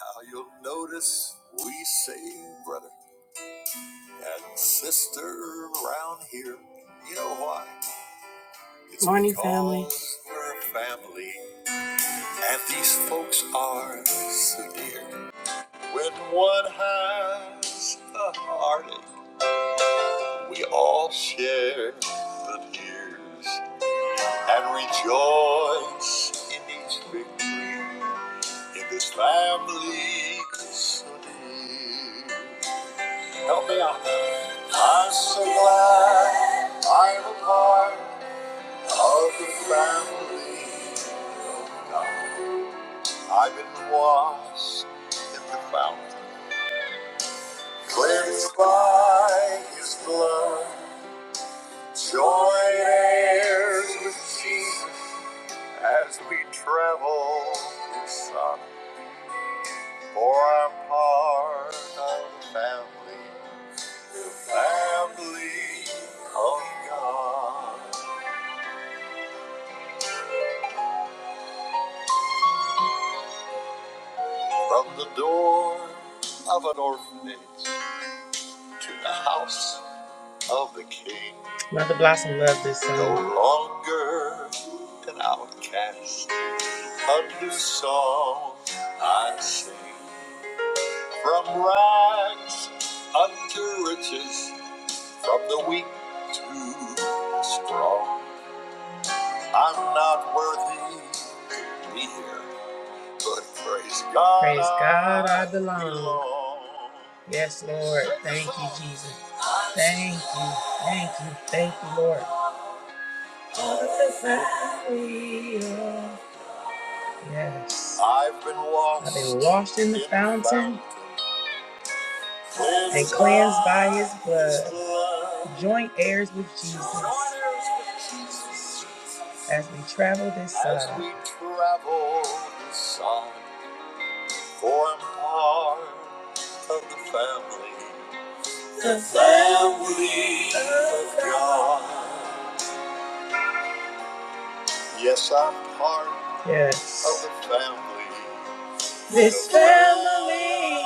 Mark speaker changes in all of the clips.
Speaker 1: Now you'll notice we say brother and sister around here. You know why? It's Morning, family. We're a family, and these folks are so dear. When one has a heartache, we all share the tears and rejoice in each victory in this family so dear. Help me out. I'm so glad I'm a part of the family. of God. I've been washed in the fountain, cleansed by His blood, joint heirs with Jesus as we travel His Son. For I'm part of the family, the family of God. From the door of an orphanage to the house of the king. Mother Blossom loved this song. No longer an outcast, a new song I sing. From rags unto riches, from the weak to the strong. I'm not worthy to be here. But praise God. Praise God, I belong. Yes, Lord. Thank you, Jesus. Thank you. Thank you. Thank you, Lord. Yes. I've been washed, I've been washed in the fountain and cleansed by his blood. Joint heirs with Jesus. As we travel this side. For part of the family. The family of God. Yes, I'm part yes. of the family. This family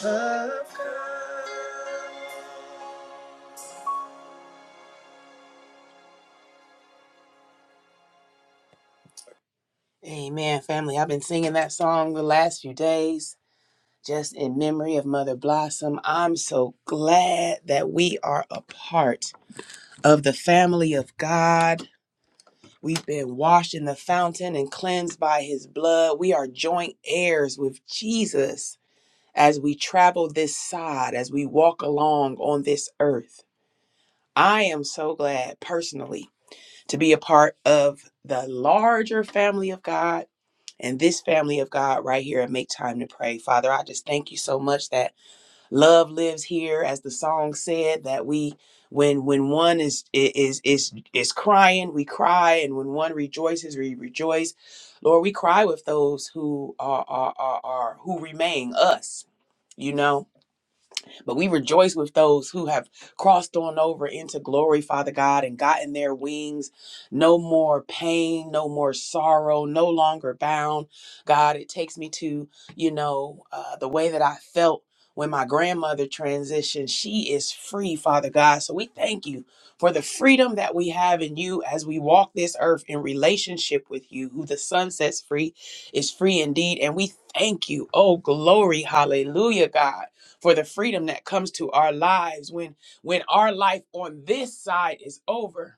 Speaker 1: of God. Amen, family. I've been singing that song the last few days. Just in memory of Mother Blossom, I'm so glad that we are a part of the family of God We've been washed in the fountain and cleansed by his blood. We are joint heirs with Jesus as we travel this side, as we walk along on this earth. I am so glad personally to be a part of the larger family of God and this family of God right here at Make Time to Pray. Father, I just thank you so much that. Love lives here, as the song said, that we when when one is is is is crying, we cry, and when one rejoices, we rejoice. Lord, we cry with those who are are are, are who remain us, you know but we rejoice with those who have crossed on over into glory, Father God, and gotten their wings. No more pain, no more sorrow, no longer bound. God, it takes me to, you know, uh, the way that I felt when my grandmother transitioned. She is free, Father God. So we thank you for the freedom that we have in you as we walk this earth in relationship with you, who the sun sets free is free indeed. And we thank you. Oh, glory. Hallelujah, God for the freedom that comes to our lives when when our life on this side is over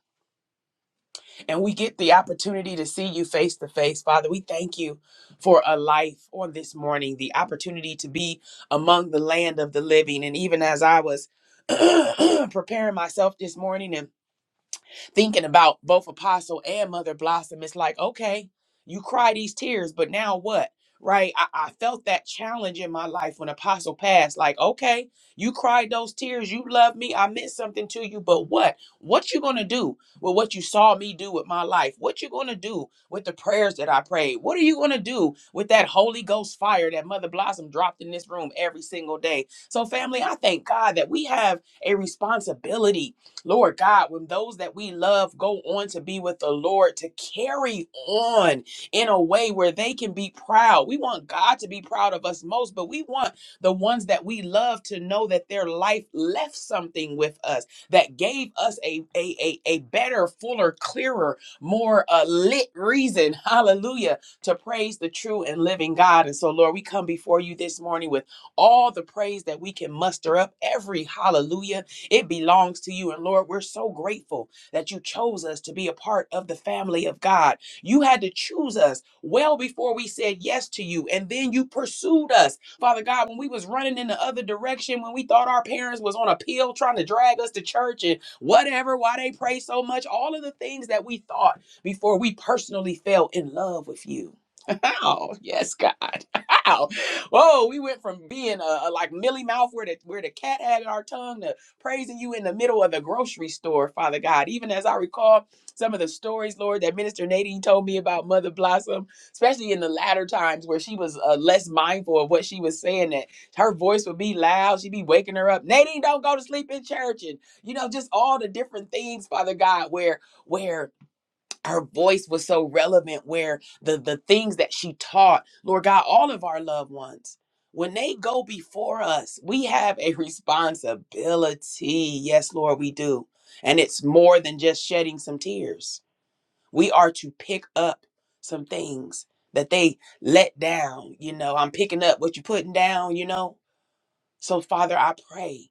Speaker 1: and we get the opportunity to see you face to face father we thank you for a life on this morning the opportunity to be among the land of the living and even as i was preparing myself this morning and thinking about both Apostle and Mother Blossom, it's like, okay, you cry these tears, but now what? Right? I, I felt that challenge in my life when Apostle passed. Like, okay, you cried those tears. You love me. I meant something to you, but what? What you gonna do with what you saw me do with my life? What you gonna do with the prayers that I prayed? What are you gonna do with that Holy Ghost fire that Mother Blossom dropped in this room every single day? So, family, I thank God that we have a responsibility Lord God, when those that we love go on to be with the Lord, to carry on in a way where they can be proud. We want God to be proud of us most, but we want the ones that we love to know that their life left something with us, that gave us a, a, a, a better, fuller, clearer, more uh, lit reason, hallelujah, to praise the true and living God. And so, Lord, we come before you this morning with all the praise that we can muster up, every hallelujah it belongs to you. And Lord, we're so grateful that you chose us to be a part of the family of God. You had to choose us well before we said yes to you. And then you pursued us. Father God, when we was running in the other direction, when we thought our parents was on a pill trying to drag us to church and whatever, why they pray so much, all of the things that we thought before we personally fell in love with you. Oh, yes, God. Wow, Whoa, we went from being a, a like Millie Mouth where the, where the cat had our tongue praising you in the middle of the grocery store, Father God. Even as I recall some of the stories, Lord, that Minister Nadine told me about Mother Blossom, especially in the latter times where she was uh, less mindful of what she was saying, that her voice would be loud. She'd be waking her up. Nadine, don't go to sleep in church. And, you know, just all the different things, Father God, where, where her voice was so relevant where the the things that she taught lord god all of our loved ones when they go before us we have a responsibility yes lord we do and it's more than just shedding some tears we are to pick up some things that they let down you know i'm picking up what you're putting down you know so father i pray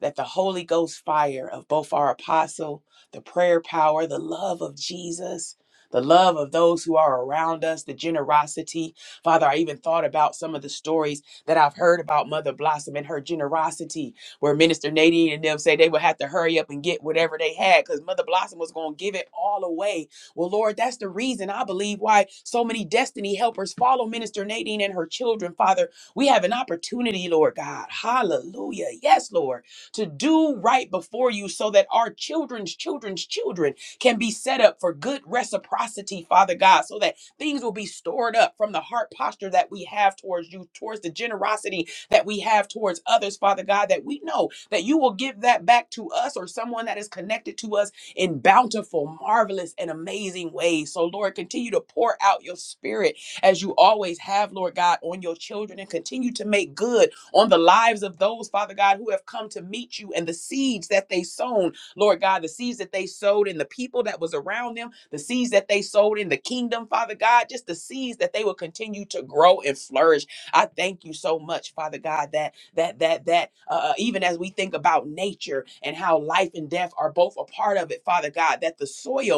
Speaker 1: that the Holy Ghost fire of both our apostle, the prayer power, the love of Jesus, the love of those who are around us, the generosity. Father, I even thought about some of the stories that I've heard about Mother Blossom and her generosity, where Minister Nadine and them say they would have to hurry up and get whatever they had because Mother Blossom was going to give it all away. Well, Lord, that's the reason I believe why so many destiny helpers follow Minister Nadine and her children, Father. We have an opportunity, Lord God. Hallelujah. Yes, Lord to do right before you so that our children's children's children can be set up for good reciprocity, Father God, so that things will be stored up from the heart posture that we have towards you, towards the generosity that we have towards others, Father God, that we know that you will give that back to us or someone that is connected to us in bountiful, marvelous, and amazing ways. So, Lord, continue to pour out your spirit as you always have, Lord God, on your children and continue to make good on the lives of those, Father God, who have come to meet you and the seeds that they sown, Lord God, the seeds that they sowed in the people that was around them, the seeds that they sowed in the kingdom, Father God, just the seeds that they will continue to grow and flourish. I thank you so much, Father God, that that that that uh, uh, even as we think about nature and how life and death are both a part of it, Father God, that the soil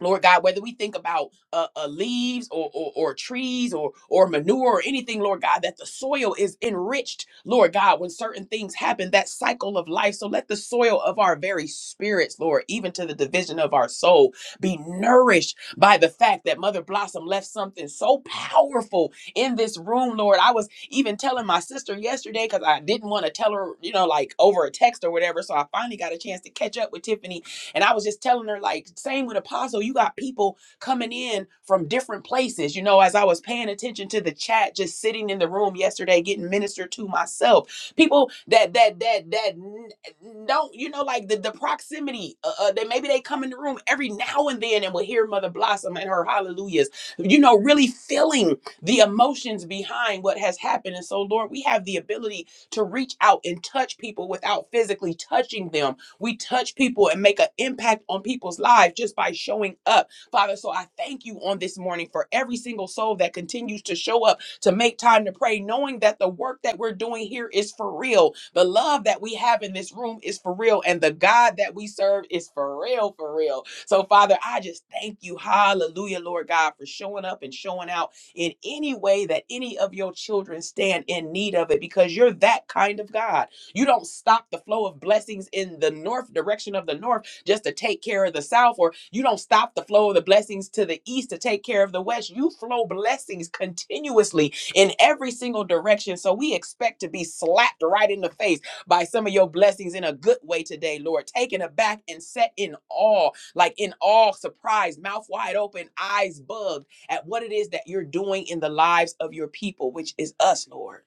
Speaker 1: Lord God, whether we think about uh, uh, leaves or, or or trees or or manure or anything, Lord God, that the soil is enriched, Lord God, when certain things happen, that cycle of life. So let the soil of our very spirits, Lord, even to the division of our soul, be nourished by the fact that Mother Blossom left something so powerful in this room, Lord. I was even telling my sister yesterday because I didn't want to tell her, you know, like over a text or whatever. So I finally got a chance to catch up with Tiffany and I was just telling her, like, same with Apostle, you got people coming in from different places. You know, as I was paying attention to the chat, just sitting in the room yesterday, getting ministered to myself. People that that that that n- n- don't, you know, like the the proximity. Uh, uh, that maybe they come in the room every now and then and will hear Mother Blossom and her hallelujahs. You know, really feeling the emotions behind what has happened. And so, Lord, we have the ability to reach out and touch people without physically touching them we touch people and make an impact on people's lives just by showing up. Father, so I thank you on this morning for every single soul that continues to show up to make time to pray, knowing that the work that we're doing here is for real. The love that we have in this room is for real. And the God that we serve is for real, for real. So, Father, I just thank you. Hallelujah, Lord God, for showing up and showing out in any way that any of your children stand in need of it because you're that kind of God. You don't stop the flow of blessings in the north direction of the north just to take care of the south, or you don't stop the flow of the blessings to the east to take care of the west. You flow blessings continuously in every single direction. So we expect to be slapped right in the face by some of your blessings in a good way today, Lord. Taken aback and set in awe, like in awe, surprised, mouth wide open, eyes bugged at what it is that you're doing in the lives of your people, which is us, Lord.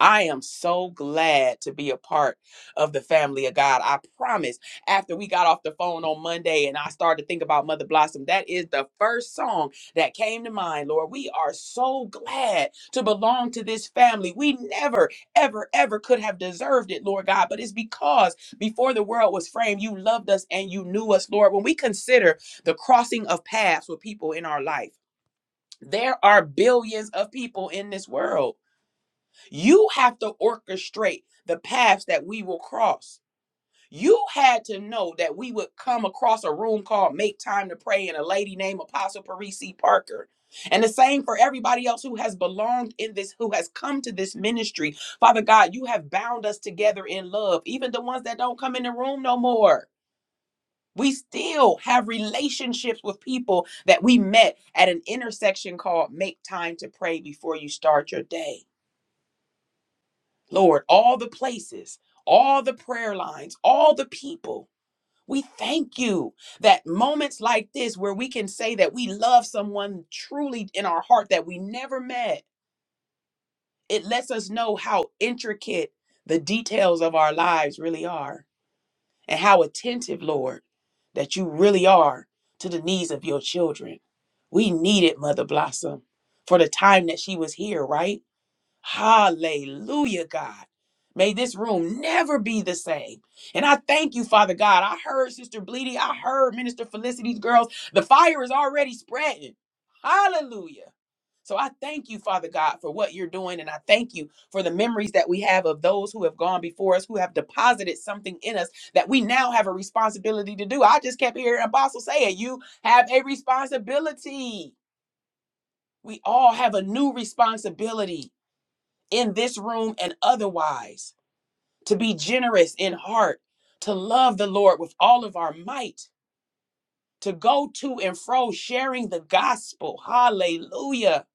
Speaker 1: I am so glad to be a part of the family of God. I promise. After we got off the phone on Monday and I started to think about Mother Blossom, that is the first song that came to mind. Lord, we are so glad to belong to this family. We never, ever, ever could have deserved it, Lord God, but it's because before the world was framed, you loved us and you knew us, Lord. When we consider the crossing of paths with people in our life, there are billions of people in this world you have to orchestrate the paths that we will cross. You had to know that we would come across a room called Make Time to Pray and a lady named Apostle Parisi Parker. And the same for everybody else who has belonged in this, who has come to this ministry. Father God, you have bound us together in love, even the ones that don't come in the room no more. We still have relationships with people that we met at an intersection called Make Time to Pray Before You Start Your Day. Lord, all the places, all the prayer lines, all the people. We thank you that moments like this, where we can say that we love someone truly in our heart that we never met, it lets us know how intricate the details of our lives really are and how attentive, Lord, that you really are to the needs of your children. We needed Mother Blossom for the time that she was here, right? Hallelujah, God. May this room never be the same. And I thank you, Father God. I heard Sister Bleedy. I heard Minister Felicity's girls. The fire is already spreading. Hallelujah. So I thank you, Father God, for what you're doing. And I thank you for the memories that we have of those who have gone before us, who have deposited something in us that we now have a responsibility to do. I just kept hearing Apostle say it. You have a responsibility. We all have a new responsibility in this room and otherwise, to be generous in heart, to love the Lord with all of our might, to go to and fro sharing the gospel. Hallelujah.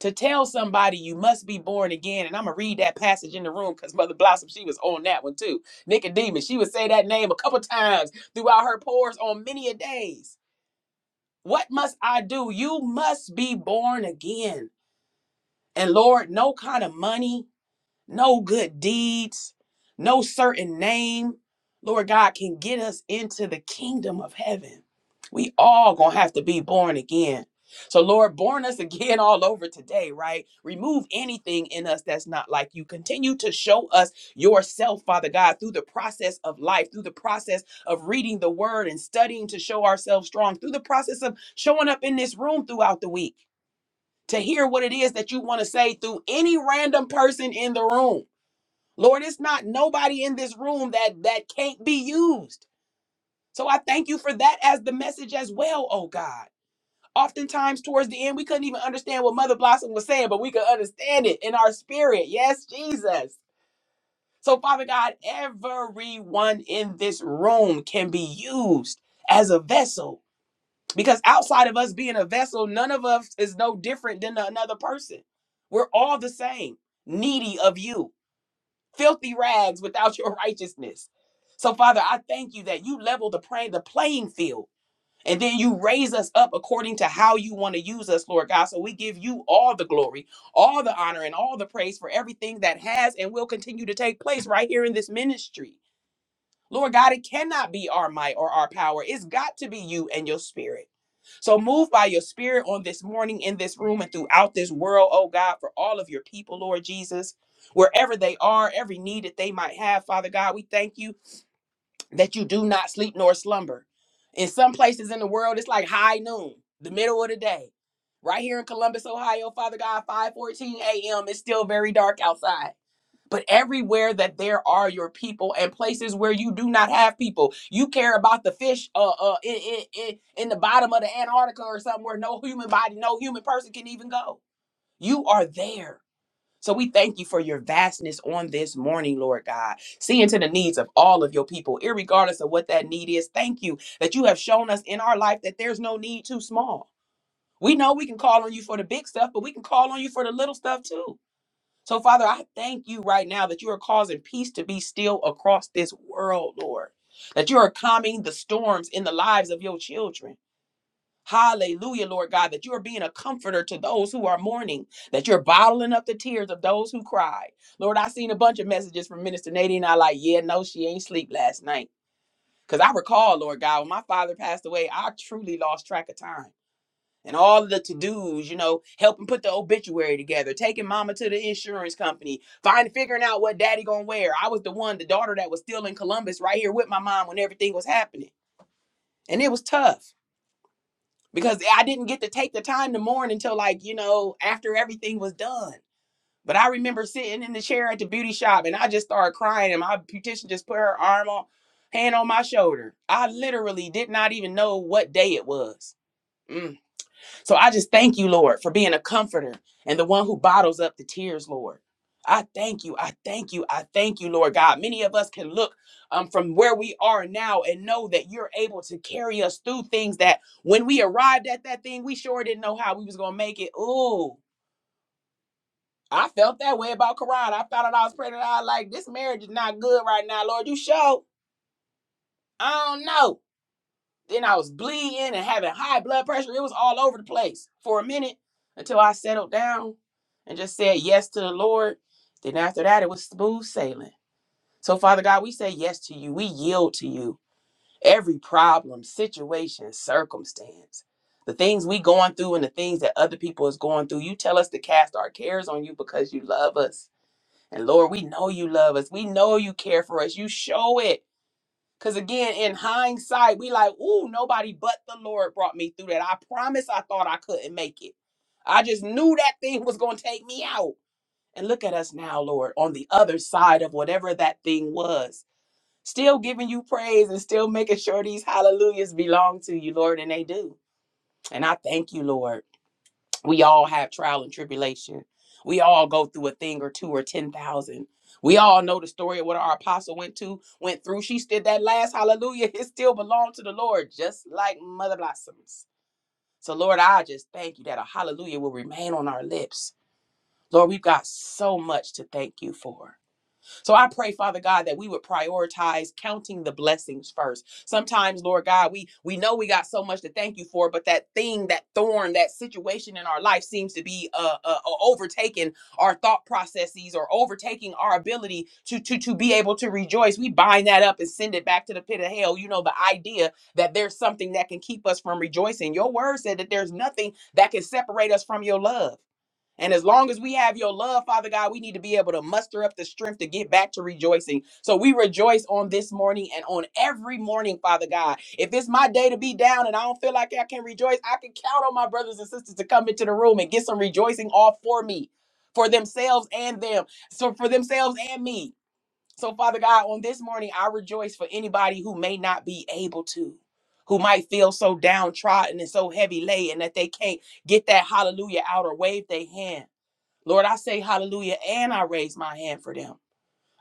Speaker 1: To tell somebody you must be born again. And I'm going to read that passage in the room because Mother Blossom, she was on that one too. Nicodemus, she would say that name a couple times throughout her pores on many a days. What must I do? You must be born again. And Lord, no kind of money, no good deeds, no certain name, Lord God, can get us into the kingdom of heaven. We all gonna have to be born again. So, Lord, born us again all over today, right? Remove anything in us that's not like you. Continue to show us yourself, Father God, through the process of life, through the process of reading the word and studying to show ourselves strong, through the process of showing up in this room throughout the week to hear what it is that you want to say through any random person in the room. Lord, it's not nobody in this room that that can't be used. So I thank you for that as the message as well, oh God. Oftentimes towards the end, we couldn't even understand what Mother Blossom was saying, but we could understand it in our spirit. Yes, Jesus. So, Father God, everyone in this room can be used as a vessel. Because outside of us being a vessel, none of us is no different than another person. We're all the same, needy of you filthy rags without your righteousness. So, Father, I thank you that you level the, play, the playing field and then you raise us up according to how you want to use us, Lord God. So, we give you all the glory, all the honor, and all the praise for everything that has and will continue to take place right here in this ministry. Lord God, it cannot be our might or our power. It's got to be you and your spirit. So move by your spirit on this morning in this room and throughout this world, oh God, for all of your people, Lord Jesus. Wherever they are, every need that they might have, Father God, we thank you that you do not sleep nor slumber. In some places in the world, it's like high noon, the middle of the day. Right here in Columbus, Ohio, Father God, 5:14 a.m. It's still very dark outside. But everywhere that there are your people and places where you do not have people, you care about the fish uh, uh, in, in, in, in the bottom of the Antarctica or something where no human body, no human person can even go. You are there. So we thank you for your vastness on this morning, Lord God, seeing to the needs of all of your people, irregardless of what that need is. Thank you that you have shown us in our life that there's no need too small. We know we can call on you for the big stuff, but we can call on you for the little stuff too. So, Father, I thank you right now that you are causing peace to be still across this world, Lord. That you are calming the storms in the lives of your children. Hallelujah, Lord God, that you are being a comforter to those who are mourning, that you're bottling up the tears of those who cry. Lord, I seen a bunch of messages from Minister Nadine. I like, yeah, no, she ain't sleep last night. Because I recall, Lord God, when my father passed away, I truly lost track of time and all the to-dos, you know, helping put the obituary together, taking mama to the insurance company, find figuring out what daddy gonna wear. I was the one, the daughter that was still in Columbus right here with my mom when everything was happening. And it was tough because I didn't get to take the time to mourn until like, you know, after everything was done. But I remember sitting in the chair at the beauty shop and I just started crying and my beautician just put her arm on hand on my shoulder. I literally did not even know what day it was. Mm. So I just thank you, Lord, for being a comforter and the one who bottles up the tears, Lord. I thank you. I thank you. I thank you, Lord God. Many of us can look um, from where we are now and know that you're able to carry us through things that when we arrived at that thing, we sure didn't know how we was going to make it. Ooh, I felt that way about Quran. I found out I was praying I was like this marriage is not good right now, Lord. You show. I don't know. Then I was bleeding and having high blood pressure. It was all over the place for a minute until I settled down and just said yes to the Lord. Then after that, it was smooth sailing. So, Father God, we say yes to you. We yield to you every problem, situation, circumstance, the things we going through and the things that other people is going through. You tell us to cast our cares on you because you love us. And Lord, we know you love us. We know you care for us. You show it. Cause again, in hindsight, we like, ooh, nobody but the Lord brought me through that. I promise I thought I couldn't make it. I just knew that thing was gonna take me out. And look at us now, Lord, on the other side of whatever that thing was. Still giving you praise and still making sure these hallelujahs belong to you, Lord, and they do. And I thank you, Lord. We all have trial and tribulation. We all go through a thing or two or 10,000. We all know the story of what our apostle went to, went through. She did that last hallelujah. It still belonged to the Lord, just like mother blossoms. So, Lord, I just thank you that a hallelujah will remain on our lips. Lord, we've got so much to thank you for. So I pray, Father God, that we would prioritize counting the blessings first. Sometimes, Lord God, we we know we got so much to thank you for, but that thing, that thorn, that situation in our life seems to be uh, uh uh, overtaking our thought processes or overtaking our ability to to to be able to rejoice. We bind that up and send it back to the pit of hell. You know the idea that there's something that can keep us from rejoicing. Your word said that there's nothing that can separate us from your love. And as long as we have your love, Father God, we need to be able to muster up the strength to get back to rejoicing. So we rejoice on this morning and on every morning, Father God. If it's my day to be down and I don't feel like I can rejoice, I can count on my brothers and sisters to come into the room and get some rejoicing all for me, for themselves and them. So for themselves and me. So, Father God, on this morning, I rejoice for anybody who may not be able to, who might feel so downtrodden and so heavy laden that they can't get that hallelujah out or wave their hand. Lord, I say hallelujah and I raise my hand for them.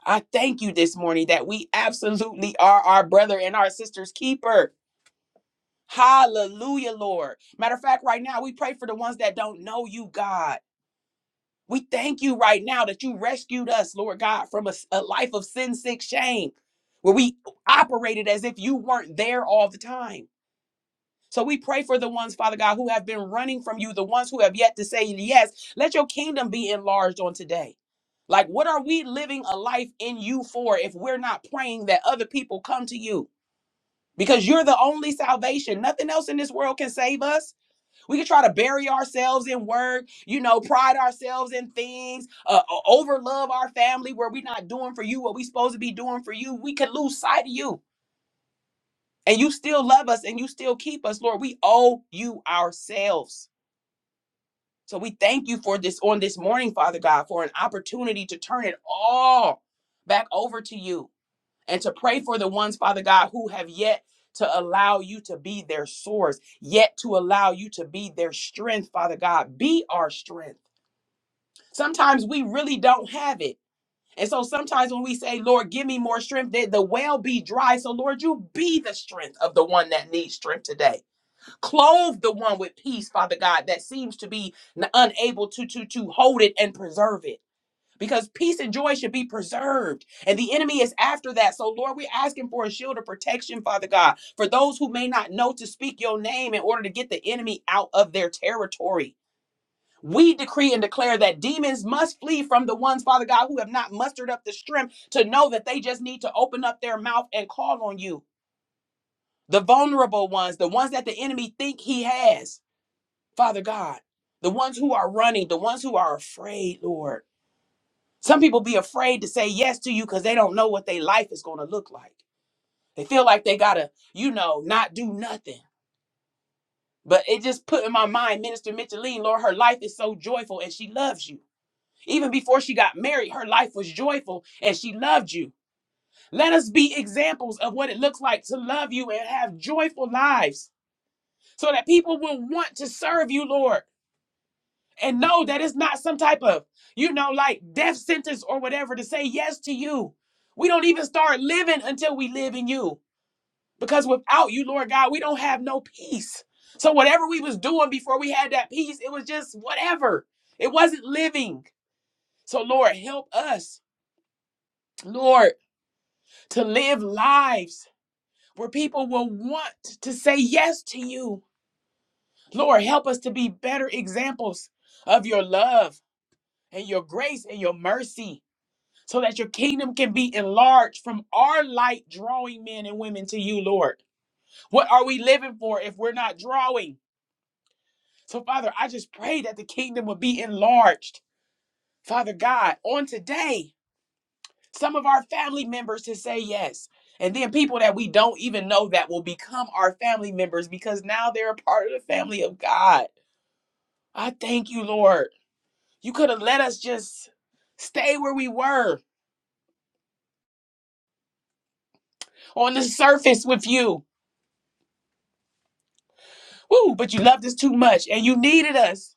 Speaker 1: I thank you this morning that we absolutely are our brother and our sister's keeper. Hallelujah, Lord. Matter of fact, right now we pray for the ones that don't know you, God. We thank you right now that you rescued us, Lord God, from a a life of sin, sick shame where we operated as if you weren't there all the time. So we pray for the ones, Father God, who have been running from you, the ones who have yet to say yes. Let your kingdom be enlarged on today. Like, what are we living a life in you for if we're not praying that other people come to you? Because you're the only salvation. Nothing else in this world can save us. We can try to bury ourselves in work, you know, pride ourselves in things, uh, overlove our family where we're not doing for you what we're supposed to be doing for you. We could lose sight of you and you still love us and you still keep us, Lord. We owe you ourselves. So we thank you for this on this morning, Father God, for an opportunity to turn it all back over to you and to pray for the ones, Father God, who have yet to allow you to be their source, yet to allow you to be their strength, Father God. Be our strength. Sometimes we really don't have it. And so sometimes when we say, Lord, give me more strength, the the well be dry. So, Lord, you be the strength of the one that needs strength today. clothe the one with peace father god that seems to be n- unable to to to hold it and preserve it because peace and joy should be preserved and the enemy is after that so lord we're asking for a shield of protection father god for those who may not know to speak your name in order to get the enemy out of their territory we decree and declare that demons must flee from the ones, Father God, who have not mustered up the strength to know that they just need to open up their mouth and call on you. The vulnerable ones, the ones that the enemy think he has. Father God, the ones who are running, the ones who are afraid, Lord. Some people be afraid to say yes to you because they don't know what their life is going to look like. They feel like they got to, you know, not do nothing. But it just put in my mind, Minister Micheline, Lord, her life is so joyful and she loves you. Even before she got married, her life was joyful and she loved you. Let us be examples of what it looks like to love you and have joyful lives so that people will want to serve you, Lord. and know that it's not some type of, you know, like death sentence or whatever to say yes to you. We don't even start living until we live in you. Because without you, Lord God, we don't have no peace. So whatever we was doing before we had that peace, it was just whatever. It wasn't living. So Lord, help us, Lord, to live lives where people will want to say yes to you. Lord, help us to be better examples of your love and your grace and your mercy. so that your kingdom can be enlarged from our light, drawing men and women to you, Lord. What are we living for if we're not drawing? So, Father, I just pray that the kingdom would be enlarged. Father God, on today, some of our family members to say yes. And then people that we don't even know that will become our family members because now they're a part of the family of God. I thank you, Lord. You could have let us just stay where we were on the surface with you Ooh, but you loved us too much and you needed us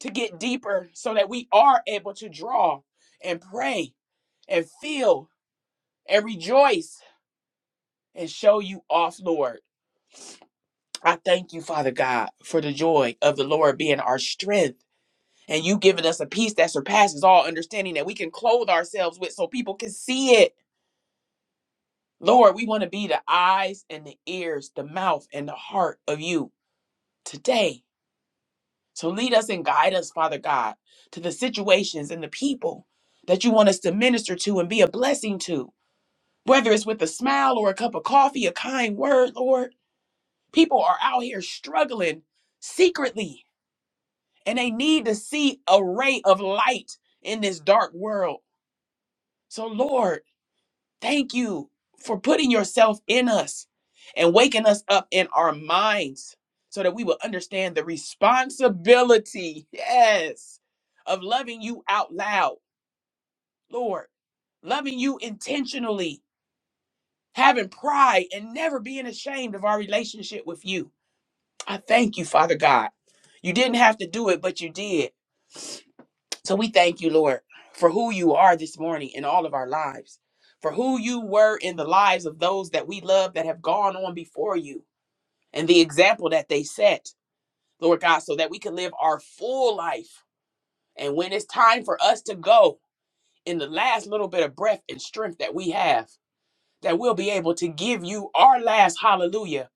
Speaker 1: to get deeper so that we are able to draw and pray and feel and rejoice and show you off, Lord. I thank you, Father God, for the joy of the Lord being our strength and you giving us a peace that surpasses all understanding that we can clothe ourselves with so people can see it. Lord, we want to be the eyes and the ears, the mouth and the heart of you today. So lead us and guide us, Father God, to the situations and the people that you want us to minister to and be a blessing to, whether it's with a smile or a cup of coffee, a kind word, Lord. People are out here struggling secretly, and they need to see a ray of light in this dark world. So, Lord, Thank you for putting yourself in us and waking us up in our minds so that we will understand the responsibility, yes, of loving you out loud, Lord, loving you intentionally, having pride, and never being ashamed of our relationship with you. I thank you, Father God. You didn't have to do it, but you did. So we thank you, Lord, for who you are this morning in all of our lives, for who you were in the lives of those that we love that have gone on before you, and the example that they set, Lord God, so that we can live our full life. And when it's time for us to go in the last little bit of breath and strength that we have, that we'll be able to give you our last hallelujah,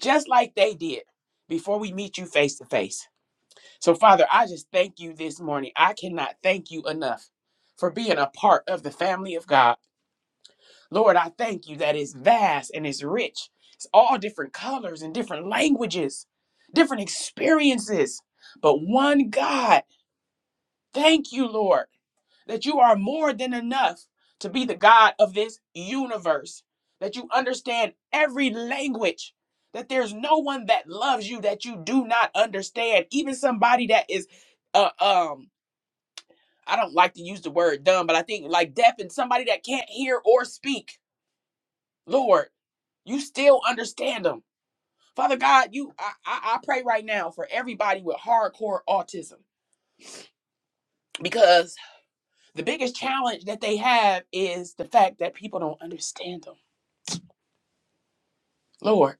Speaker 1: just like they did before we meet you face to face. So, Father, I just thank you this morning. I cannot thank you enough for being a part of the family of God. Lord, I thank you that it's vast and it's rich. It's all different colors and different languages, different experiences, but one God. Thank you, Lord, that you are more than enough to be the God of this universe, that you understand every language. That there's no one that loves you that you do not understand, even somebody that is uh, um I don't like to use the word dumb, but I think like deaf and somebody that can't hear or speak. Lord, you still understand them. Father God, you I, I, I pray right now for everybody with hardcore autism because the biggest challenge that they have is the fact that people don't understand them. Lord,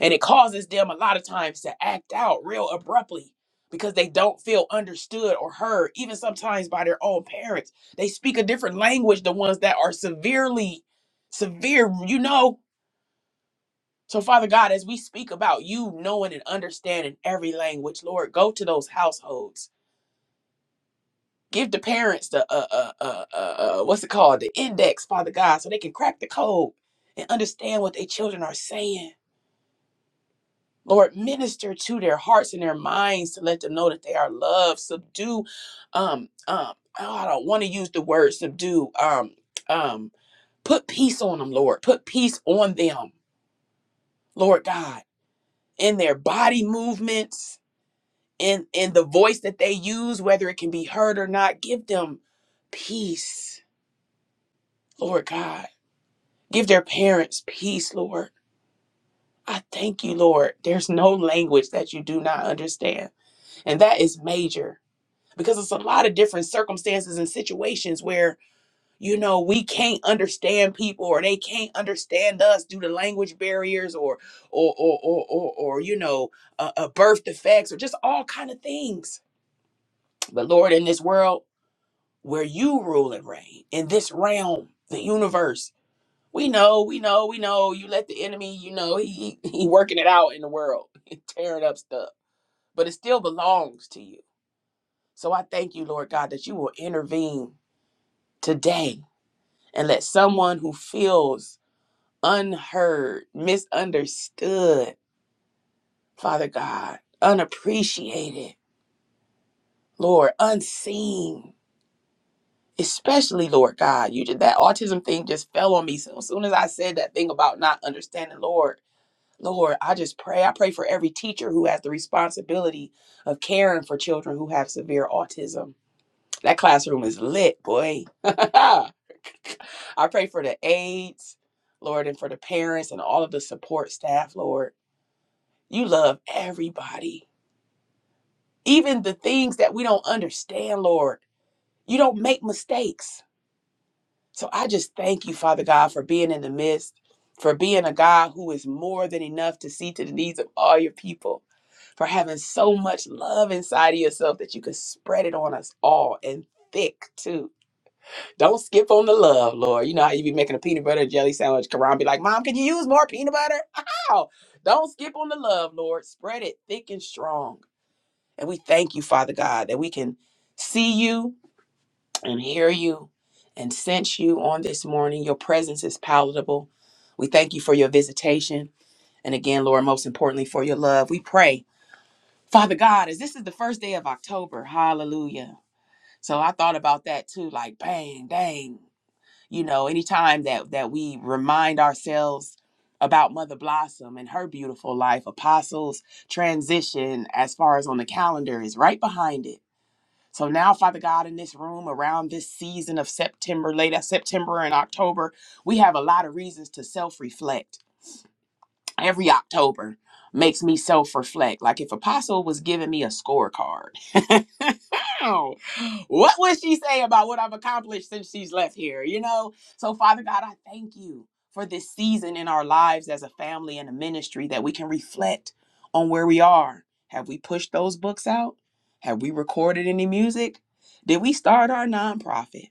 Speaker 1: And it causes them a lot of times to act out real abruptly because they don't feel understood or heard, even sometimes by their own parents. They speak a different language, the ones that are severely, severe, you know. So, Father God, as we speak about you knowing and understanding every language, Lord, go to those households. Give the parents the, uh, uh, uh, uh, uh, what's it called? The index, Father God, so they can crack the code and understand what their children are saying. Lord, minister to their hearts and their minds to let them know that they are loved. Subdue, um, um, oh, I don't want to use the word subdue. Um, um, put peace on them, Lord. Put peace on them, Lord God, in their body movements, in in the voice that they use, whether it can be heard or not. Give them peace, Lord God. Give their parents peace, Lord. I thank you, Lord. There's no language that you do not understand. And that is major. because it's a lot of different circumstances and situations where you know we can't understand people or they can't understand us due to language barriers or or or or or, or you know uh, uh, birth defects or just all kind of things but lord in this world where you rule and reign in this realm the universe we know we know we know you let the enemy you know he he, he working it out in the world tearing up stuff but it still belongs to you so i thank you lord god that you will intervene today and let someone who feels unheard, misunderstood, Father God, unappreciated, Lord, unseen, especially Lord God, you did that autism thing just fell on me. So as soon as I said that thing about not understanding, Lord, Lord, I just pray. I pray for every teacher who has the responsibility of caring for children who have severe autism. That classroom is lit, boy. I pray for the aides, Lord, and for the parents and all of the support staff, Lord. You love everybody, even the things that we don't understand, Lord. You don't make mistakes. So I just thank you, Father God, for being in the midst, for being a God who is more than enough to see to the needs of all your people, for having so much love inside of yourself that you could spread it on us all and thick, too. Don't skip on the love, Lord. You know how you be making a peanut butter and jelly sandwich. Karan be like, Mom, can you use more peanut butter? Ow! Don't skip on the love, Lord. Spread it thick and strong. And we thank you, Father God, that we can see you and hear you and sense you on this morning. Your presence is palatable. We thank you for your visitation. And again, Lord, most importantly, for your love. We pray, Father God, as this is the first day of October, hallelujah. So I thought about that too, like, bang, dang you know anytime that that we remind ourselves about mother blossom and her beautiful life apostles transition as far as on the calendar is right behind it so now father god in this room around this season of september late uh, september and october we have a lot of reasons to self-reflect every October makes me self reflect. Like if Apostle was giving me a scorecard, down. What would she say about what I've accomplished since she's left here? You know? So, Father God, I thank you for this season in our lives as a family and a ministry that we can reflect on where we are. Have we pushed those books out? Have we recorded any music? Did we start our nonprofit?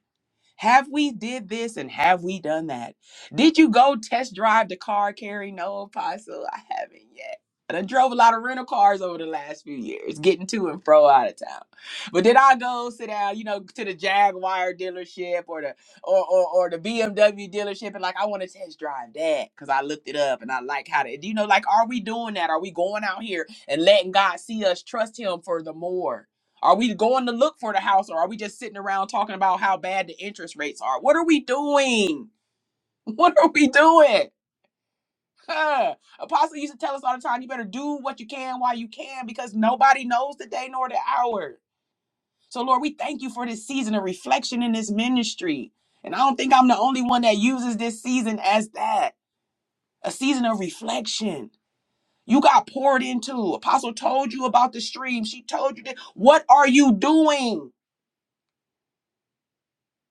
Speaker 1: Have we did this and have we done that? Did you go test drive the car, Carrie? No, Apostle, I haven't yet. And I drove a lot of rental cars over the last few years, getting to and fro out of town. But did I go sit down, you know, to the Jaguar dealership or the or or, or the BMW dealership and like I want to test drive that because I looked it up and I like how to, you know, like are we doing that? Are we going out here and letting God see us trust Him for the more? Are we going to look for the house or are we just sitting around talking about how bad the interest rates are? What are we doing? What are we doing? Huh. Apostle used to tell us all the time you better do what you can while you can because nobody knows the day nor the hour. So, Lord, we thank you for this season of reflection in this ministry. And I don't think I'm the only one that uses this season as that a season of reflection. You got poured into. Apostle told you about the stream. She told you that. What are you doing?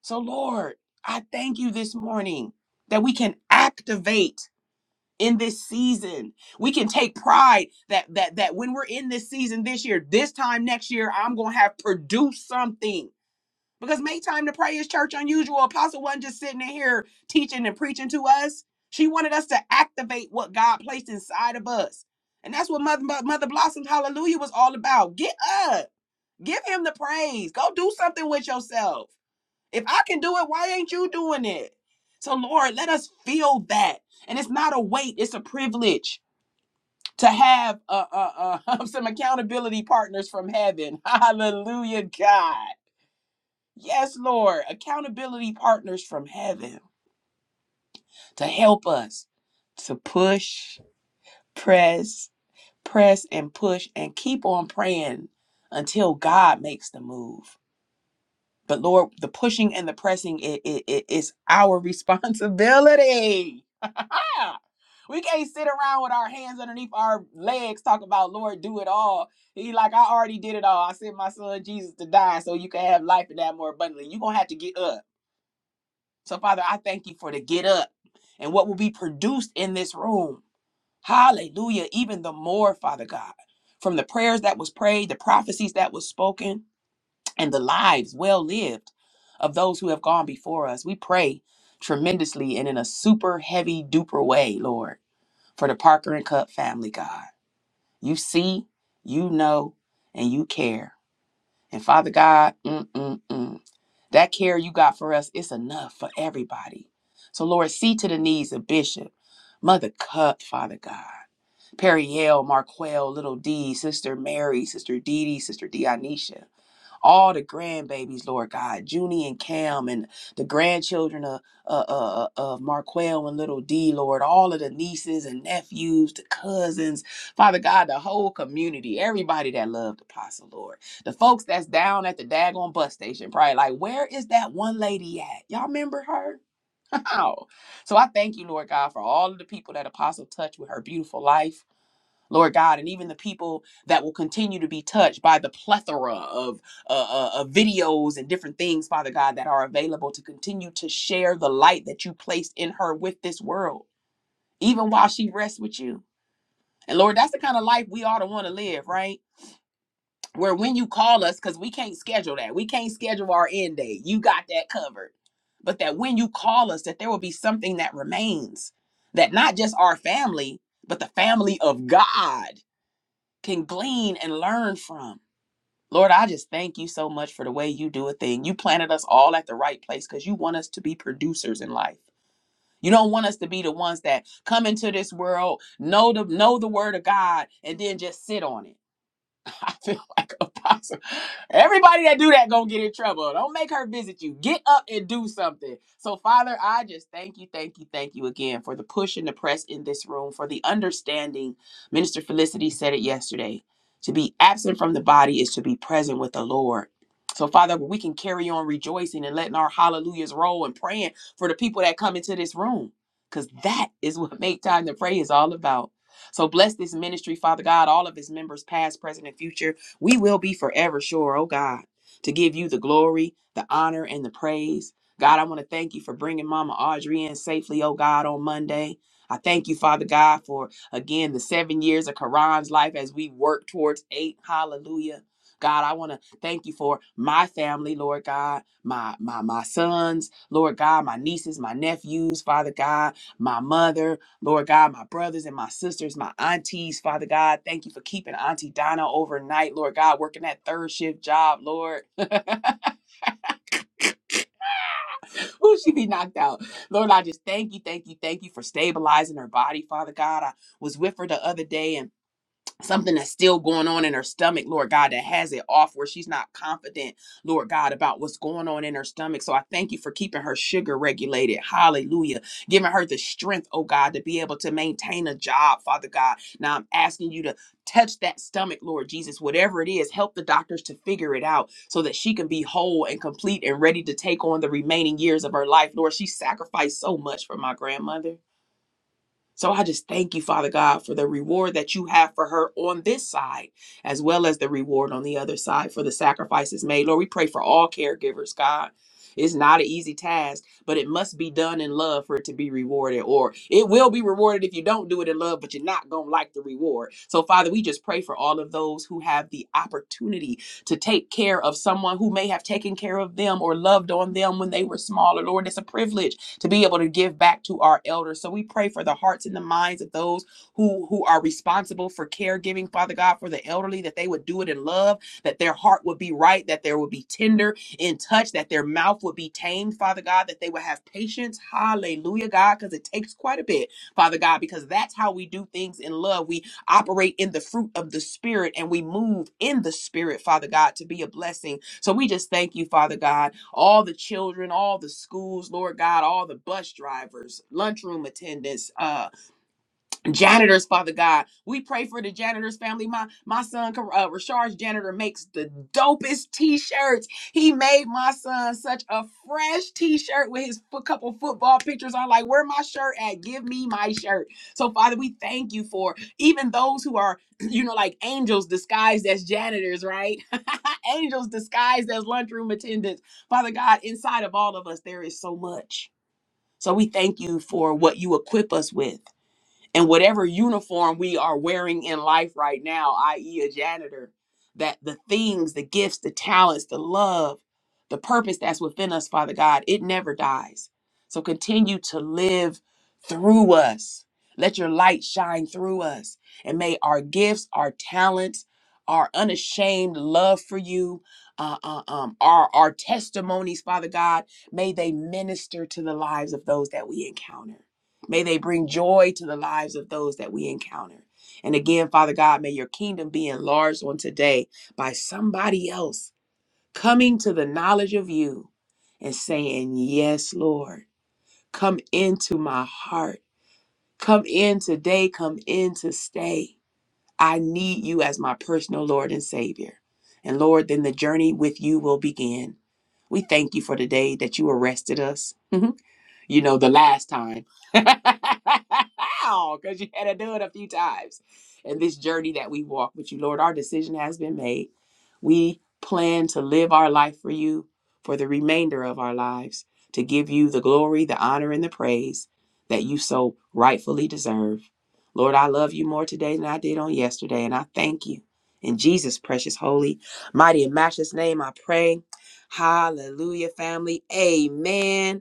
Speaker 1: So, Lord, I thank you this morning that we can activate in this season. We can take pride that that that when we're in this season this year, this time next year, I'm gonna have produced something. Because make time to pray is church unusual. Apostle wasn't just sitting in here teaching and preaching to us. She wanted us to activate what God placed inside of us. And that's what Mother, Mother Blossom's Hallelujah was all about. Get up. Give him the praise. Go do something with yourself. If I can do it, why ain't you doing it? So, Lord, let us feel that. And it's not a weight, it's a privilege to have uh, uh, uh, some accountability partners from heaven. Hallelujah, God. Yes, Lord, accountability partners from heaven to help us to push, press, press, and push, and keep on praying until God makes the move. But Lord, the pushing and the pressing, it, it, it- it's our responsibility Yeah. We can't sit around with our hands underneath our legs talking about Lord, do it all. He like, I already did it all. I sent my son Jesus to die so you can have life and that more abundantly. You're gonna have to get up. So, Father, I thank you for the get up and what will be produced in this room. Hallelujah. Even the more, Father God, from the prayers that was prayed, the prophecies that was spoken, and the lives well lived of those who have gone before us. We pray tremendously and in a super heavy duper way, Lord for the Parker and Cup family, God. You see, you know, and you care. And Father God, mm, mm, mm, that care you got for us is enough for everybody. So, Lord, see to the needs of Bishop, Mother Cup, Father God, Perrielle, Marquel, Little D, Sister Mary, Sister Dee Dee, Sister Dionisha all the grandbabies, Lord God, Junie and Cam, and the grandchildren of, uh, uh, uh, of Marquel and little D, Lord, all of the nieces and nephews, the cousins, Father God, the whole community, everybody that loved Apostle, Lord, the folks that's down at the daggone bus station, probably like, where is that one lady at? Y'all remember her? so I thank you, Lord God, for all of the people that Apostle touched with her beautiful life Lord God, and even the people that will continue to be touched by the plethora of, uh, uh, of videos and different things, Father God, that are available to continue to share the light that you placed in her with this world, even while she rests with you. And Lord, that's the kind of life we ought to want to live, right? Where when you call us, because we can't schedule that, we can't schedule our end date. You got that covered. But that when you call us, that there will be something that remains, that not just our family, but the family of God can glean and learn from. Lord, I just thank you so much for the way you do a thing. You planted us all at the right place because you want us to be producers in life. You don't want us to be the ones that come into this world, know the know the word of God, and then just sit on it. I feel like a possum. Everybody that do that gonna get in trouble. Don't make her visit you. Get up and do something. So, Father, I just thank you, thank you, thank you again for the push and the press in this room, for the understanding. Minister Felicity said it yesterday. To be absent from the body is to be present with the Lord. So, Father, we can carry on rejoicing and letting our hallelujahs roll and praying for the people that come into this room. Because that is what make time to pray is all about. So bless this ministry, Father God, all of its members, past, present, and future. We will be forever sure, oh God, to give you the glory, the honor, and the praise. God, I want to thank you for bringing Mama Audrey in safely, oh God, on Monday. I thank you, Father God, for again the seven years of Karan's life as we work towards eight. Hallelujah. God, I want to thank you for my family, Lord God, my my my sons, Lord God, my nieces, my nephews, Father God, my mother, Lord God, my brothers and my sisters, my aunties, Father God, thank you for keeping Auntie Donna overnight, Lord God, working that third shift job, Lord. Ooh, she be knocked out. Lord, I just thank you, thank you, thank you for stabilizing her body, Father God. I was with her the other day and something that's still going on in her stomach, Lord God, that has it off where she's not confident, Lord God, about what's going on in her stomach. So I thank you for keeping her sugar regulated. Hallelujah. Giving her the strength, oh God, to be able to maintain a job, Father God. Now I'm asking you to touch that stomach, Lord Jesus, whatever it is, help the doctors to figure it out so that she can be whole and complete and ready to take on the remaining years of her life. Lord, she sacrificed so much for my grandmother. So I just thank you, Father God, for the reward that you have for her on this side, as well as the reward on the other side for the sacrifices made. Lord, we pray for all caregivers, God. It's not an easy task, but it must be done in love for it to be rewarded, or it will be rewarded if you don't do it in love, but you're not going to like the reward. So, Father, we just pray for all of those who have the opportunity to take care of someone who may have taken care of them or loved on them when they were smaller. Lord, it's a privilege to be able to give back to our elders. So we pray for the hearts and the minds of those who who are responsible for caregiving, Father God, for the elderly, that they would do it in love, that their heart would be right, that there would be tender in touch, that their mouth would be tamed, Father God, that they would have patience. Hallelujah, God, because it takes quite a bit, Father God, because that's how we do things in love. We operate in the fruit of the Spirit and we move in the Spirit, Father God, to be a blessing so we just thank you, Father God, all the children, all the schools, Lord God, all the bus drivers, lunchroom attendants, uh janitors, Father God. We pray for the janitors family. My my son, uh, Rashard's janitor, makes the dopest t-shirts. He made my son such a fresh t-shirt with his foot, couple football pictures on. Like, where my shirt at? Give me my shirt. So, Father, we thank you for even those who are, you know, like angels disguised as janitors, right? angels disguised as lunchroom attendants. Father God, inside of all of us, there is so much. So we thank you for what you equip us with and whatever uniform we are wearing in life right now, i.e., a janitor, that the things, the gifts, the talents, the love, the purpose that's within us, Father God, it never dies. So continue to live through us. Let your light shine through us. And may our gifts, our talents, our unashamed love for you, uh, uh, um, our, our testimonies, Father God, may they minister to the lives of those that we encounter. May they bring joy to the lives of those that we encounter. And again, Father God, may your kingdom be enlarged on today by somebody else coming to the knowledge of you and saying, Yes, Lord, come into my heart. Come in today, come in to stay. I need you as my personal Lord and Savior. And Lord, then the journey with you will begin. We thank you for the day that you arrested us. you know, the last time. Because you had to do it a few times. And this journey that we walk with you, Lord, our decision has been made. We plan to live our life for you for the remainder of our lives, to give you the glory, the honor, and the praise that you so rightfully deserve. Lord, I love you more today than I did on yesterday, and I thank you. In Jesus' precious, holy, mighty, and matchless name, I pray. Hallelujah, family. Amen.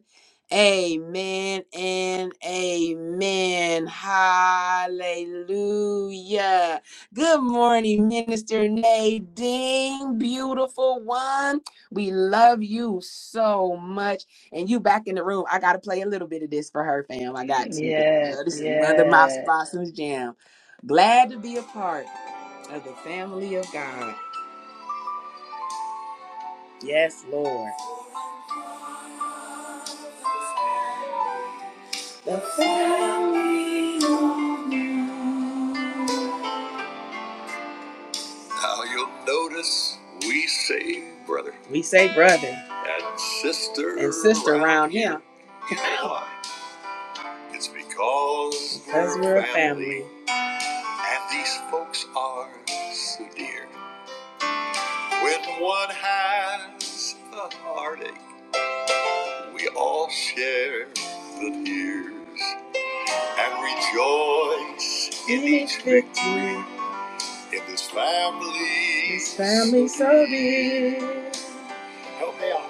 Speaker 1: Amen and amen. Hallelujah. Good morning, Minister Nadine, beautiful one. We love you so much. And you back in the room. I got to play a little bit of this for her, fam. I got to. 'cause, you
Speaker 2: Yes,
Speaker 1: this is Mother Mouse
Speaker 2: yes.
Speaker 1: Blossom's Jam. Glad to be a part of the family of God. Yes, Lord. The family. Now you'll notice we say brother We say brother and sister and sister around him It's because, because we're we're a family. family. and these folks are so dear. When one has a heartache, we all share the tears and rejoice in in each victory victory in this family. This family so dear. Help me out.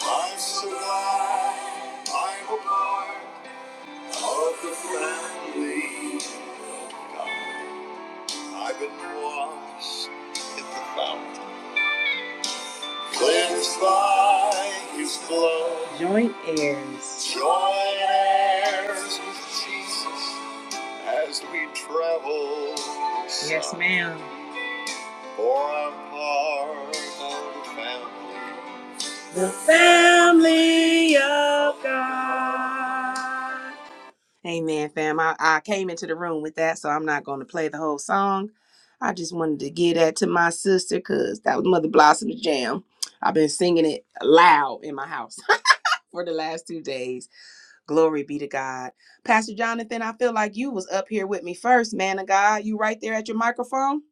Speaker 1: I survive. I'm a part of the family. of God. I've been washed in the fountain. Cleansed by his blood. Joint heirs. Joint heirs with Jesus as we travel. Yes, ma'am. For I'm part of the family. The family of God. Amen, fam. I, I came into the room with that, so I'm not going to play the whole song. I just wanted to give that to my sister because that was Mother Blossom's jam. I've been singing it loud in my house for the last two days. Glory be to God. Pastor Jonathan, I feel like you was up here with me first, man of God. You right there at your microphone,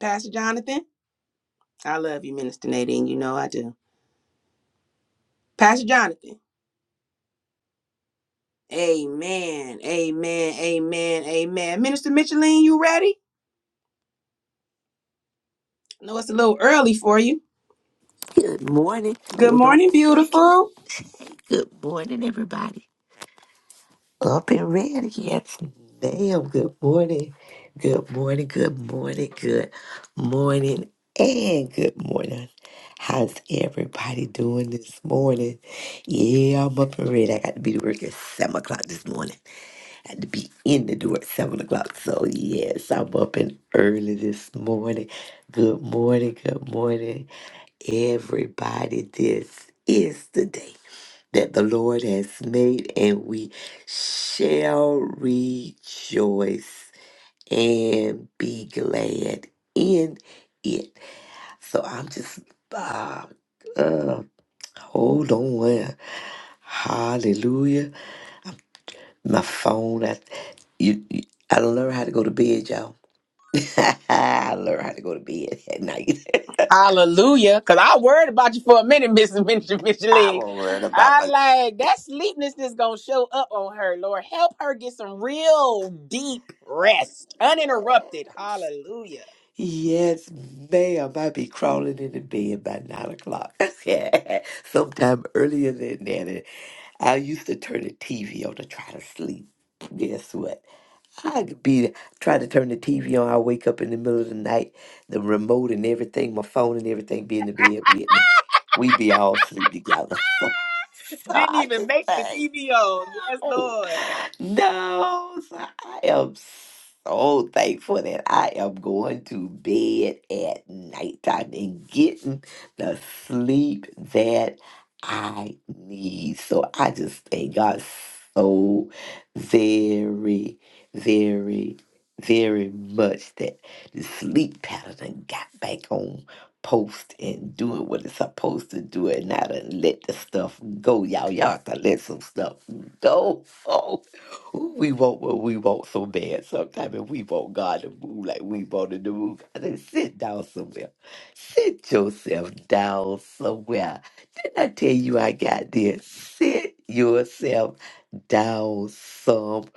Speaker 1: Pastor Jonathan. I love you, Minister Nadine. You know I do. Pastor Jonathan. Amen. Amen. Amen. Amen. Minister Micheline, you ready? I know it's a little early for you.
Speaker 3: Good morning.
Speaker 1: Good
Speaker 3: Hold on
Speaker 1: morning,
Speaker 3: a second.
Speaker 1: beautiful.
Speaker 3: Good morning, everybody. Up and ready. Yes, ma'am. Good morning. Good morning. Good morning. Good morning. And good morning. How's everybody doing this morning? Yeah, I'm up and ready. I got to be to work at 7 o'clock this morning. I had to be in the door at 7 o'clock. So, yes, I'm up and early this morning. Good morning. Good morning. Everybody, this is the day that the Lord has made, and we shall rejoice and be glad in it. So I'm just, uh, uh, hold on. Hallelujah. My phone, I, you, you, I learned how to go to bed, y'all. I learned how to go to bed at night.
Speaker 1: Hallelujah. Cause I worried about you for a minute, Mrs. Minister
Speaker 3: I
Speaker 1: Micheline.
Speaker 3: won't worry about
Speaker 1: I
Speaker 3: my.
Speaker 1: like that sleepness sleeplessness gonna show up on her, Lord. Help her get some real deep rest. Uninterrupted. Hallelujah.
Speaker 3: Yes, ma'am. I be crawling into bed by nine o'clock. Sometime earlier than that. And I used to turn the TV on to try to sleep. Guess what? I could be trying to turn the TV on. I wake up in the middle of the night, the remote and everything, my phone and everything be in the bed with me. We be all asleep together. so
Speaker 1: Didn't
Speaker 3: I
Speaker 1: even
Speaker 3: just
Speaker 1: make the
Speaker 3: think.
Speaker 1: TV on. Yes,
Speaker 3: No,
Speaker 1: Lord.
Speaker 3: no. So I am so thankful that I am going to bed at nighttime and getting the sleep that I need. So I just thank God so very, very, very much that the sleep pattern done got back on post and doing what it's supposed to do and not to let the stuff go. Y'all, y'all have to let some stuff go. Oh, we want what we want so bad sometimes, and we want God to move like we wanted to move. I said, sit down somewhere. Sit yourself down somewhere I tell you, I got this. Sit yourself down somewhere.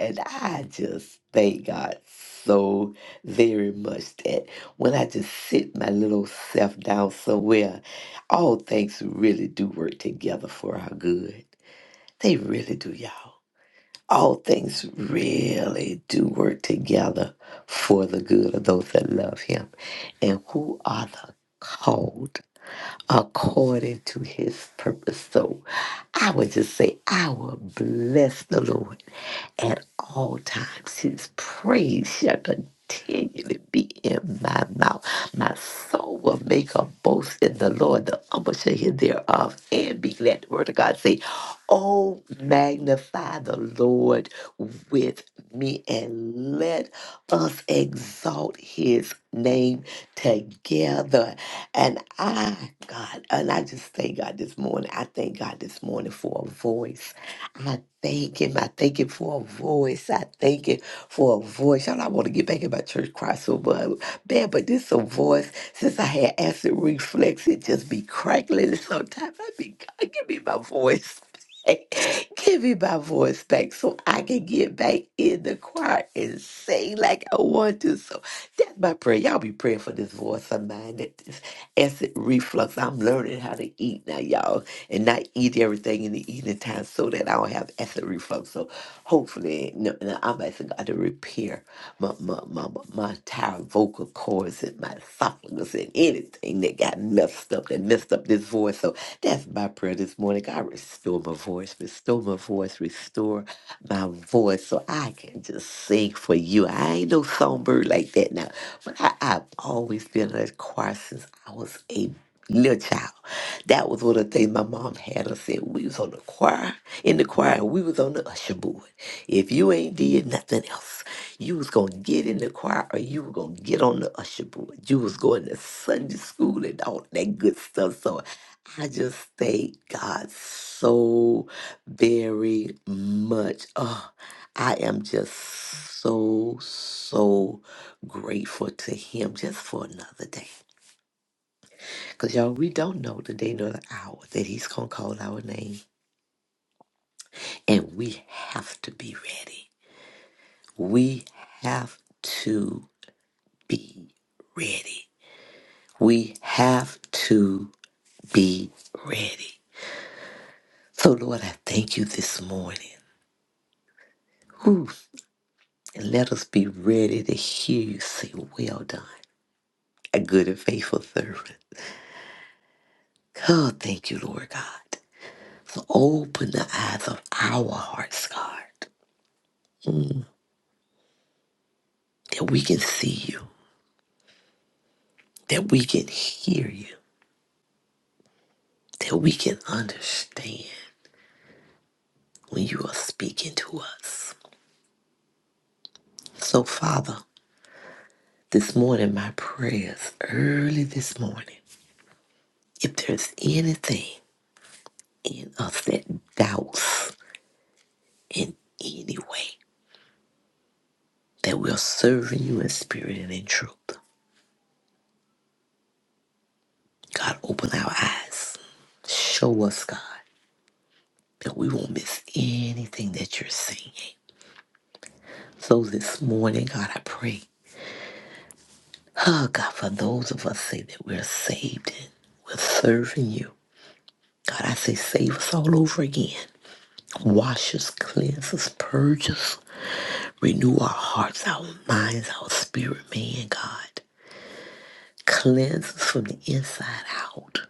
Speaker 3: And I just thank God so very much that when I just sit my little self down somewhere, all things really do work together for our good. They really do, y'all. All things really do work together for the good of those that love Him and who are the called according to his purpose. So I would just say, I will bless the Lord at all times, his praise shall continually be in my mouth. My soul will make a boast in the Lord. The humble shall hear thereof and be glad. The word of God say, Oh, magnify the Lord with me and let us exalt his name together. And I, God, and I just thank God this morning. I thank God this morning for a voice. I thank him. I thank him for a voice. I thank him for a voice. Y'all, I want to get back in my church choir so bu- bad, but this a voice. Since I had acid reflux, it just be crackling. And sometimes I be, God, give me my voice back. Give me my voice back so I can get back in the choir and sing like I want to. So that's my prayer. Y'all be praying for this voice of mine, that this acid reflux. I'm learning how to eat now, y'all and not eat everything in the evening time so that I don't have acid reflux. So hopefully, no, no, I'm asking God to repair my, my, my, my my entire vocal cords and my esophagus and anything that got messed up, that messed up this voice. So that's my prayer this morning. God, restore my voice, restore my voice, restore my voice so I can just sing for you. I ain't no songbird like that now, but I, I've always been in that choir since I was a little child. That was one of the things my mom had us said. We was on the choir, in the choir, and we was on the usher board. If you ain't did nothing else, you was gonna get in the choir or you were gonna get on the usher board. You was going to Sunday school and all that good stuff. So I just thank God so very much. Oh, I am just so, so grateful to him just for another day. Because, y'all, we don't know the day nor the hour that he's going to call our name. And we have to be ready. We have to be ready. We have to be ready. So, Lord, I thank you this morning. Whew. And let us be ready to hear you say, Well done, a good and faithful servant. Oh, thank you, Lord God. So open the eyes of our hearts, God, mm, that we can see you that we can hear you, that we can understand when you are speaking to us. So, Father, this morning, my prayers early this morning, if there's anything in us that doubts in any way that we're serving you in spirit and in truth, God, open our eyes. Show us, God, that we won't miss anything that you're saying. So this morning, God, I pray Oh, God, for those of us say that we're saved and we're serving you. God, I say save us all over again. Wash us, cleanse us, purge us, renew our hearts, our minds, our spirit, man, God. Cleanse us from the inside out.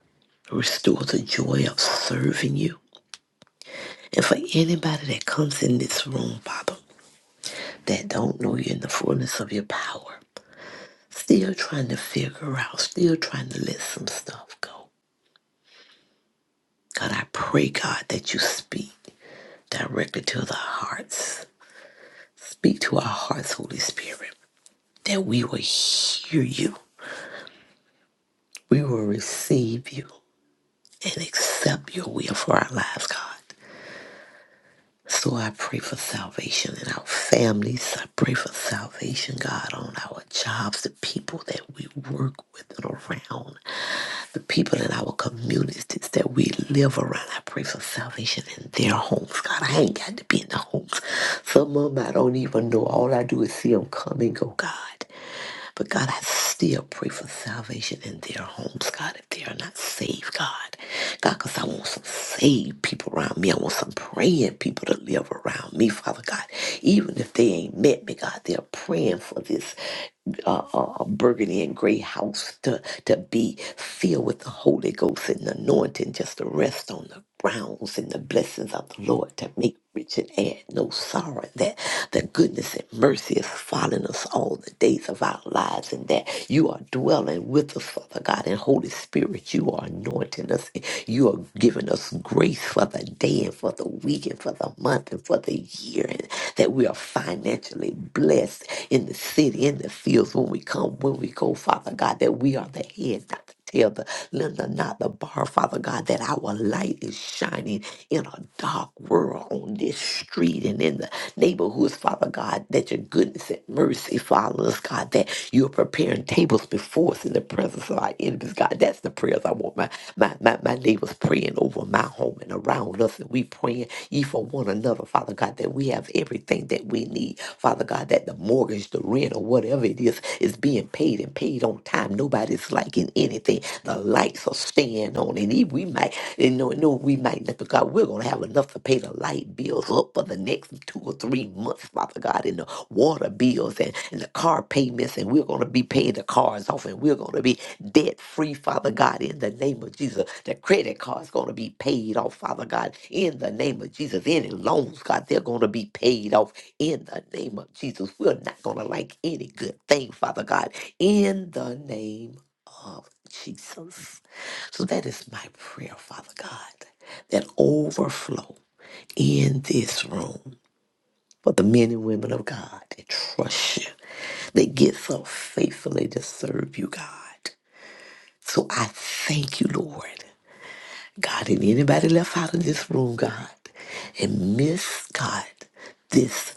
Speaker 3: Restore the joy of serving you. And for anybody that comes in this room, Father, that don't know you in the fullness of your power, still trying to figure out, still trying to let some stuff go. God, I pray, God, that you speak directly to the hearts. Speak to our hearts, Holy Spirit, that we will hear you, we will receive you, and accept your will for our lives, God. So I pray for salvation in our families. I pray for salvation, God, on our jobs, the people that we work with and around. the people in our communities that we live around. I pray for salvation in their homes. God, I ain't got to be in the homes. Some of them I don't even know. All I do is see them come and go, God. But God, I still pray for salvation in their homes, God, if they are not saved, God. God, because I want some saved people around me. I want some praying people to live around me, Father God. Even if they ain't met me, God, they're praying for this uh, uh, uh, burgundy and gray house to, to be filled with the Holy Ghost and the anointing just to rest on the. Browns in the blessings of the Lord to make rich and add no sorrow. That the goodness and mercy is following us all the days of our lives, and that you are dwelling with us, Father God. And Holy Spirit, you are anointing us. and You are giving us grace for the day and for the week and for the month and for the year, and that we are financially blessed in the city, in the fields, when we come, when we go, Father God, that we are the head, not the Tell the lender not the bar, Father God, that our light is shining in a dark world on this street and in the neighborhoods, Father God, that your goodness and mercy follow us, God, that you're preparing tables before us in the presence of our enemies, God. That's the prayers I want my, my, my, my neighbors praying over my home and around us, and we praying ye for one another, Father God, that we have everything that we need, Father God, that the mortgage, the rent, or whatever it is, is being paid and paid on time. Nobody's like it liking anything. The lights are staying on, and if we might, you know, no, we might not, because we're going to have enough to pay the light bills up for the next two or three months, Father God, and the water bills and, and the car payments, and we're going to be paying the cars off, and we're going to be debt free, Father God, in the name of Jesus. The credit card's going to be paid off, Father God, in the name of Jesus. Any loans, God, they're going to be paid off in the name of Jesus. We're not going to like any good thing, Father God, in the name Jesus. So that is my prayer, Father God, that overflow in this room for the men and women of God that trust you, that get so faithfully to serve you, God. So I thank you, Lord. God, and anybody left out of this room, God, and miss, God, this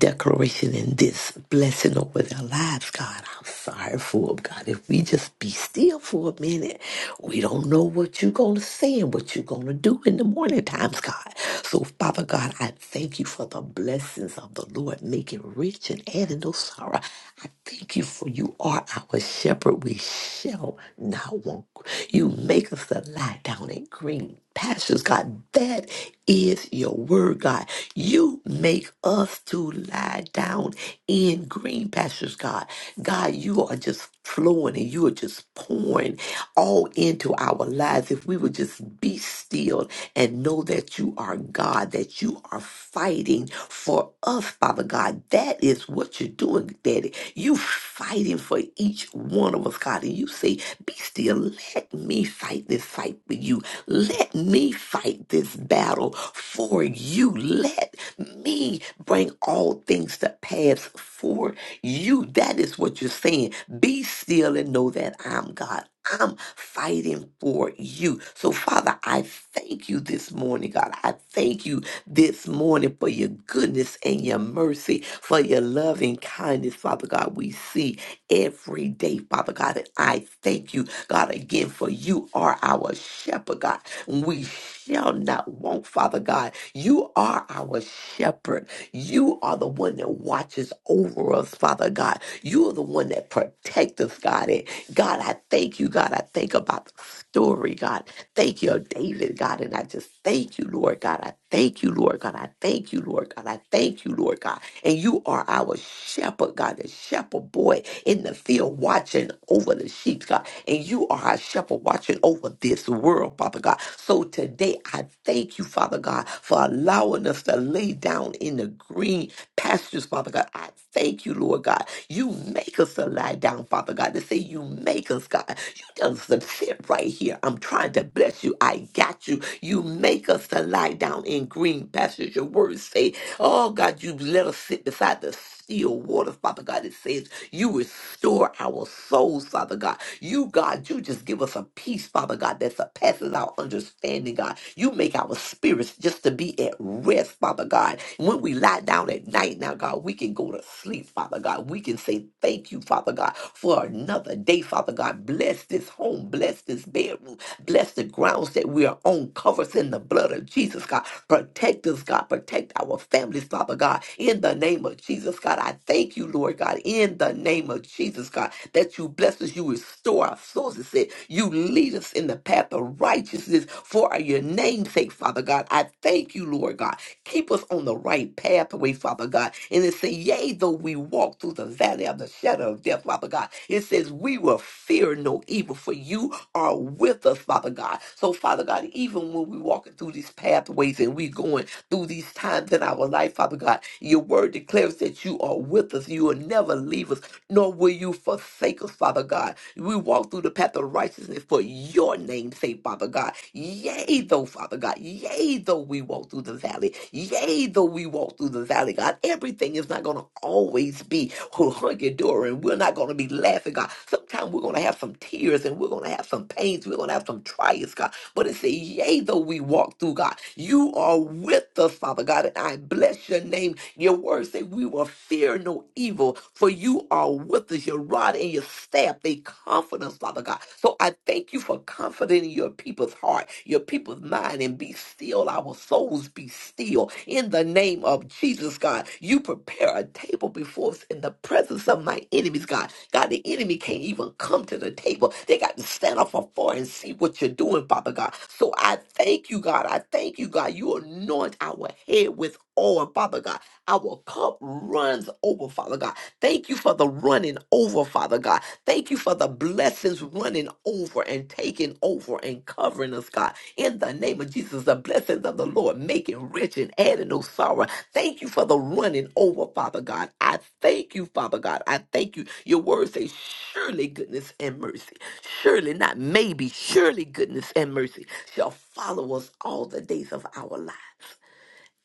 Speaker 3: declaration and this blessing over their lives, God, I'm sorry for them, God. If we just be still for a minute, we don't know what you're going to say and what you're going to do in the morning times, God. So, Father God, I thank you for the blessings of the Lord, making rich and adding no sorrow. I thank you for you are our shepherd. We shall not want. You makest us lie down in green pastures, God. That is your word, God. You make us to lie down in green pastures, God. God, you are just flowing and you are just pouring all into our lives. If we would just be still and know that you are God, that you are fighting for us, Father God. That is what you're doing, Daddy. You fighting for each one of us, God. And you say be still. Let me fight this fight with you. Let me fight this battle for you. Let me bring all things to pass for you. That is what you're saying. Be still and know that I'm God. I'm fighting for you. So, Father, I thank you this morning, God. I thank you this morning for your goodness and your mercy, for your loving kindness, Father God. We see every day, Father God. And I thank you, God, again, for you are our shepherd, God. We shall not want, Father God. You are our shepherd. You are the one that watches over us, Father God. You are the one that protects us, God. And God, I thank you, God. I think about the story, God. Thank you, David, God. And I just thank you, Lord God. I thank you, Lord God. I thank you, Lord God. I thank you, Lord God. And you are our shepherd, God, the shepherd boy in the field watching over the sheep, God. And you are our shepherd watching over this world, Father God. So today I thank you, Father God, for allowing us to lay down in the green pastures, Father God. I thank you, Lord God. You make us to lie down, Father God. They say you make us, God. You tell us to sit right here. I'm trying to bless you. I got you. You make us to lie down in green pastures. Your words say, oh God, you let us sit beside the still waters, Father God. It says you restore our souls, Father God. You, God, you just give us a peace, Father God, that surpasses our understanding, God. You make our spirits just to be at rest, Father God. When we lie down at night now, God, we can go to sleep, Father God. We can say thank you, Father God, for another day, Father God. Bless this home, bless this bedroom, bless the grounds that we are on. Cover us in the blood of Jesus, God. Protect us, God. Protect our families, Father God. In the name of Jesus, God, I thank you, Lord God, in the name of Jesus, God, that you bless us, you restore our souls. It said, you lead us in the path of righteousness for your name's sake, Father God. I thank you, Lord God. Keep us on the right pathway, Father God. And it says, yea, though we walk through the valley of the shadow of death, Father God, it says, we will fear no evil, for you are with us, Father God. So, Father God, even when we're walking through these pathways and we're going through these times in our life, Father God. Your word declares that you are with us. You will never leave us, nor will you forsake us, Father God. We walk through the path of righteousness for your name's sake, Father God. Yea, though, Father God. Yea, though we walk through the valley. Yea, though we walk through the valley, God. Everything is not going to always be hunky dory, and we're not going to be laughing, God. Sometimes we're going to have some tears, and we're going to have some pains. We're going to have some trials, God. But it says, Yea, though we walk through God, you are with us, Father God. And I bless your name. Your word say we will fear no evil, for you are with us. Your rod and your staff, they comfort us, Father God. So I thank you for comforting your people's heart, your people's mind, and be still. Our souls be still. In the name of Jesus, God, you prepare a table before us in the presence of my enemies, God. God, the enemy can't even come to the table. They got to stand up afar and see what you're doing, Father God. So I thank you, God. I thank you, God. You anoint our head with oil, Father God. Our cup runs over, Father God. Thank you for the running over, Father God. Thank you for the blessings running over and taking over and covering us, God. In the name of Jesus, the blessings of the Lord making rich and adding no sorrow. Thank you for the running over, Father God. I thank you, Father God. I thank you. Your word says, surely goodness and mercy. Surely, not maybe, surely goodness and mercy shall follow us all the days of our lives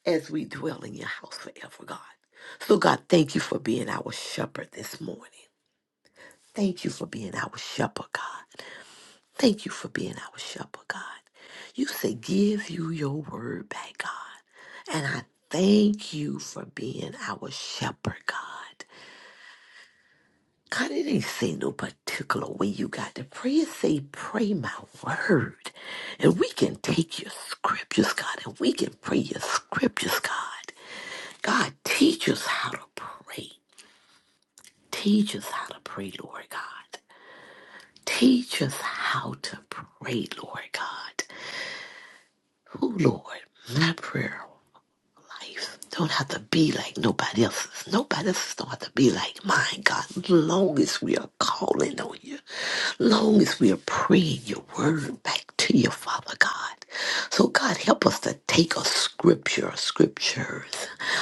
Speaker 3: as we dwell in your house forever, God. So, God, thank you for being our shepherd this morning. Thank you for being our shepherd, God. Thank you for being our shepherd, God. You say, give you your word back, God. And I thank you for being our shepherd, God. God, it ain't say no particular way you got to pray. It say, pray my word. And we can take your scriptures, God, and we can pray your scriptures, God. God, teach us how to pray. Teach us how to pray, Lord God. Teach us how to pray, Lord God. Oh, Lord, my prayer life don't have to be like nobody else's. Nobody else's don't have to be like mine, God. Long as we are calling on you, long as we are praying your word back to you, Father God. So, God, help us to take a scripture, scriptures,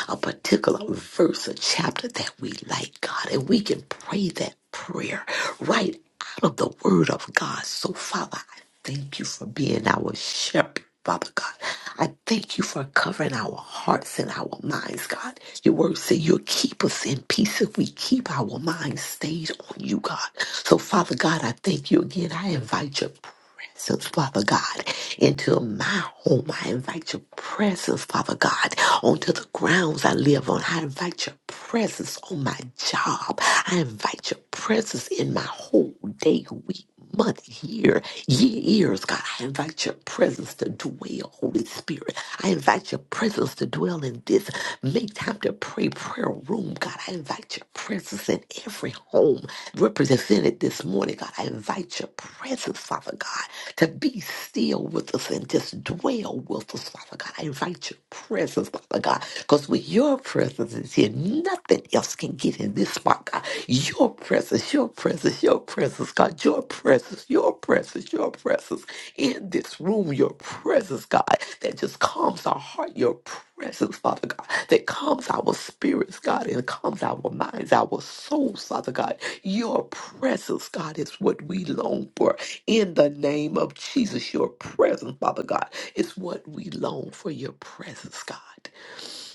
Speaker 3: a particular verse, a chapter that we like, God, and we can pray that prayer right out of the word of God. So, Father, Thank you for being our shepherd, Father God. I thank you for covering our hearts and our minds, God. Your word says you'll keep us in peace if we keep our minds stayed on you, God. So, Father God, I thank you again. I invite your presence, Father God, into my home. I invite your presence, Father God, onto the grounds I live on. I invite your presence on my job. I invite your presence in my whole day, week month, year, ye- years, God. I invite your presence to dwell, Holy Spirit. I invite your presence to dwell in this make time to pray prayer room, God. I invite your presence in every home represented this morning, God. I invite your presence, Father God, to be still with us and just dwell with us, Father God. I invite your presence, Father God, because with your presence is here, nothing else can get in this this spot, God. Your presence, your presence, your presence, God. Your presence, your presence, your presence in this room, your presence, God, that just calms our heart, your presence, Father God, that calms our spirits, God, and calms our minds, our souls, Father God. Your presence, God, is what we long for. In the name of Jesus, your presence, Father God, is what we long for, your presence, God.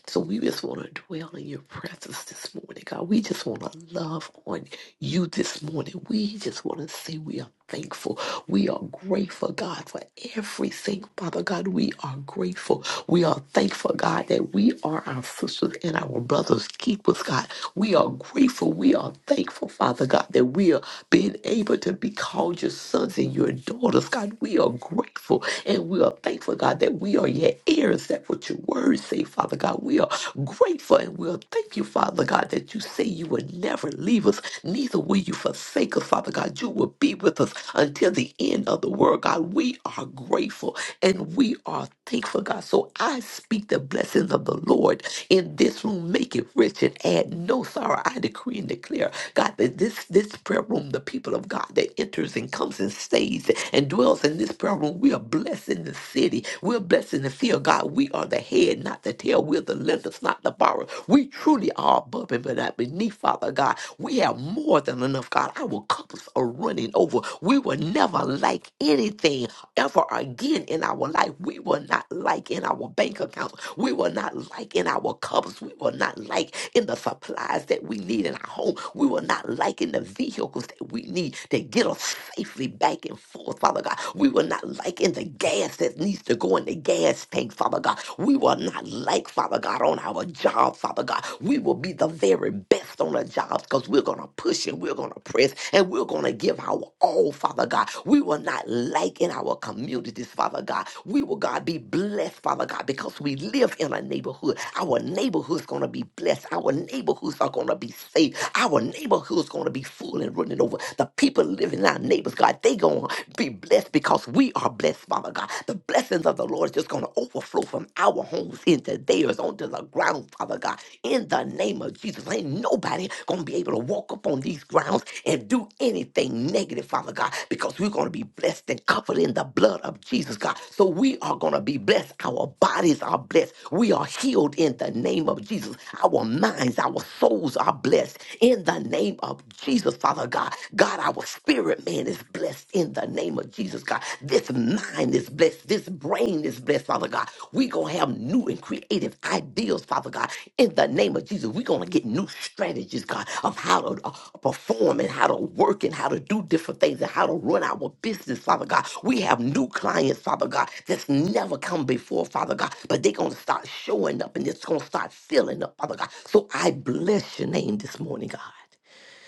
Speaker 3: So we just want to dwell in your presence this morning, God. We just want to love on you this morning. We just want to say we are thankful. We are grateful, God, for everything, Father God. We are grateful. We are thankful, God, that we are our sisters and our brothers' keepers, God. We are grateful. We are thankful, Father God, that we are being able to be called your sons and your daughters. God, we are grateful and we are thankful, God, that we are your heirs. That what your words say, Father God. We are grateful and we'll thank you, Father God, that you say you will never leave us, neither will you forsake us, Father God. You will be with us until the end of the world, God. We are grateful and we are thankful, God. So I speak the blessings of the Lord in this room. Make it it rich and add no sorrow. I decree and declare, God, that this, this prayer room, the people of God that enters and comes and stays and dwells in this prayer room, we are blessed in the city. We're blessed in the field. God, we are the head, not the tail. We're the lenders, not the borrower. We truly are above and not beneath, Father God. We have more than enough, God. Our cups are running over. We were never like anything ever again in our life. We will not like in our bank accounts. We will not like in our cupboards. We will not like in the supplies that we need in our home. We will not like in the vehicles that we need to get us safely back and forth, Father God. We will not like in the gas that needs to go in the gas tank, Father God. We will not like, Father God, on our job, Father God. We will be the very best on our jobs because we're going to put push and we're going to press and we're going to give our all, Father God. We will not lack in our communities, Father God. We will, God, be blessed, Father God, because we live in a neighborhood. Our neighborhood's going to be blessed. Our neighborhoods are going to be safe. Our neighborhood's going to be full and running over. The people living in our neighbors, God, they going to be blessed because we are blessed, Father God. The blessings of the Lord is just going to overflow from our homes into theirs layers onto the ground, Father God, in the name of Jesus. Ain't nobody going to be able to walk up on these grounds and do anything negative, Father God, because we're going to be blessed and covered in the blood of Jesus, God. So we are going to be blessed. Our bodies are blessed. We are healed in the name of Jesus. Our minds, our souls are blessed in the name of Jesus, Father God. God, our spirit man is blessed in the name of Jesus, God. God. This mind is blessed. This brain is blessed, Father God. We're going to have new and creative ideas, Father God. In the name of Jesus, we're going to get new strategies, God, of how to uh, perform and how to work and how to do different things and how to run our business, Father God. We have new clients, Father God, that's never come before, Father God, but they're going to start showing up and it's going to start filling up, Father God. So I bless your name this morning, God.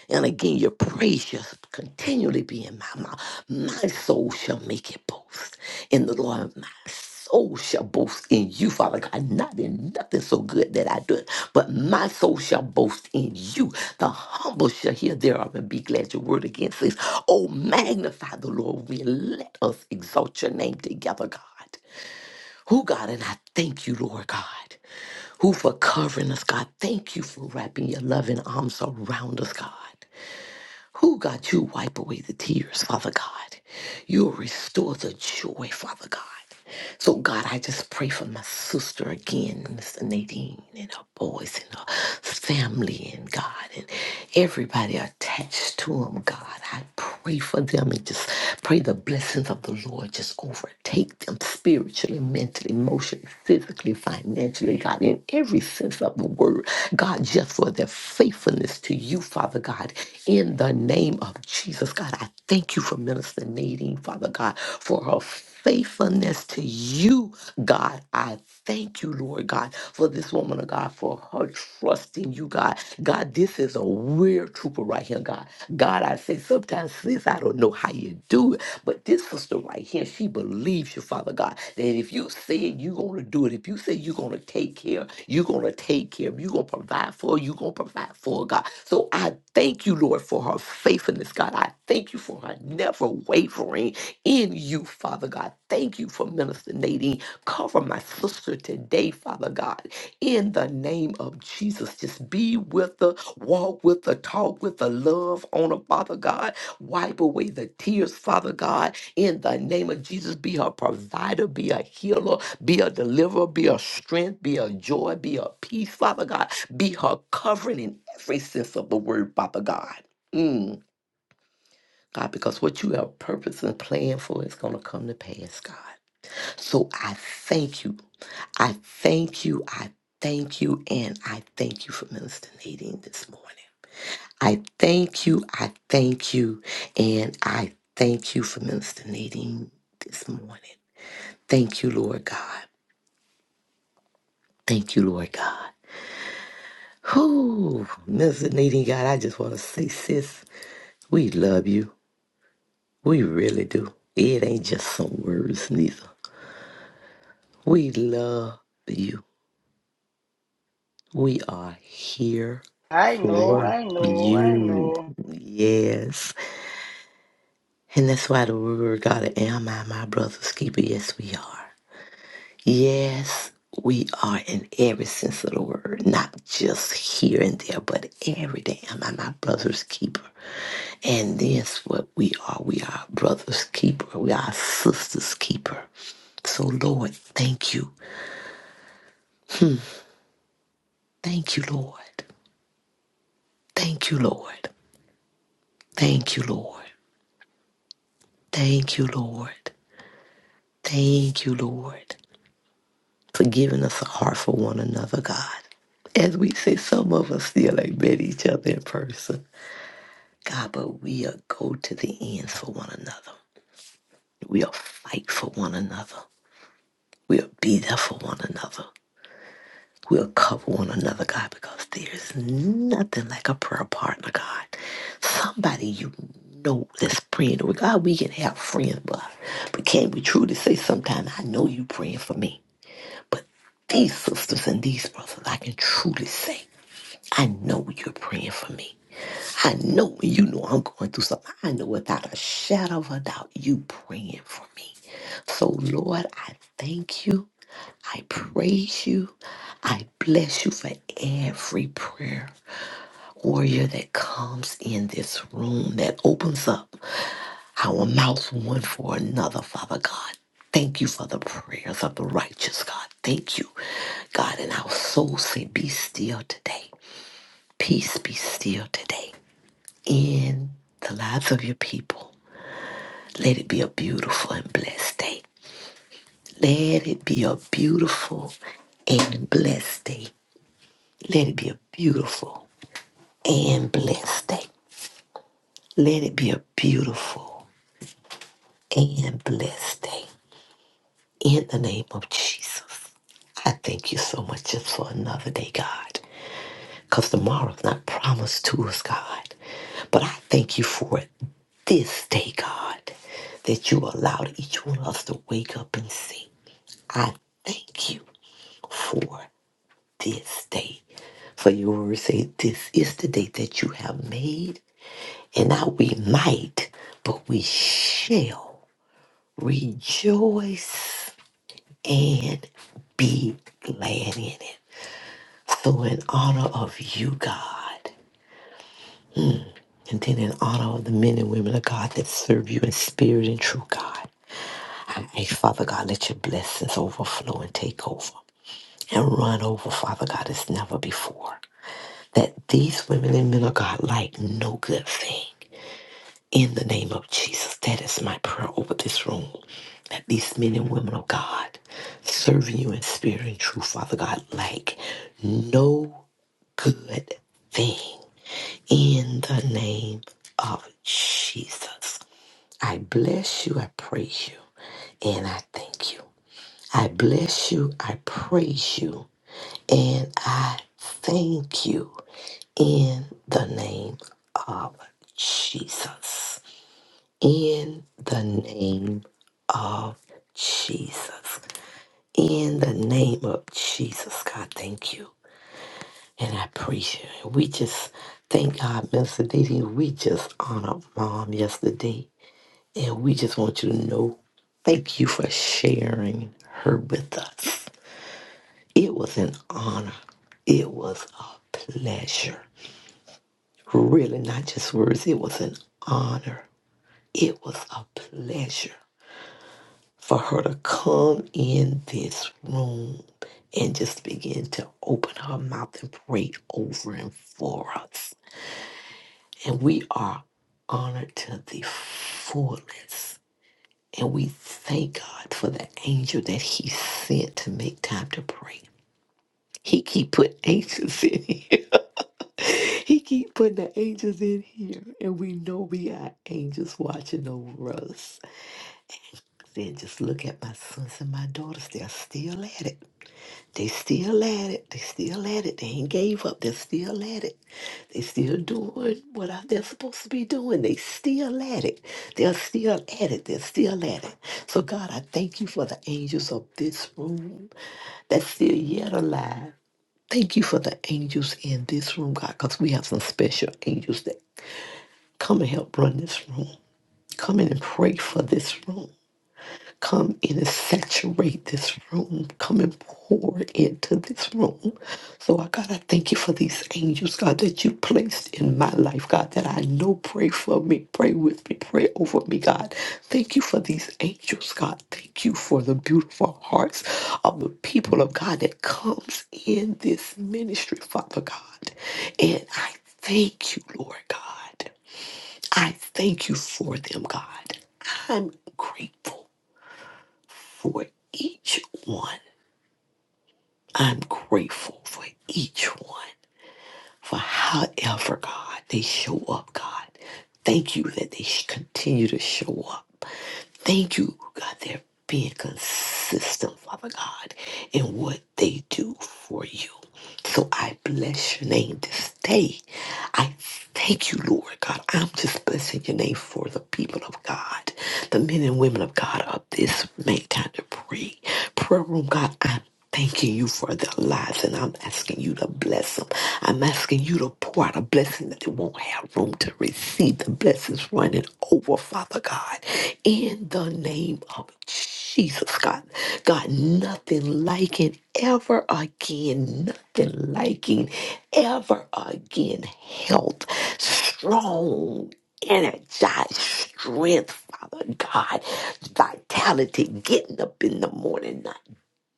Speaker 3: And again, your praise shall continually be in my mouth. My soul shall make it boast in the Lord. My soul shall boast in you, Father God. Not in nothing so good that I do it, but my soul shall boast in you. The humble shall hear thereof and be glad. Your word again says, Oh, magnify the Lord. We let us exalt your name together, God. Who, God, and I thank you, Lord God who for covering us, God. Thank you for wrapping your loving arms around us, God. Who, God, you wipe away the tears, Father God. You'll restore the joy, Father God. So, God, I just pray for my sister again, Mr. Nadine, and her boys, and her family, and God, and everybody attached to them, God. I pray for them and just pray the blessings of the Lord just overtake them spiritually, mentally, emotionally emotionally, physically, financially, God, in every sense of the word, God, just for their faithfulness to you, Father God, in the name of Jesus, God, I thank you for Minister Nadine, Father God, for her faithfulness to you, God. I thank you, Lord God, for this woman of God, for her trust in you, God. God, this is a weird trooper right here here, God. God, I say, sometimes, sis, I don't know how you do it, but this sister right here, she believes you, Father God, that if you say you're going to do it, if you say you're going to take care, you're going to take care, you're going to provide for, her, you're going to provide for, her, God. So I thank you, Lord, for her faithfulness, God. I thank you for her never wavering in you, Father God. Thank you for Minister Nadine. Cover my sister today, Father God in the name of Jesus. Just be with her, walk with her, talk with her, love on her, Father God. Wipe away the tears, Father God, in the name of Jesus. Be her provider, be a healer, be a deliverer, be a strength, be a joy, be a peace, Father God. Be her covering in every sense of the word, Father God. Mm, God, because what you have purpose and plan for is going to come to pass, God. So I thank you. I thank you. I thank you. And I thank you for Minister Nadine this morning. I thank you. I thank you. And I thank you for Minister Nadine this morning. Thank you, Lord God. Thank you, Lord God. Whoo, Minister Nadine God, I just want to say, sis, we love you. We really do. It ain't just some words, neither. We love you. We are here
Speaker 2: I know,
Speaker 3: for
Speaker 2: I know, I
Speaker 3: you.
Speaker 2: know.
Speaker 3: Yes. And that's why the word God am I my brother's keeper. Yes, we are. Yes, we are in every sense of the word, not just here and there, but every day am I my brother's keeper. And that's what we are. We are brother's keeper. We are sister's keeper. So, Lord, thank you. Thank you, Lord. Thank you, Lord. Thank you, Lord. Thank you, Lord. Thank you, Lord, for giving us a heart for one another, God. As we say, some of us still ain't met each other in person. God, but we'll go to the ends for one another. We'll fight for one another. We'll be there for one another. We'll cover one another, God, because there's nothing like a prayer partner, God. Somebody you know that's praying. with God, we can have friends, but, but can we truly say sometimes, I know you praying for me. But these sisters and these brothers, I can truly say, I know you're praying for me. I know when you know I'm going through something. I know without a shadow of a doubt, you praying for me. So, Lord, I thank you. I praise you. I bless you for every prayer warrior that comes in this room that opens up our mouth one for another, Father God. Thank you for the prayers of the righteous, God. Thank you, God. And our souls say, Be still today. Peace be still today in the lives of your people. Let it be a beautiful and blessed day. Let it be a beautiful and blessed day. Let it be a beautiful and blessed day. Let it be a beautiful and blessed day. In the name of Jesus, I thank you so much just for another day, God, because tomorrow's not promised to us, God. But I thank you for it this day, God, that you allowed each one of us to wake up and see. I thank you for this day. For your word say, This is the day that you have made, and now we might, but we shall rejoice and be glad in it. So, in honor of you, God, and then in honor of the men and women of God that serve you in spirit and true, God, I ask, Father God, let your blessings overflow and take over and run over, Father God, as never before. That these women and men of God like no good thing. In the name of Jesus, that is my prayer over this room. That these men and women of God serving you in spirit and truth, Father God, like no good thing in the name of Jesus. I bless you, I praise you, and I thank you. I bless you, I praise you, and I thank you in the name of Jesus. In the name of Jesus. In the name of Jesus, God, thank you. And I appreciate it. We just thank God, Minister Didi. We just honored mom yesterday. And we just want you to know thank you for sharing her with us. It was an honor. It was a pleasure. Really, not just words, it was an honor. It was a pleasure for her to come in this room and just begin to open her mouth and pray over and for us. And we are honored to the fullest. And we thank God for the angel that he sent to make time to pray. He keep putting angels in here. He keep putting the angels in here. And we know we are angels watching over us. Then just look at my sons and my daughters. They're still at it. They still at it. They still at it. They ain't gave up. They're still at it. They still doing what I- they're supposed to be doing. They still at it. They're still at it. They're still at it. So God, I thank you for the angels of this room that's still yet alive. Thank you for the angels in this room, God, because we have some special angels that come and help run this room. Come in and pray for this room. Come in and saturate this room. Come and pour into this room. So, I, God, I thank you for these angels, God, that you placed in my life, God, that I know pray for me, pray with me, pray over me, God. Thank you for these angels, God. Thank you for the beautiful hearts of the people of God that comes in this ministry, Father God. And I thank you, Lord God. I thank you for them, God. I'm grateful for each one. I'm grateful for each one, for however, God, they show up, God. Thank you that they continue to show up. Thank you, God, they're being consistent, Father God, in what they do for you. So I bless your name this day. I thank you, Lord God. I'm just blessing your name for the people of God, the men and women of God of this make time to pray. Prayer room, God, I'm thanking you for their lives and I'm asking you to bless them. I'm asking you to pour pour out a blessing that they won't have room to receive. The blessings running over, Father God, in the name of Jesus, God. God, nothing like it ever again. Nothing liking ever again. Health, strong, energized strength, Father God. Vitality, getting up in the morning, not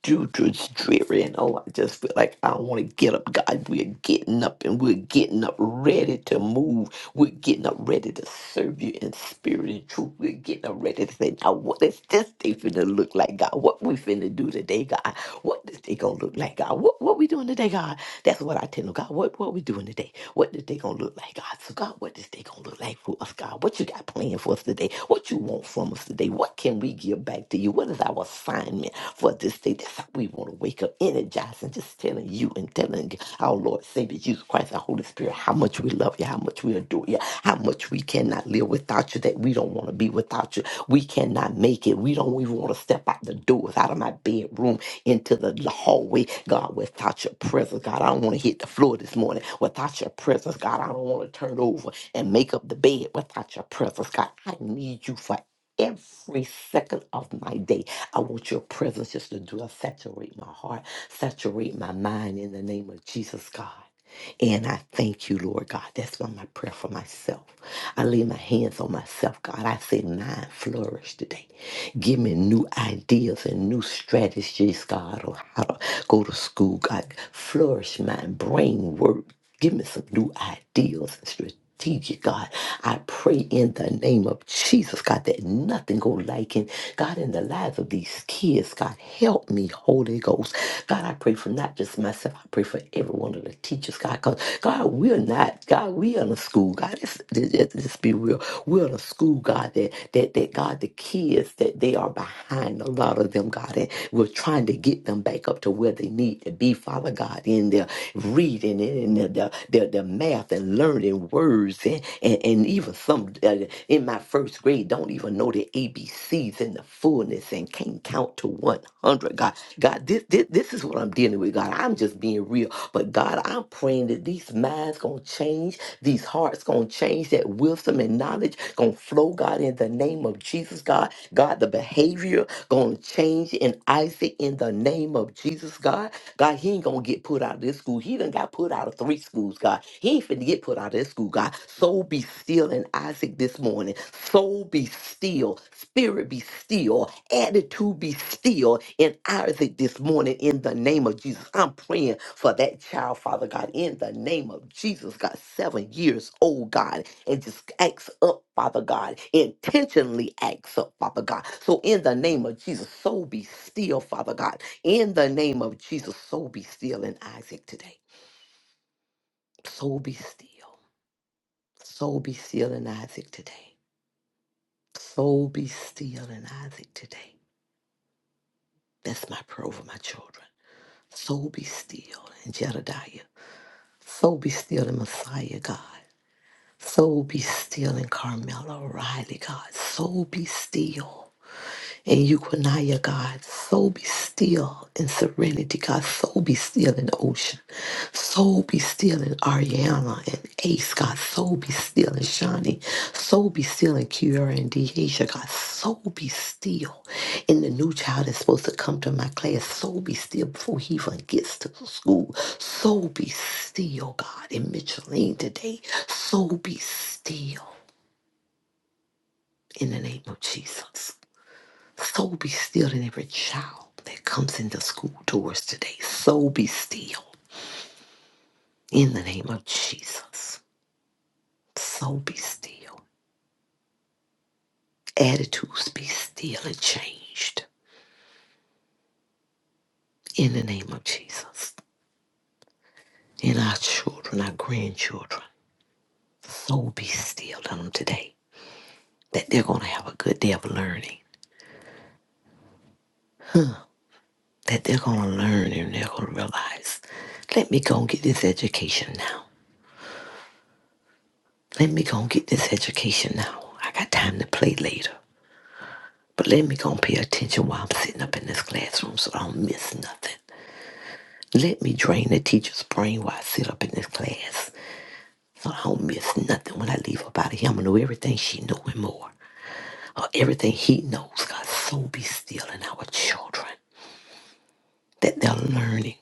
Speaker 3: due to it's dreary and all. I just feel like I don't want to get up. God, we're getting up and we're getting up ready to move. We're getting up ready to serve you in spirit and truth. We're getting up ready to say, now what is this day finna look like, God? What we finna do today, God? What this day gonna look like, God? What what we doing today, God? That's what I tell them, God. What what we doing today? What this day gonna look like? Thank God. So, God, what this day going to look like for us, God? What you got planned for us today? What you want from us today? What can we give back to you? What is our assignment for this day? That's how we want to wake up energized and just telling you and telling our Lord, Savior Jesus Christ, our Holy Spirit, how much we love you, how much we adore you, how much we cannot live without you, that we don't want to be without you. We cannot make it. We don't even even want to step out the doors, out of my bedroom, into the hallway, God, without your presence, God. I don't want to hit the floor this morning without your presence, God. I don't want to turn over and make up the bed without your presence, God. I need you for every second of my day. I want your presence just to dwell, saturate my heart, saturate my mind in the name of Jesus, God. And I thank you, Lord God. That's been my prayer for myself. I lay my hands on myself, God. I say, mine flourish today. Give me new ideas and new strategies, God, on how to go to school, God. Flourish my brain work. Give me some new ideas and strategies strategic, God. I pray in the name of Jesus, God, that nothing go lacking. God, in the lives of these kids, God, help me, Holy Ghost. God, I pray for not just myself, I pray for every one of the teachers, God, because God, we're not, God, we are in a school, God, let's, let's, let's be real. We're in a school, God, that, that, that, God, the kids, that they are behind a lot of them, God, and we're trying to get them back up to where they need need to be, Father God, in their reading and in their, their, their, math and learning words. And, and, and even some uh, in my first grade don't even know the A B C's in the fullness and can't count to 100. God, God this, this, this is what I'm dealing with, God. I'm just being real. But God, I'm praying that these minds going to change, these hearts going to change, that wisdom and knowledge going to flow, God, in the name of Jesus, God. God, the behavior going to change in Isaac in the name of Jesus, God. God, he ain't gonna get put out of this school. He done got put out of three schools, God. He ain't finna get put out of this school, God. Soul be still in Isaac this morning. Soul be still. Spirit be still. Attitude be still in Isaac this morning in the name of Jesus. I'm praying for that child, Father God, in the name of Jesus, God, seven years old, God, and just acts up, Father God, intentionally acts up, Father God. So in the name of Jesus, soul be still, Father God. In the name of Jesus, so be still in Isaac today. So be still. So be still in Isaac today. So be still in Isaac today. That's my prayer over my children. So be still in Jedediah. So be still in Messiah, God. So be still in Carmela O'Reilly, God. So be still. and Euquinaya, God. So be still in serenity, God. So be still in Ocean. So be still in Ariana and Ace, God. So be still in Shawnee. So be still in Kiara and Deasia, God. So be still in the new child that's supposed to come to my class. So be still before he even gets to school. So be still, God, in Micheline today. So be still in the name of Jesus. So be still in every child that comes into school doors today. So be still in the name of Jesus. So be still. Attitudes be still and changed in the name of Jesus. In our children, our grandchildren, so be still in them today that they're going to have a good day of learning, that they're going to learn and they're going to realize, let me go and get this education now. Let me go and get this education now. I got time to play later. But let me go and pay attention while I'm sitting up in this classroom so I don't miss nothing. Let me drain the teacher's brain while I sit up in this class so I don't miss nothing when I leave up out of here. I'm gonna know everything she knew and more. Or everything he knows. God, so be still in our children that they're learning.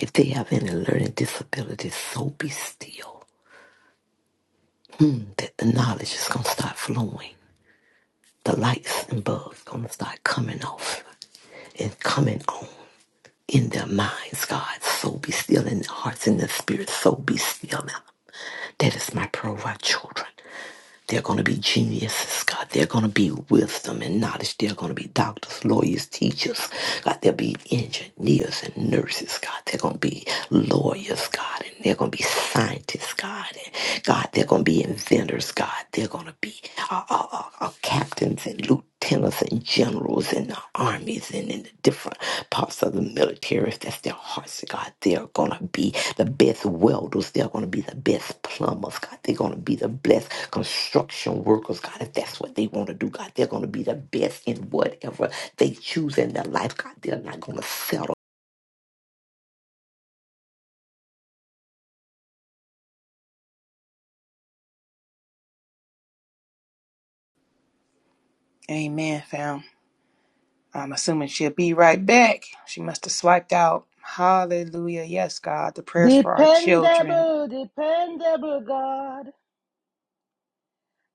Speaker 3: If they have any learning disabilities, so be still that the knowledge is gonna start flowing. The lights and bulbs gonna start coming off and coming on. in their minds, God. So be still in their hearts, in their spirits. So be still now. That is my prayer for our children. They're going to be geniuses, God. They're going to be wisdom and knowledge. They're going to be doctors, lawyers, teachers. God, they'll be engineers and nurses, God. They're going to be lawyers, God. And they're going to be scientists, God. God, they're going to be inventors, God. They're going to be uh, uh, uh, uh, captains and lieutenants and generals in the armies and in the different parts of the military. If that's their hearts, God, they're going to be the best welders. They're going to be the best plumbers, God. They're going to be the best construction workers, God. If that's what they want to do, God, they're going to be the best in whatever they choose in their life, God. They're not going to settle.
Speaker 1: Amen, fam. I'm assuming she'll be right back. She must have swiped out. Hallelujah. Yes, God. The prayers for our children.
Speaker 2: Dependable, dependable God.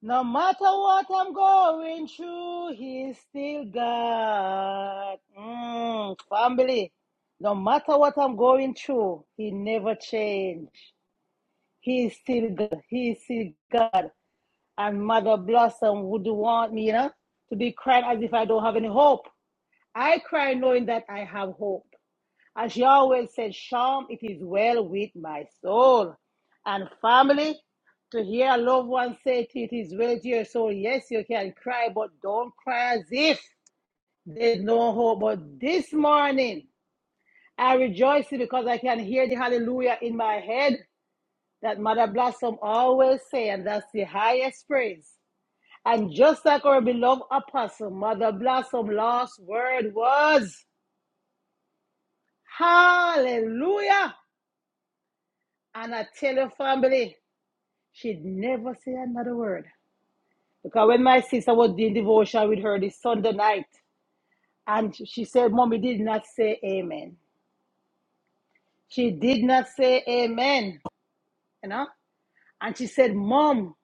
Speaker 2: No matter what I'm going through, He's still God. Mm, family, no matter what I'm going through, He never changed. He is still God. He is still God. And Mother Blossom would want me, you know, to be crying as if I don't have any hope. I cry knowing that I have hope. As Yahweh said, Shalom, it is well with my soul. And family, to hear a loved one say to you, it is well with your soul, yes, you can cry, but don't cry as if there's no hope. But this morning, I rejoice because I can hear the hallelujah in my head that Mother Blossom always say, and that's the highest praise. And just like our beloved apostle, Mother Blossom, last word was, Hallelujah. And I tell your family, she'd never say another word. Because when my sister was doing devotion with her this Sunday night, and she said, Mommy did not say amen. She did not say amen, you know? And she said, Mom,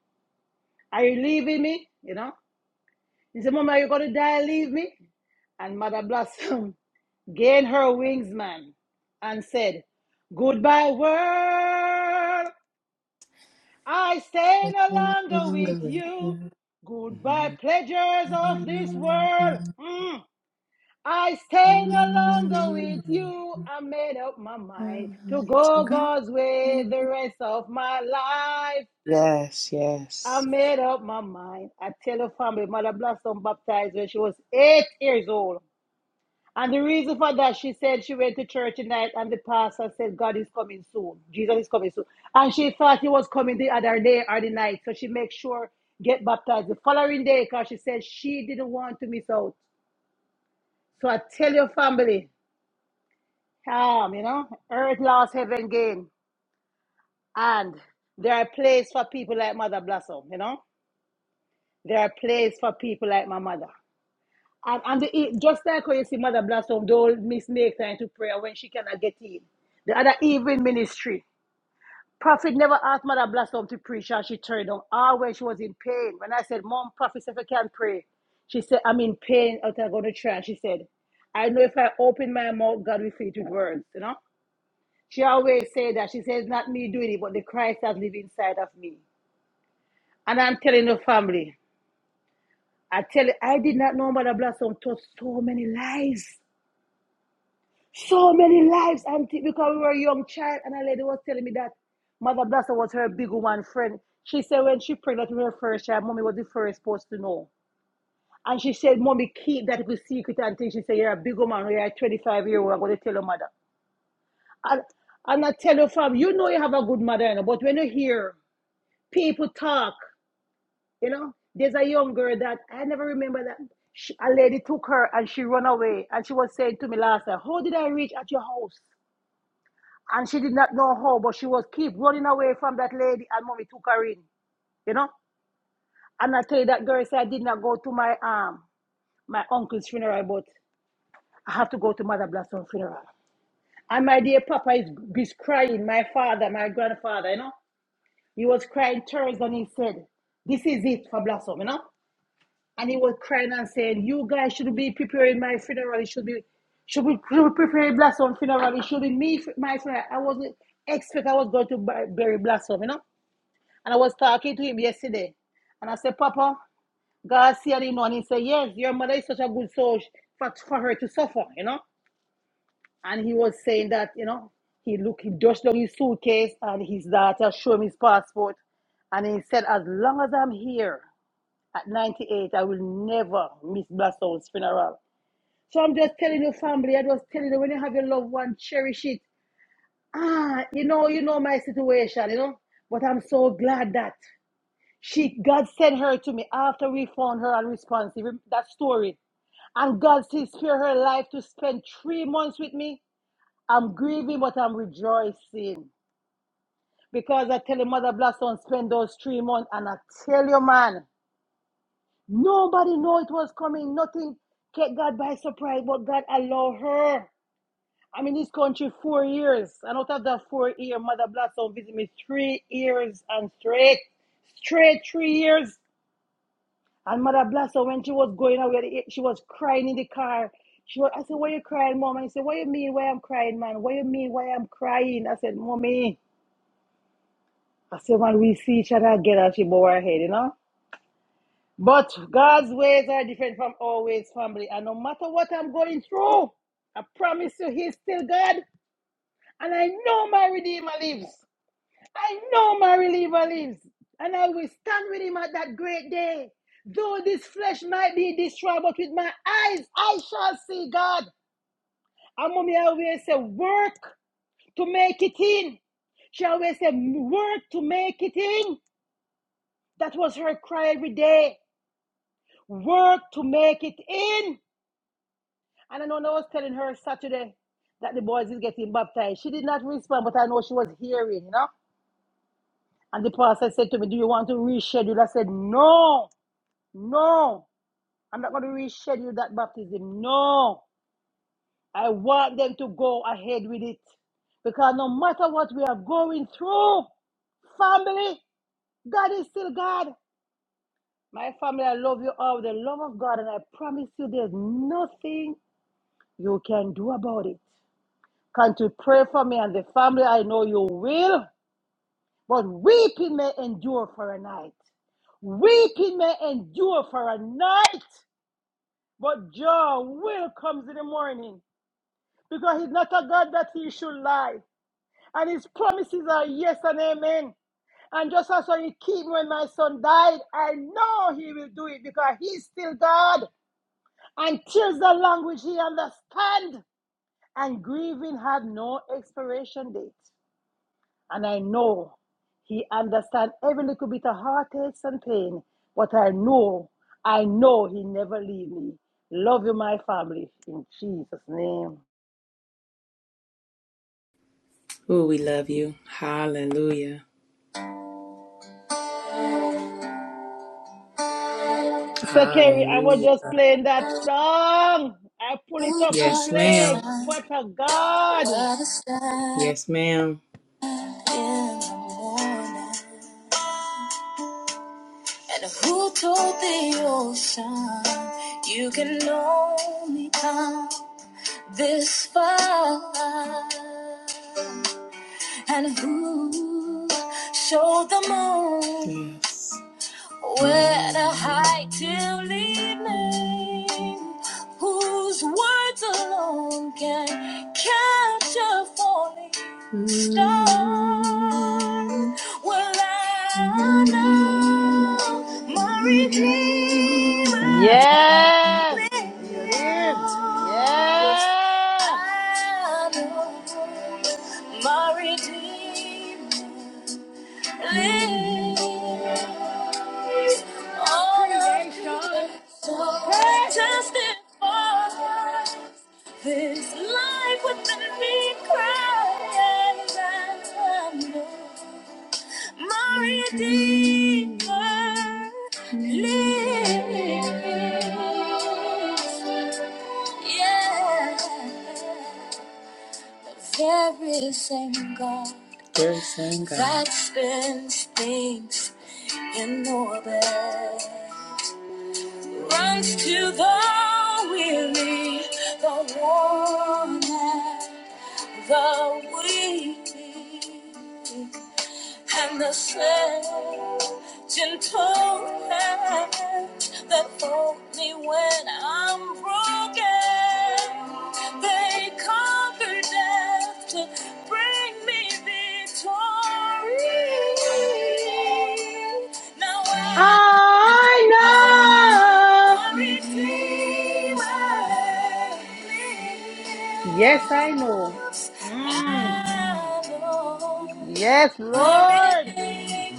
Speaker 2: are you leaving me? You know? He said, Mom, are you going to die and leave me? And Mother Blossom gained her wings, man, and said, Goodbye, world. I stay
Speaker 1: Mhm.
Speaker 2: no longer with you. Goodbye, pleasures of this world. Mm. I stay no longer with you. I made up my mind to go God's way the rest of my life.
Speaker 1: Yes,
Speaker 2: I
Speaker 1: yes.
Speaker 2: made up my mind. I tell her family, Mother Blossom baptized when she was eight years old. And the reason for that, she said she went to church tonight and the pastor said, God is coming soon. Jesus is coming soon. And she thought he was coming the other day or the night. So she made sure get baptized the following day because she said she didn't want to miss out. So I tell your family, um, you know, earth lost, heaven gained, And there are place for people like Mother Blossom, you know. There are place for people like my mother. And, and the, e- just like how you see Mother Blossom, don't miss make time to prayer when she cannot get in. The other evening ministry, Prophet never asked Mother Blossom to preach and she turned on. Ah, when she was in pain. When I said, Mom, Prophet said, I can't pray. She said, I'm in pain. I'm going to try. She said, I know if I open my mouth, God will fill it with words, you know? She always say that. She says, not me doing it, but the Christ that lives inside of me. And I'm telling the family, I tell you, I did not know Mother Blossom taught so many lies. So many lives, auntie, because we were a young child, and a lady was telling me that Mother Blaster was her big one friend. She said when she pregnant with her first child, mommy was the first supposed to know. And she said, Mommy, keep that good secret until she said, You're a big woman, you're a 25 year old, I'm going to tell your mother. And, and I tell your fam, you know you have a good mother, you know, but when you hear people talk, you know, there's a young girl that I never remember that. She, a lady took her and she run away. And she was saying to me last night, How did I reach at your house? and she did not know how, but she was keep running away from that lady, and mommy took her in, you know. And I tell you that girl said I did not go to my um my uncle's funeral, but I have to go to Mother Blackstone's funeral. And my dear Papa is is crying. My father, my grandfather, you know, he was crying tears, and he said, "This is it for Blossom," you know. And he was crying and saying, "You guys should be preparing my funeral. It should be should be, should prepare Blossom funeral? It should be me, my funeral. I wasn't expect I was going to bu- bury Blossom, you know. And I was talking to him yesterday. And I said, Papa, God see and him know. And he said, Yes, your mother is such a good soul for, for her to suffer, you know? And he was saying that, you know, he look he dusted down his suitcase and his daughter showed him his passport. And he said, As long as I'm here at 98, I will never miss Blastone's funeral. So I'm just telling your family, I was telling you when you have your loved one, cherish it. Ah, you know, you know my situation, you know. But I'm so glad that. She God sent her to me after we found her unresponsive. That story. And God still spare her life to spend three months with me. I'm grieving, but I'm rejoicing. Because I tell you, Mother Blossom spend those three months. And I tell you, man, nobody know it was coming. Nothing kept God by surprise, but God allow her. I'm in this country four years. And out of that four year, Mother Blossom visit me three years and straight. Straight three years. And Mother Bless her when she was going away, she was crying in the car. She was, I said, Why you crying, Mom? And she said, What you mean why I'm crying, man? What you mean why I'm crying? I said, Mommy. I said, when we see each other again, and she bowed her head, you know? But God's ways are different from our ways, family. And no matter what I'm going through, I promise you, He's still God. And I know my Redeemer lives. I know my reliever lives, and I will stand with him at that great day. Though this flesh might be destroyed, but with my eyes I shall see God. And mommy always say, work to make it in. She always said, work to make it in. That was her cry every day. Work to make it in. And I know I was telling her Saturday that the boys is getting baptized. She did not respond, but I know she was hearing, you know. And the pastor said to me, Do you want to reschedule? I said, No. No, I'm not going to reschedule that baptism. No, I want them to go ahead with it. Because no matter what we are going through, family, God is still God. My family, I love you all with the love of God, and I promise you there's nothing you can do about it. Can to pray for me and the family? I know you will, but weeping may endure for a night. Weeping may endure for a night, But Jah will comes in the morning because he's not a God that he should lie. And his promises are yes and amen. And just as how he keep me when my son died, I know he will do it because he's still God. And tears the language he understand. And grieving had no expiration date. and I know he understands every little bit of heartaches and pain. But I know, I know he never leave me. Love you, my family, in Jesus' name.
Speaker 1: Ooh, we love you. Hallelujah.
Speaker 2: So Kerry, I was
Speaker 1: Hallelujah.
Speaker 2: just playing that song. I pull it up to
Speaker 1: Yes,
Speaker 2: play.
Speaker 1: ma'am.
Speaker 2: What a God!
Speaker 1: Yes, ma'am. in the morning. And who told the ocean you can only come this far? And who showed the moon? Yes. Where to hide till evening, whose words alone can capture a falling star? Well, I know my Redeemer
Speaker 2: Yes, He lives.
Speaker 1: lives.
Speaker 2: Yeah,
Speaker 1: I know my Redeemer all
Speaker 2: God of
Speaker 1: of
Speaker 2: creation.
Speaker 1: creation
Speaker 2: Take
Speaker 1: Testify this life within me cries and trembles. My Redeemer lives. Yeah. There is a God There is a God. that spins things in orbit, runs to the weary, the worn out, the weak and the same gentle hand that hold me when I'm broken. They conquer death to bring me victory. Now I
Speaker 2: I
Speaker 1: am
Speaker 2: know.
Speaker 1: the Redeemer
Speaker 2: Yes, I know.
Speaker 1: lives.
Speaker 2: Mm.
Speaker 1: I know
Speaker 2: Yes,
Speaker 1: my
Speaker 2: Lord.
Speaker 1: Redeemer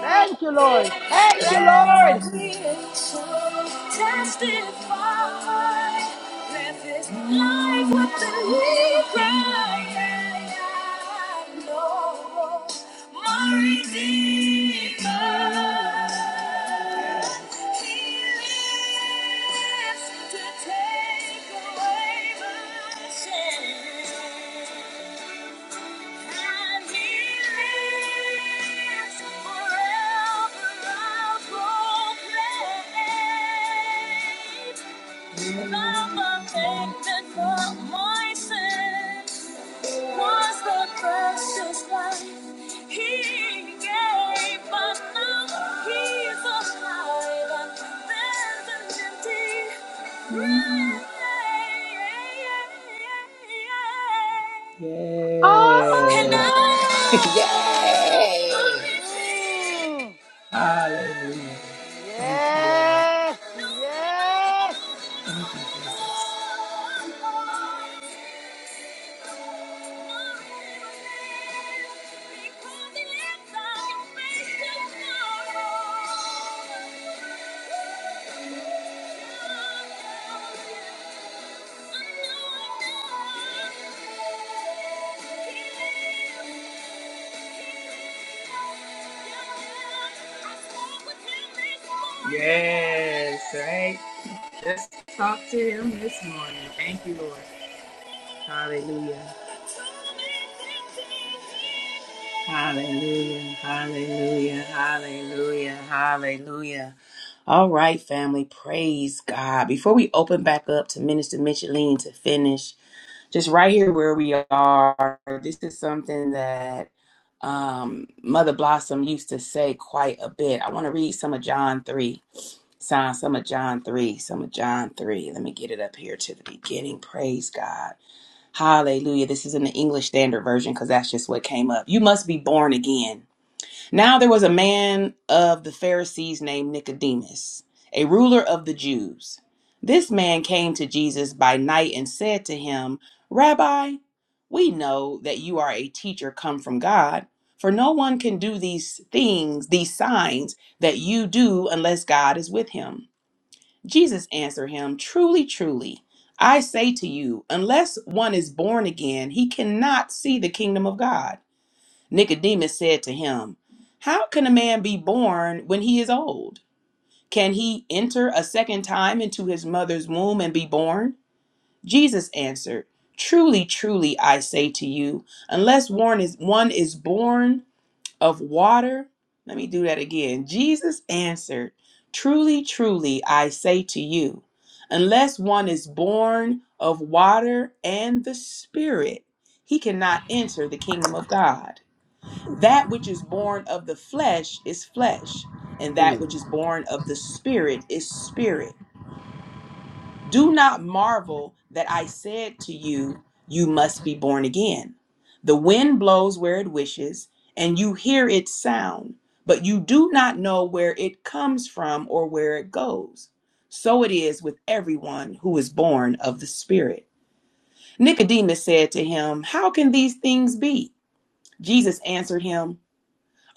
Speaker 2: Thank you, Lord. Thank you,
Speaker 1: Let all
Speaker 2: Lord.
Speaker 1: creation testify that this life within me crying out, Lord, my Redeemer. Forever yeah. affected
Speaker 2: Oh, I
Speaker 1: Yes.
Speaker 2: know. Mm.
Speaker 1: Hallelujah. Thank you, Lord.
Speaker 2: Yes, yes.
Speaker 1: Yes, right? Let's talk to him this morning. Thank you, Lord. Hallelujah. Hallelujah. Hallelujah. Hallelujah. Hallelujah. All right, family. Praise God. Before we open back up to Minister Micheline to finish, just right here where we are, this is something that um, Mother Blossom used to say quite a bit. I want to read some of John 3. Sign some of John 3. Some of John 3. Let me get it up here to the beginning. Praise God. Hallelujah. This is in the English Standard Version because that's just what came up. You must be born again. Now there was a man of the Pharisees named Nicodemus, a ruler of the Jews. This man came to Jesus by night and said to him, Rabbi, we know that you are a teacher come from God, for no one can do these things, these signs that you do, unless God is with him. Jesus answered him, Truly, truly, I say to you, unless one is born again, he cannot see the kingdom of God. Nicodemus said to him, How can a man be born when he is old? Can he enter a second time into his mother's womb and be born? Jesus answered, Truly, truly, I say to you, unless one is, one is born of water. Let me do that again. Jesus answered, Truly, truly, I say to you, unless one is born of water and the Spirit, he cannot enter the kingdom of God. That which is born of the flesh is flesh, and that which is born of the Spirit is spirit. Do not marvel that I said to you, You must be born again. The wind blows where it wishes, and you hear its sound, but you do not know where it comes from or where it goes. So it is with everyone who is born of the Spirit. Nicodemus said to him, How can these things be? Jesus answered him,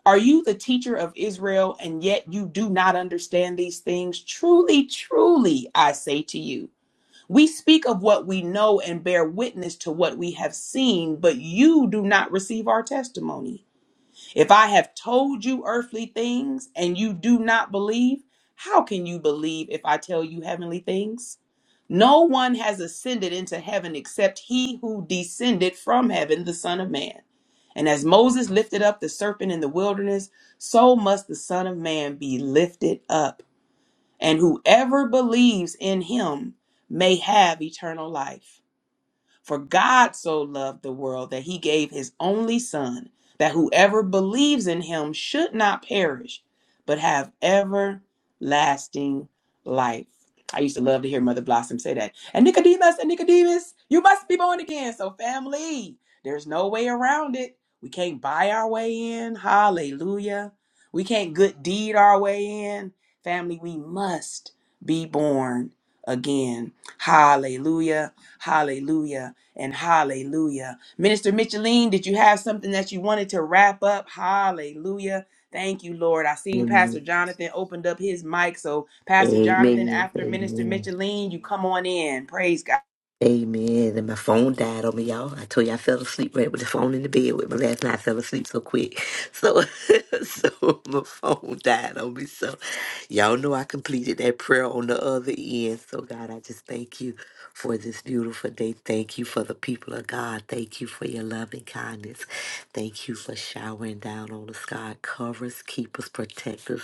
Speaker 1: Are you the teacher of Israel, and yet you do not understand these things? Truly, truly, I say to you. We speak of what we know and bear witness to what we have seen, but you do not receive our testimony. If I have told you earthly things and you do not believe, how can you believe if I tell you heavenly things? No one has ascended into heaven except he who descended from heaven, the Son of Man. And as Moses lifted up the serpent in the wilderness, so must the Son of Man be lifted up and whoever believes in him may have eternal life. For God so loved the world that he gave his only Son, that whoever believes in him should not perish, but have everlasting life. I used to love to hear Mother Blossom say that. And Nicodemus and Nicodemus, you must be born again. So, family, there's no way around it. We can't buy our way in. Hallelujah. We can't good deed our way in. Family, we must be born again. Hallelujah. Hallelujah and hallelujah. Minister Micheline, did you have something that you wanted to wrap up? Hallelujah. Thank you, Lord. I seen
Speaker 3: Amen.
Speaker 1: Pastor Jonathan opened up his mic. So, Pastor Jonathan,
Speaker 3: Amen.
Speaker 1: after Minister
Speaker 3: Amen.
Speaker 1: Micheline, you come on in. Praise God.
Speaker 3: Amen. And my phone died on me, y'all. I told you I fell asleep right with the phone in the bed with my last night. I fell asleep so quick. So so my phone died on me. So y'all know I completed that prayer on the other end. So God, I just thank you for this beautiful day. Thank you for the people of God. Thank you for your love and kindness. Thank you for showering down on us, God. Cover us, keep us, protect us.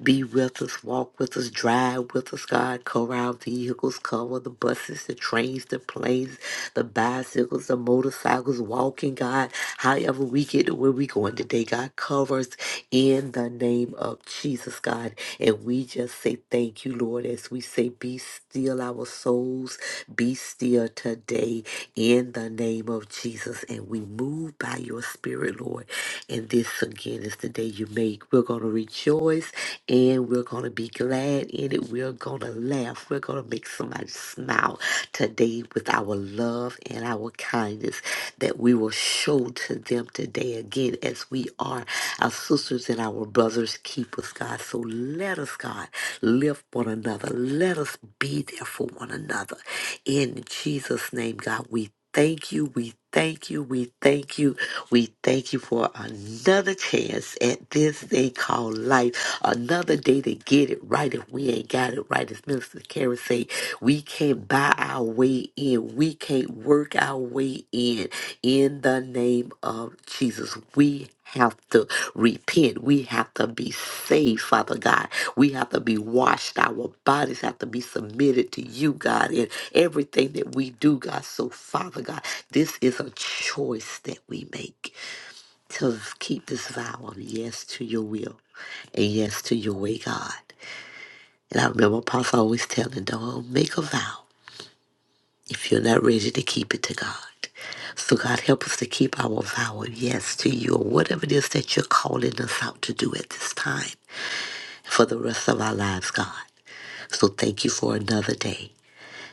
Speaker 3: Be with us, walk with us, drive with us, God. Cover our vehicles, cover the buses, the trains, the planes, the bicycles, the motorcycles, walking, God. However, we get to where we going today, God, cover us in the name of Jesus, God. And we just say thank you, Lord, as we say, Be still our souls, be still today in the name of Jesus. And we move by by your spirit, Lord. And this again is the day you make. We're going to rejoice and we're going to be glad in it. We're going to laugh. We're going to make somebody smile today with our love and our kindness that we will show to them today again as we are our sisters and our brothers keepers, God. So let us, God, lift one another. Let us be there for one another in Jesus' name, God, we thank you. We thank you. We thank you. We thank you for another chance at this thing called life. Another day to get it right. If we ain't got it right, as Minister Karen say, we can't buy our way in. We can't work our way in. In the name of Jesus, we have to repent. We have to be saved, Father God. We have to be washed. Our bodies have to be submitted to you, God, in everything that we do, God. So, Father God, this is a choice that we make to keep this vow of yes to your will and yes to your way, God. And I remember Apostle always telling, don't make a vow if you're not ready to keep it to God. So, God, help us to keep our vow of yes to you or whatever it is that you're calling us out to do at this time for the rest of our lives, God. So, thank you for another day.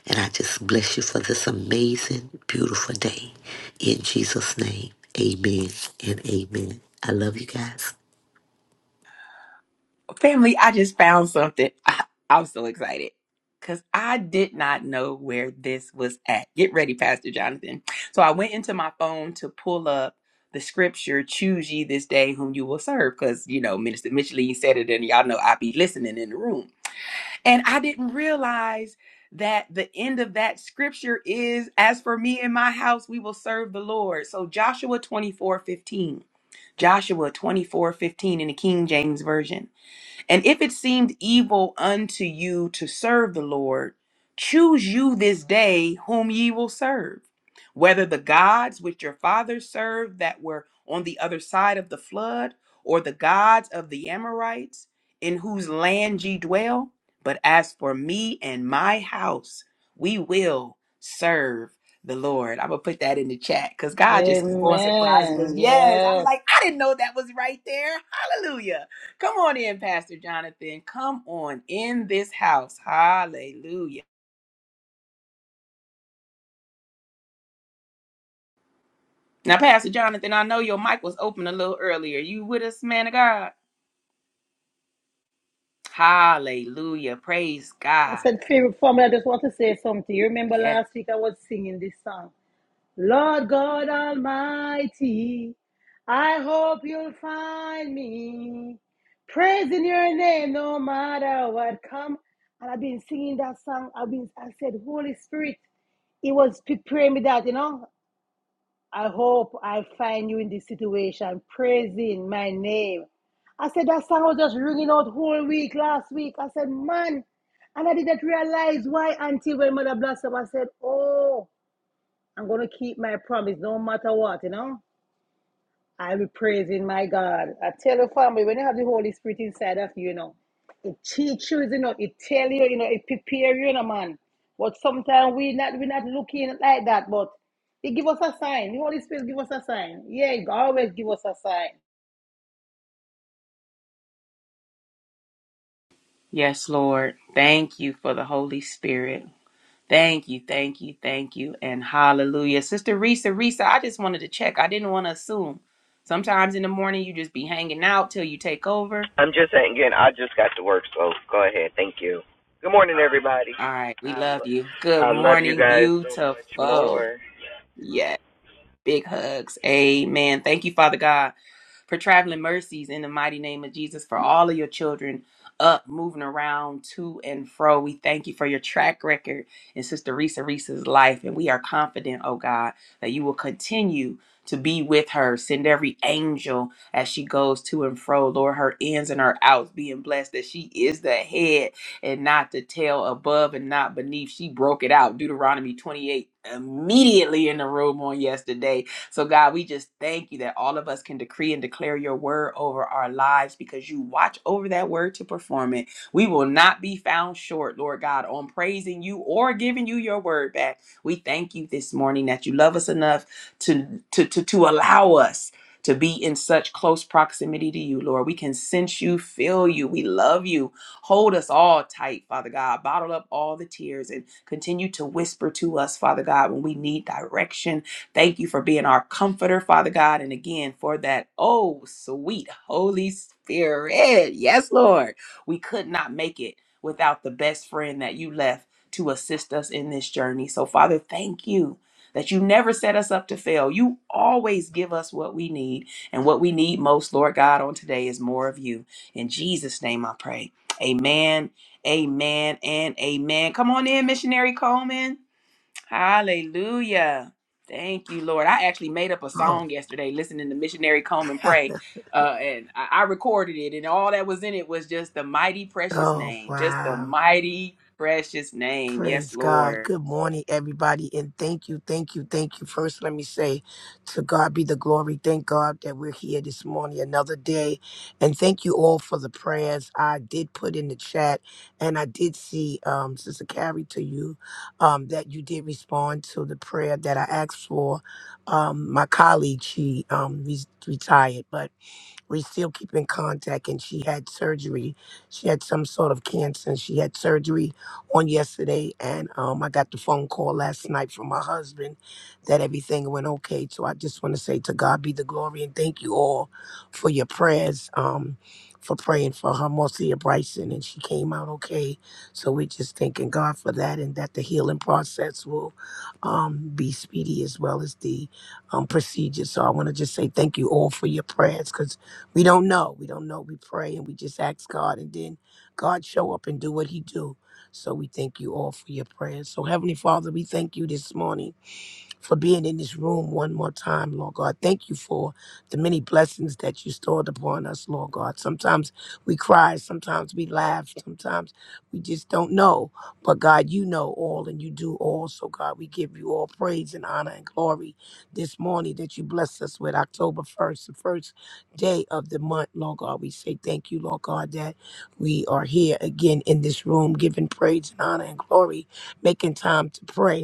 Speaker 3: And I just bless you for this amazing, beautiful day. In Jesus' name, amen and amen. I love you guys.
Speaker 1: Family, I just found something. I, I'm so excited because I did not know where this was at. Get ready, Pastor Jonathan. So I went into my phone to pull up the scripture, choose ye this day whom you will serve, because, you know, Minister Micheline said it, and y'all know I be listening in the room. And I didn't realize that the end of that scripture is, as for me and my house, we will serve the Lord. So Joshua 24:15, Joshua 24:15 in the King James Version. And if it seemed evil unto you to serve the Lord, choose you this day whom ye will serve, whether the gods which your fathers served that were on the other side of the flood, or the gods of the Amorites, in whose land ye dwell. But as for me and my house, we will serve the Lord. I'm gonna put that in the chat because God just keep on surprising us.
Speaker 2: Amen.
Speaker 1: Yes, I was
Speaker 2: Yes.
Speaker 1: like, I didn't know that was right there. Come on in, Pastor Jonathan. Come on in this house. Hallelujah. Now, Pastor Jonathan, I know your mic was open a little earlier. You with us, man of God? Hallelujah. Praise
Speaker 2: I
Speaker 1: God.
Speaker 2: said, favorite family, I just want to say something. You remember
Speaker 1: Yes.
Speaker 2: last week I was singing this song. Lord God Almighty, I hope you'll find me praising your name no matter what come. And I've been singing that song. I've been, I said, Holy Spirit, it was preparing me that, you know, I hope I find you in this situation, praising my name. I said, that song was just ringing out whole week last week. I said, man, and I didn't realize why until when Mother Blossom, I said, oh, I'm gonna keep my promise no matter what, you know. I'll be praising my God. I tell you, family, when you have the Holy Spirit inside of you, you know, it teaches you, you know, it tells you, you know, it prepares you, you know, man. But sometimes we not we not looking like that, but it give us a sign. The Holy Spirit give us a sign. Yeah, it always give us a sign.
Speaker 1: Yes, Lord. Thank you for the Holy Spirit. Thank you, thank you, thank you, and hallelujah. Sister Risa, Risa, I just wanted to check. I didn't want to assume. Sometimes in the morning you just be hanging out till you take over.
Speaker 4: I'm just saying. Again, I just got to work, so go ahead. Thank you. Good morning, everybody.
Speaker 1: All right, we
Speaker 4: Um,
Speaker 1: love you. Good
Speaker 4: I love you
Speaker 1: morning,
Speaker 4: guys so much
Speaker 1: beautiful.
Speaker 4: more.
Speaker 1: Yes. Big hugs. Amen. Thank you, Father God, for traveling mercies in the mighty name of Jesus for all of your children up, moving around to and fro. We thank you for your track record in Sister Risa Risa's life. And we are confident, oh God, that you will continue to be with her. Send every angel as she goes to and fro. Lord, her ins and her outs being blessed that she is the head and not the tail above and not beneath. She broke it out. Deuteronomy 28 immediately in the room on yesterday. So, God, we just thank you that all of us can decree and declare your word over our lives because you watch over that word to perform it. We will not be found short, Lord God, on praising you or giving you your word back. We thank you this morning that you love us enough to to to, to allow us to be in such close proximity to you, Lord. We can sense you, feel you. We love you. Hold us all tight, Father God. Bottle up all the tears and continue to whisper to us, Father God, when we need direction. Thank you for being our comforter, Father God. And again, for that, oh, sweet Holy Spirit. Yes, Lord. We could not make it without the best friend that you left to assist us in this journey. So, Father, thank you that you never set us up to fail. You always give us what we need. And what we need most, Lord God, on today is more of you. In Jesus' name I pray. Amen, amen, and amen. Come on in, Missionary Coleman. Hallelujah. Thank you, Lord. I actually made up a
Speaker 5: Oh,
Speaker 1: song yesterday listening to Missionary Coleman pray. Uh, and I, I recorded it, and all that was in it was just the mighty precious
Speaker 5: oh,
Speaker 1: name. Just the
Speaker 5: wow.
Speaker 1: mighty precious name. Yes,
Speaker 5: Praise God.
Speaker 1: Lord.
Speaker 5: Good morning, everybody. And thank you, thank you, thank you. First, let me say to God be the glory. Thank God that we're here this morning, another day. And thank you all for the prayers I did put in the chat. And I did see, um, Sister Carrie, to you, um, that you did respond to the prayer that I asked for. Um, my colleague, she um, re- retired, but we still keep in contact and she had surgery she had some sort of cancer and she had surgery on yesterday and um, i got the phone call last night from my husband that everything went okay so i just want to say to god be the glory and thank you all for your prayers um, for praying for her marcia bryson and she came out okay so we're just thanking god for that and that the healing process will um, be speedy as well as the um, procedure so i want to just say thank you all for your prayers 'cause we don't know. We don't know. We pray and we just ask God, and then God show up and do what He do. So we thank you all for your prayers. So Heavenly Father, we thank you this morning for being in this room one more time, Lord God. Thank you for the many blessings that you stored upon us, Lord God. Sometimes we cry, sometimes we laugh, sometimes we just don't know. But God, you know all and you do all. So, God, we give you all praise and honor and glory this morning that you blessed us with October 1st, the first day of the month, Lord God. We say thank you, Lord God, that we are here again in this room, giving praise and honor and glory, making time to pray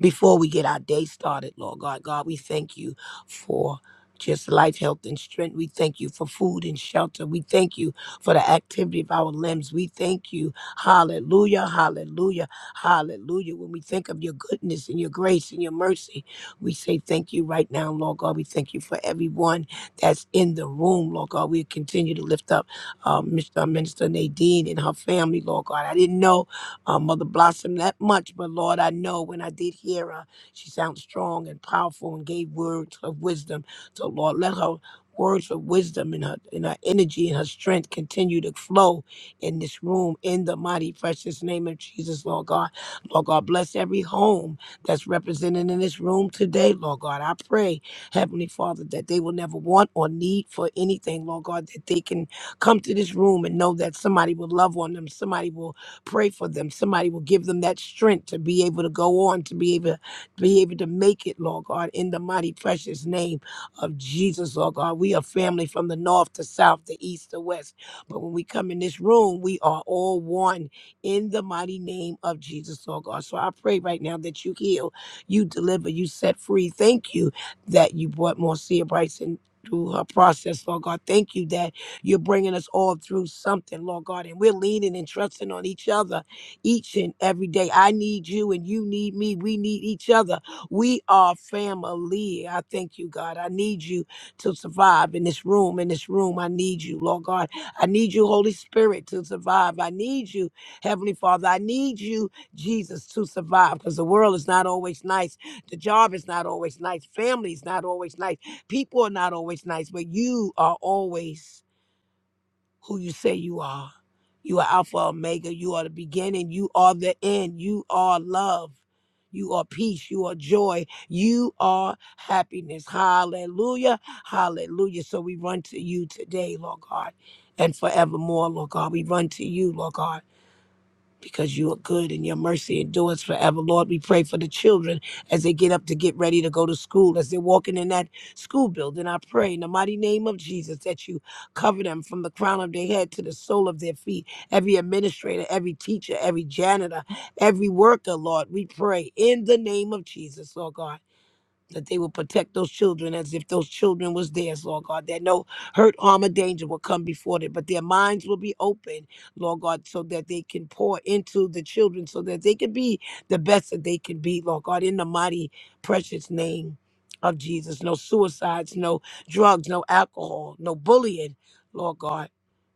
Speaker 5: before we get our day started, Lord God. God, we thank you for just life, health, and strength. We thank you for food and shelter. We thank you for the activity of our limbs. We thank you. Hallelujah, hallelujah, hallelujah. When we think of your goodness and your grace and your mercy, we say thank you right now, Lord God. We thank you for everyone that's in the room, Lord God. We continue to lift up uh, Mr. Minister Nadine and her family, Lord God. I didn't know uh, Mother Blossom that much, but Lord, I know when I did hear her, she sounds strong and powerful and gave words of wisdom. So Lord, let her words of wisdom and her and her energy and her strength continue to flow in this room in the mighty precious name of Jesus, Lord God. Lord God, bless every home that's represented in this room today, Lord God. I pray, Heavenly Father, that they will never want or need for anything, Lord God, that they can come to this room and know that somebody will love on them, somebody will Pray for them. Somebody will give them that strength to be able to go on, to be able to be able to make it, Lord God, in the mighty precious name of Jesus, Lord God. We are family from the north to south, the east to west. But when we come in this room, we are all one in the mighty name of Jesus, Lord God. So I pray right now that you heal, you deliver, you set free. Thank you that you brought Marcia Bryson through her process, Lord God. Thank you that you're bringing us all through something, Lord God, and we're leaning and trusting on each other each and every day. I need you and you need me. We need each other. We are family. I thank you, God. I need you to survive in this room. In this room, I need you, Lord God. I need you, Holy Spirit, to survive. I need you, Heavenly Father. I need you, Jesus, to survive because the world is not always nice. The job is not always nice. Family is not always nice. People are not always nice, but you are always who you say you are. You are Alpha Omega. You are the beginning. You are the end. You are love. You are peace. You are joy. You are happiness. Hallelujah. Hallelujah. So we run to you today, Lord God, and forevermore, Lord God. We run to you, Lord God because you are good and your mercy endures forever. Lord, we pray for the children as they get up to get ready to go to school, as they're walking in that school building. I pray in the mighty name of Jesus that you cover them from the crown of their head to the sole of their feet. Every administrator, every teacher, every janitor, every worker, Lord, we pray in the name of Jesus, Lord God that they will protect those children as if those children was theirs, Lord God, that no hurt, harm, or danger will come before them, but their minds will be open, Lord God, so that they can pour into the children, so that they can be the best that they can be, Lord God, in the mighty, precious name of Jesus. No suicides, no drugs, no alcohol, no bullying, Lord God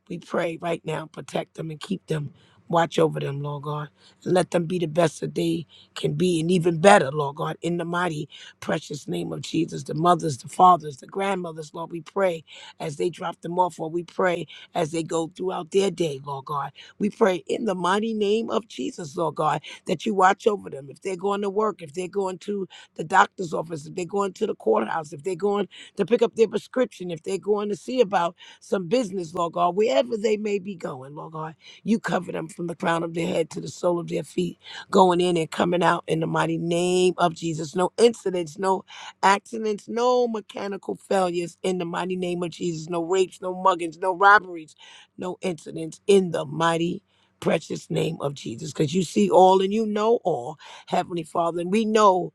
Speaker 5: we pray right now, protect them and keep them. Watch over them, Lord God. And let them be the best that they can be and even better, Lord God. In the mighty, precious name of Jesus, the mothers, the fathers, the grandmothers, Lord, we pray as they drop them off, or we pray as they go throughout their day, Lord God. We pray in the mighty name of Jesus, Lord God, that you watch over them. If they're going to work, if they're going to the doctor's office, if they're going to the courthouse, if they're going to pick up their prescription, if they're going to see about some business, Lord God, wherever they may be going, Lord God. You cover them from the crown of their head to the sole of their feet, going in and coming out in the mighty name of Jesus. No incidents, no accidents, no mechanical failures in the mighty name of Jesus. No rapes, no muggings, no robberies, no incidents in the mighty precious name of Jesus. Because you see all and you know all, Heavenly Father. And we know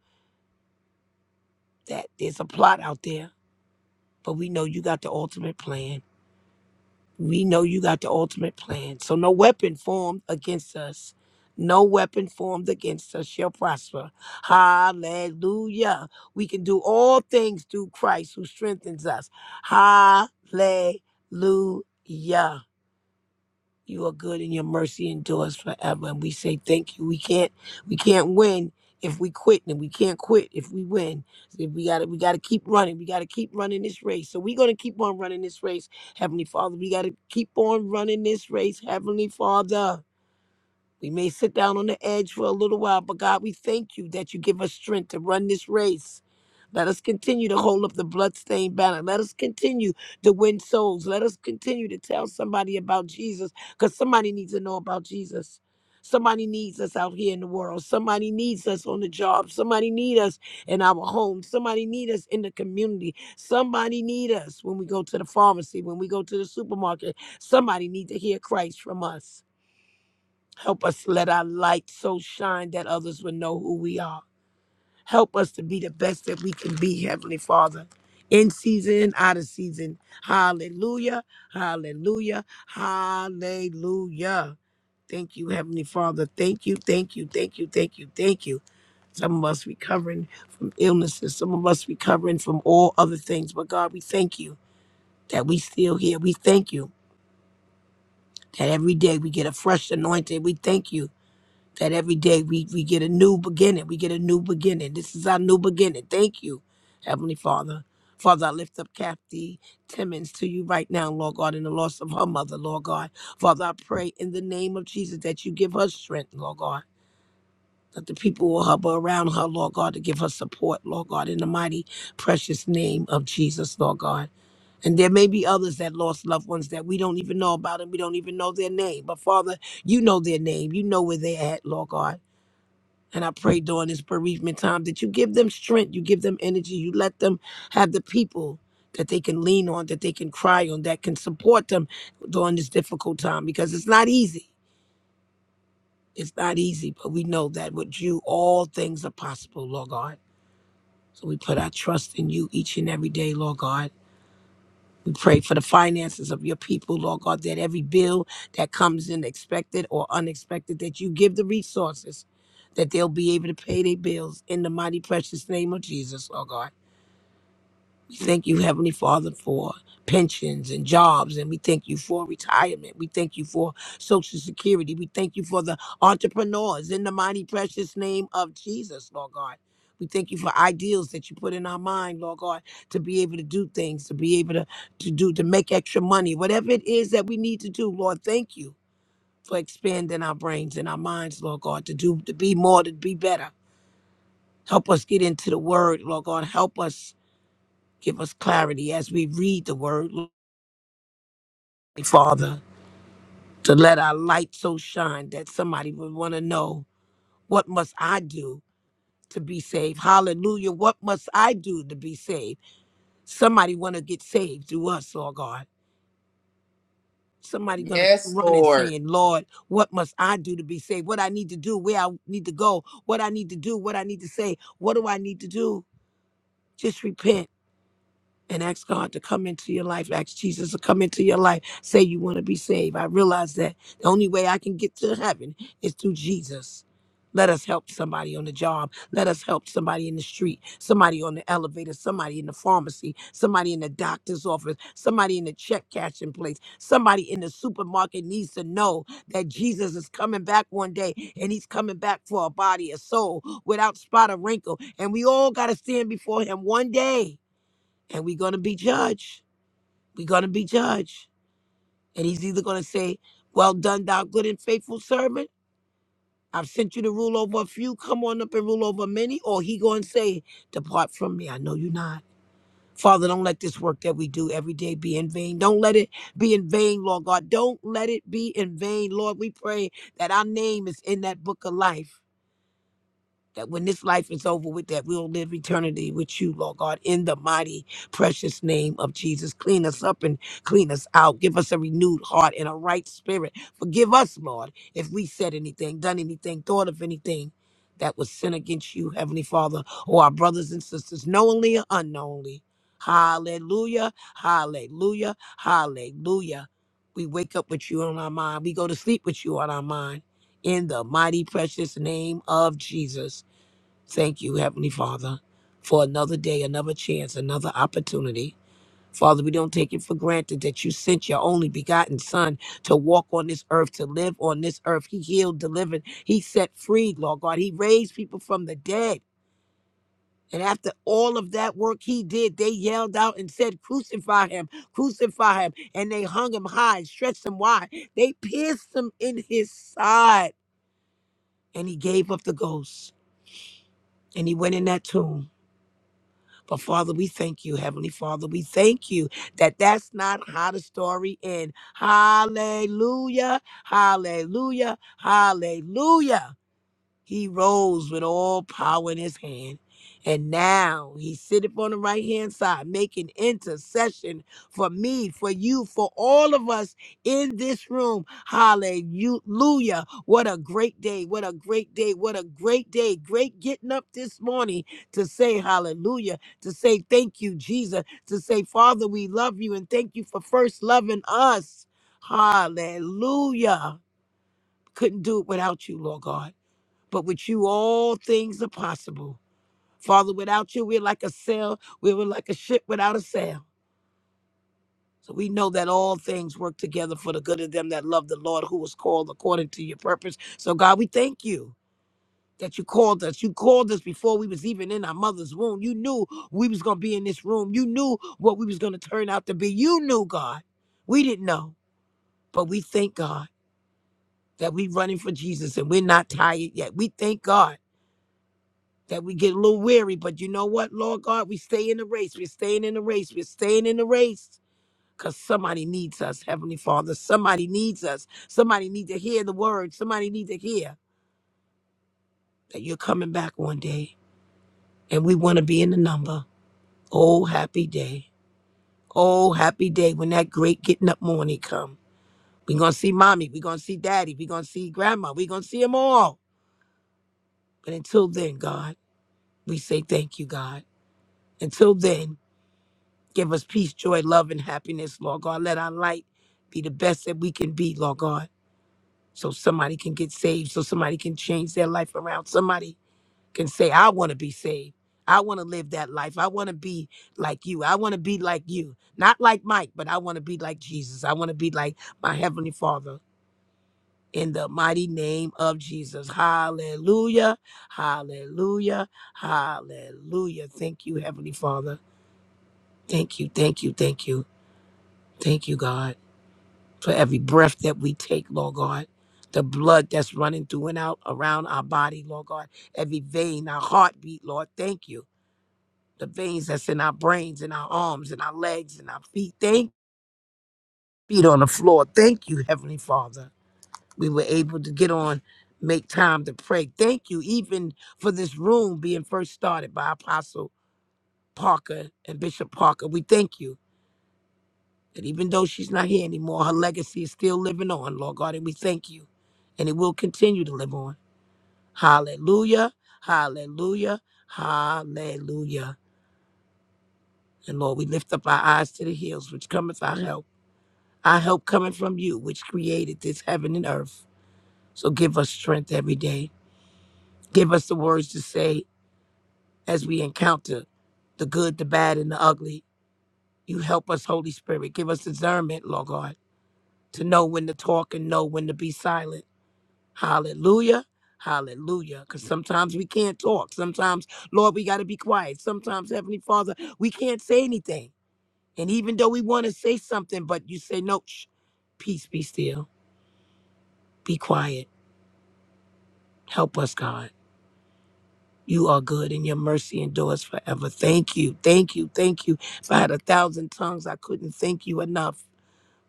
Speaker 5: that there's a plot out there, but we know you got the ultimate plan We know you got the ultimate plan. So no weapon formed against us. No weapon formed against us shall prosper. Hallelujah. We can do all things through Christ who strengthens us. Hallelujah you are good and your mercy endures forever and we say thank you we can't we can't win if we quit and we can't quit if we win So we gotta we gotta keep running we gotta keep running this race so we're gonna keep on running this race heavenly father we gotta keep on running this race heavenly father we may sit down on the edge for a little while, but God, we thank you that you give us strength to run this race. Let us continue to hold up the bloodstained banner. Let us continue to win souls. Let us continue to tell somebody about Jesus because somebody needs to know about Jesus. Somebody needs us out here in the world. Somebody needs us on the job. Somebody needs us in our home. Somebody needs us in the community. Somebody needs us when we go to the pharmacy, when we go to the supermarket. Somebody needs to hear Christ from us. Help us let our light so shine that others will know who we are. Help us to be the best that we can be, Heavenly Father. In season, out of season. Hallelujah. Hallelujah. Hallelujah. Thank you, Heavenly Father. Thank you, thank you, thank you, thank you, thank you. Some of us recovering from illnesses, some of us recovering from all other things. But God, we thank you that we still here. We thank you that every day we get a fresh anointing. We thank you that every day we, we get a new beginning. We get a new beginning. This is our new beginning. Thank you, Heavenly Father. Father, I lift up Kathy Timmons to you right now, Lord God, in the loss of her mother, Lord God. Father, I pray in the name of Jesus that you give her strength, Lord God. That the people will hub around her, Lord God, to give her support, Lord God, in the mighty, precious name of Jesus, Lord God. And there may be others that lost loved ones that we don't even know about and we don't even know their name. But Father, you know their name. You know where they're at, Lord God. And I pray during this bereavement time that you give them strength, you give them energy, you let them have the people that they can lean on, that they can cry on, that can support them during this difficult time because it's not easy. It's not easy, but we know that with you, all things are possible, Lord God. So we put our trust in you each and every day, Lord God. We pray for the finances of your people, Lord God, that every bill that comes in, expected or unexpected, that you give the resources that they'll be able to pay their bills in the mighty precious name of Jesus, Lord God. We thank you, Heavenly Father, for pensions and jobs, and we thank you for retirement. We thank you for Social Security. We thank you for the entrepreneurs in the mighty, precious name of Jesus, Lord God. We thank you for ideals that you put in our mind, Lord God, to be able to do things, to be able to, to do, to make extra money, whatever it is that we need to do, Lord, thank you for expanding our brains and our minds, Lord God, to do, to be more, to be better. Help us get into the word, Lord God. Help us Give us clarity as we read the word, Lord, Father, to let our light so shine that somebody would want to know what must I do to be saved? Hallelujah. What must I do to be saved? Somebody want to get saved through us, Lord God. Somebody gonna come
Speaker 1: Yes,
Speaker 5: running
Speaker 1: Lord.
Speaker 5: saying, Lord, what must I do to be saved? What I need to do, where I need to go, what I need to do, what I need to say, what do I need to do? Just repent and ask God to come into your life, ask Jesus to come into your life, say you want to be saved. I realize that the only way I can get to heaven is through Jesus. Let us help somebody on the job. Let us help somebody in the street, somebody on the elevator, somebody in the pharmacy, somebody in the doctor's office, somebody in the check cashing place, somebody in the supermarket needs to know that Jesus is coming back one day and he's coming back for a body, a soul without spot or wrinkle. And we all got to stand before him one day and we're going to be judged. We're going to be judged. And he's either going to say, Well done, thou good and faithful servant. I've sent you to rule over a few. Come on up and rule over many. Or he going to say, Depart from me. I know you not. Father, don't let this work that we do every day be in vain. Don't let it be in vain, Lord God. Don't let it be in vain, Lord. We pray that our name is in that book of life. that when this life is over with, that we'll live eternity with you, Lord God, in the mighty, precious name of Jesus. Clean us up and clean us out. Give us a renewed heart and a right spirit. Forgive us, Lord, if we said anything, done anything, thought of anything that was sin against you, Heavenly Father, or our brothers and sisters, knowingly or unknowingly. Hallelujah, hallelujah, hallelujah. We wake up with you on our mind. We go to sleep with you on our mind. In the mighty, precious name of Jesus. Thank you, Heavenly Father, for another day, another chance, another opportunity. Father, we don't take it for granted that you sent your only begotten Son to walk on this earth, to live on this earth. He healed, delivered, He set free, Lord God. He raised people from the dead. And after all of that work he did, they yelled out and said, Crucify him, crucify him. And they hung him high and stretched him wide. They pierced him in his side. And he gave up the ghost. And he went in that tomb But Father, we thank you, Heavenly Father. We thank you that that's not how the story ends. Hallelujah, hallelujah, hallelujah. He rose with all power in his hand. And now he sitteth on the right hand side, making intercession for me, for you, for all of us in this room. Hallelujah. What a great day. What a great day. What a great day. Great getting up this morning to say hallelujah, to say thank you, Jesus, to say, Father, we love you and thank you for first loving us. Hallelujah. Couldn't do it without you, Lord God but with you all things are possible. Father, without you, we're like a sail, we were like a ship without a sail. So we know that all things work together for the good of them that love the Lord, who was called according to your purpose. So God, we thank you that you called us. You called us before we was even in our mother's womb. You knew we was gonna be in this room. You knew what we was gonna turn out to be. You knew, God. We didn't know, but we thank God that we running for Jesus and we're not tired yet. We thank God that we get a little weary, but you know what, Lord God, we stay in the race. We're staying in the race. We're staying in the race because somebody needs us, Heavenly Father. Somebody needs us. Somebody needs to hear the word. Somebody needs to hear that you're coming back one day and we want to be in the number. Oh, happy day. Oh, happy day when that great getting up morning come. We're going to see mommy. We're going to see daddy. We're going to see grandma. We're going to see them all. But until then, God, we say thank you, God. Until then, Give us peace, joy, love, and happiness, Lord God. Let our light be the best that we can be, Lord God. So somebody can get saved, so somebody can change their life around. Somebody can say, I want to be saved. I want to live that life. I want to be like you. I want to be like you. Not like Mike, but I want to be like Jesus. I want to be like my Heavenly Father. In the mighty name of Jesus. Hallelujah. Hallelujah. Hallelujah. Thank you, Heavenly Father. Thank you. Thank you. Thank you. Thank you, God. for every breath that we take, Lord God. The blood that's running through and out around our body, Lord God. Every vein, our heartbeat, Lord. Thank you. The veins that's in our brains, in our arms, in our legs, in our feet. Thank feet on the floor. Thank you, Heavenly Father. We were able to get on, make time to pray. Thank you, even for this room being first started by Apostle Parker and Bishop Parker. We thank you. That even though she's not here anymore, her legacy is still living on, Lord God, and we thank you. And it will continue to live on. Hallelujah. Hallelujah. Hallelujah. And Lord, we lift up our eyes to the hills, which cometh our help. Our help coming from you, which created this heaven and earth. So give us strength every day. Give us the words to say as we encounter the good, the bad, and the ugly. You help us, Holy Spirit. Give us discernment, Lord God, to know when to talk and know when to be silent. Hallelujah. Hallelujah. Because sometimes we can't talk. Sometimes, Lord, we got to be quiet. Sometimes, Heavenly Father, we can't say anything. And even though we want to say something, but you say, no, shh, peace be still. Be quiet. Help us, God. You are good and your mercy endures forever. Thank you. Thank you. Thank you. If I had a thousand tongues, I couldn't thank you enough.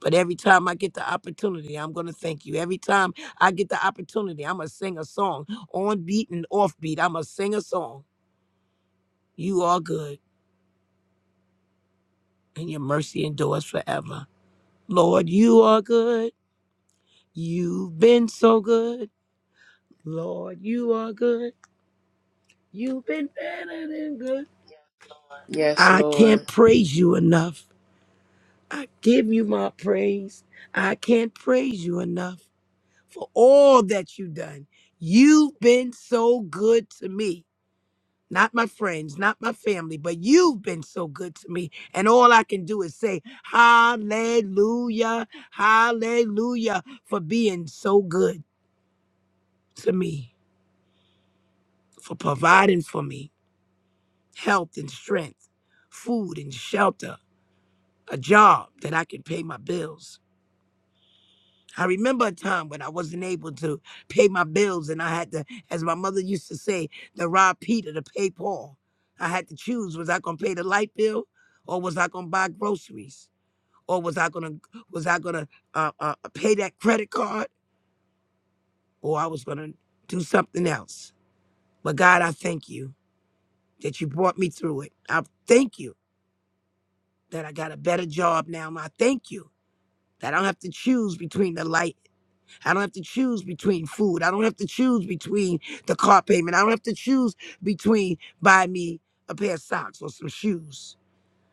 Speaker 5: But every time I get the opportunity, I'm going to thank you. Every time I get the opportunity, I'm going to sing a song on beat and off beat. I'm going to sing a song. You are good, and your mercy endures forever. Lord, you are good. You've been so good. Lord, you are good. You've been better than good.
Speaker 1: Yes,
Speaker 5: I can't
Speaker 1: Lord.
Speaker 5: praise you enough. I give you my praise. I can't praise you enough for all that you've done. You've been so good to me. not my friends, not my family, but you've been so good to me. And all I can do is say, Hallelujah, Hallelujah, for being so good to me, for providing for me health and strength, food and shelter, a job that I can pay my bills I remember a time when I wasn't able to pay my bills and I had to, as my mother used to say, to rob Peter to pay Paul. I had to choose, was I gonna pay the light bill or was I gonna buy groceries? Or was I gonna was I gonna uh, uh, pay that credit card or I was gonna do something else? But God, I thank you that you brought me through it. I thank you that I got a better job now. and I thank you that I don't have to choose between the light I don't have to choose between food. I don't have to choose between the car payment. I don't have to choose between buy me a pair of socks or some shoes.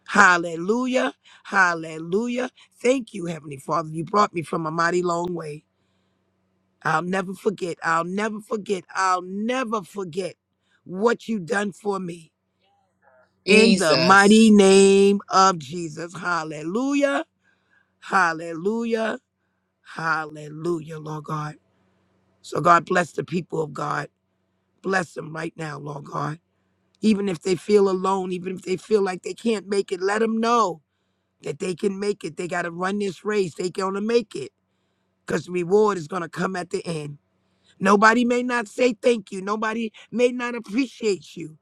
Speaker 5: Hallelujah. Hallelujah. Thank you, Heavenly Father. You brought me from a mighty long way. I'll never forget. I'll never forget. I'll never forget what you done for me. In the mighty
Speaker 1: Jesus.
Speaker 5: name of Jesus. Hallelujah. Hallelujah. Hallelujah, Lord God. So God bless the people of God. Bless them right now, Lord God. Even if they feel alone, even if they feel like they can't make it, let them know that they can make it. They got to run this race. They going to make it because the reward is going to come at the end. Nobody may not say thank you. Nobody may not appreciate you.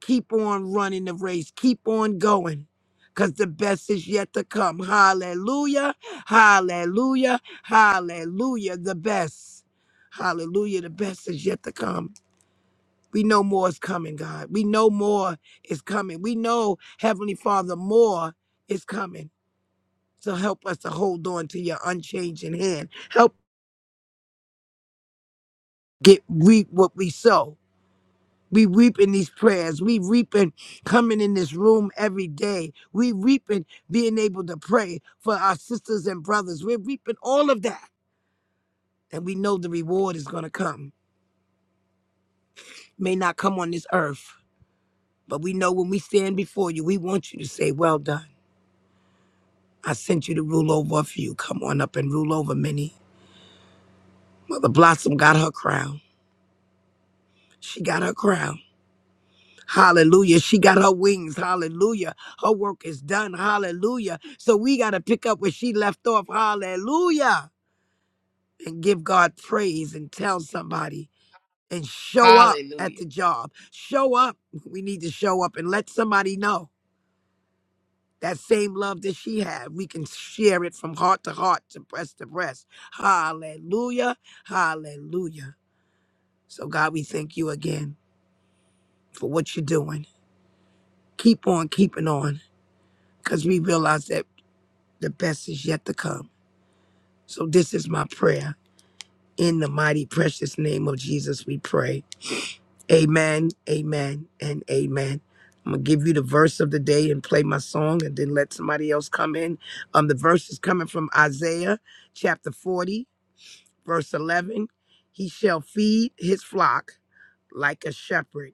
Speaker 5: Keep on running the race. Keep on going because the best is yet to come. Hallelujah. Hallelujah. Hallelujah. The best. Hallelujah. The best is yet to come. We know more is coming, God. We know more is coming. We know, Heavenly Father, more is coming. So help us to hold on to your unchanging hand. Help get reap what we sow. We reaping these prayers. We reaping coming in this room every day. We reaping being able to pray for our sisters and brothers. We're reaping all of that. And we know the reward is going to come. May not come on this earth, but we know when we stand before you, we want you to say, Well done. I sent you to rule over a few. Come on up and rule over many. Mother Blossom got her crown. She got her crown. Hallelujah. She got her wings. Hallelujah. Her work is done. Hallelujah. So we got to pick up where she left off. Hallelujah. And give God praise and tell somebody and show up at
Speaker 1: Hallelujah.
Speaker 5: the job. Show up. We need to show up and let somebody know that same love that she had. We can share it from heart to heart, to breast to breast. Hallelujah. Hallelujah. So, God, we thank you again for what you're doing. Keep on keeping on because we realize that the best is yet to come. So, this is my prayer. In the mighty, precious name of Jesus, we pray. Amen, amen, and amen. I'm gonna give you the verse of the day and play my song and then let somebody else come in. Um, the verse is coming from Isaiah chapter 40, verse 11. He shall feed his flock like a shepherd.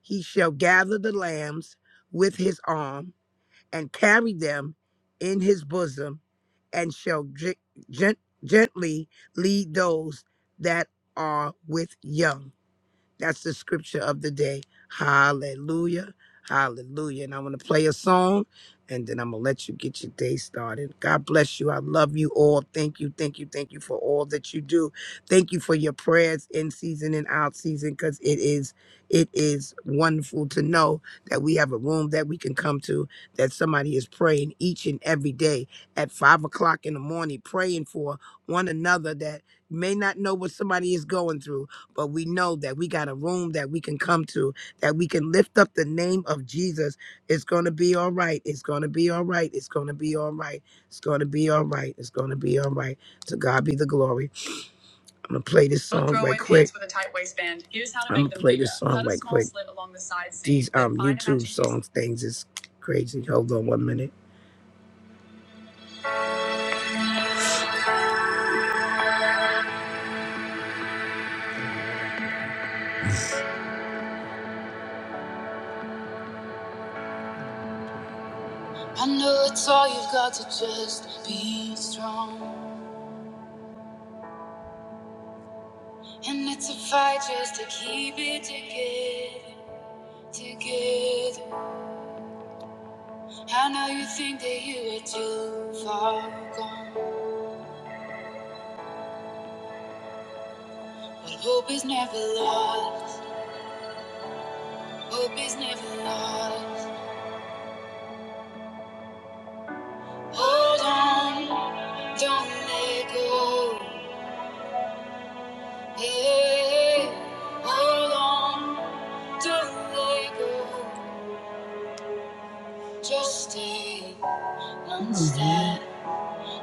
Speaker 5: He shall gather the lambs with his arm and carry them in his bosom, and shall gen- gen- gently lead those that are with young. That's the scripture of the day. Hallelujah. Hallelujah. And I'm going to play a song and then I'm going to let you get your day started. God bless you. I love you all. Thank you. Thank you. Thank you for all that you do. Thank you for your prayers in season and out season because it is it is wonderful to know that we have a room that we can come to that somebody is praying each and every day at five o'clock in the morning praying for one another that may not know what somebody is going through but we know that we got a room that we can come to, that we can lift up the name of Jesus. It's going to be all right. It's going to be all right. It's going to be all right. It's going to be all right. It's going to be all right. To God be the glory. I'm going to play this song right quick. With a tight waistband. Here's how to I'm going to play bigger. this bigger. song Cut a right small quick. slit along the side seam, These then um, find a YouTube matching- song things is crazy. Hold on one minute. I know it's all you've got to just be strong. And it's a fight just to keep it together. together. I know you think that you are too far gone, but hope is never lost. Hope is never lost. Hold on, don't let go. Hey, hold on, don't let go. Just stay one step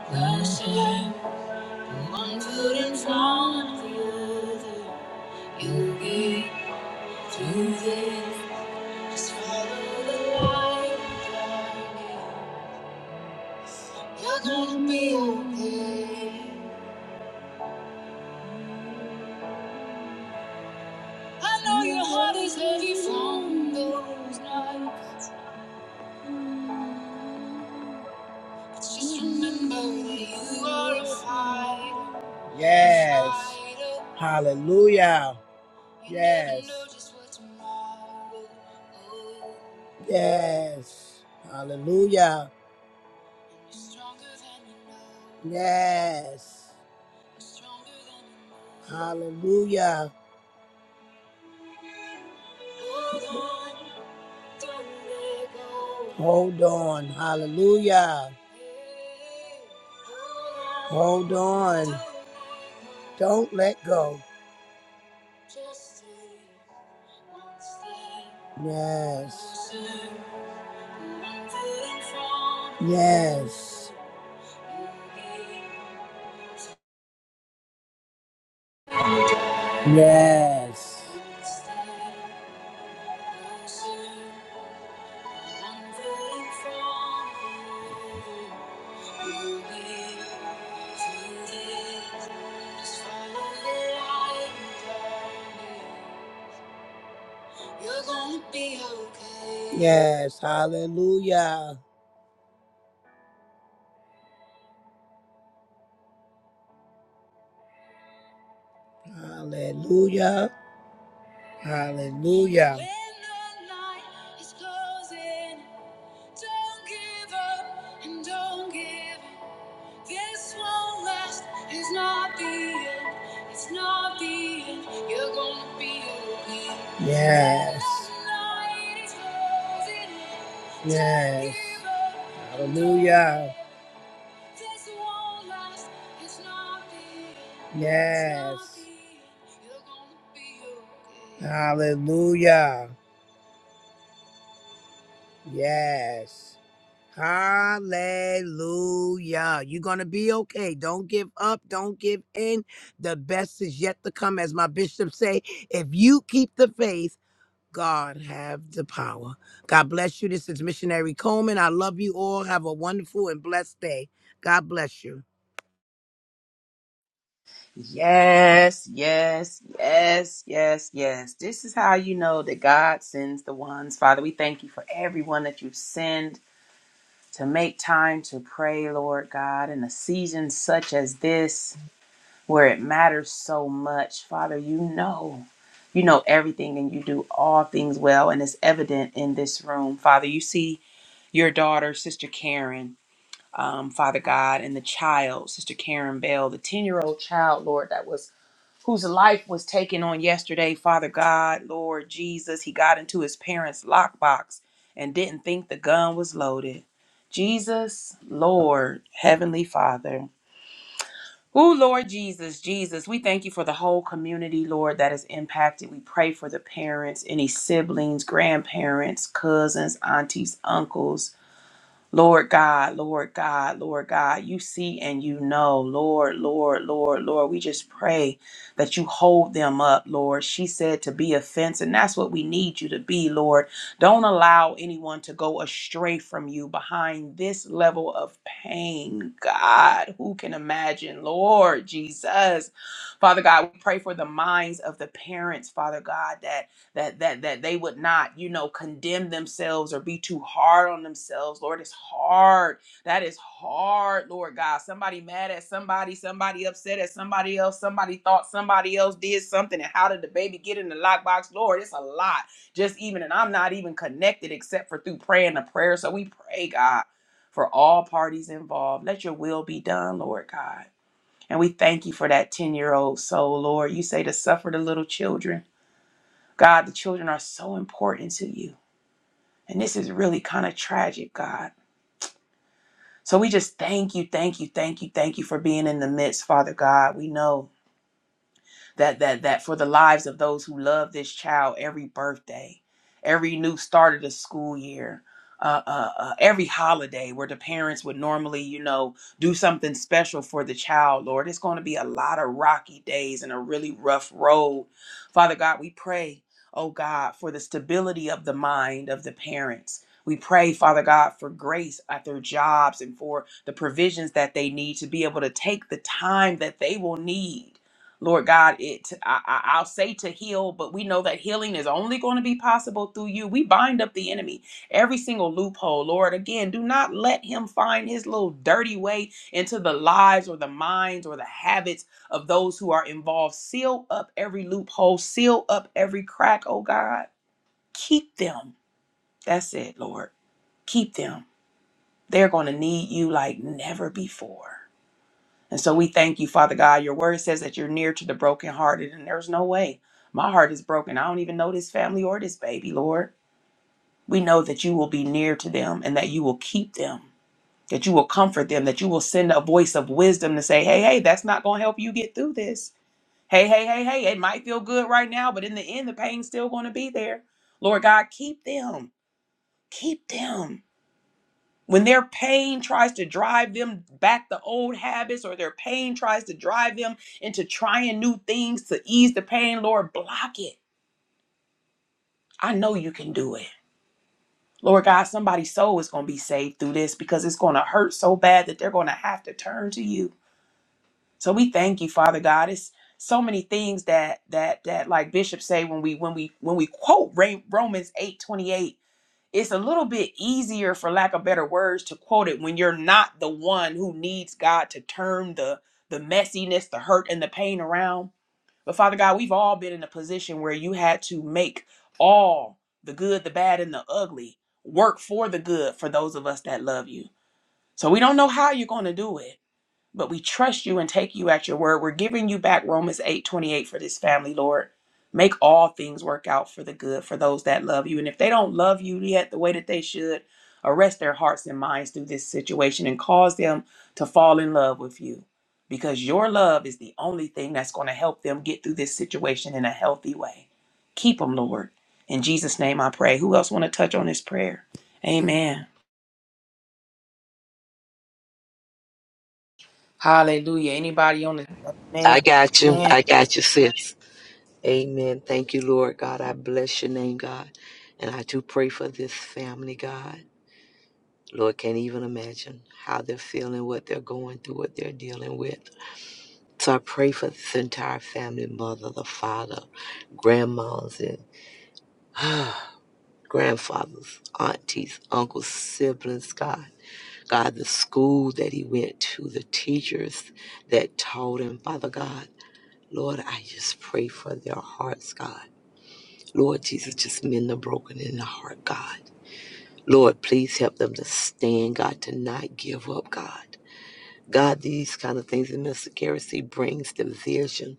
Speaker 5: closer, one foot in front of the other. You'll get through this. Just follow the light, darling. You're gonna be okay. I know your heart is heavy from those nights. But just remember that you are a fighter. Yes. Hallelujah. Yes. Yes. Hallelujah. Yes. Hallelujah. Hold on. Hallelujah. Hold on. Don't let go. Yes. Yes. Yes. Yes, hallelujah, hallelujah, hallelujah. This won't last. It's not the end. It's not the end. You're gonna be okay. Yes. Yes. Hallelujah. This won't last. It's not the end. Yes. okay. Hallelujah. Yes. Hallelujah. You're going to be okay. Don't give up. Don't give in. The best is yet to come. As my bishop say, if you keep the faith, God have the power. God bless you. This is Missionary Coleman. I love you all. Have a wonderful and blessed day. God bless you.
Speaker 1: Yes, yes, yes, yes, yes. This is how you know that God sends the ones. Father, we thank you for everyone that you send to make time to pray, Lord God, in a season such as this where it matters so much. Father, you know. You know everything and you do all things well, and it's evident in this room. Father, you see your daughter, Sister Karen um, Father God, and the child, Sister Karen Bell, the 10 year old child, Lord, that was whose life was taken on yesterday, Father God, Lord Jesus. He got into his parents' lockbox and didn't think the gun was loaded. Jesus, Lord, Heavenly Father. Oh, Lord Jesus, Jesus, we thank you for the whole community, Lord, that is impacted. We pray for the parents, any siblings, grandparents, cousins, aunties, uncles. Lord God, Lord God, Lord God, you see and you know, Lord, Lord, Lord, Lord. We just pray that you hold them up, Lord. She said to be a fence, and that's what we need you to be, Lord. Don't allow anyone to go astray from you behind this level of pain. God, who can imagine, Lord Jesus? Father God, we pray for the minds of the parents, Father God, that that that that they would not you know condemn themselves or be too hard on themselves lord it's hard that is hard lord god somebody mad at somebody somebody upset at somebody else somebody thought somebody else did something and how did the baby get in the lockbox lord it's a lot just even and i'm not even connected except for through praying the prayer so we pray god for all parties involved let your will be done lord god and we thank you for that 10 year old soul lord you say to suffer the little children God, the children are so important to you. And this is really kind of tragic, God. So we just thank you, thank you, thank you, thank you for being in the midst, Father God. We know that that that for the lives of those who love this child every birthday, every new start of the school year, uh, uh, uh, every holiday where the parents would normally, you know, do something special for the child. Lord, it's going to be a lot of rocky days and a really rough road. Father God, we pray, oh God, for the stability of the mind of the parents. We pray, Father God, for grace at their jobs and for the provisions that they need to be able to take the time that they will need Lord God, it I, I- I'll say to heal, but we know that healing is only going to be possible through you. We bind up the enemy, every single loophole, Lord. Again, do not let him find his little dirty way into the lives or the minds or the habits of those who are involved. Seal up every loophole, seal up every crack, oh God. Keep them. That's it, Lord. Keep them. They're going to need you like never before. And so we thank you, Father God. Your word says that you're near to the brokenhearted, and there's no way. My heart is broken. I don't even know this family or this baby, Lord. We know that you will be near to them and that you will keep them, that you will comfort them, that you will send a voice of wisdom to say, hey, hey, that's not going to help you get through this. Hey, hey, hey, hey, it might feel good right now, but in the end, the pain's still going to be there. Lord God, keep them. Keep them when their pain tries to drive them back to old habits or their pain tries to drive them into trying new things to ease the pain, Lord, block it. I know you can do it. Lord God, somebody's soul is going to be saved through this because it's going to hurt so bad that they're going to have to turn to you. So we thank you, Father God. It's so many things that that that like Bishop say when we when we when we quote Ra- Romans 8:28 it's a little bit easier for lack of better words to quote it when you're not the one who needs god to turn the the messiness the hurt and the pain around but father god we've all been in a position where you had to make all the good the bad and the ugly work for the good for those of us that love you so we don't know how you're going to do it but we trust you and take you at your word. We're giving you back Romans 8 28 for this family, Lord. Make all things work out for the good for those that love you. And if they don't love you yet the way that they should, arrest their hearts and minds through this situation and cause them to fall in love with you because your love is the only thing that's going to help them get through this situation in a healthy way. Keep them, Lord. In Jesus' name I pray. Who else want to touch on this prayer? Amen. Hallelujah. Anybody on this? Amen.
Speaker 3: I got you.
Speaker 1: Amen.
Speaker 3: I got you, sis. Amen. Thank you, Lord God. I bless your name, God. And I do pray for this family, God. Lord, can't even imagine how they're feeling, what they're going through, what they're dealing with. So I pray for this entire family mother, the father, grandmas, and grandfathers, aunties, uncles, siblings, God. God, the school that he went to, the teachers that taught him, Father God. Lord, I just pray for their hearts, God. Lord Jesus, just mend the broken in the heart, God. Lord, please help them to stand, God, to not give up, God. God, these kind of things in Mr. Garrissey brings division.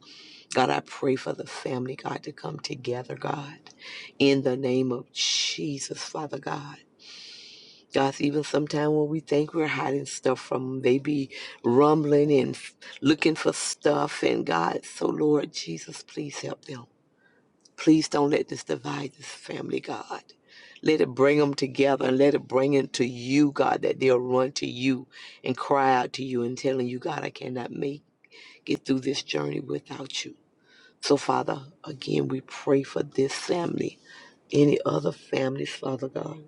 Speaker 3: God, I pray for the family, God, to come together, God, in the name of Jesus, Father God. God, even sometimes when we think we're hiding stuff from them, they be rumbling and f- looking for stuff. And God, so Lord Jesus, please help them. Please don't let this divide this family, God. Let it bring them together and let it bring it to you, God, that they'll run to you and cry out to you and telling you, God, I cannot make get through this journey without you. So, Father, again, we pray for this family, any other families, Father God,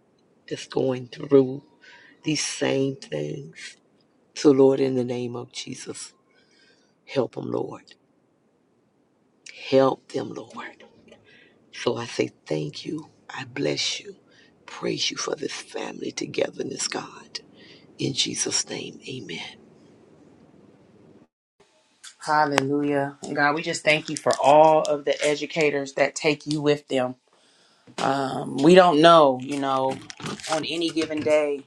Speaker 3: that's going through these same things. So, Lord, in the name of Jesus, help them, Lord. Help them, Lord. So I say thank you. I bless you. Praise you for this family togetherness, God. In Jesus' name, amen.
Speaker 1: Hallelujah. And God, we just thank you for all of the educators that take you with them. Um, we don't know, you know, on any given day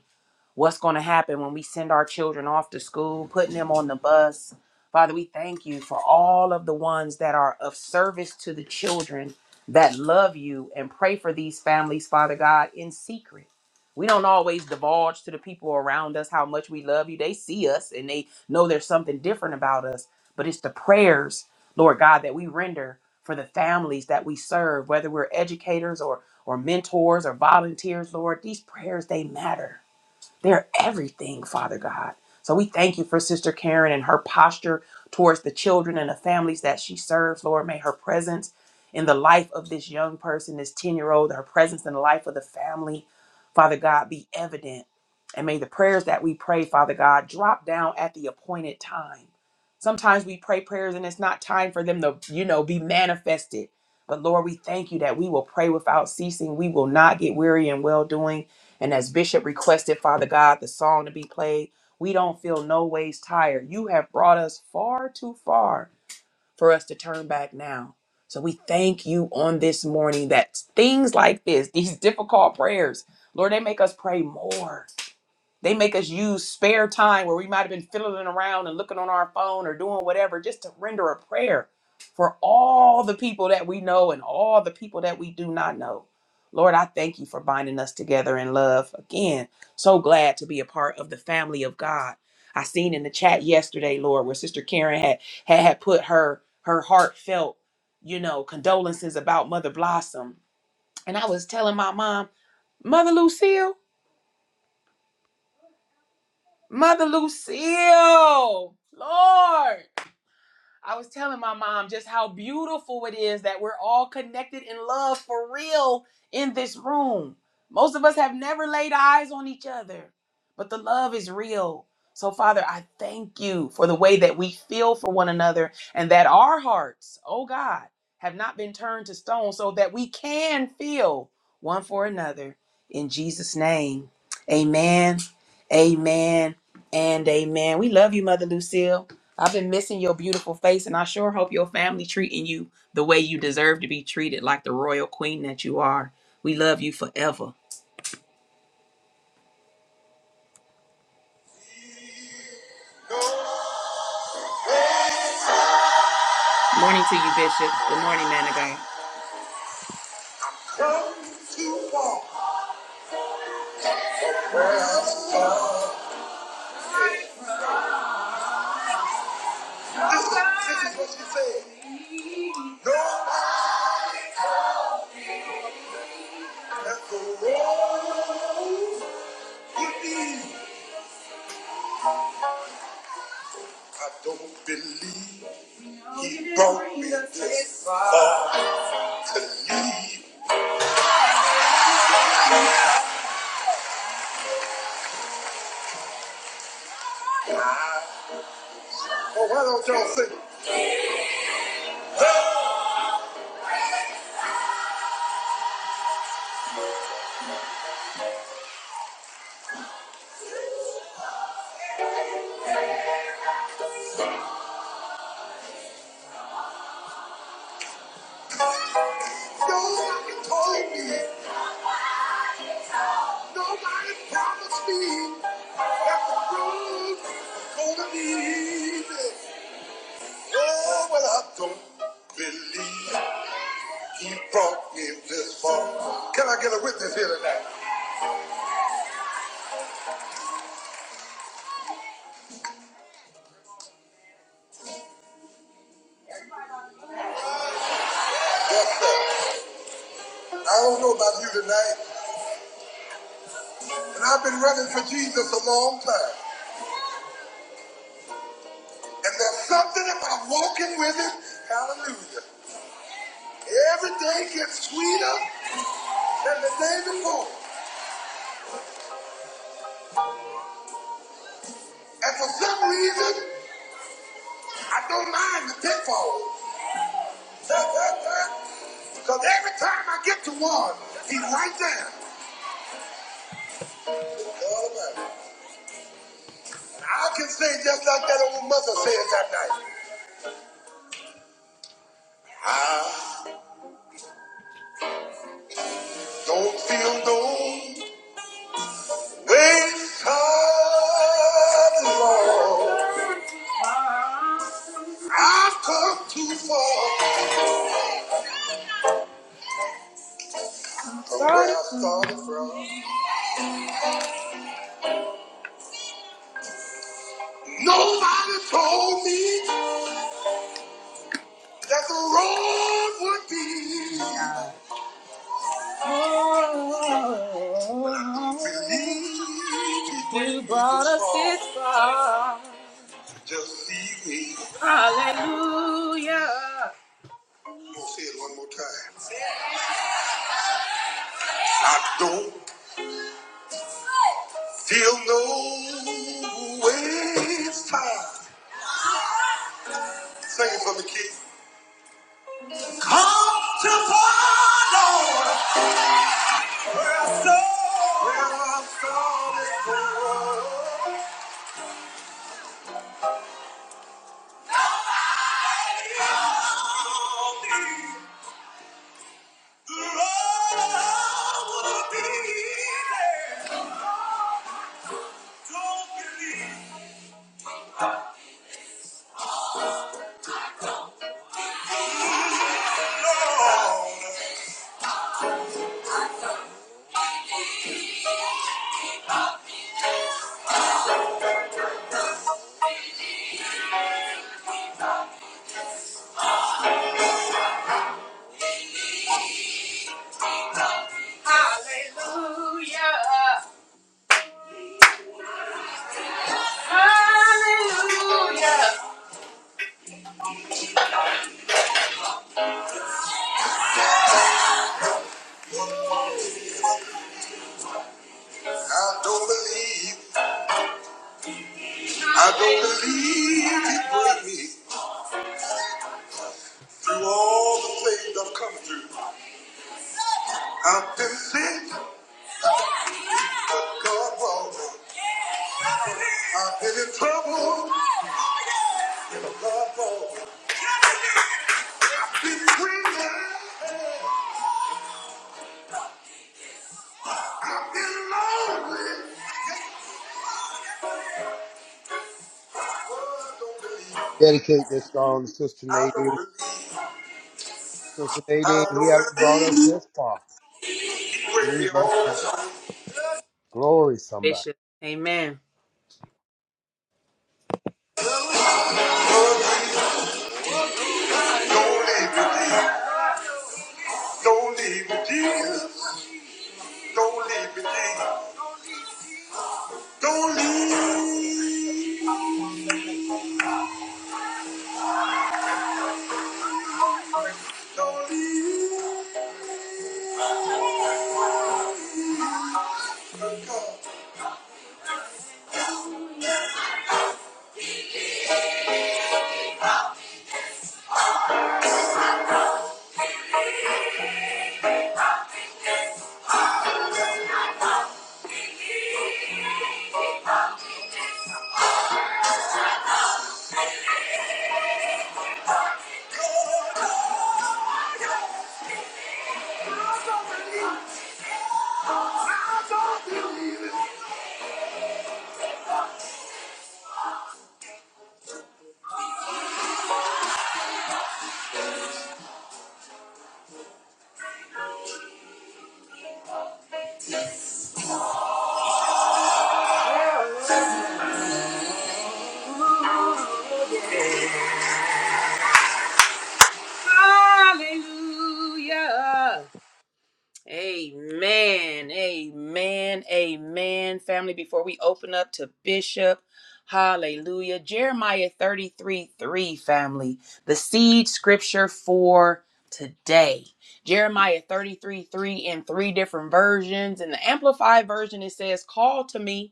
Speaker 1: what's going to happen when we send our children off to school, putting them on the bus. Father, we thank you for all of the ones that are of service to the children that love you and pray for these families, Father God, in secret. We don't always divulge to the people around us how much we love you. They see us and they know there's something different about us, but it's the prayers, Lord God, that we render for the families that we serve, whether we're educators or or mentors or volunteers, Lord, these prayers they matter. They're everything, Father God. So we thank you for Sister Karen and her posture towards the children and the families that she serves. Lord, may her presence in the life of this young person, this 10 year old, her presence in the life of the family, Father God, be evident. And may the prayers that we pray, Father God, drop down at the appointed time. Sometimes we pray prayers and it's not time for them to, you know, be manifested. But Lord, we thank you that we will pray without ceasing. We will not get weary in well doing and as Bishop requested, Father God, the song to be played, we don't feel no ways tired. You have brought us far too far for us to turn back now. So we thank you on this morning that things like this, these difficult prayers, Lord, they make us pray more. They make us use spare time where we might have been fiddling around and looking on our phone or doing whatever just to render a prayer for all the people that we know and all the people that we do not know. Lord, I thank you for binding us together in love. Again, so glad to be a part of the family of God. I seen in the chat yesterday, Lord, where Sister Karen had had, had put her her heartfelt, you know, condolences about Mother Blossom. And I was telling my mom, Mother Lucille, Mother Lucille. Lord. I was telling my mom just how beautiful it is that we're all connected in love for real in this room. Most of us have never laid eyes on each other, but the love is real. So, Father, I thank you for the way that we feel for one another and that our hearts, oh God, have not been turned to stone so that we can feel one for another. In Jesus' name, amen, amen, and amen. We love you, Mother Lucille. I've been missing your beautiful face, and I sure hope your family treating you the way you deserve to be treated, like the royal queen that you are. We love you forever. Morning to you, Bishop. Good morning, man of God. this is what she said. No one the wall with me. I don't believe he brought me this far to leave. Oh, why don't y'all sing? Nobody told me. Nobody promised me. Gonna be easy. Oh, well, I don't believe he brought me this far. Can I get a witness here tonight? Yes, sir. I don't know about you tonight, but I've been running for Jesus a long time. And there's something about walking with him. Hallelujah. Every day gets sweeter than the day before. And for some reason, I don't mind the pitfalls. Because every time I get to one, he's right there. I can say just like that old mother says that night. I don't feel no way inside, Lord. I've come too far from where I started from. Nobody told me that the road would be. You brought us this far. Just leave me. Hallelujah. I'm gonna say it one more time. I don't feel no way far. Sing it for me, Keith. Come to Lord, where I saw, where I saw this world. Nobody I don't believe, I don't believe he brought me through all the things I've come through. I've been sick, but God brought me. I've been in trouble, but God brought me. I've been free now. Been lonely. don't believe.
Speaker 6: dedicate this song to Sister Nadine. Sister Nadine, he hasn't brought us this far.
Speaker 1: With me
Speaker 6: Leave us now. Glory, somebody.
Speaker 1: Amen. Don't leave me, Jesus. Don't leave me, Jesus. Don't leave Don't leave. Don't leave. me, Hallelujah. Amen. Amen. Amen. Family, before we open up to Bishop, hallelujah. Jeremiah 33 3, family, the seed scripture for today. Jeremiah 33 3 in three different versions. In the Amplified version, it says, Call to me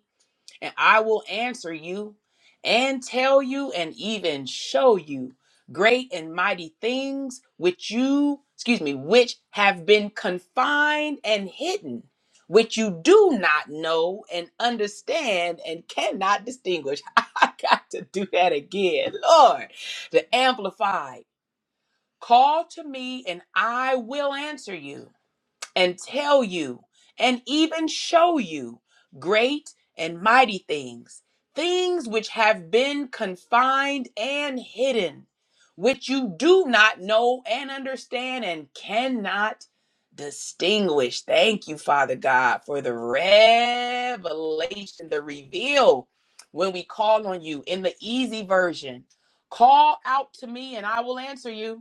Speaker 1: and I will answer you and tell you and even show you great and mighty things which you, excuse me, which have been confined and hidden, which you do not know and understand and cannot distinguish. I got to do that again. Lord, the Amplified, call to me and I will answer you and tell you and even show you great and mighty things, things which have been confined and hidden, which you do not know and understand and cannot distinguish. Thank you, Father God, for the revelation, the reveal when we call on you in the easy version. Call out to me and I will answer you.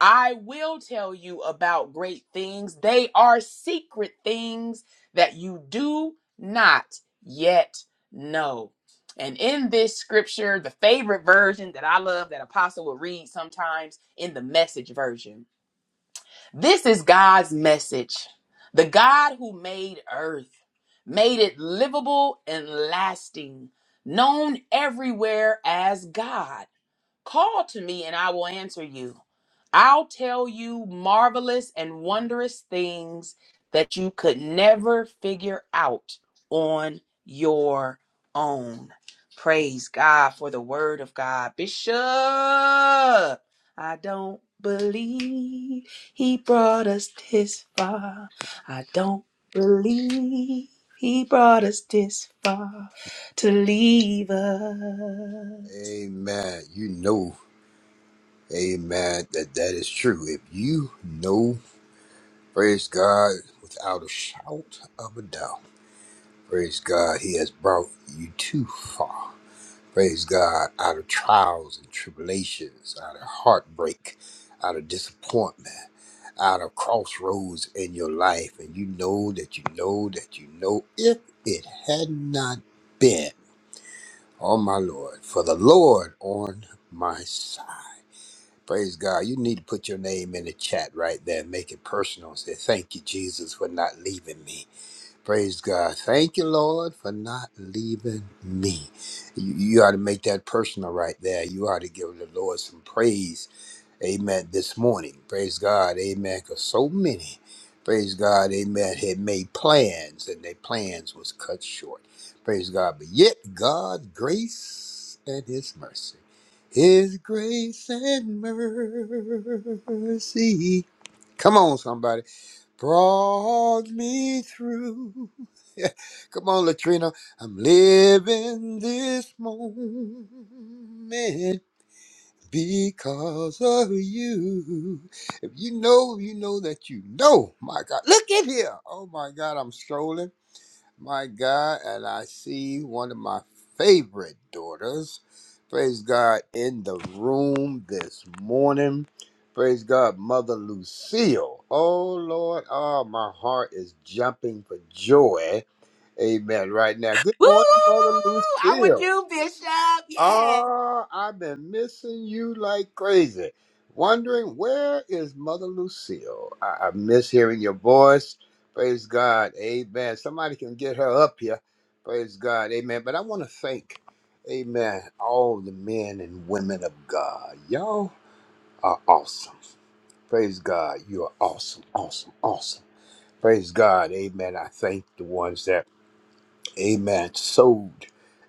Speaker 1: I will tell you about great things. They are secret things that you do not yet know. And in this scripture, the favorite version that I love that Apostle will read sometimes in the message version. This is God's message. The God who made earth, made it livable and lasting, known everywhere as God. Call to me and I will answer you. I'll tell you marvelous and wondrous things that you could never figure out on your own. Praise God for the word of God. Bishop, I don't believe he brought us this far. I don't believe he brought us this far to leave us.
Speaker 6: Amen. You know, amen, that that is true. If you know, praise God, without a shout of a doubt, praise God, He has brought you too far. praise God, out of trials and tribulations, out of heartbreak, out of disappointment, out of crossroads in your life. And you know that you know that you know if it had not been, oh my Lord, for the Lord on my side. Praise God. You need to put your name in the chat right there. Make it personal. Say, thank you, Jesus, for not leaving me. Praise God. Thank you, Lord, for not leaving me. You, you ought to make that personal right there. You ought to give the Lord some praise. Amen. This morning. Praise God. Amen. Because so many, praise God, amen, had made plans and their plans was cut short. Praise God. But yet God's grace and his mercy. His grace and mercy. Come on, somebody brought me through. Come on, Latrina. I'm living this moment because of you. If you know, you know that you know. My God, look at here. Oh my God, I'm strolling my God, and I see one of my favorite daughters. Praise God in the room this morning. Praise God, Mother Lucille. Oh Lord, oh my heart is jumping for joy. Amen. Right now. Good
Speaker 1: Woo!
Speaker 6: morning, Mother
Speaker 1: I'm with
Speaker 6: Lucille.
Speaker 1: you, Bishop. Yeah.
Speaker 6: Oh, I've been missing you like crazy. Wondering where is Mother Lucille? I, I miss hearing your voice. Praise God. Amen. Somebody can get her up here. Praise God. Amen. But I want to thank, amen, all the men and women of God. Y'all are awesome. Praise God. You are awesome, awesome, awesome. Praise God. Amen. I thank the ones that amen, sowed,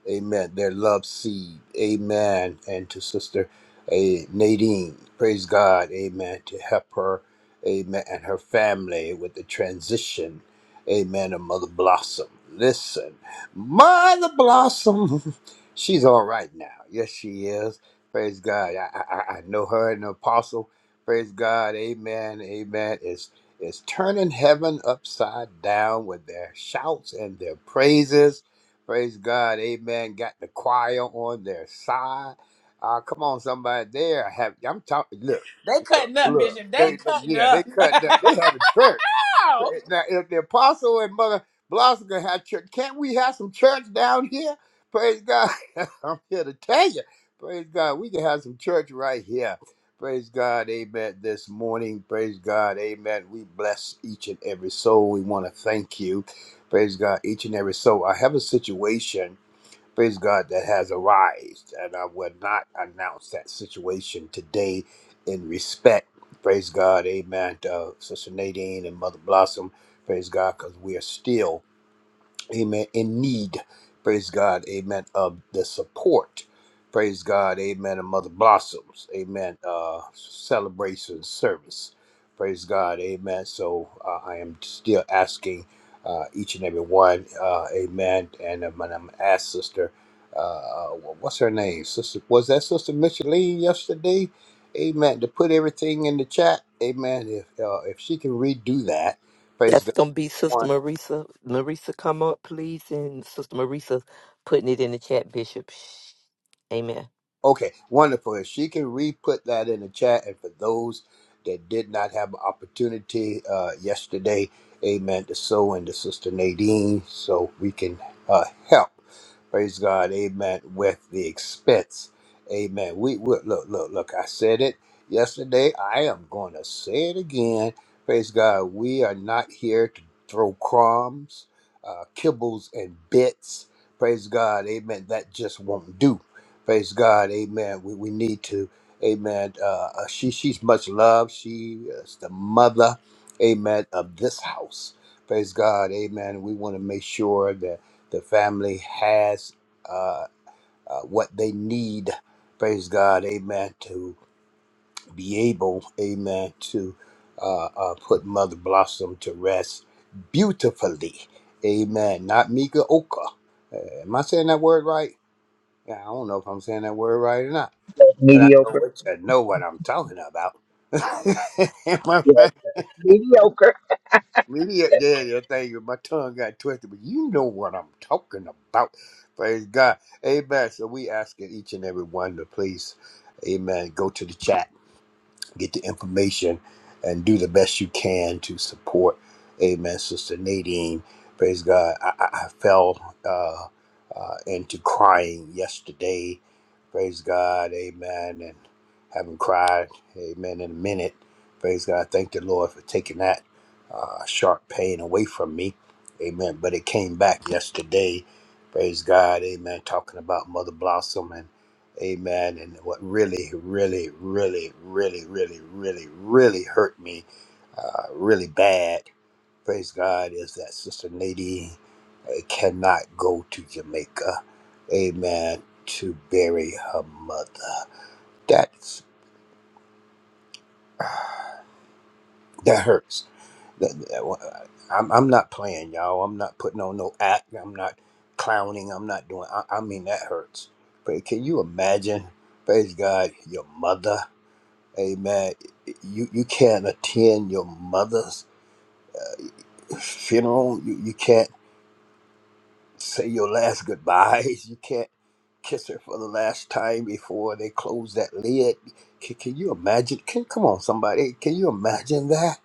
Speaker 6: amen, their love seed, amen, and to Sister eh, Nadine, praise God, amen, to help her, amen, and her family with the transition, amen, of Mother Blossom. Listen, Mother Blossom, she's all right now. Yes, she is. Praise God. I, I, I I know her and the apostle. Praise God. Amen. Amen is turning heaven upside down with their shouts and their praises. Praise God. Amen. Got the choir on their side. Uh, come on, somebody. They are happy. I'm talking. Look,
Speaker 1: They
Speaker 6: look,
Speaker 1: cutting up, Bishop.
Speaker 6: look.
Speaker 1: They
Speaker 6: They, they,
Speaker 1: cutting
Speaker 6: yeah, they
Speaker 1: up.
Speaker 6: cut. They, have a church.
Speaker 1: Wow.
Speaker 6: Now, if the apostle and Mother Blossom can have church, can't we have some church down here? Praise God. I'm here to tell you. Praise God. We can have some church right here. Praise God. Amen. This morning. Praise God. Amen. We bless each and every soul. We want to thank you. Praise God. Each and every soul. I have a situation praise God, that has arised. And I will not announce that situation today in respect, praise God, amen, to uh, Sister Nadine and Mother Blossom, praise God, because we are still amen, in need, praise God, amen, of the support, praise God, amen, of Mother Blossoms, amen, uh, celebration service, praise God, amen. So uh, I am still asking uh, each and every one, uh, amen, and I'm, and I'm asked Sister, uh, uh, what's her name? Sister, was that Sister Micheline yesterday? Amen. To put everything in the chat, amen. If uh, if she can redo that, praise
Speaker 3: That's gonna be Sister
Speaker 6: God
Speaker 3: Marisa. Marisa, come up, please, and Sister Marisa putting it in the chat, Bishop. Shh. Amen.
Speaker 6: Okay, wonderful. If she can re-put that in the chat, and for those that did not have an opportunity uh, yesterday, amen, to sow into Sister Nadine so we can uh, help, praise God, amen, with the expense. Amen. We, we look, look, look, I said it yesterday. I am going to say it again. Praise God. We are not here to throw crumbs, uh, kibbles, and bits. Praise God. Amen. That just won't do. Praise God, Amen. We, we need to, Amen. Uh, uh, she she's much loved. She is the mother, Amen, of this house. Praise God, Amen. We want to make sure that the family has uh, uh, what they need. Praise God, Amen. To be able, Amen, to uh, uh, put Mother Blossom to rest beautifully, Amen. Not Mika Oka. Uh, am I saying that word right? Yeah, I don't know if I'm saying that word right or not. But I know
Speaker 3: Mediocre.
Speaker 6: what you know what I'm talking about. my fa- media, yeah, yeah, thing. My tongue got twisted, but you know what I'm talking about. Praise God, Amen. So we asking each and every one to please, Amen. Go to the chat get the information and do the best you can to support. Amen, Sister Nadine. Praise God. I, I I fell uh, uh, into crying yesterday. Praise God. Amen. And haven't cried. Amen. In a minute. Praise God. Thank the Lord for taking that uh, sharp pain away from me. Amen. But it came back yesterday. Praise God. Amen. Talking about Mother Blossom Amen. And what really, really, really, really, really, really, really hurt me uh, really bad, praise God, is that Sister Nadine uh, cannot go to Jamaica. Amen. To bury her mother. That's that hurts. That- that- I'm, I'm not playing, y'all. I'm not putting on no act. I'm not clowning. I'm not doing. I, I mean, that hurts. But can you imagine? Praise God, your mother. Amen. You you can't attend your mother's funeral. You you can't say your last goodbyes. You can't kiss her for the last time before they close that lid. Can, can you imagine? Can, come on, somebody. Can you imagine that?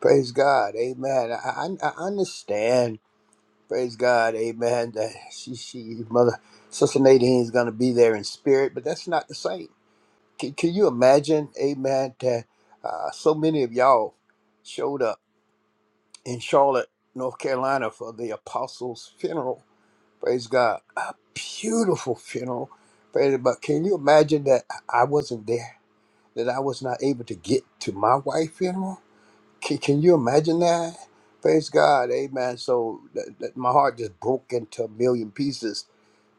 Speaker 6: Praise God. Amen. I, I, I understand. Praise God. Amen. That she, she, mother, Sister Nadine's going to be there in spirit, but that's not the same. Can, can you imagine? Amen. That uh, so many of y'all showed up in Charlotte, North Carolina for the apostles' funeral. Praise God. A beautiful funeral. Praise- But can you imagine that I wasn't there? That I was not able to get to my wife's funeral? Can, can you imagine that? Praise God. Amen. So that, that my heart just broke into a million pieces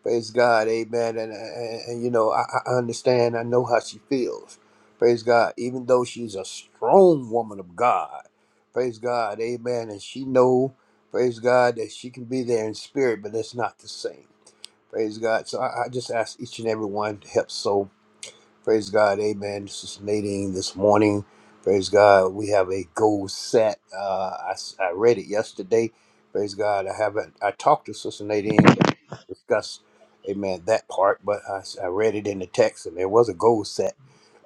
Speaker 6: Praise God, Amen. And, and, and, you know, I, I understand. I know how she feels. Praise God. Even though she's a strong woman of God, praise God, Amen. And she know, praise God, that she can be there in spirit, but that's not the same. Praise God. So I, I just ask each and every one to help sow Praise God. Amen. This is Nadine this morning. Praise God. We have a goal set. Uh, I, s- I read it yesterday. Praise God. I haven't, I talked to Sister Nadine, but discussed, amen, that part, but I, s- I read it in the text and there was a goal set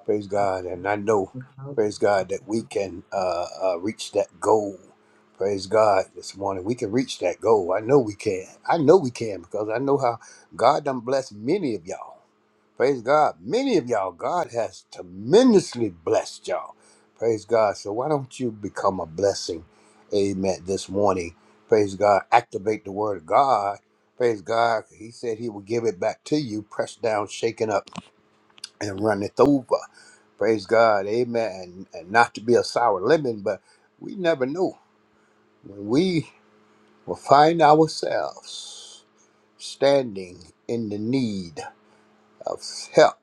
Speaker 6: Praise
Speaker 7: up
Speaker 6: God. And I know,
Speaker 7: without
Speaker 6: praise God, that we can uh, uh, reach that goal. Praise God this morning. We can reach that goal. I know we can. I know we can because I know how God done blessed many of y'all. Praise God. Many of y'all, God has tremendously blessed y'all. Praise God. So why don't you become a blessing? Amen. This morning. Praise God. Activate the word of God. Praise God. He said he will give it back to you, pressed down, shaken up, and run it over. Praise God. Amen. And and not to be a sour lemon, but we never know when we will find ourselves standing in the need of help.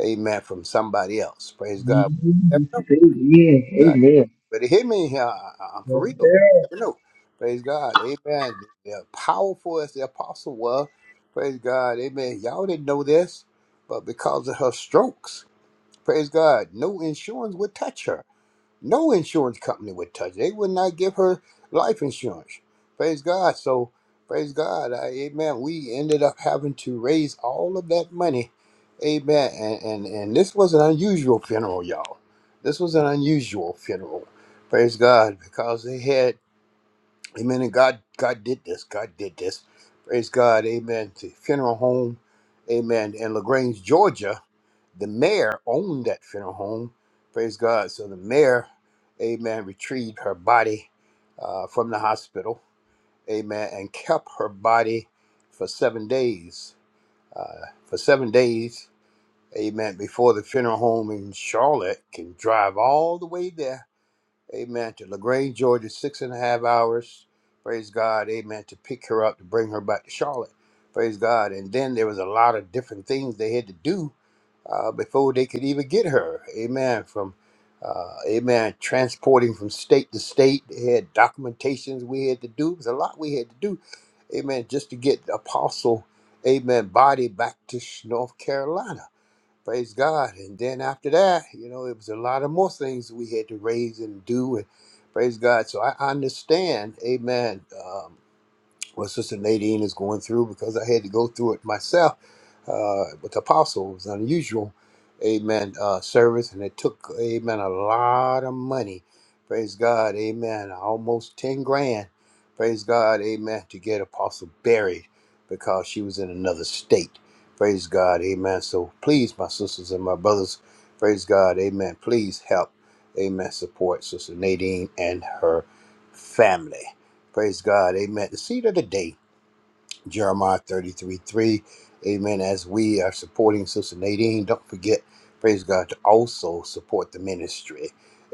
Speaker 6: Amen. From somebody else. Praise God. We never know.
Speaker 3: Yeah,
Speaker 6: God.
Speaker 3: amen.
Speaker 6: But hear me here. I- I- I'm for real. We never know. Praise God. Amen. They're powerful as the apostle was. Praise God. Amen. Y'all didn't know this, but because of her strokes, praise God, no insurance would touch her. No insurance company would touch. it. They would not give her life insurance. Praise God. So, praise God. I, amen. We ended up having to raise all of that money. Amen. And, and, and this was an unusual funeral, y'all. This was an unusual funeral. Praise God. Because they had, amen. And God, God did this. God did this. Praise God. Amen. The funeral home. Amen. In LaGrange, Georgia the mayor owned that funeral home. Praise God. So the mayor, amen, retrieved her body uh, from the hospital, amen, and kept her body for seven days. Uh, for seven days, amen, before the funeral home in Charlotte can drive all the way there Amen. To LaGrange, Georgia, six and a half hours. Praise God. Amen. To pick her up, to bring her back to Charlotte. Praise God. And then there was a lot of different things they had to do uh, before they could even get her. Amen. From uh, amen, transporting from state to state. They had documentations we had to do. It was a lot we had to do. Amen. Just to get the apostle, amen, body back to North Carolina. Praise God. And then after that, you know, it was a lot of more things we had to raise and do. And praise God. So I understand, amen, um, what Sister Nadine is going through because I had to go through it myself uh, with the apostle. It was unusual, amen, uh, service, and it took, amen, a lot of money. Praise God, amen, almost 10 grand. Praise God, amen, to get apostle buried because she was in another state. Praise God, amen. So please, my sisters and my brothers, praise God, amen, please help, amen, support Sister Nadine and her family. Praise God. Amen. The seed of the day. Jeremiah 33 3. Amen. As we are supporting Sister Nadine, don't forget, praise God, to also support the ministry.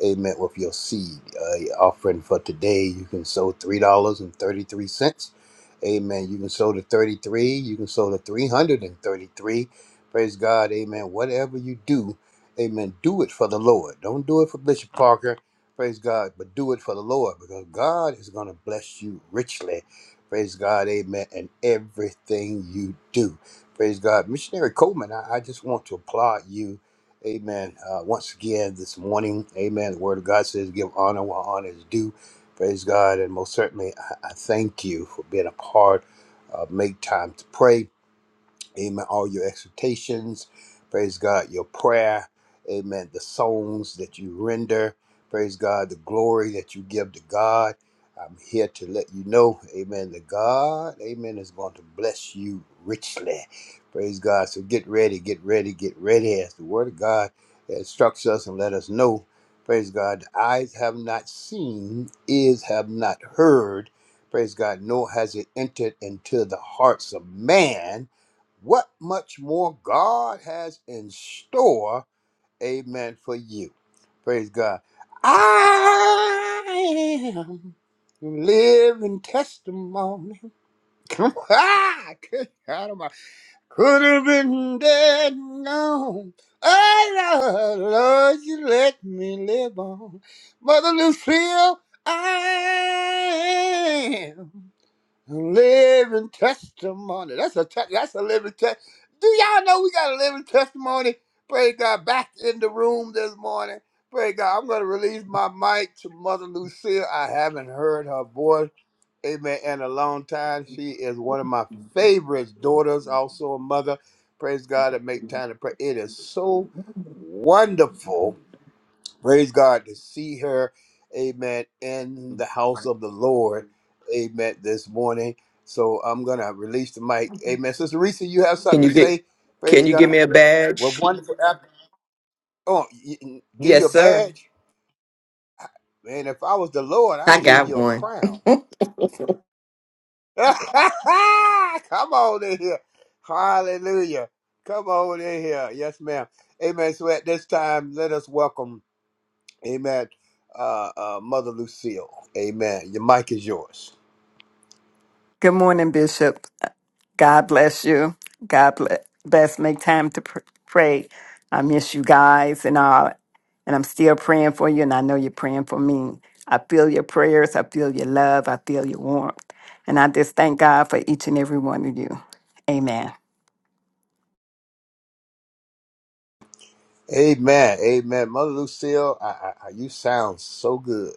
Speaker 6: Amen. With your seed uh, offering for today, you can sow $3.33. Amen. You can sow to 33. You can sow to 333. Praise God. Amen. Whatever you do, amen. Do it for the Lord. Don't do it for Bishop Parker. Praise God. But do it for the Lord because God is going to bless you richly Praise God, amen, and everything you do. Praise God. Missionary Coleman, I, I just want to applaud you, amen, uh, once again this morning. Amen. The Word of God says, give honor where honor is due. Praise God. And most certainly, I, I thank you for being a part of Make Time to Pray. Amen. All your exhortations. Praise God. Your prayer. Amen. The songs that you render. Praise God. The glory that you give to God. I'm here to let you know, amen, that God, amen, is going to bless you richly. Praise God. So get ready, get ready, get ready as the word of God instructs us and let us know. Praise God. Eyes have not seen, ears have not heard. Praise God. Nor has it entered into the hearts of man what much more God has in store, amen, for you. Praise God. I am living testimony. Come on. Ah, good God Almighty. Could have been dead and gone. Oh, Lord, Lord, you let me live on. Mother Lucille, I am. Living testimony. That's a te- that's a living test. Do y'all know we got a living testimony? Praise God. Back in the room this morning. Praise God. I'm gonna release my mic to Mother Lucille. I haven't heard her voice, amen, in a long time. She is one of my favorite daughters, also a mother. Praise God To make time to pray. It is so wonderful Praise God to see her, amen, in the house of the Lord, amen, this morning. So I'm going to release the mic. Amen. Sister Risa, you have
Speaker 4: Can
Speaker 6: something to
Speaker 4: you get
Speaker 6: say?
Speaker 4: can
Speaker 6: Praise
Speaker 4: you give
Speaker 6: God.
Speaker 4: me a
Speaker 6: Well,
Speaker 4: badge?
Speaker 6: wonderful. app- Oh, y- y- give you
Speaker 4: Yes,
Speaker 6: a
Speaker 4: sir.
Speaker 6: badge? Man, if I was the Lord,
Speaker 4: I
Speaker 6: I'd give
Speaker 4: got
Speaker 6: you a
Speaker 4: one.
Speaker 6: crown. Come on in here. Hallelujah. Come on in here. Yes, ma'am. Amen. So at this time, let us welcome. Amen. Uh, uh, Mother Lucille. Amen. Your mic is yours.
Speaker 8: Good morning, Bishop. God bless you. God bless. Best make time to pr- pray. I miss you guys and all, and I'm still praying for you, and I know you're praying for me. I feel your prayers. I feel your love. I feel your warmth, and I just thank God for each and every one of you. Amen.
Speaker 6: Amen. Amen. Mother Lucille, I, I, I- you sound so good.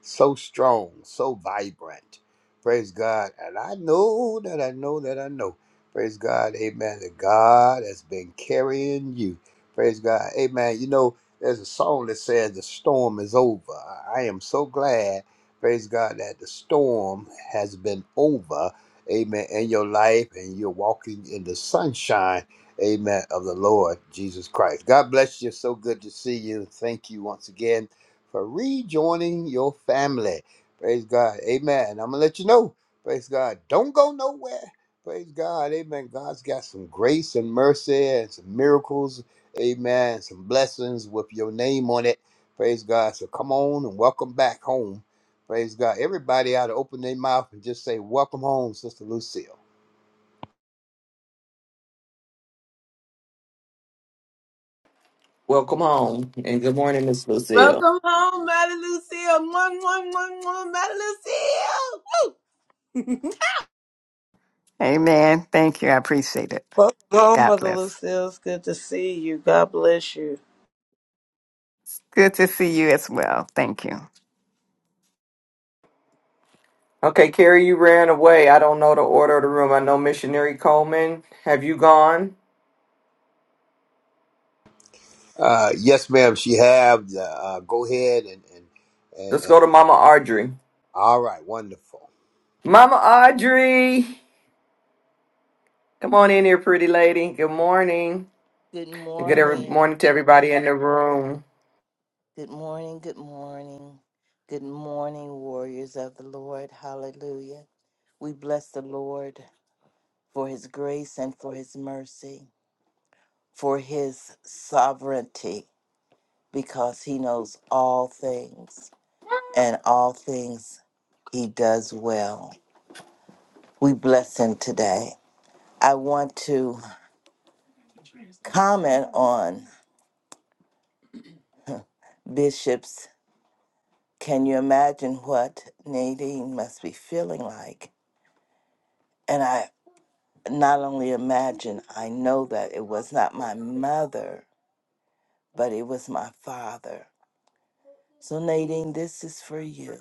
Speaker 6: so strong, so vibrant. Praise God. And I know that I know that I know. Praise God. Amen. That God has been carrying you. Praise God. Amen. You know, there's a song that says, The storm is over. I I am so glad, praise God, that the storm has been over. Amen. In your life, and you're walking in the sunshine. Amen. Of the Lord Jesus Christ. God bless you. So good to see you. Thank you once again for rejoining your family. Praise God. Amen. I'm going to let you know. Praise God. Don't go nowhere. Praise God. Amen. God's got some grace and mercy and some miracles. Amen. Some blessings with your name on it. Praise God. So come on and welcome back home. Praise God. Everybody ought to open their mouth and just say, Welcome home, Sister Lucille.
Speaker 4: Welcome home. And good morning, Miss Lucille.
Speaker 1: Welcome home, Mother Lucille. One, one, one, one, Mother Lucille.
Speaker 8: Amen. Thank you. I appreciate it.
Speaker 9: Welcome home,
Speaker 8: God
Speaker 9: Mother
Speaker 8: bless.
Speaker 9: Lucille. It's good to see you. God bless you.
Speaker 8: Good to see you as well. Thank you.
Speaker 4: Okay, Carrie, you ran away. I don't know the order of the room. I know missionary Coleman. Have you gone?
Speaker 6: Uh, yes, ma'am. She have. Uh, uh, go ahead and, and, and,
Speaker 4: Let's
Speaker 6: and.
Speaker 4: go to Mama Audrey.
Speaker 6: All right. Wonderful.
Speaker 4: Mama Audrey. Come on in here, pretty lady. Good morning.
Speaker 10: Good
Speaker 4: Good every
Speaker 10: morning.
Speaker 4: morning to everybody in the room.
Speaker 10: Good morning. Good morning. Good morning, warriors of the Lord. Hallelujah. We bless the Lord for his grace and for his mercy, for his sovereignty, because he knows all things and all things he does well. We bless him today. I want to comment on Bishop's. Can you imagine what Nadine must be feeling like? And I not only imagine, I know that it was not my mother, but it was my father. So, Nadine, this is for you.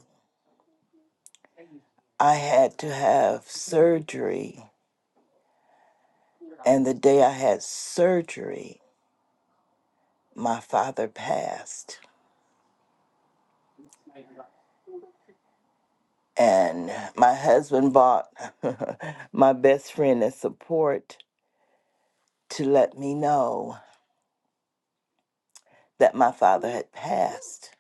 Speaker 10: I had to have surgery, and the day I had surgery, my father passed. And my husband bought my best friend as support to let me know that my father had passed.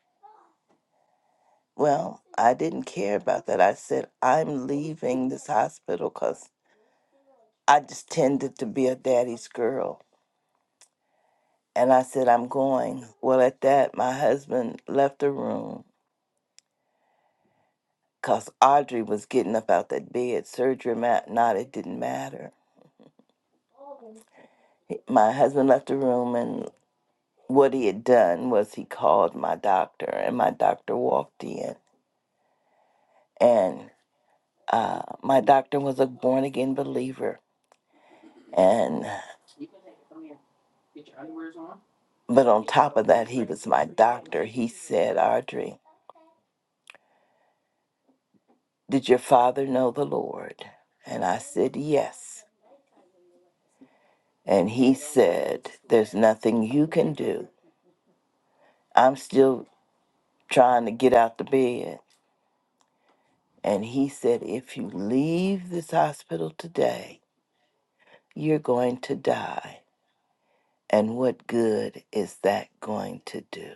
Speaker 10: Well, I didn't care about that. I said, I'm leaving this hospital, cause. I just tended to be a daddy's girl. And I said, I'm going. Well, at that, my husband left the room because Audrey was getting up out that bed. Surgery or ma- not, it didn't matter. He- My husband left the room, and what he had done was he called my doctor, and my doctor walked in. And uh, my doctor was a born again believer. And but on top of that, he was my doctor. He said, Audrey, Did your father know the Lord? And I said, Yes. And he said, There's nothing you can do. I'm still trying to get out the bed. And he said, If you leave this hospital today, you're going to die. And what good is that going to do?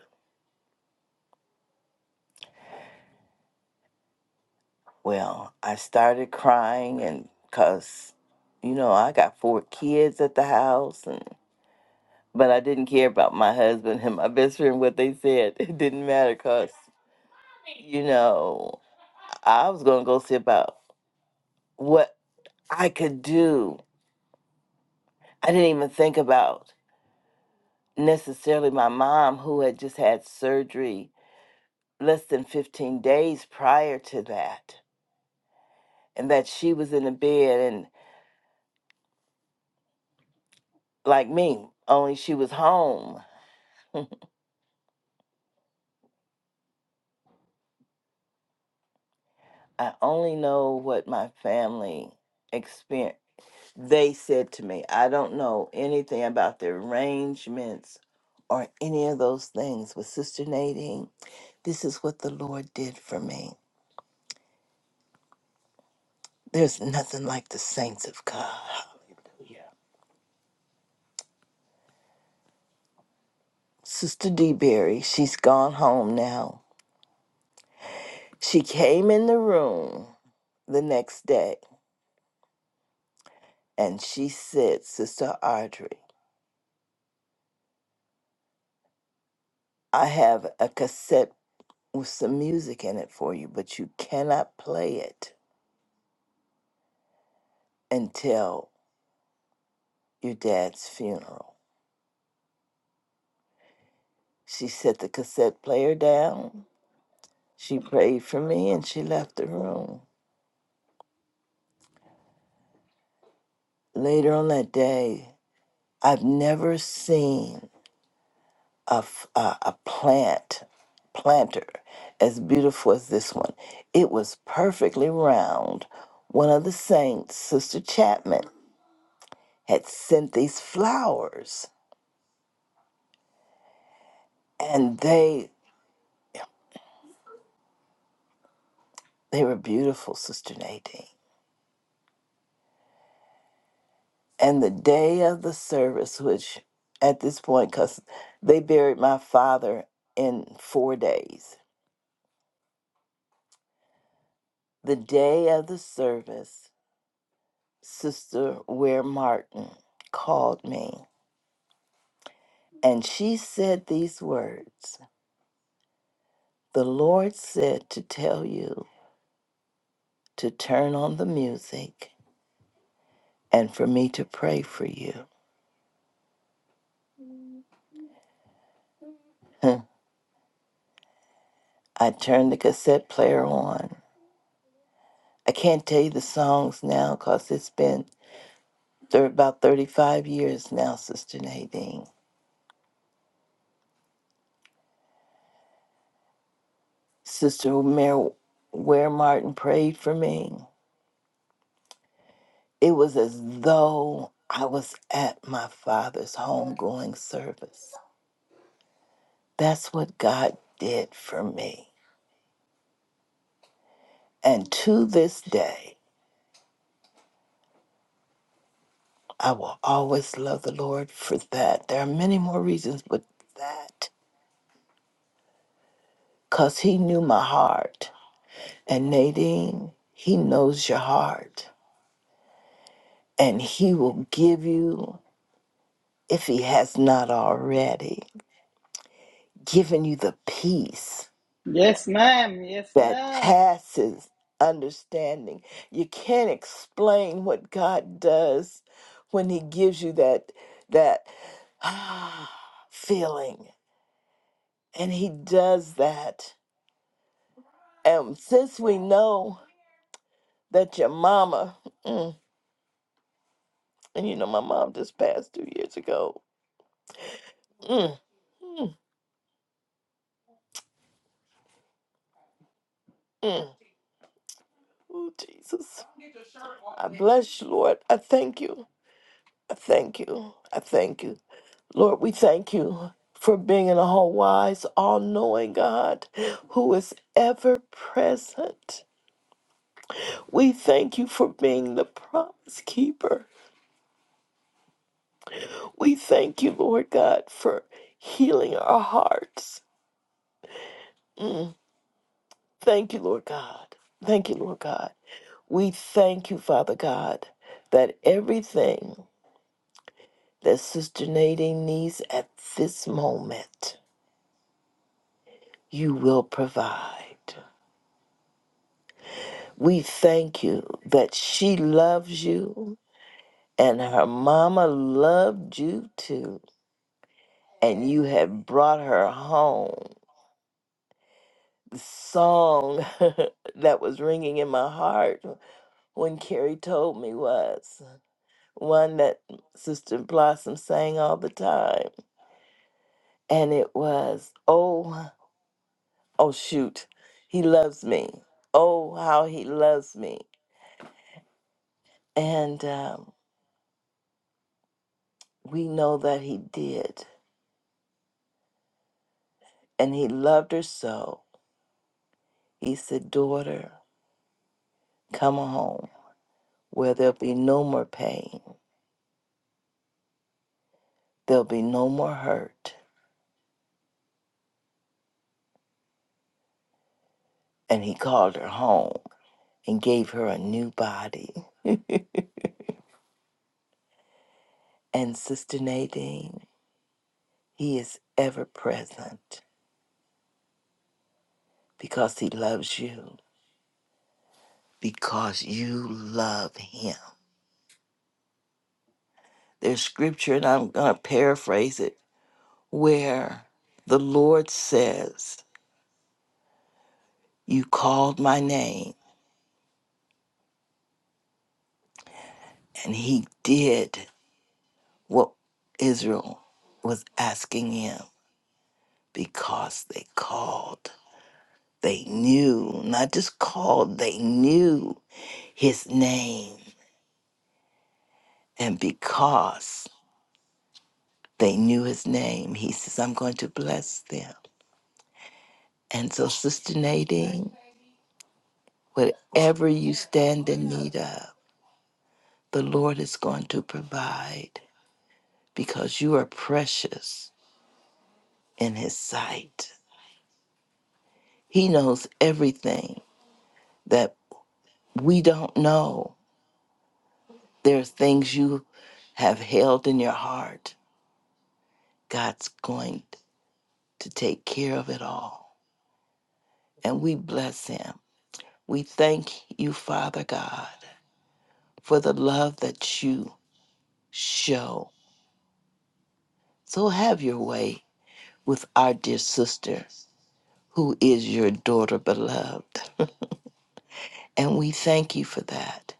Speaker 10: Well, I started crying and because, you know, I got four kids at the house and but I didn't care about my husband and my best friend what they said. It didn't matter because you know, I was going to go see about what I could do. I didn't even think about necessarily my mom, who had just had surgery less than 15 days prior to that, and that she was in the bed and like me, only she was home. I only know what my family experienced. They said to me, I don't know anything about the arrangements or any of those things with Sister Nadine. This is what the Lord did for me. There's nothing like the saints of God. Sister DeBerry, she's gone home now. She came in the room the next day and she said, Sister Audrey, I have a cassette with some music in it for you, but you cannot play it until your dad's funeral. She set the cassette player down. She prayed for me and she left the room. Later on that day, I've never seen a, f- a- a plant planter as beautiful as this one. It was perfectly round. One of the saints, Sister Chapman, had sent these flowers, and they they were beautiful, Sister Nadine. And the day of the service, which at this point, because they buried my father in four days, the day of the service Sister Ware Martin called me, and she said these words The Lord said to tell you to turn on the music and for me to pray for you. Huh. I turned the cassette player on. I can't tell you the songs now because it's been thir- about 35 years now, Sister Nadine. Sister Mary Ware Martin prayed for me. It was as though I was at my father's homegoing service. That's what God did for me. And to this day, I will always love the Lord for that. There are many more reasons, but that, because He knew my heart. And Nadine, He knows your heart. And He will give you, if He has not already, given you the peace
Speaker 2: Yes, ma'am. Yes,
Speaker 10: that
Speaker 2: ma'am.
Speaker 10: passes understanding. You can't explain what God does when he gives you that that ah, feeling. And he does that. And since we know that your mama, mm, and you know my mom just passed 2 years ago. Mm, mm, mm. Oh Jesus. I bless you, Lord. I thank you. I thank you. I thank you. Lord, we thank you for being an all wise, all knowing God who is ever present. We thank you for being the promise keeper. We thank you, Lord God, for healing our hearts. Mm. Thank you, Lord God. Thank you, Lord God. We thank you, Father God, that everything that Sister Nadine needs at this moment, you will provide. We thank you that she loves you and her mama loved you too. And you have brought her home. The song that was ringing in my heart when Carrie told me was one that Sister Blossom sang all the time. And it was, Oh, oh, shoot, he loves me. Oh, how he loves me. And um, we know that he did And he loved her so. He said, Daughter, come home where there'll be no more pain, there'll be no more hurt. And he called her home and gave her a new body. And Sister Nadine, he is ever present because he loves you, because you love him. There's scripture, and I'm going to paraphrase it, where the Lord says, You called my name, and he did what Israel was asking him because they called. They knew, not just called, they knew his name. And because they knew his name, he says, I'm going to bless them. And so, Sister Nadine, whatever you stand in need of, the Lord is going to provide because you are precious in his sight. He knows everything that we don't know There are things you have held in your heart. God's going to take care of it all. And we bless him. We thank you, Father God, for the love that you show. So have your way with our dear sister, who is your daughter beloved. And we thank you for that.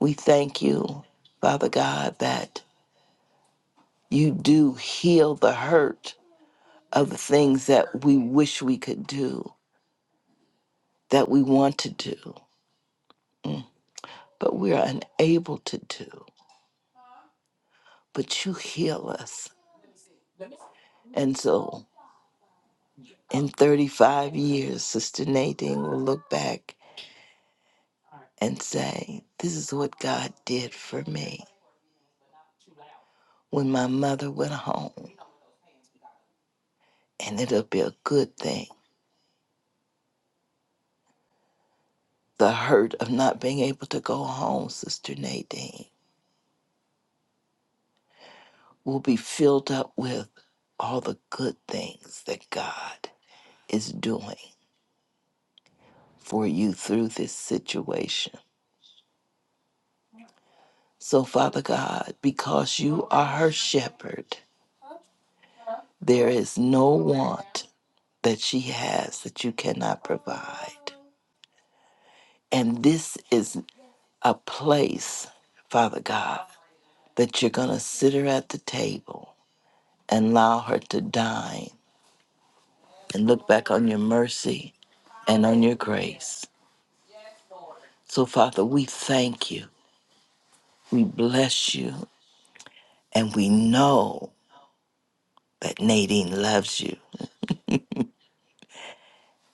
Speaker 10: We thank you, Father God, that you do heal the hurt of the things that we wish we could do that we want to do, but we are unable to do. But you heal us. And so in 35 years, Sister Nadine will look back and say, This is what God did for me when my mother went home. And it'll be a good thing. The hurt of not being able to go home, Sister Nadine, will be filled up with all the good things that God is doing for you through this situation So, Father God, because you are her shepherd, there is no want that she has that you cannot provide. And this is a place, Father God, that you're going to sit her at the table and allow her to dine and look back on your mercy and on your grace. So, Father, we thank you, we bless you, and we know that Nadine loves you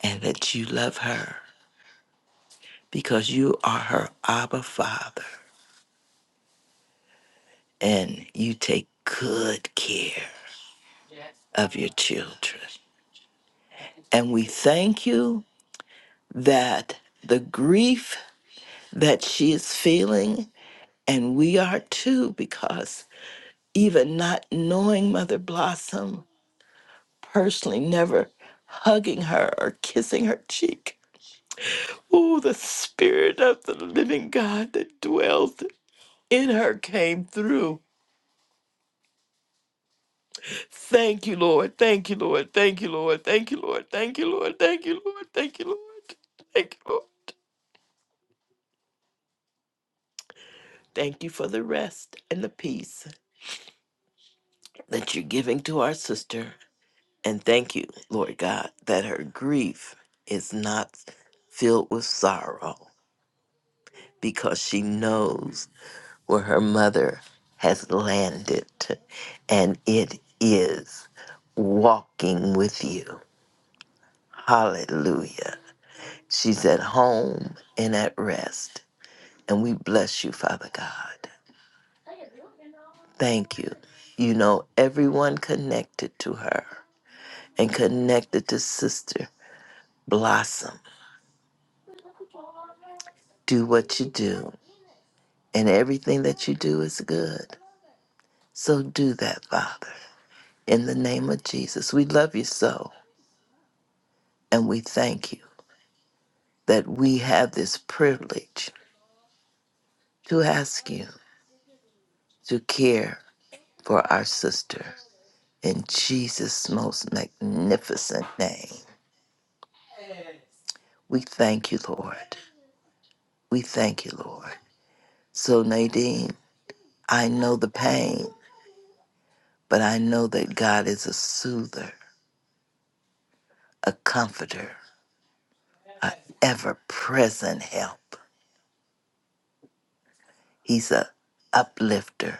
Speaker 10: and that you love her. because you are her Abba Father and you take good care of your children. And we thank you that the grief that she is feeling, and we are too, because even not knowing Mother Blossom personally, never hugging her or kissing her cheek. Oh, the spirit of the living God that dwelt in her came through Thank you, Lord. Thank you, Lord. Thank you, Lord. Thank you, Lord. Thank you, Lord. Thank you, Lord. Thank you, Lord. Thank you, Lord. Thank you for the rest and the peace that you're giving to our sister. And thank you, Lord God, that her grief is not filled with sorrow because she knows where her mother has landed. And it is walking with you. Hallelujah. She's at home and at rest. And we bless you, Father God. Thank you. You know, everyone connected to her and connected to Sister Blossom. Do what you do, and everything that you do is good. So do that, Father. In the name of Jesus, we love you so, and we thank you that we have this privilege to ask you to care for our sister in Jesus' most magnificent name. We thank you, Lord. We thank you, Lord. So, Nadine, I know the pain, but I know that God is a soother, a comforter, an ever present help. He's a uplifter,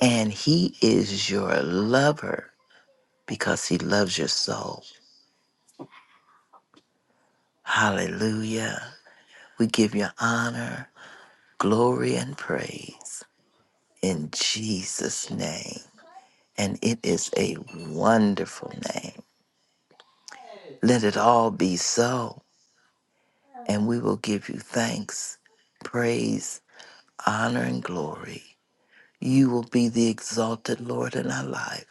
Speaker 10: and He is your lover because He loves your soul. Hallelujah. We give you honor, glory, and praise in Jesus' name. And it is a wonderful name. Let it all be so, and we will give you thanks, praise, honor, and glory. You will be the exalted Lord in our life.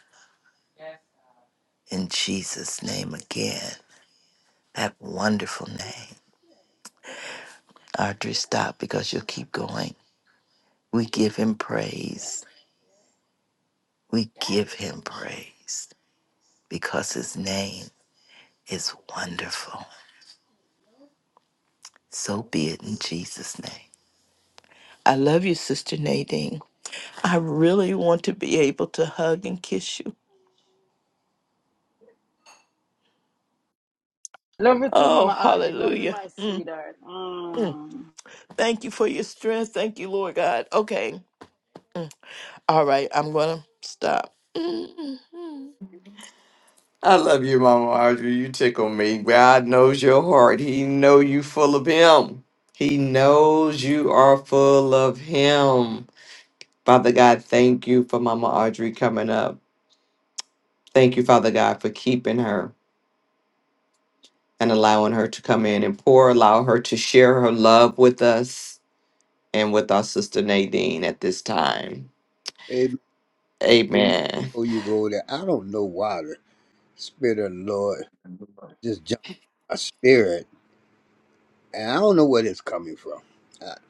Speaker 10: In Jesus' name again, that wonderful name. Audrey, stop because you'll keep going. We give him praise. We give him praise because his name is wonderful. So be it in Jesus' name. I love you, Sister Nadine. I really want to be able to hug and kiss you
Speaker 2: Love you too,
Speaker 10: Oh,
Speaker 2: Mama Argy. Love you,
Speaker 10: hallelujah.
Speaker 2: my
Speaker 10: Mm,
Speaker 2: sweetheart.
Speaker 10: mm.
Speaker 2: Mm.
Speaker 10: Thank you for your strength. Thank you, Lord God. Okay. Mm. All right. I'm going to stop. Mm, mm,
Speaker 4: I love you, Mama Audrey. You tickle me. God knows your heart. He know you full of him. He knows you are full of him. Father God, thank you for Mama Audrey coming up. Thank you, Father God, for keeping her and allowing her to come in and pour, allow her to share her love with us and with our sister Nadine at this time.
Speaker 6: Before you,
Speaker 4: Amen.
Speaker 6: before you go there, I don't know why the Spirit of the Lord just jumped in my spirit, and I don't know where it's coming from. Because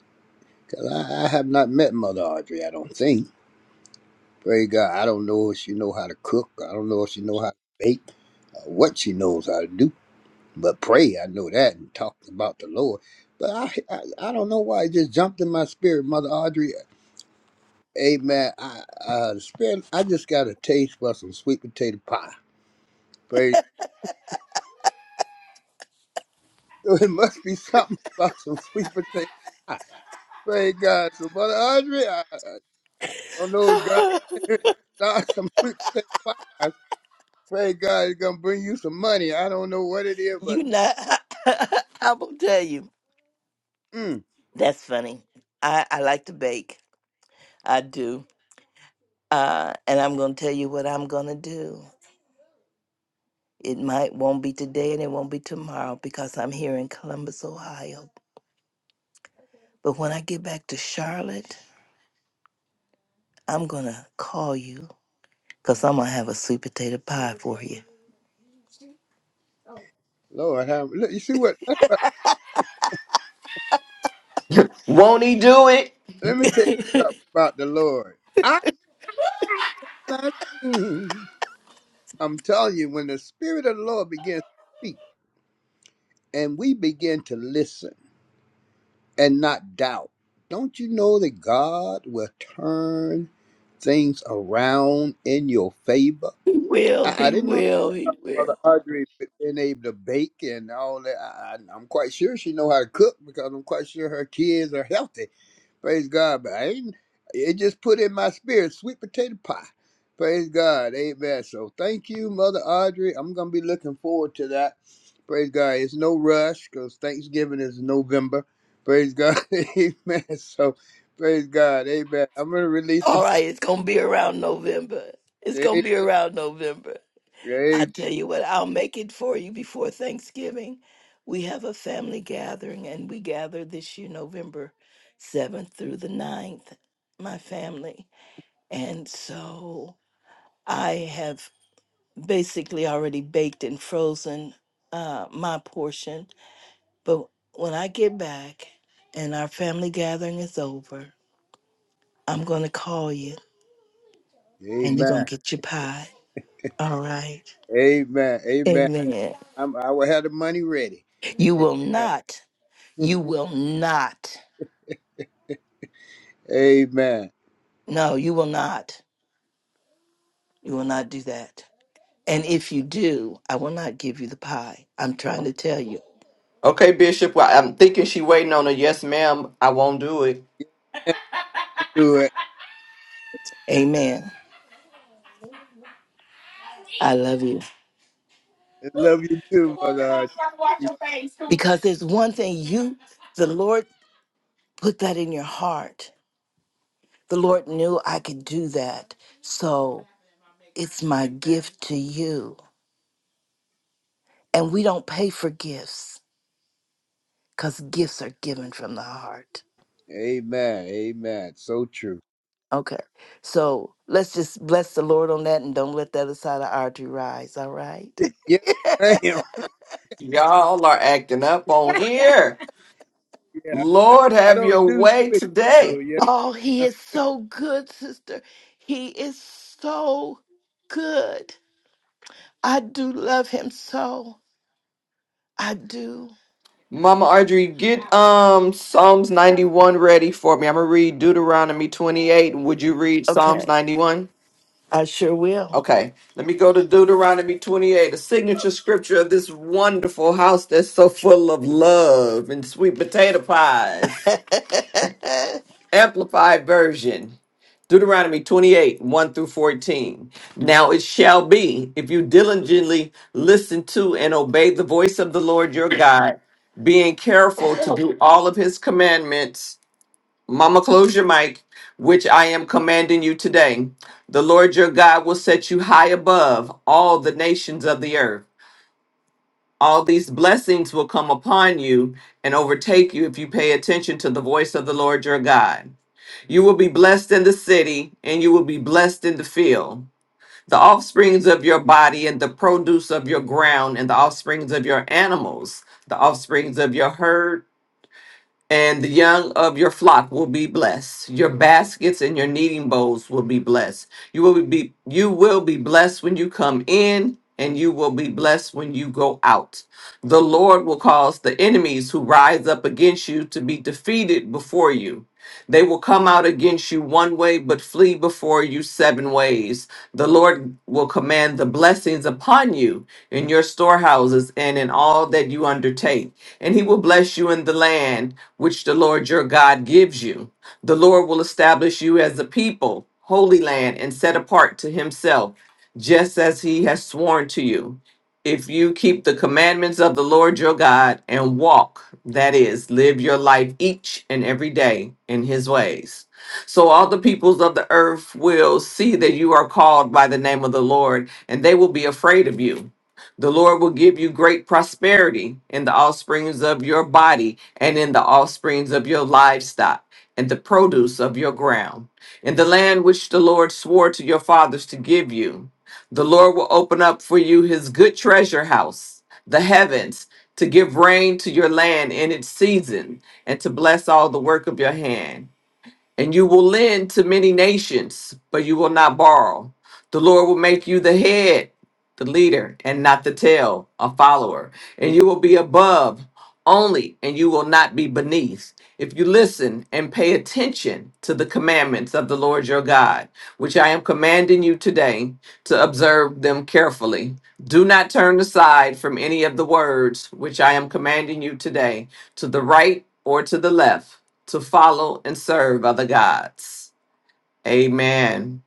Speaker 6: I, I have not met Mother Audrey, I don't think. Pray God, I don't know if she know how to cook. I don't know if she know how to bake, uh, what she knows how to do. But pray, I know that, and talk about the Lord. But I, I, I don't know why it just jumped in my spirit, Mother Audrey. Amen. I, uh, the spirit, I just got a taste for some sweet potato pie. Praise So it must be something about some sweet potato pie. Praise God. So Brother Audrey, I, I, I don't know if God
Speaker 10: mm.
Speaker 6: start some sweet potato pies. Praise God, it's gonna bring you some money. I don't know what it is, but
Speaker 10: you not. I will tell you.
Speaker 6: mm,
Speaker 10: That's funny. I, I like to bake. I do. Uh, and I'm going to tell you what I'm going to do. It might won't be today and it won't be tomorrow because I'm here in Columbus, Ohio. But when I get back to Charlotte, I'm going to call you because I'm going to have a sweet potato pie for you.
Speaker 6: Lord, have, look, you see what?
Speaker 4: Won't he do it?
Speaker 6: Let me tell you something about the Lord. I'm not. seen. I'm telling you, when the Spirit of the Lord begins to speak, and we begin to listen. and not doubt. Don't you know that God will turn things around in your favor?
Speaker 10: He will.
Speaker 6: I, I
Speaker 10: He
Speaker 6: didn't know.
Speaker 10: will. He
Speaker 6: Mother
Speaker 10: will.
Speaker 6: Audrey been able to bake and all that. I, I, I'm quite sure she know how to cook because I'm quite sure her kids are healthy. Praise God. But I ain't, it just put in my spirit sweet potato pie. Praise God. Amen. So thank you, Mother Audrey. I'm going to be looking forward to that. Praise God. It's no rush because Thanksgiving is November. Praise God. Amen. So praise God. Amen. I'm going to release
Speaker 10: All
Speaker 6: the.
Speaker 10: right. It's gonna be around November. It's gonna be around November. I
Speaker 6: Amen.
Speaker 10: tell you what. I'll make it for you before Thanksgiving. We have a family gathering, and we gather this year November seventh through the ninth. My family, and so I have basically already baked and frozen uh, my portion. But when I get back and our family gathering is over, I'm gonna call you and you're gonna
Speaker 6: Amen.
Speaker 10: get your pie. All right.
Speaker 6: Amen. Amen.
Speaker 10: Amen.
Speaker 6: I'm, I will have the money ready.
Speaker 10: You will
Speaker 6: Amen.
Speaker 10: not, you will not,
Speaker 6: Amen.
Speaker 10: no, you will not, you will not do that. And if you do, I will not give you the pie. I'm trying to tell you.
Speaker 4: Okay, Bishop. Well, I'm thinking she waiting on a yes, ma'am. I won't do it.
Speaker 6: Yes, ma'am, Do it.
Speaker 10: Amen. I love you.
Speaker 6: I love you too, my Lord.
Speaker 10: Because there's one thing you, the Lord put that in your heart. The Lord knew I could do that. So it's my gift to you. And we don't pay for gifts because gifts are given from the heart.
Speaker 6: Amen. Amen. So true.
Speaker 10: Okay. So let's just bless the Lord on that and don't let the other side of our artery rise. All right.
Speaker 6: Yes, ma'am.
Speaker 4: Y'all are acting up on here.
Speaker 6: Yeah. I
Speaker 4: Lord,
Speaker 6: I
Speaker 4: have
Speaker 6: don't
Speaker 4: your
Speaker 6: do
Speaker 4: way
Speaker 6: switches, so
Speaker 4: today.
Speaker 6: yes.
Speaker 10: Oh, he is so good, sister. He is so good. I do love him so. I do.
Speaker 4: Mama Audrey, get um Psalms 91 ready for me. I'm gonna read Deuteronomy 28. Would you read Psalms
Speaker 10: Okay.
Speaker 4: 91?
Speaker 10: I sure will.
Speaker 4: Okay, let me go to Deuteronomy 28, the signature scripture of this wonderful house that's so full of love and sweet potato pies.
Speaker 10: amen.
Speaker 4: Amplified version. Deuteronomy 28, 1 through 14. Now it shall be, if you diligently listen to and obey the voice of the Lord your God, being careful to do all of his commandments. Mama, close your mic, which I am commanding you today. The Lord your God will set you high above all the nations of the earth. All these blessings will come upon you and overtake you if you pay attention to the voice of the Lord your God. You will be blessed in the city, and you will be blessed in the field. The offsprings of your body, and the produce of your ground, and the offsprings of your animals, the offsprings of your herd, and the young of your flock will be blessed. Your baskets and your kneading bowls will be blessed. You will be you will be blessed when you come in, and you will be blessed when you go out. The Lord will cause the enemies who rise up against you to be defeated before you. They will come out against you one way, but flee before you seven ways. The Lord will command the blessings upon you in your storehouses and in all that you undertake. And he will bless you in the land which the Lord your God gives you. The Lord will establish you as a people, holy land, and set apart to himself, just as he has sworn to you if you keep the commandments of the Lord your God and walk, that is, live your life each and every day in his ways. So all the peoples of the earth will see that you are called by the name of the Lord, and they will be afraid of you. The Lord will give you great prosperity in the offsprings of your body and in the offsprings of your livestock and the produce of your ground, in the land which the Lord swore to your fathers to give you. The Lord will open up for you his good treasure house, the heavens, to give rain to your land in its season, and to bless all the work of your hand. And you will lend to many nations, but you will not borrow. The Lord will make you the head the leader and not the tail, a follower. And you will be above only, and you will not be beneath. If you listen and pay attention to the commandments of the Lord your God, which I am commanding you today to observe them carefully. Do not turn aside from any of the words which I am commanding you today to the right or to the left to follow and serve other gods. Amen.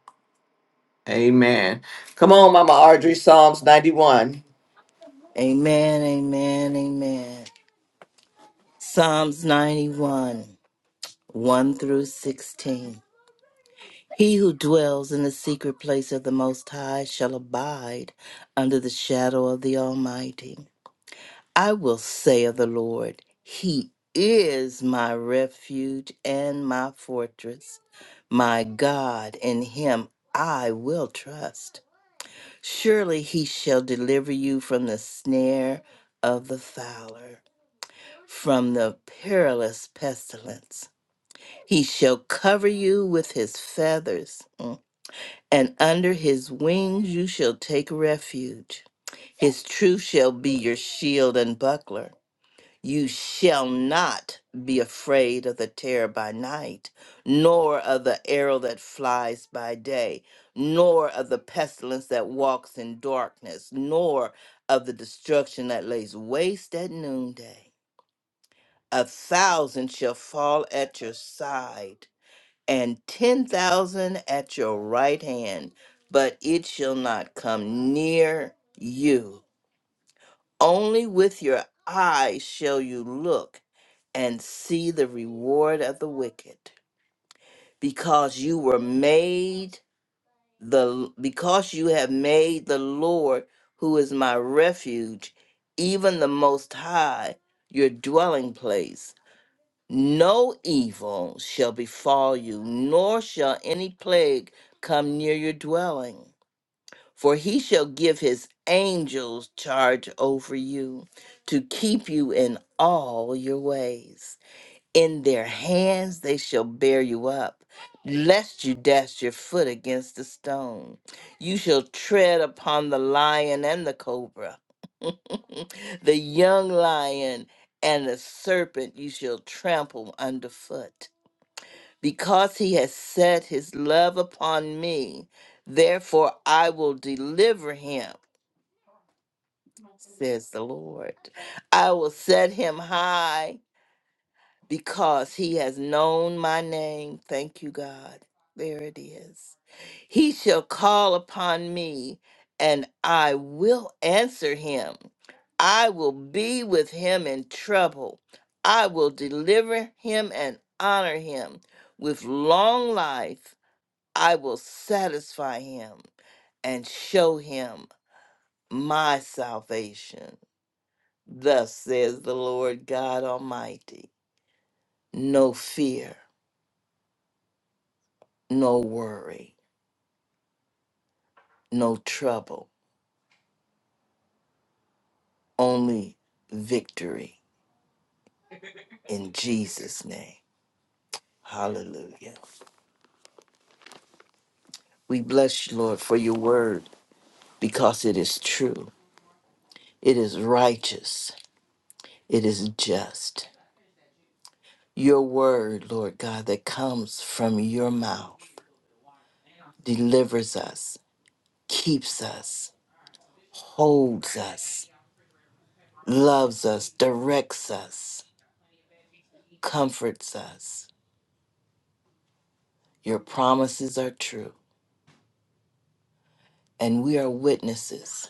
Speaker 4: Amen. Come on, Mama Audrey, Psalms 91.
Speaker 10: Amen. Amen. Psalms 91, 1 through 16. He who dwells in the secret place of the Most High shall abide under the shadow of the Almighty. I will say of the Lord, He is my refuge and my fortress, my God, in Him I will trust. Surely He shall deliver you from the snare of the fowler, from the perilous pestilence. He shall cover you with His feathers. Mm and under his wings you shall take refuge. His truth shall be your shield and buckler. You shall not be afraid of the terror by night, nor of the arrow that flies by day, nor of the pestilence that walks in darkness, nor of the destruction that lays waste at noonday. A thousand shall fall at your side and ten thousand at your right hand, but it shall not come near you. Only with your eyes shall you look and see the reward of the wicked, because you were made the because you have made the Lord, who is my refuge, even the Most High, your dwelling place. No evil shall befall you, nor shall any plague come near your dwelling. For he shall give his angels charge over you to keep you in all your ways. In their hands they shall bear you up, lest you dash your foot against a stone. You shall tread upon the lion and the cobra, the young lion and the serpent you shall trample underfoot. Because he has set his love upon me, therefore I will deliver him, says the Lord. I will set him high because he has known my name. Thank you, God. There it is. He shall call upon me, and I will answer him. I will be with him in trouble. I will deliver him and honor him. With long life, I will satisfy him and show him my salvation. Thus says the Lord God Almighty. No fear no worry, no trouble, only victory in Jesus' name. Hallelujah. We bless you, Lord, for your word because it is true, it is righteous, it is just. Your word, Lord God, that comes from your mouth delivers us, keeps us, holds us, loves us, directs us, comforts us. Your promises are true, and we are witnesses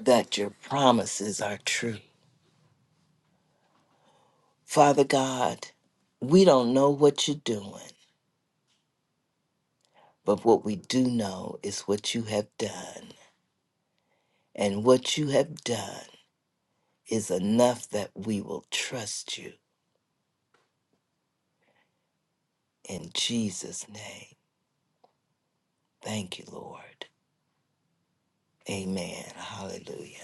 Speaker 10: that your promises are true. Father God, we don't know what you're doing, but what we do know is what you have done. And what you have done is enough that we will trust you. In Jesus' name. Thank you, Lord. Amen. Hallelujah.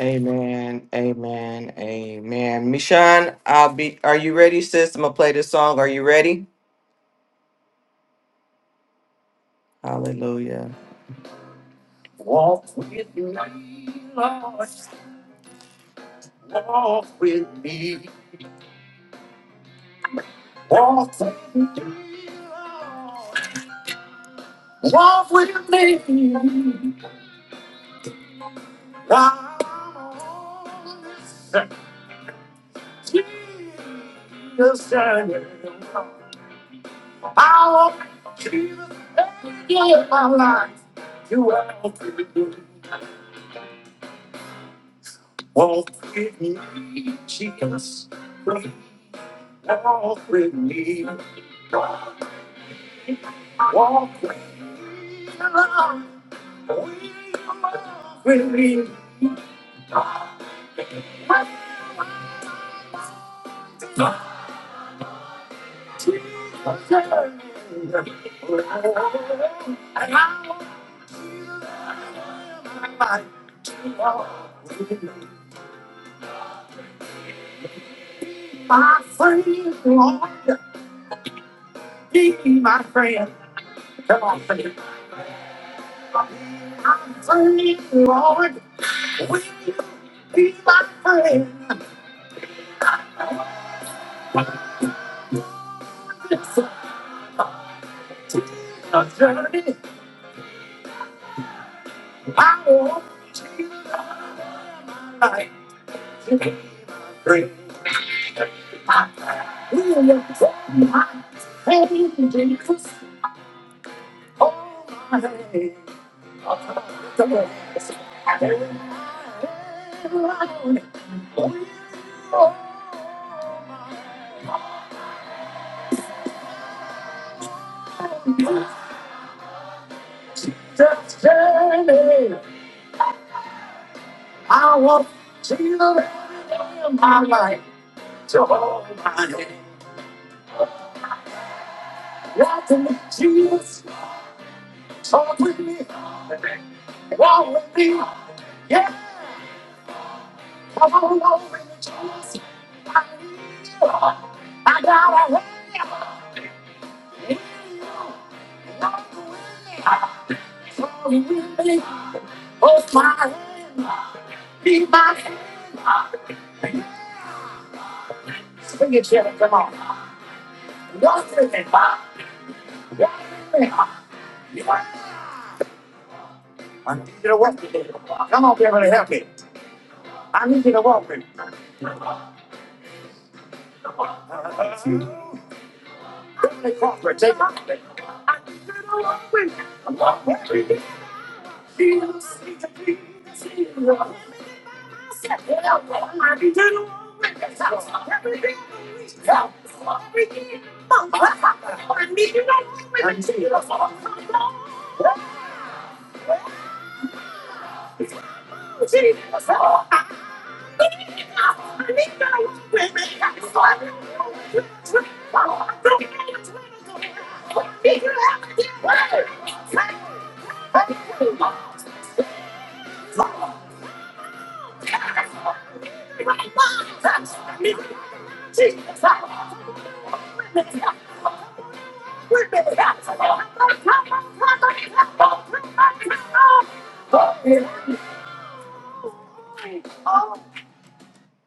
Speaker 4: Amen. Amen. Amen. Mishan, I'll be are you ready, sis? I'm gonna play this song. Are you ready? Hallelujah.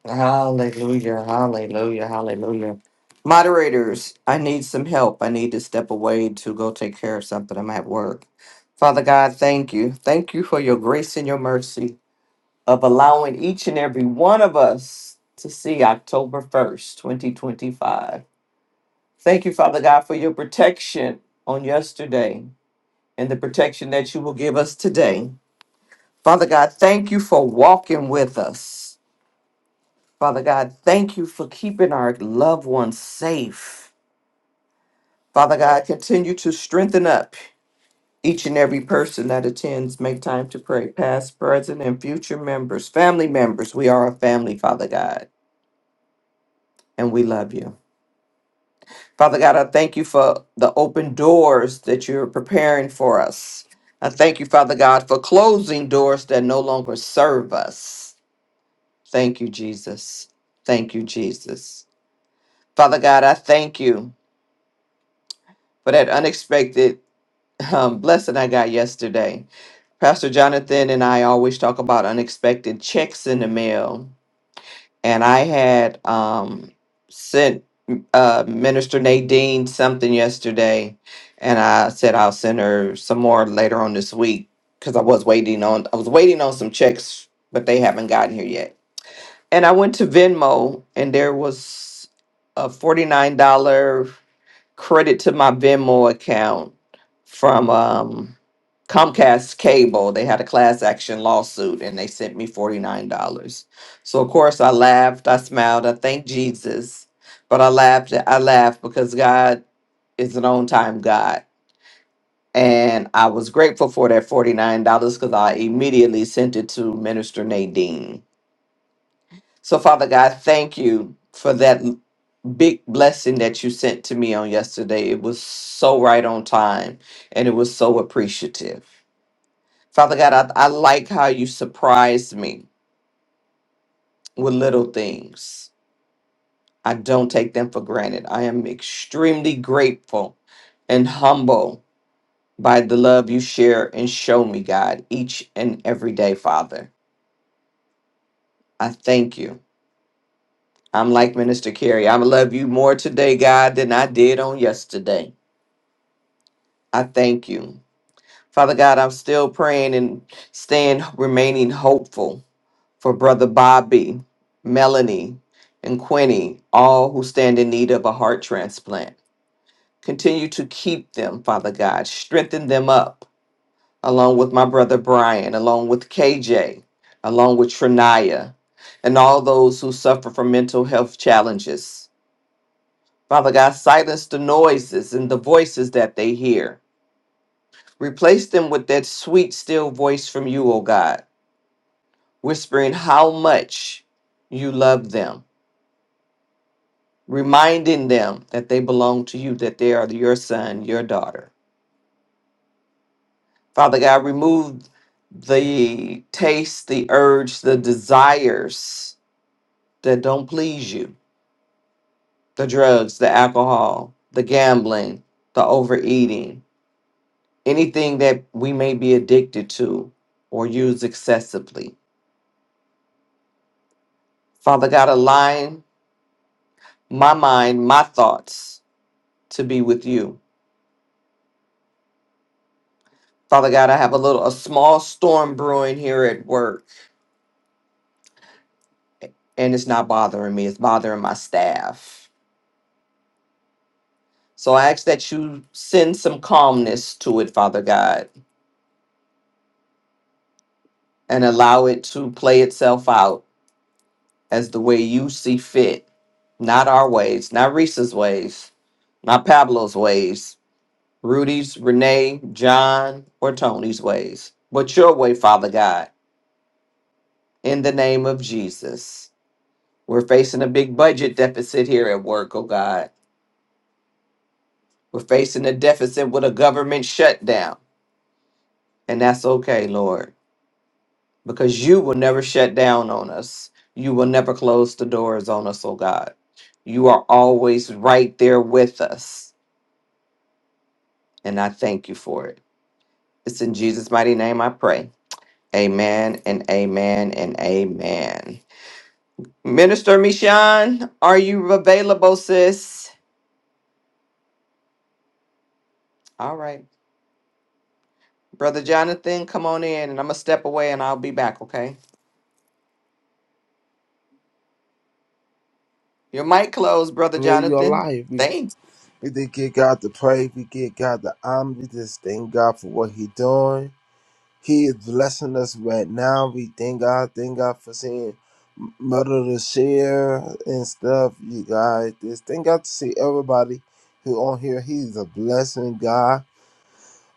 Speaker 4: Hallelujah. Hallelujah. Hallelujah. Moderators, I need some help. I need to step away to go take care of something. I'm at work. Father God, thank you. Thank you for your grace and your mercy of allowing each and every one of us to see October 1st, 2025. Thank you, Father God, for your protection on yesterday. and the protection that you will give us today. Father God, thank you for walking with us. Father God, thank you for keeping our loved ones safe. Father God, continue to strengthen up each and every person that attends. Make time to pray, past, present, and future members, family members. We are a family, Father God, and we love you. Father God, I thank you for the open doors that you're preparing for us. I thank you, Father God, for closing doors that no longer serve us. Thank you, Jesus. Thank you, Jesus. Father God, I thank you for that unexpected um, blessing I got yesterday. Pastor Jonathan and I always talk about unexpected checks in the mail. And I had um, sent uh, Minister Nadine something yesterday. And I said I'll send her some more later on this week because I was waiting on I was waiting on some checks, but they haven't gotten here yet. And I went to Venmo and there was a $49 credit to my Venmo account from um, Comcast Cable. They had a class action lawsuit and they sent me $49. So of course I laughed, I smiled, I thanked Jesus, but I laughed, I laughed because God is an on time God. And I was grateful for that $49 because I immediately sent it to Minister Nadine so, Father God, thank you for that big blessing that you sent to me on yesterday. It was so right on time and it was so appreciative. Father God, I, I like how you surprised me with little things. I don't take them for granted. I am extremely grateful and humble by the love you share and show me, God, each and every day, Father. I thank you. I'm like Minister Carey. I love you more today, God, than I did on yesterday. I thank you. Father God, I'm still praying and staying, remaining hopeful for Brother Bobby, Melanie, and Quinny, all who stand in need of a heart transplant. Continue to keep them, Father God. Strengthen them up, along with my brother Brian, along with KJ, along with Trinaya, and all those who suffer from mental health challenges. Father God, silence the noises and the voices that they hear Replace them with that sweet, still voice from you, O God, whispering how much you love them, reminding them that they belong to you, that they are your son, your daughter. Father God, remove the taste, the urge, the desires that don't please you the drugs, the alcohol, the gambling, the overeating, anything that we may be addicted to or use excessively. Father God, align my mind, my thoughts to be with you. Father God, I have a little, a small storm brewing here at work, and it's not bothering me. It's bothering my staff. So I ask that you send some calmness to it, Father God, and allow it to play itself out as the way you see fit. Not our ways, not Reese's ways, not Pablo's ways, Rudy's, Renee, John, or Tony's ways, but your way, Father God, in the name of Jesus. We're facing a big budget deficit here at work, oh God. We're facing a deficit with a government shutdown. And that's okay, Lord, because you will never shut down on us. You will never close the doors on us, oh God. You are always right there with us. And I thank you for it. It's in Jesus' mighty name I pray. Amen and amen and amen. Minister Michon, are you available, sis? All right. Brother Jonathan, come on in and I'm going to step away and I'll be back, okay? Your mic closed, Brother
Speaker 11: with your
Speaker 4: Jonathan.
Speaker 11: life. We,
Speaker 4: Thank
Speaker 11: we did give God the praise. We give God the honor. We just thank God for what He doing. He is blessing us right now. We thank God. Thank God for seeing Mother to share and stuff. You guys, just thank God to see everybody who on here. He's a blessing, God.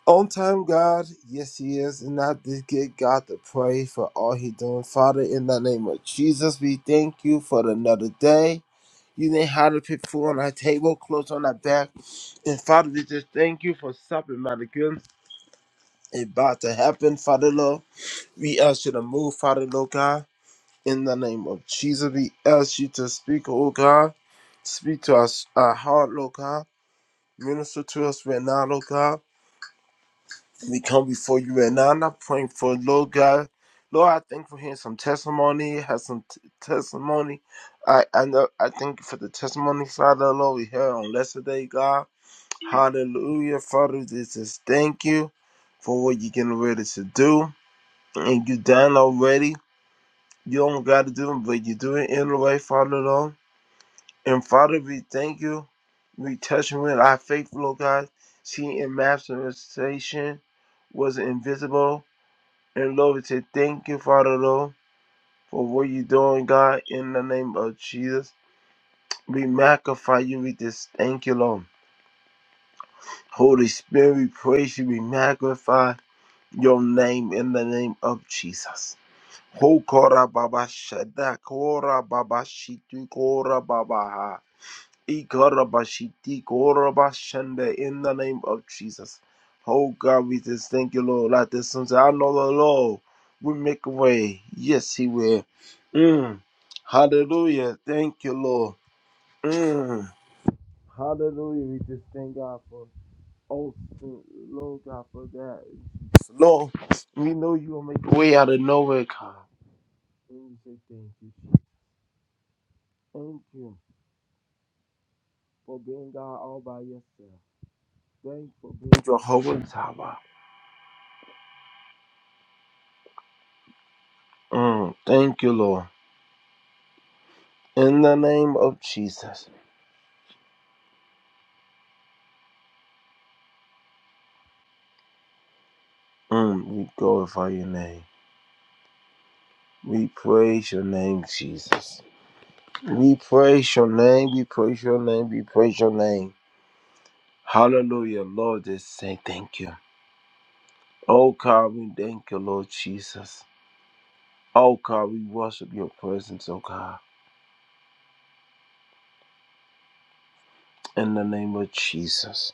Speaker 11: On time, God. Yes, He is. And I just give God the praise for all He doing. Father, in the name of Jesus, we thank you for another day. You didn't have to put food on our table, clothes on our back. And Father, we just thank you for stopping by the good about to happen, Father Lord. We ask you to move, Father Lord God. In the name of Jesus, we ask you to speak, oh God. Speak to us, our heart, Lord God. Minister to us right now, Lord God. We come before you right now, and I'm praying for Lord God. Lord, I thank you for hearing some testimony, has some t- testimony. I I know I thank you for the testimony, Father Lord. We heard on yesterday, God. Hallelujah. Father, we just thank you for what you're getting ready to do. And you done already. You don't got to do it, but you do it anyway, Father, Lord. And Father, we thank you. We touch you with our faith, Lord God. See, in manifestation was invisible. And Lord, we say thank you, Father, Lord, for what you're doing, God, in the name of Jesus. We magnify you. We just thank you, Lord. Holy Spirit, we praise you. We magnify. your name in the name of Jesus. Ho kora baba shada kora baba shitu kora baba ha. I kora ba kora ba in the name of Jesus. Oh God, we just thank you, Lord. Like this song said, I know the Lord will make a way. Yes, He will. Mm. Hallelujah. Thank you, Lord. Mm. Hallelujah. We just thank God for oh Lord God for that. Lord, we know you will make a way out of nowhere, God. We say thank you. Thank you for being God all by yourself. Thank you for being Jehovah Tower. Mm, thank you, Lord. In the name of Jesus, mm, we glorify your name. We praise your name, Jesus. We praise your name. We praise your name. We praise your name. Hallelujah, Lord. Just say thank you. Oh God, we thank you, Lord Jesus. Oh God, we worship your presence, oh God. in the name of Jesus.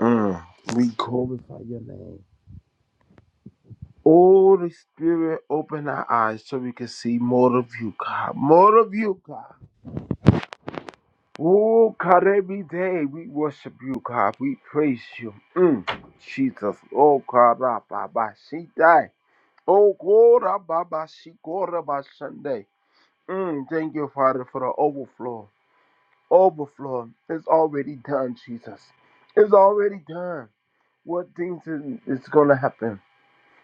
Speaker 11: Mm. We glorify your name. Holy Spirit, open our eyes so we can see more of you, God. More of you, God. Oh, God, every day we worship you, God. We praise you. Mm. Jesus. Oh, God, ah, Baba, she died. Oh, God, ah, Baba, she God, ah, Sunday. Mm. Thank you, Father, for the overflow. Overflow is already done, Jesus. It's already done. What things is, is going to happen?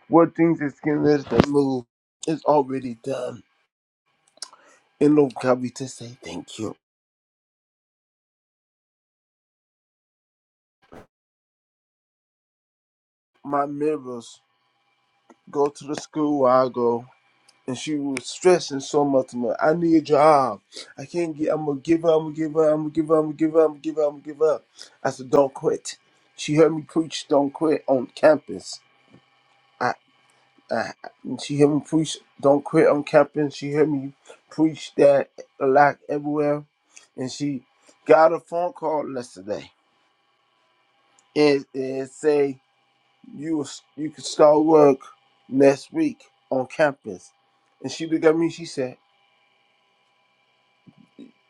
Speaker 11: What things is going to move? It's already done. And Lord God, we just say thank you. My mirrors go to the school where I go. And she was stressing so much. man. I need a job. I can't get. I'm gonna give up. I'm gonna give up. I'm gonna give up. I'm gonna give up. I'm gonna give up. I'm gonna give up. I said, "Don't quit." She heard me preach, "Don't quit" on campus. I. Uh, she hear me preach, don't quit on camping. She hear me preach that a lot everywhere. And she got a phone call yesterday and, and say, you was- you can start work next week on campus. And she looked at me, she said,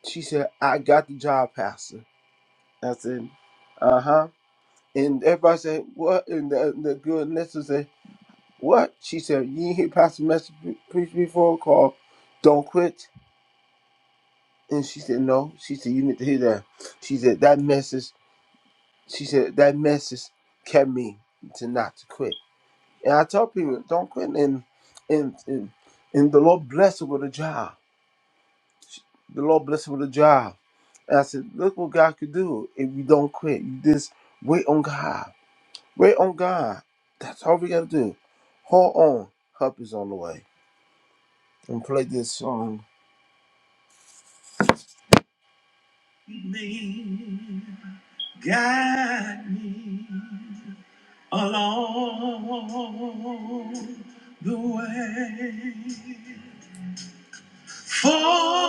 Speaker 11: she said, I got the job, Pastor. I said, uh-huh. And everybody said, what? And the, the good listener said, what? She said, you ain't hear Pastor message preach before called, don't quit. And she said, No. She said, You need to hear that. She said, That message, she said, that message kept me to not to quit. And I tell people, don't quit. And and and, and the Lord blessed her with a job. The Lord blessed her with a job. And I said, Look what God could do if you don't quit. You just wait on God. Wait on God. That's all we gotta do. Hold on. Help is on the way. And play this song. Me, guide me. along the way. For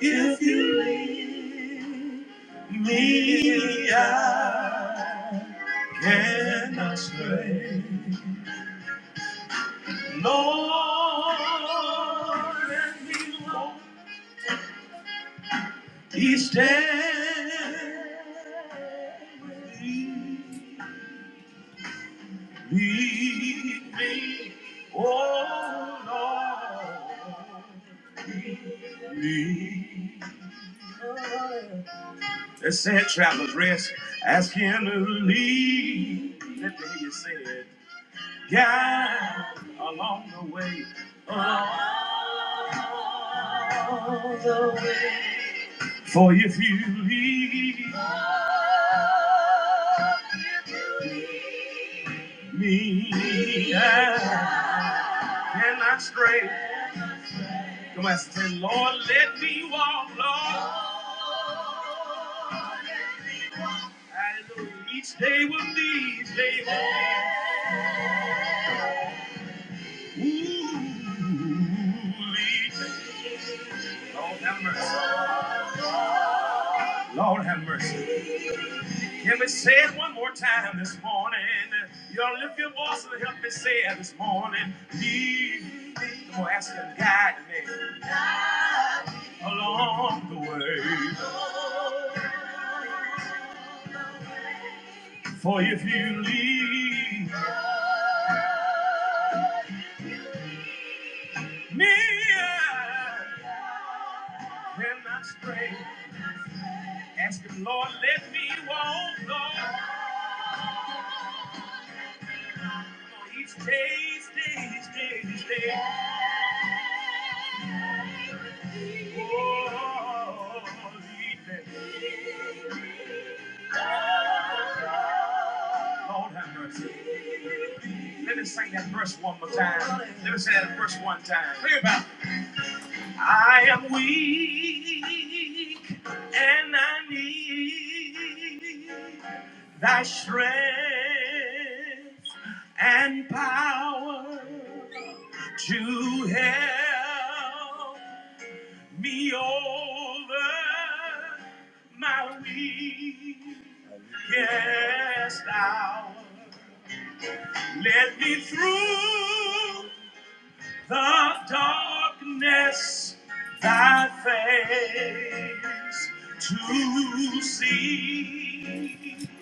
Speaker 11: if you leave me, I cannot stray. Lord, let me walk each day with thee. Lead me, oh Lord. They said travelers rest, ask him to lead. That day you said, guide along the way. Along the way. For if you leave oh, if you leave me, me, I cannot stray. Come on, say, Lord, let me walk, Lord. Hallelujah. Each day will be each day holy. Ooh, each day. Lord have mercy. Lord have mercy. Can we say it one more time this morning? Y'all lift your voice and help me say it this morning. Lead me. Come on, ask him, guide me along the way. For if you lead me, I cannot stray. Ask him, Lord, let me walk, Lord. Each day, each day, each day, each day. Oh, Lord have mercy. Let me sing that verse one more time. Let me sing that verse one time. Think about it. I am weak and I need thy strength and power to help me over my weakest hour. Let me through the darkness, thy face to see.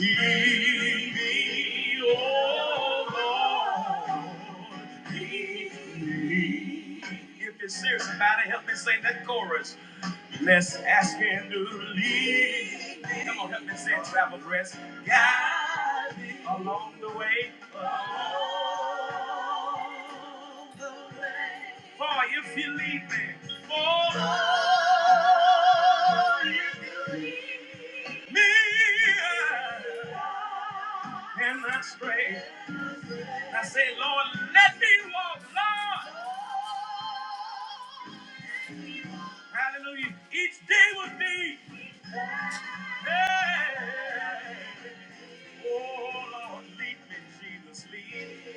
Speaker 11: Lead me, oh Lord, lead me. If you're serious about it, help me sing that chorus. Let's ask him to lead me. Come on, help me say travel dress. Guide me along the way. Oh, For if you lead me, for you lead me, and I stray. I said, Lord, let me walk, Lord. Hallelujah. Each day with thee. Hey. Oh, Lord, lead me, Jesus, lead.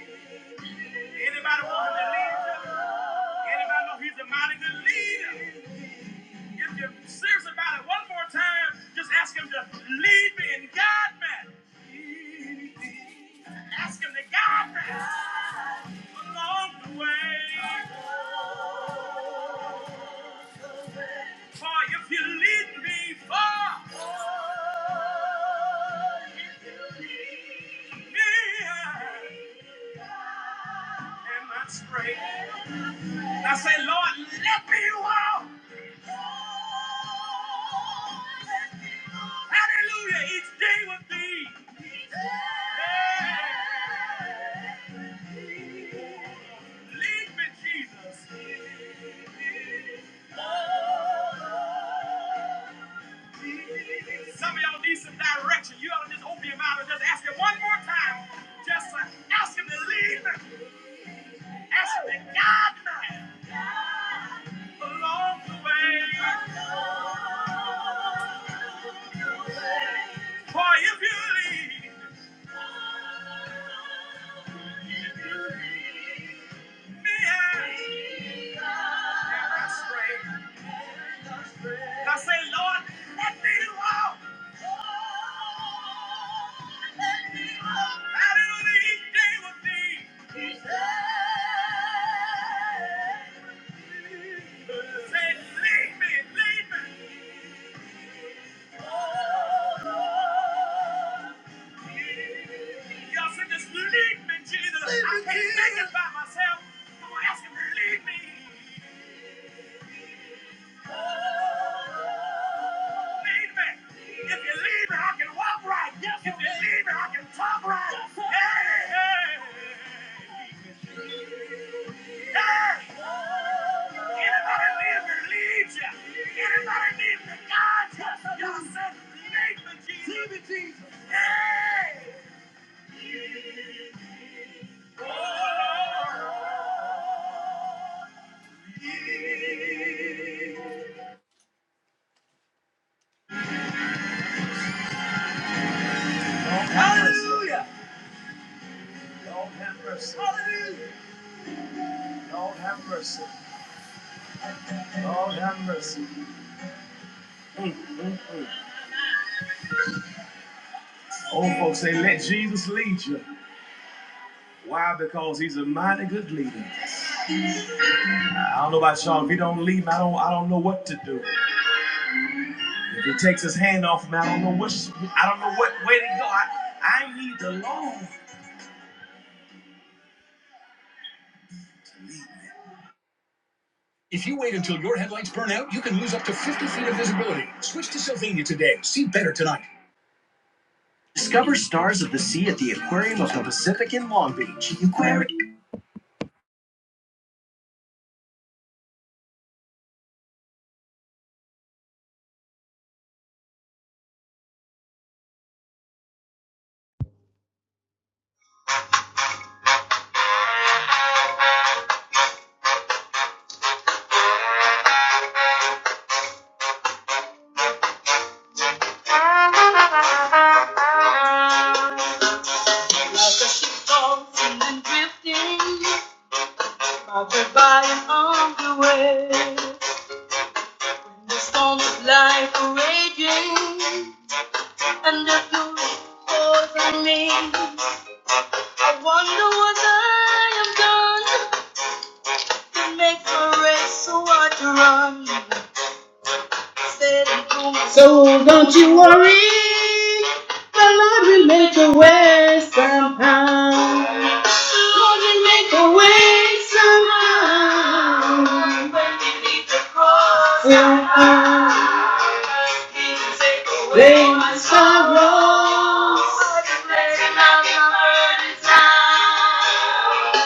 Speaker 11: Anybody want him to lead you? Anybody know he's a mighty good leader? If you're serious about it, one more time, just ask him to lead me and guide me. Ask him to guide me along the way. For if you lead me far from me, and my straight. And I say, Lord, let me walk. Hallelujah, each day with thee. Yeah. Lead me, Jesus. Some of y'all need some direction. You ought to just open your mouth and just ask him one more time. Just uh, ask him to lead me. Ask him to guide me. along the way. For if you lead me and I stray, I say, Lord, let me walk. Let me walk. Hallelujah, each day with thee. Each Say, lead me, lead me. Oh, Y'all say, just lead me, Jesus. I can't make it by myself. I'm asking him to lead me. Lead me. If you lead me, I can walk right. Yes, if you lead me, I can talk right. Yes, sir. hey, hey, hey. Anybody need me leads you? Anybody need me guides you? Y'all said, lead me, Jesus. Hey. Hallelujah. Hallelujah. Lord have mercy. Lord have mercy. Old folks say, let Jesus lead you. Why? Because he's a mighty good leader. I don't know about y'all. If he don't lead me, I don't, I don't know what to do. If he takes his hand off me, I don't know what, I don't know what way to go. I, I need the Lord. If you wait until your headlights burn out, you can lose up to 50 feet of visibility. Switch to Sylvania today. See better tonight. Reach. You query.
Speaker 12: Like a ship tossing and drifting, bounded by an armed wave. The storms of life are raging, and the fury pours me. I wonder what I have done to make my race so hard to run. So don't you worry, the Lord will make a way somehow. The Lord will make a way somehow. When you need the cross, Somehow. He will take away my sorrows. Letting out the burden down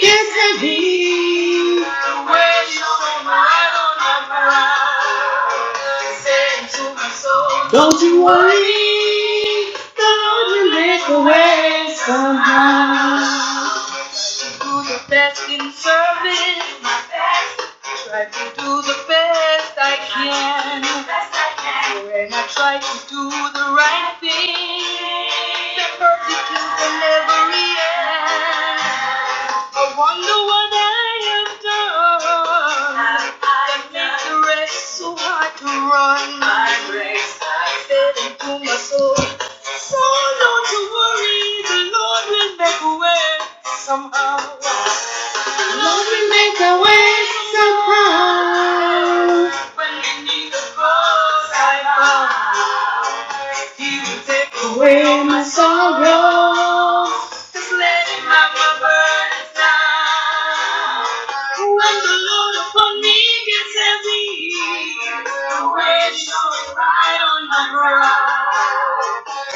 Speaker 12: Yes, indeed. The way you went right on my mind. Said to my soul, Don't you worry, the Lord will make a way somehow to do the best in service. my best, Try to do the best I can. best I can. When I try to do the right thing, the persecution will never end. I wonder what I have done Have I that makes the rest so hard to run. my race? I Said into my soul, so don't you worry, the Lord will make a way somehow. The Lord will make a way somehow. When we need the cross I found, He will take away my sorrow. Just letting my burdens down. When the load upon me gets heavy, the weight showing right on my brow.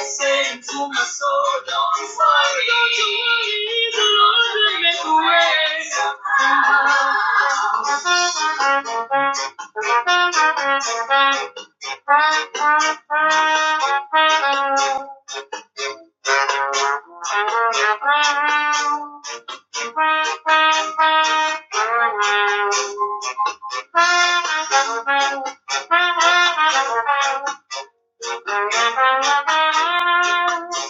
Speaker 12: Saying to my soul, don't worry, don't you worry, the Lord will make a way somehow. Thank you.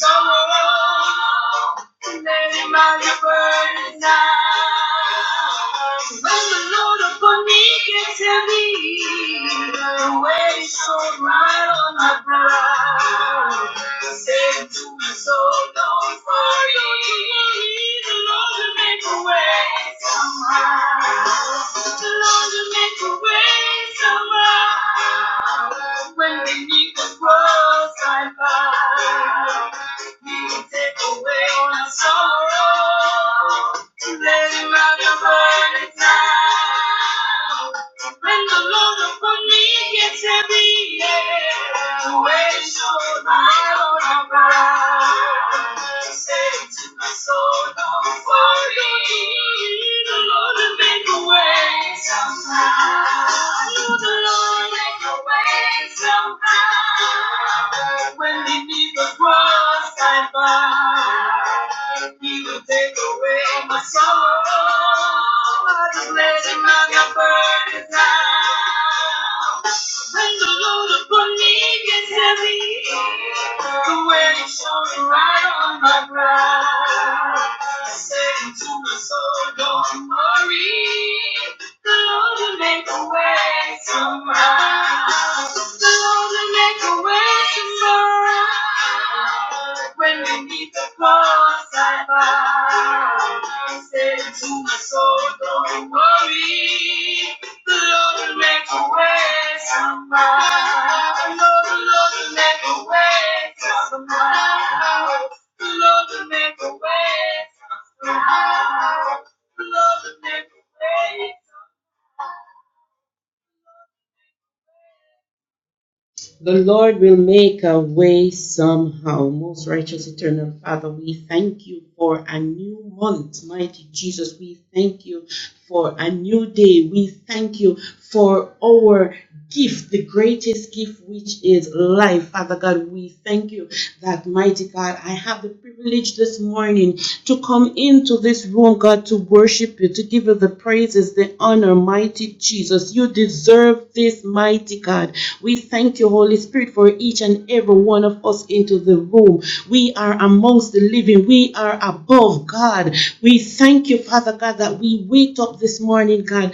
Speaker 12: Sorrow the name of the burning now. When the load upon me gets heavy, the weight is so light on my brow. Say to me, So don't worry, the Lord will make a way. Lord, you make a way somehow. When we need the cross I bow. You take away my sorrow. Let him have your burdens now. When the Lord upon me gets heavy, yeah, the weight so lie on my back. Say to my soul, don't worry, the Lord will make a way somehow. The Lord make a way somehow. When we need the cross, I find. He will take away my sorrow. Letting all burdens down. When the load upon me gets heavy, the way it shows right on my brow. I say to my soul, don't worry, the Lord will make a way somehow. The Lord will make a way somehow. When we need the cross I bow. He said to my soul, don't worry. The Lord will make a way somehow. The Lord, the Lord will make a way somehow. The Lord will make a way somehow. The Lord will make a way somehow. The Lord will make a way somehow. Most righteous, eternal Father, we thank you for a new month. Mighty Jesus, we thank you for a new day. We thank you for our gift, the greatest gift, which is life. Father God, we thank you that mighty God, I have the privilege this morning to come into this room, God, to worship you, to give you the praises, the honor, mighty Jesus. You deserve this, mighty God. We thank you, Holy Spirit, for each and every one of us into the room. We are among amongst the living. We are above God. We thank you, Father God, that we wake up this morning, God,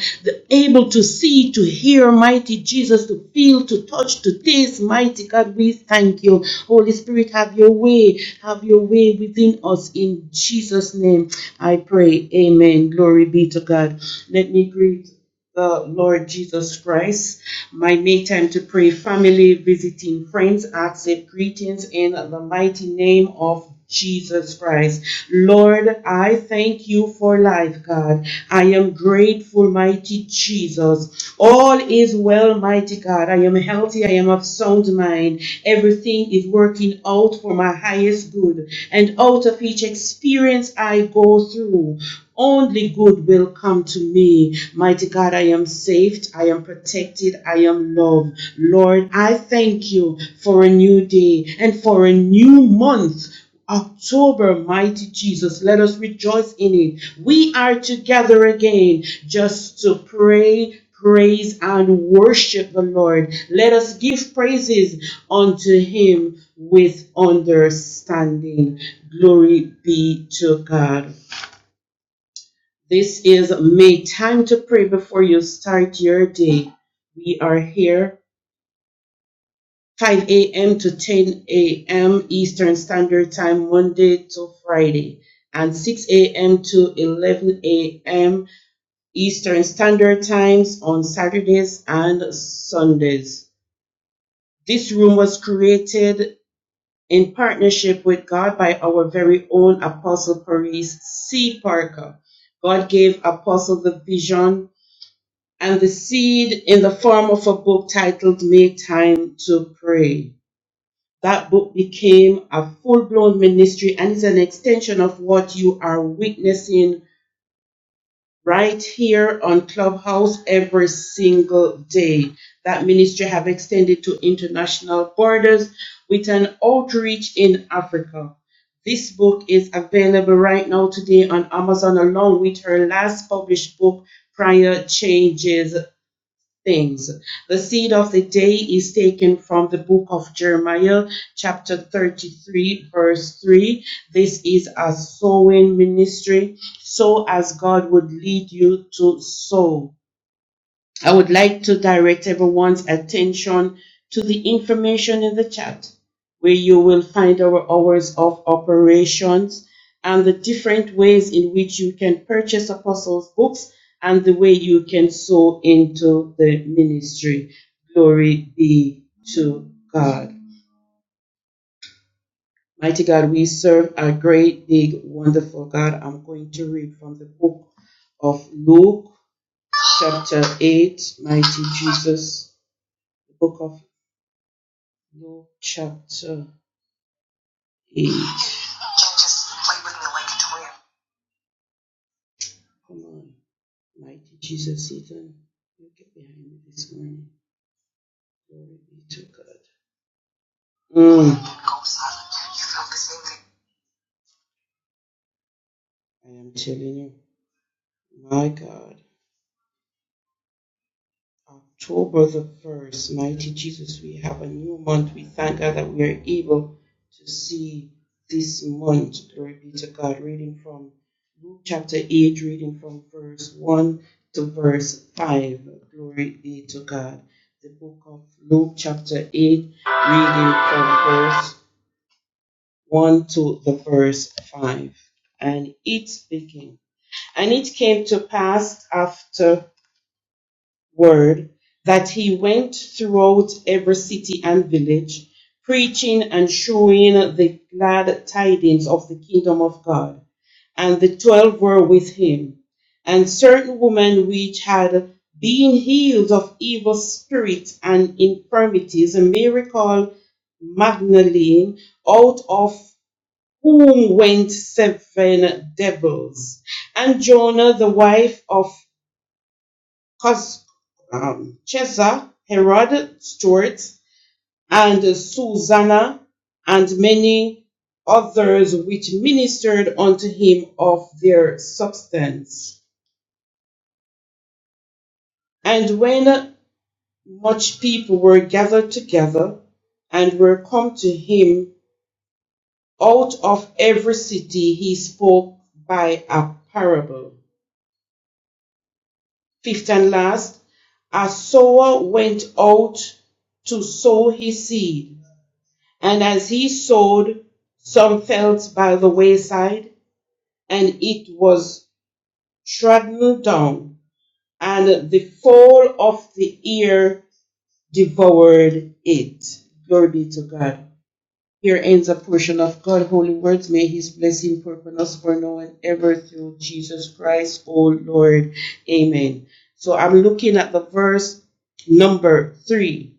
Speaker 12: able to see, to hear, mighty Jesus, to feel, to touch, to taste, mighty God. We thank you. Holy Spirit, have your way. Have your way within us. In Jesus' name, I pray. Amen. Glory be to God. Let me greet the Lord Jesus Christ. My make time to pray, family, visiting friends, accept greetings in the mighty name of Jesus Christ. Lord, I thank you for life, God. I am grateful, mighty Jesus. All is well, mighty God. I am healthy. I am of sound mind. Everything is working out for my highest good. And out of each experience I go through, only good will come to me. Mighty God, I am saved. I am protected. I am loved. Lord, I thank you for a new day and for a new month. October, mighty Jesus, let us rejoice in it. We are together again just to pray, praise, and worship the Lord. Let us give praises unto Him with understanding. Glory be to God. This is May time to pray before you start your day. We are here 5 a.m. to 10 a.m. Eastern Standard Time, Monday to Friday, and 6 a.m. to 11 a.m. Eastern Standard Times on Saturdays and Sundays. This room was created in partnership with God by our very own Apostle Paris C. Parker. God gave Apostle the vision and the seed in the form of a book titled Make Time to Pray. That book became a full blown ministry and is an extension of what you are witnessing right here on Clubhouse every single day. That ministry have extended to international borders with an outreach in Africa. This book is available right now today on Amazon along with her last published book, Prior Changes things. The seed of the day is taken from the book of Jeremiah, chapter 33, verse 3. This is a sowing ministry. Sow as God would lead you to sow. I would like to direct everyone's attention to the information in the chat where you will find our hours of operations and the different ways in which you can purchase apostles books and the way you can sow into the ministry. Glory be to God. Mighty God, we serve a great, big, wonderful God. I'm going to read from the book of Luke, chapter 8. Mighty Jesus, the book of Luke chapter 8. Come on, mighty Jesus, Ethan, you get behind me this morning. Glory be to God. Mm, I am telling you, my God. October the 1st, mighty Jesus, we have a new month. We thank God that we are able to see this month. Glory be to God. Reading from Luke chapter 8, reading from verse 1 to verse 5. Glory be to God. The book of Luke chapter 8, reading from verse 1 to the verse 5. And it speaking. And it came to pass after word that he went throughout every city and village, preaching and showing the glad tidings of the kingdom of God. And the twelve were with him. And certain women which had been healed of evil spirits and infirmities, a miracle Magdalene, out of whom went seven devils, and Jonah, the wife of Cos- um, Chesa, Herod Stuart, and Susanna, and many others which ministered unto him of their substance. And when much people were gathered together and were come to him out of every city, he spoke by a parable. Fifth and last, a sower went out to sow his seed. And as he sowed, some fell by the wayside, and it was trodden down, and the fall of the ear devoured it. Glory be to God. Here ends a portion of God's holy words. May his blessing purpose us for now and ever through Jesus Christ, O Lord. Amen. So I'm looking at the verse number three.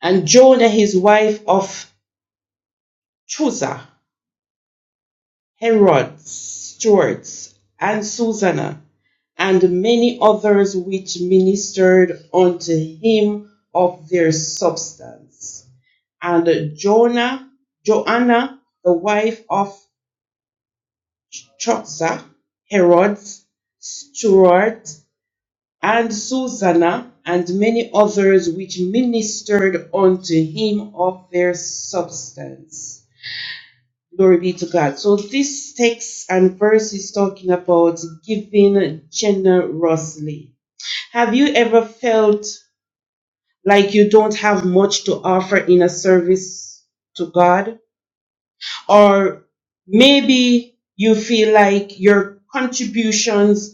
Speaker 12: And Jonah, his wife of Chusa Herod, Stuart, and Susanna, and many others which ministered unto him of their substance. And Jonah, Joanna, the wife of Choxa, Herod, Stuart, and Susanna, and many others which ministered unto him of their substance. Glory be to God. So this text and verse is talking about giving generously. Have you ever felt like you don't have much to offer in a service to God? Or maybe you feel like your contributions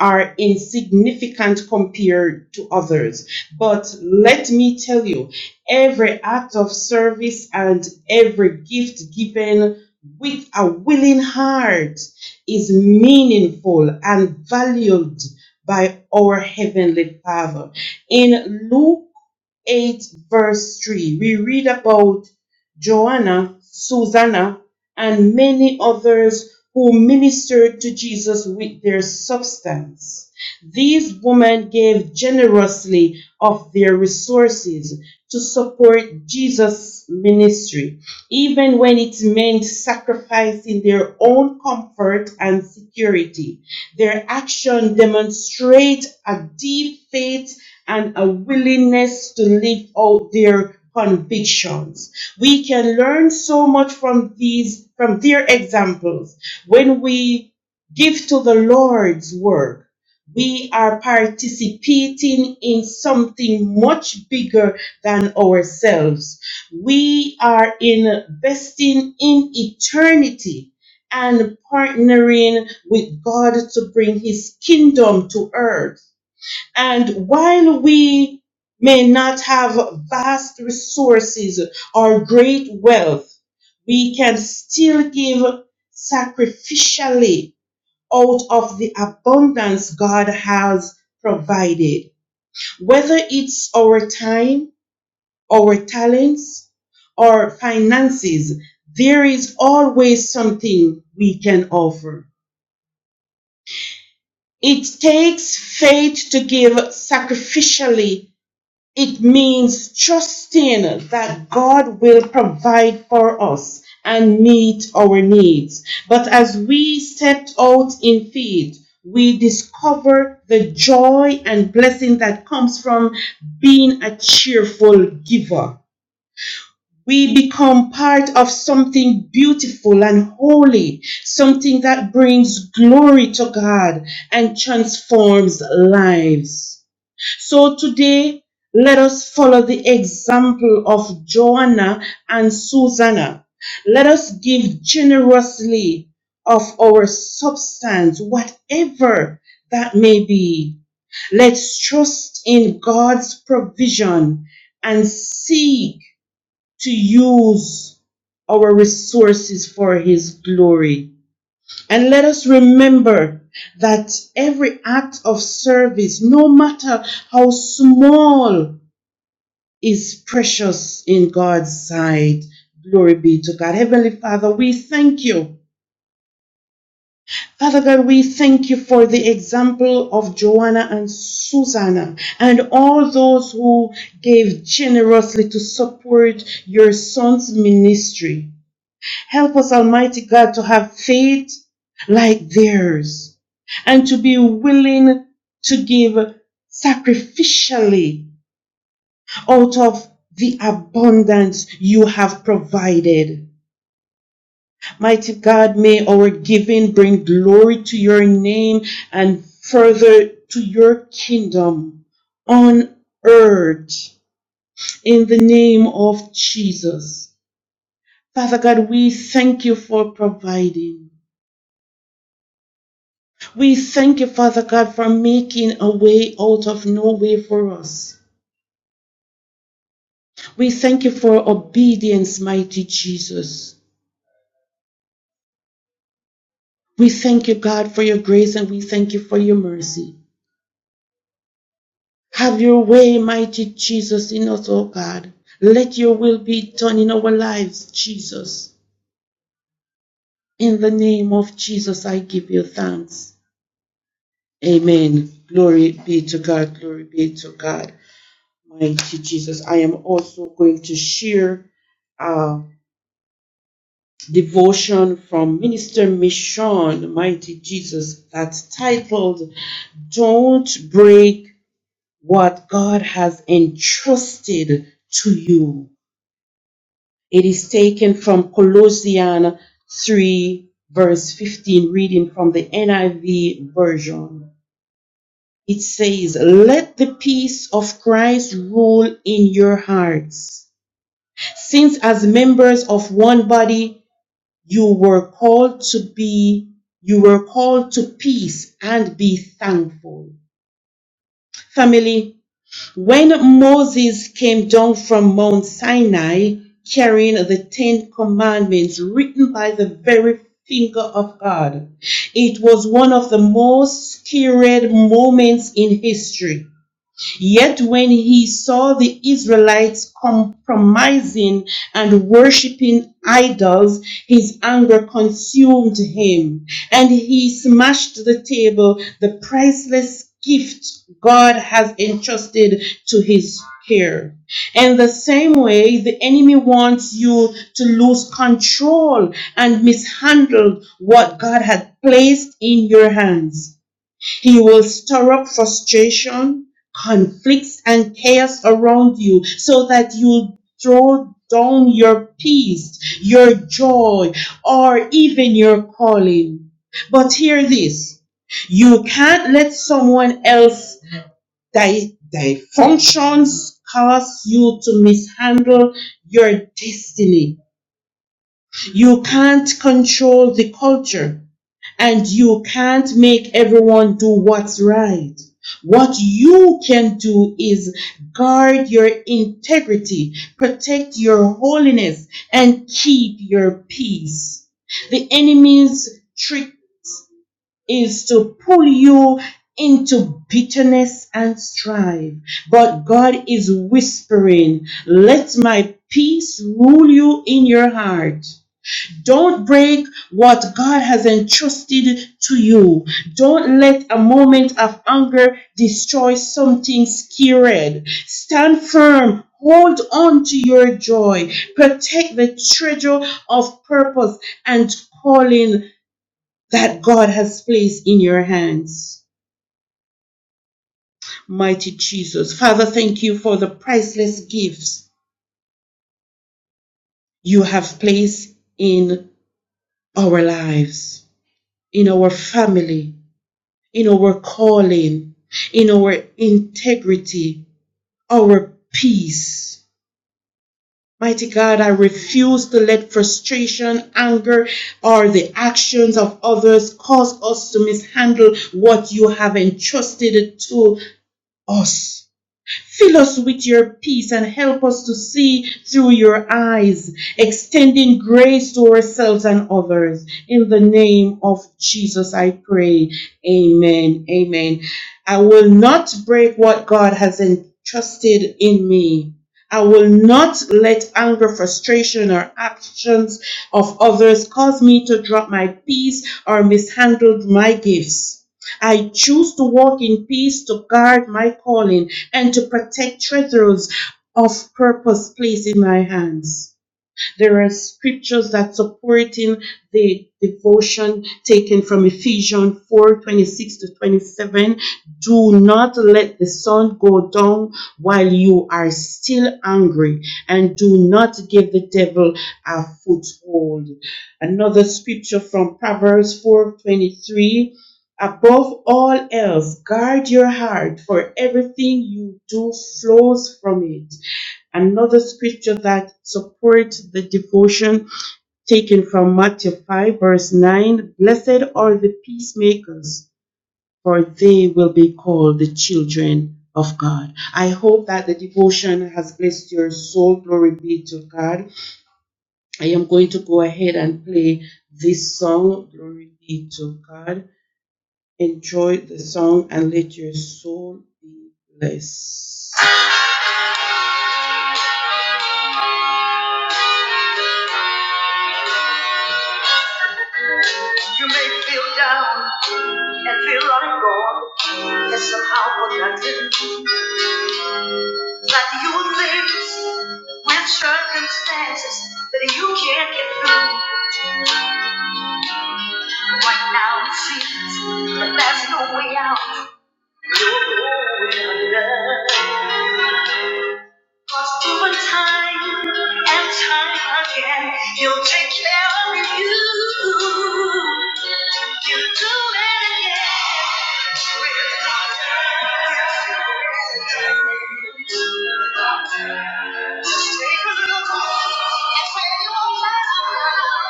Speaker 12: are insignificant compared to others. But let me tell you, every act of service and every gift given with a willing heart is meaningful and valued by our Heavenly Father. In Luke 8, verse 3, we read about Joanna, Susanna, and many others who ministered to Jesus with their substance. These women gave generously of their resources to support Jesus' ministry, even when it meant sacrificing their own comfort and security. Their action demonstrates a deep faith and a willingness to live out their convictions. We can learn so much from these, from their examples. When we give to the Lord's work, we are participating in something much bigger than ourselves. We are investing in eternity and partnering with God to bring his kingdom to earth. And while we may not have vast resources or great wealth, we can still give sacrificially out of the abundance God has provided. Whether it's our time, our talents, or finances, there is always something we can offer. It takes faith to give sacrificially It means trusting that God will provide for us and meet our needs. But as we stepped out in faith, we discover the joy and blessing that comes from being a cheerful giver. We become part of something beautiful and holy, something that brings glory to God and transforms lives. So today, let us follow the example of Joanna and Susanna. Let us give generously of our substance, whatever that may be. Let's trust in God's provision and seek to use our resources for His glory. And let us remember that every act of service, no matter how small, is precious in God's sight. Glory be to God. Heavenly Father, we thank you. Father God, we thank you for the example of Joanna and Susanna and all those who gave generously to support your son's ministry. Help us, Almighty God, to have faith like theirs and to be willing to give sacrificially out of the abundance you have provided. Mighty God, may our giving bring glory to your name and further to your kingdom on earth in the name of Jesus. Father God, we thank you for providing. We thank you, Father God, for making a way out of no way for us. We thank you for obedience, mighty Jesus. We thank you, God, for your grace and we thank you for your mercy. Have your way, mighty Jesus, in us, O God. Let your will be done in our lives, Jesus. In the name of Jesus, I give you thanks. Amen. Glory be to God. Glory be to God. Mighty Jesus. I am also going to share. uh, devotion from Minister Michonne, Mighty Jesus, that's titled Don't Break What God Has Entrusted to You. It is taken from Colossians 3, verse 15, reading from the NIV version. It says, Let the peace of Christ rule in your hearts since as members of one body You were called to be, you were called to peace and be thankful. Family, when Moses came down from Mount Sinai carrying the Ten Commandments written by the very finger of God, it was one of the most sacred moments in history Yet when he saw the Israelites compromising and worshiping idols, his anger consumed him, and he smashed the table, the priceless gift God has entrusted to his care. In the same way, the enemy wants you to lose control and mishandle what God had placed in your hands. He will stir up frustration, conflicts, and chaos around you so that you throw down your peace, your joy, or even your calling. But hear this you can't let someone else di- di- functions cause you to mishandle your destiny. You can't control the culture and you can't make everyone do what's right. What you can do is guard your integrity, protect your holiness, and keep your peace. The enemy's trick is to pull you into bitterness and strife, but God is whispering, Let my peace rule you in your heart. Don't break what God has entrusted to you. Don't let a moment of anger destroy something scared. Stand firm. Hold on to your joy. Protect the treasure of purpose and calling that God has placed in your hands. Mighty Jesus. Father, thank you for the priceless gifts you have placed in our lives, in our family in our calling, in our integrity, our peace. Mighty God, I refuse to let frustration, anger, or the actions of others cause us to mishandle what you have entrusted to us. Fill us with your peace and help us to see through your eyes, extending grace to ourselves and others. In the name of Jesus, I pray. Amen. Amen. I will not break what God has entrusted in me. I will not let anger, frustration, or actions of others cause me to drop my peace or mishandle my gifts. I choose to walk in peace to guard my calling and to protect treasures of purpose placed in my hands. There are scriptures that supporting the devotion taken from Ephesians 4 26 to 27. Do not let the sun go down while you are still angry and do not give the devil a foothold. Another scripture from Proverbs 4 23. Above all else, guard your heart, for everything you do flows from it. Another scripture that supports the devotion taken from Matthew 5, verse 9 Blessed are the peacemakers, for they will be called the children of God. I hope that the devotion has blessed your soul. Glory be to God. I am going to go ahead and play this song. Glory be to God. Enjoy the song and let your soul be blessed. You may feel down and feel like God. Yes, somehow forgotten that you live with circumstances that you can't get through. Right now it seems that there's no way out. You're going under. Cause over time and time again, he will take care of you. You will do it again. Just take a look. You may not know how,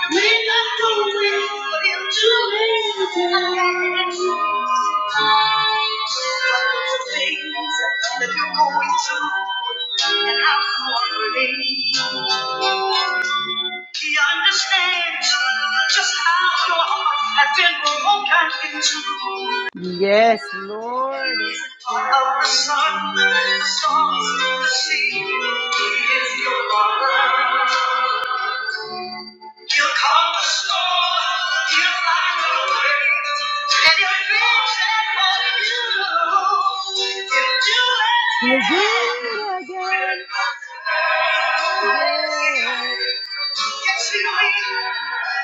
Speaker 12: you may not know when, but he'll do it again things that you're going through and how you want to remain. He understands just how your heart has been broken into.
Speaker 2: Yes,
Speaker 12: He
Speaker 2: Lord.
Speaker 12: is the part Of the sun, the stars, the sea, He is your father. You calm the storm. You light the wind. And you fix it for you. You do it
Speaker 2: He'll do
Speaker 12: again.
Speaker 2: it again. again.
Speaker 12: Yes, you will.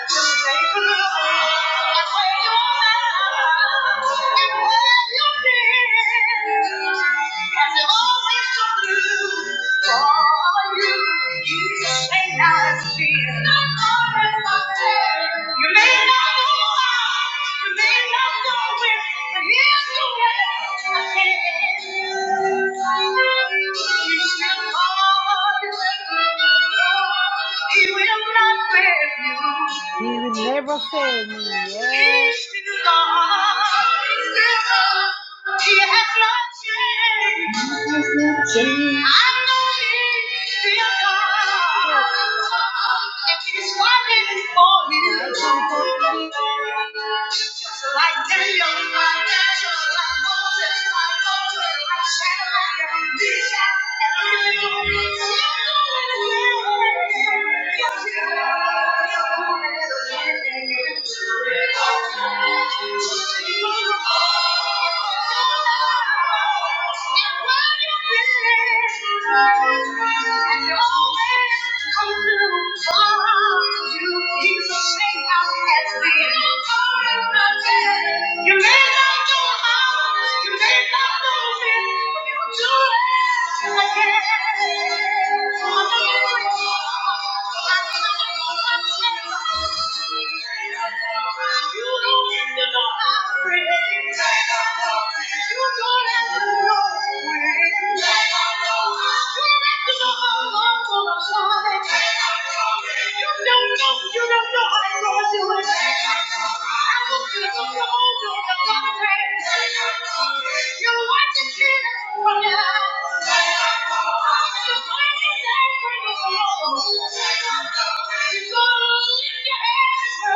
Speaker 12: Just stay the Lord. And when you're mad, and when you're near, has always come through for you. You may not see it. You may not know why. You may not know when. But here's the way I can. You still are. He will not fail you.
Speaker 2: He will never fail me. Yes,
Speaker 12: He's still God. He has not changed. Thank you.
Speaker 2: fighting for me.
Speaker 12: You may not know how, you may not know when, but you do it again. You don't have to know you Thank you.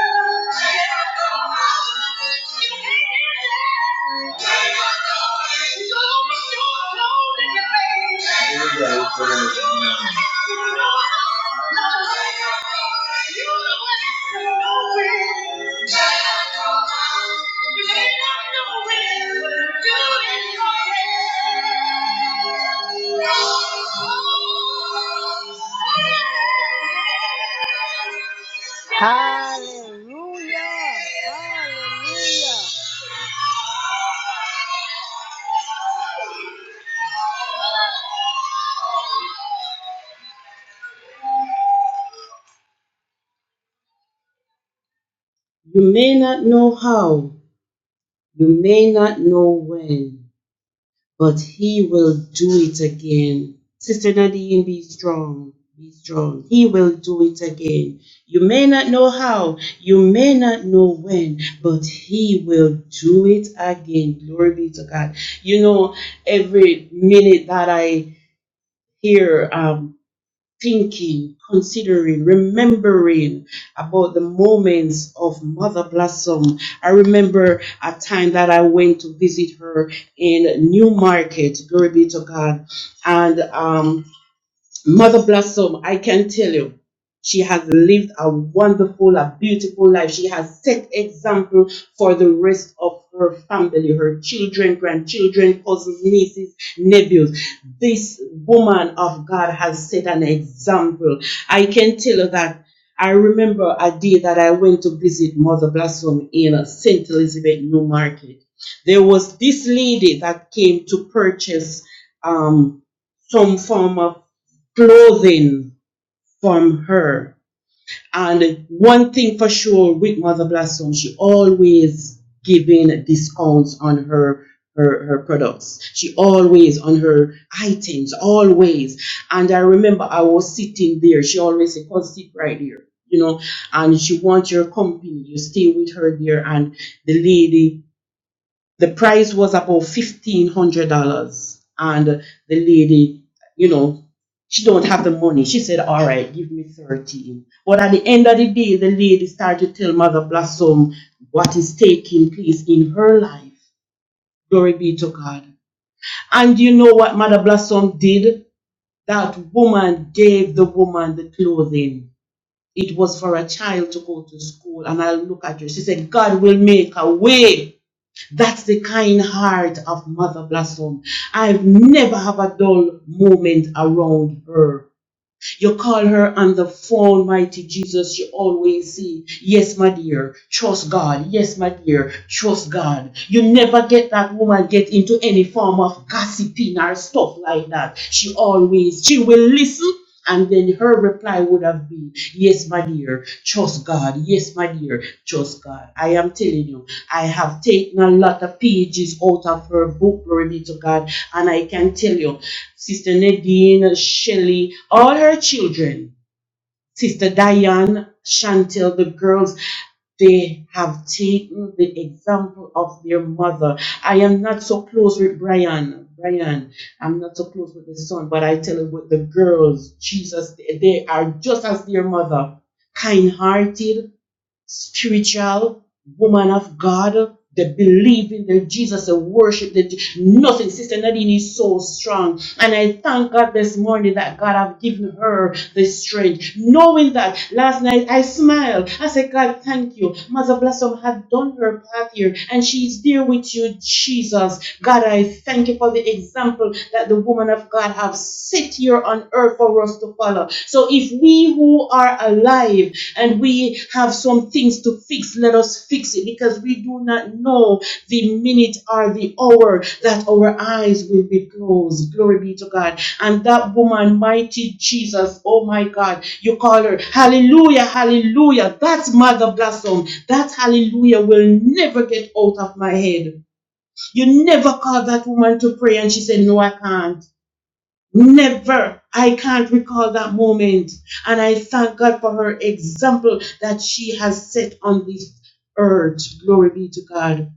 Speaker 12: Thank you.
Speaker 2: Hallelujah. Hallelujah.
Speaker 12: You may not know how, you may not know when, but he will do it again. Sister Nadine, be strong. Be strong. He will do it again. You may not know how, you may not know when, but he will do it again. Glory be to God. You know, every minute that I hear um, thinking, considering, remembering about the moments of Mother Blossom. I remember a time that I went to visit her in New Market, glory be to God. And um, Mother Blossom, I can tell you, she has lived a wonderful, a beautiful life. She has set example for the rest of her family, her children, grandchildren, cousins, nieces, nephews. This woman of God has set an example. I can tell you that. I remember a day that I went to visit Mother Blossom in St. Elizabeth New Market. There was this lady that came to purchase um, some form of clothing from her. And one thing for sure with Mother Blossom, she always giving discounts on her her, her products. She always on her items, always. And I remember I was sitting there. She always said, Come sit right there, you know, and she wants your company. You stay with her there. And the lady the price was about fifteen hundred dollars and the lady you know she don't have the money she said all right give me 13 but at the end of the day the lady started to tell mother blossom what is taking place in her life glory be to god and you know what mother blossom did that woman gave the woman the clothing it was for a child to go to school and i look at her she said god will make a way that's the kind heart of Mother Blossom. I've never have a dull moment around her. You call her on the phone, mighty Jesus. You always see, yes, my dear, trust God. Yes, my dear, trust God. You never get that woman get into any form of gossiping or stuff like that. She always, she will listen. And then her reply would have been, Yes, my dear, trust God. Yes, my dear, trust God. I am telling you, I have taken a lot of pages out of her book, glory be to God. And I can tell you, Sister Nadine, Shelley, all her children, Sister Diane, Chantel, the girls, they have taken the example of their mother. I am not so close with Brian. Brian, I'm not so close with the son, but I tell you what, the girls, Jesus, they they are just as their mother, kind hearted, spiritual woman of God. They believe in the Jesus, they worship the nothing. Sister Nadine is so strong. And I thank God this morning that God have given her the strength. Knowing that last night I smiled. I said, God, thank you. Mother Blossom had done her path here and she is there with you, Jesus. God, I thank you for the example that the woman of God have set here on earth for us to follow. So if we who are alive and we have some things to fix. Let us fix it because we do not know the minute or the hour that our eyes will be closed. Glory be to God. And that woman, mighty Jesus, oh my God, you call her. Hallelujah, hallelujah. That's Mother Blossom. That hallelujah will never get out of my head. You never called that woman to pray and she said, No, I can't. Never. I can't recall that moment. And I thank God for her example that she has set on this earth. Glory be to God.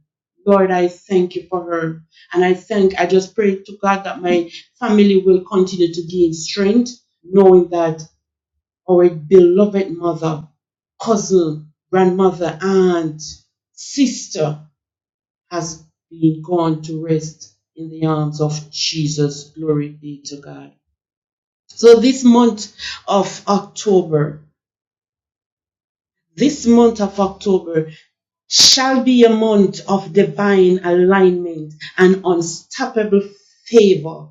Speaker 12: Lord, I thank you for her. And I thank, I just pray to God that my family will continue to gain strength, knowing that our beloved mother, cousin, grandmother, aunt, sister has been gone to rest in the arms of Jesus. Glory be to God. So this month of October, this month of October shall be a month of divine alignment and unstoppable favor.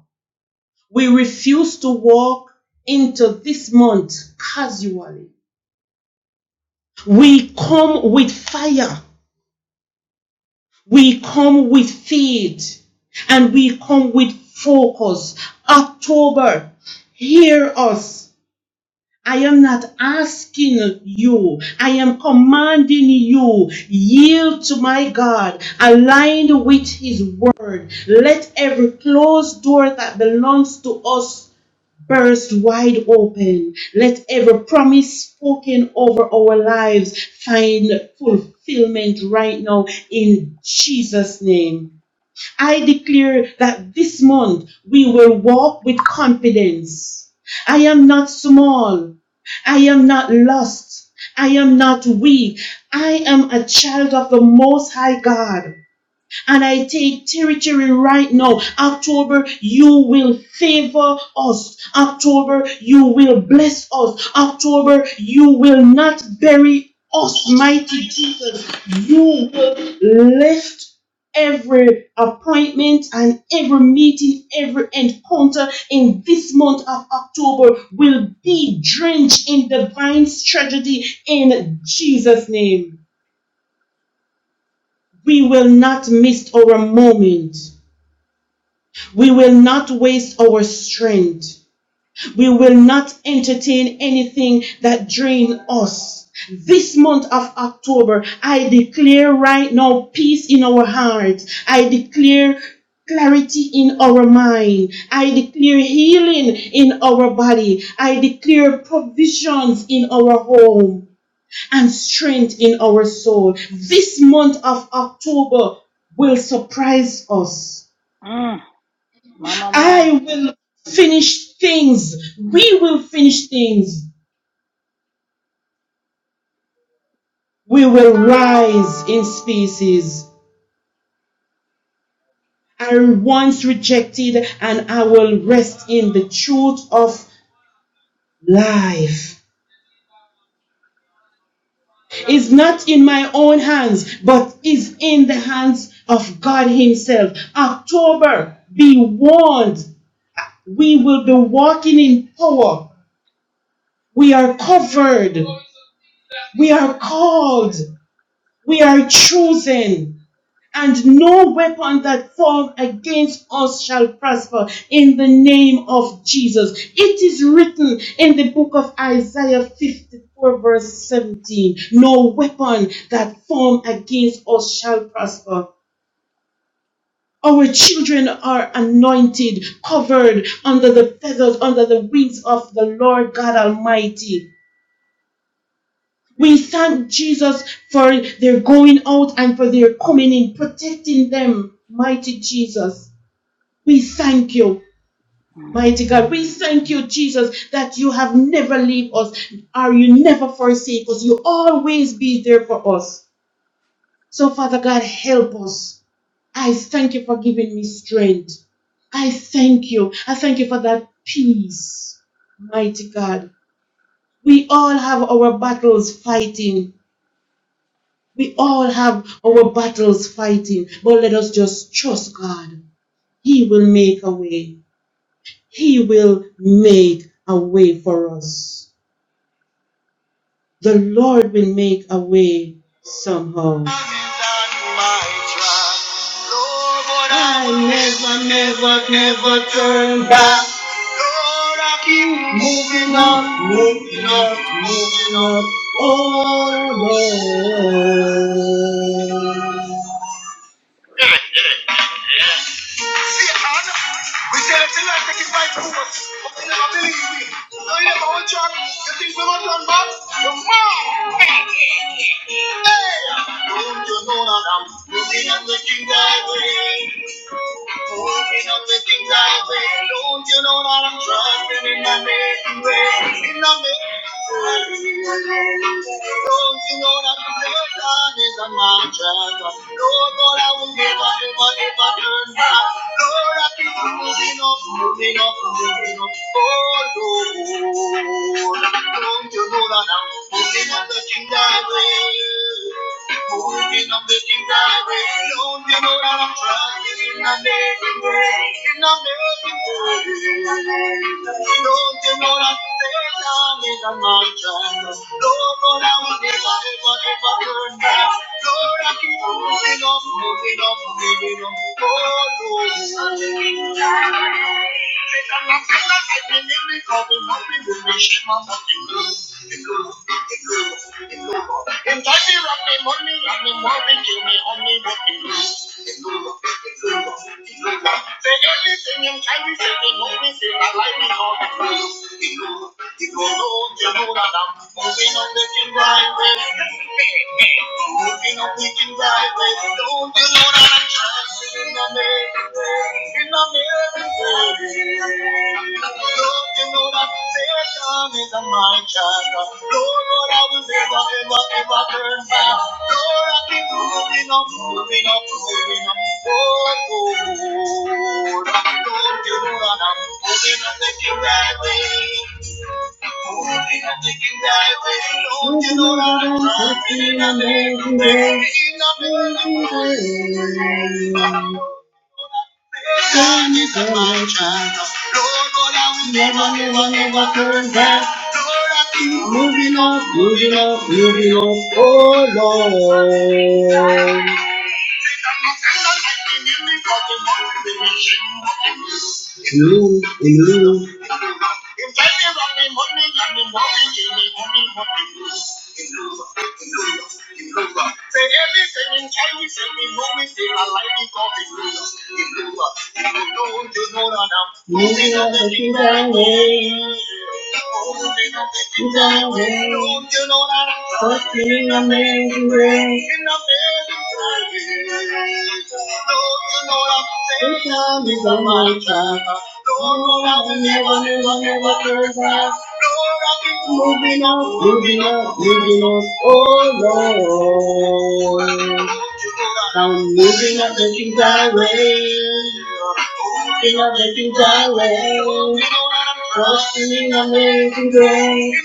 Speaker 12: We refuse to walk into this month casually. We come with fire. We come with faith and we come with focus. October, hear us I am not asking you. I am commanding you. Yield to my God, aligned with his word. Let every closed door that belongs to us burst wide open. Let every promise spoken over our lives find fulfillment right now in Jesus' name. I declare that this month we will walk with confidence. I am not small. I am not lost. I am not weak. I am a child of the Most High God and I take territory right now. October, you will favor us. October, you will bless us. October, you will not bury us, mighty Jesus. You will lift every appointment and every meeting, every encounter in this month of October will be drenched in divine strategy in Jesus' name. We will not miss our moment We will not waste our strength. We will not entertain anything that drains us. This month of October, I declare right now peace in our hearts. I declare clarity in our mind. I declare healing in our body. I declare provisions in our home and strength in our soul. This month of October will surprise us.
Speaker 2: Mm, Mama man.
Speaker 12: I will finish things. We will finish things. We will rise in species. I once rejected and I will rest in the truth of life. Is not in my own hands, but is in the hands of God Himself. October, be warned. We will be walking in power. We are covered. We are called. We are chosen. and no weapon that form against us shall prosper in the name of Jesus. It is written in the book of Isaiah 54 verse 17, no weapon that form against us shall prosper. Our children are anointed, covered under the feathers, under the wings of the Lord God Almighty. We thank Jesus for their going out and for their coming in, protecting them, mighty Jesus. We thank you, mighty God. We thank you, Jesus, that you have never leave us or you never forsake us. You always be there for us. So, Father God, help us. I thank you for giving me strength. I thank you. I thank you for that peace, mighty God. We all have our battles fighting. We all have our battles fighting. But let us just trust God. He will make a way. He will make a way for us. The Lord will make a way somehow. I never, never, never turn back. Moving on, moving on, moving on. Oh Lord. Hey, the whole church, you think we won't turn back? Come on. Hey, don't you know Moving and looking thy way. Moving and looking thy way. Lord, you're not trusting in my making way. In the making way. Lord, Lord, Lord, I will never, ever, ever turn back. Lord, I keep moving up, moving up, moving up. Oh, Lord. Don't you know that I'm moving up the kingdom way? Moving up the kingdom way. Don't you know that I'm traveling in the name Donde no la tenga ni la mancha, luego la única de paterna, flora que vino, vino, vino, por tu. And daddy love me, mommy love me, mommy give me honey, love me blue. It's blue love, it's blue love, it's blue love. Say everything in Chinese, say me, mommy say my life is all the blue. You know, you know that I'm moving on the king right way. Moving on the king right way. Don't you know that I'm trying to make it? Lord, you know that fair time is a my child. Lord, Lord, I will never, ever, ever turn back. Lord, I keep moving up, moving up, moving up. Lord, Lord, Lord, Lord, you know that I'm moving up, making that way. Moving and taking that way. Lord, you know that I'm moving and making that way. Nothing Sin is a light child. Lord, Lord, I will never, never, never turn back. Lord, I keep moving on, moving on, moving on. Oh Lord. True in you. Improver. Say everything in Chinese and we know it, they are like the God is ruler. Improver. If you don't, you know that I'm moving on the divine way. Moving on the divine way. Don't you know that I'm Something amazing way. In a amazing way. Don't you know that I'm This time is on my time. Don't you know that I'm moving never, the turn back. Moving on, moving on, moving on, oh Lord. I'm moving up the things I weigh, moving up the things I weigh, trusting in amazing grace.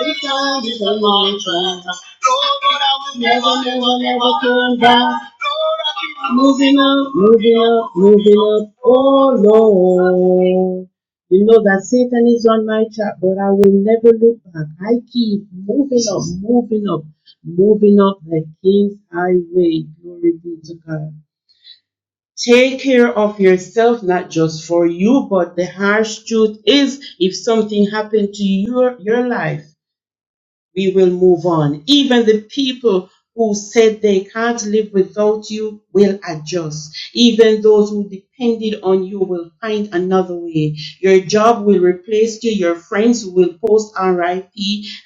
Speaker 12: This time is a long time, never, never, never turn back. Moving up, moving up, moving up. Oh Lord. You know that Satan is on my track, but I will never look back. I keep moving up, moving up, moving up the King's highway. Glory be to God. Take care of yourself, not just for you, but the harsh truth is if something happened to your, your life, we will move on. Even the people who said they can't live without you will adjust. Even those who depended on you will find another way. Your job will replace you. Your friends will post RIP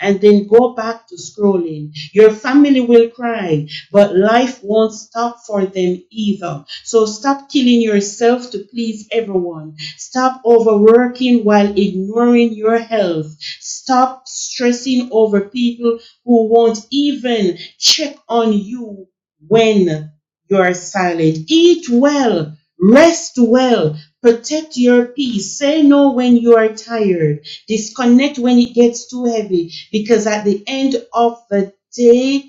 Speaker 12: and then go back to scrolling. Your family will cry, but life won't stop for them either. So stop killing yourself to please everyone. Stop overworking while ignoring your health. Stop stressing over people who won't even check on you when you're silent. Eat well, rest well, protect your peace. Say no when you are tired. Disconnect when it gets too heavy because at the end of the day,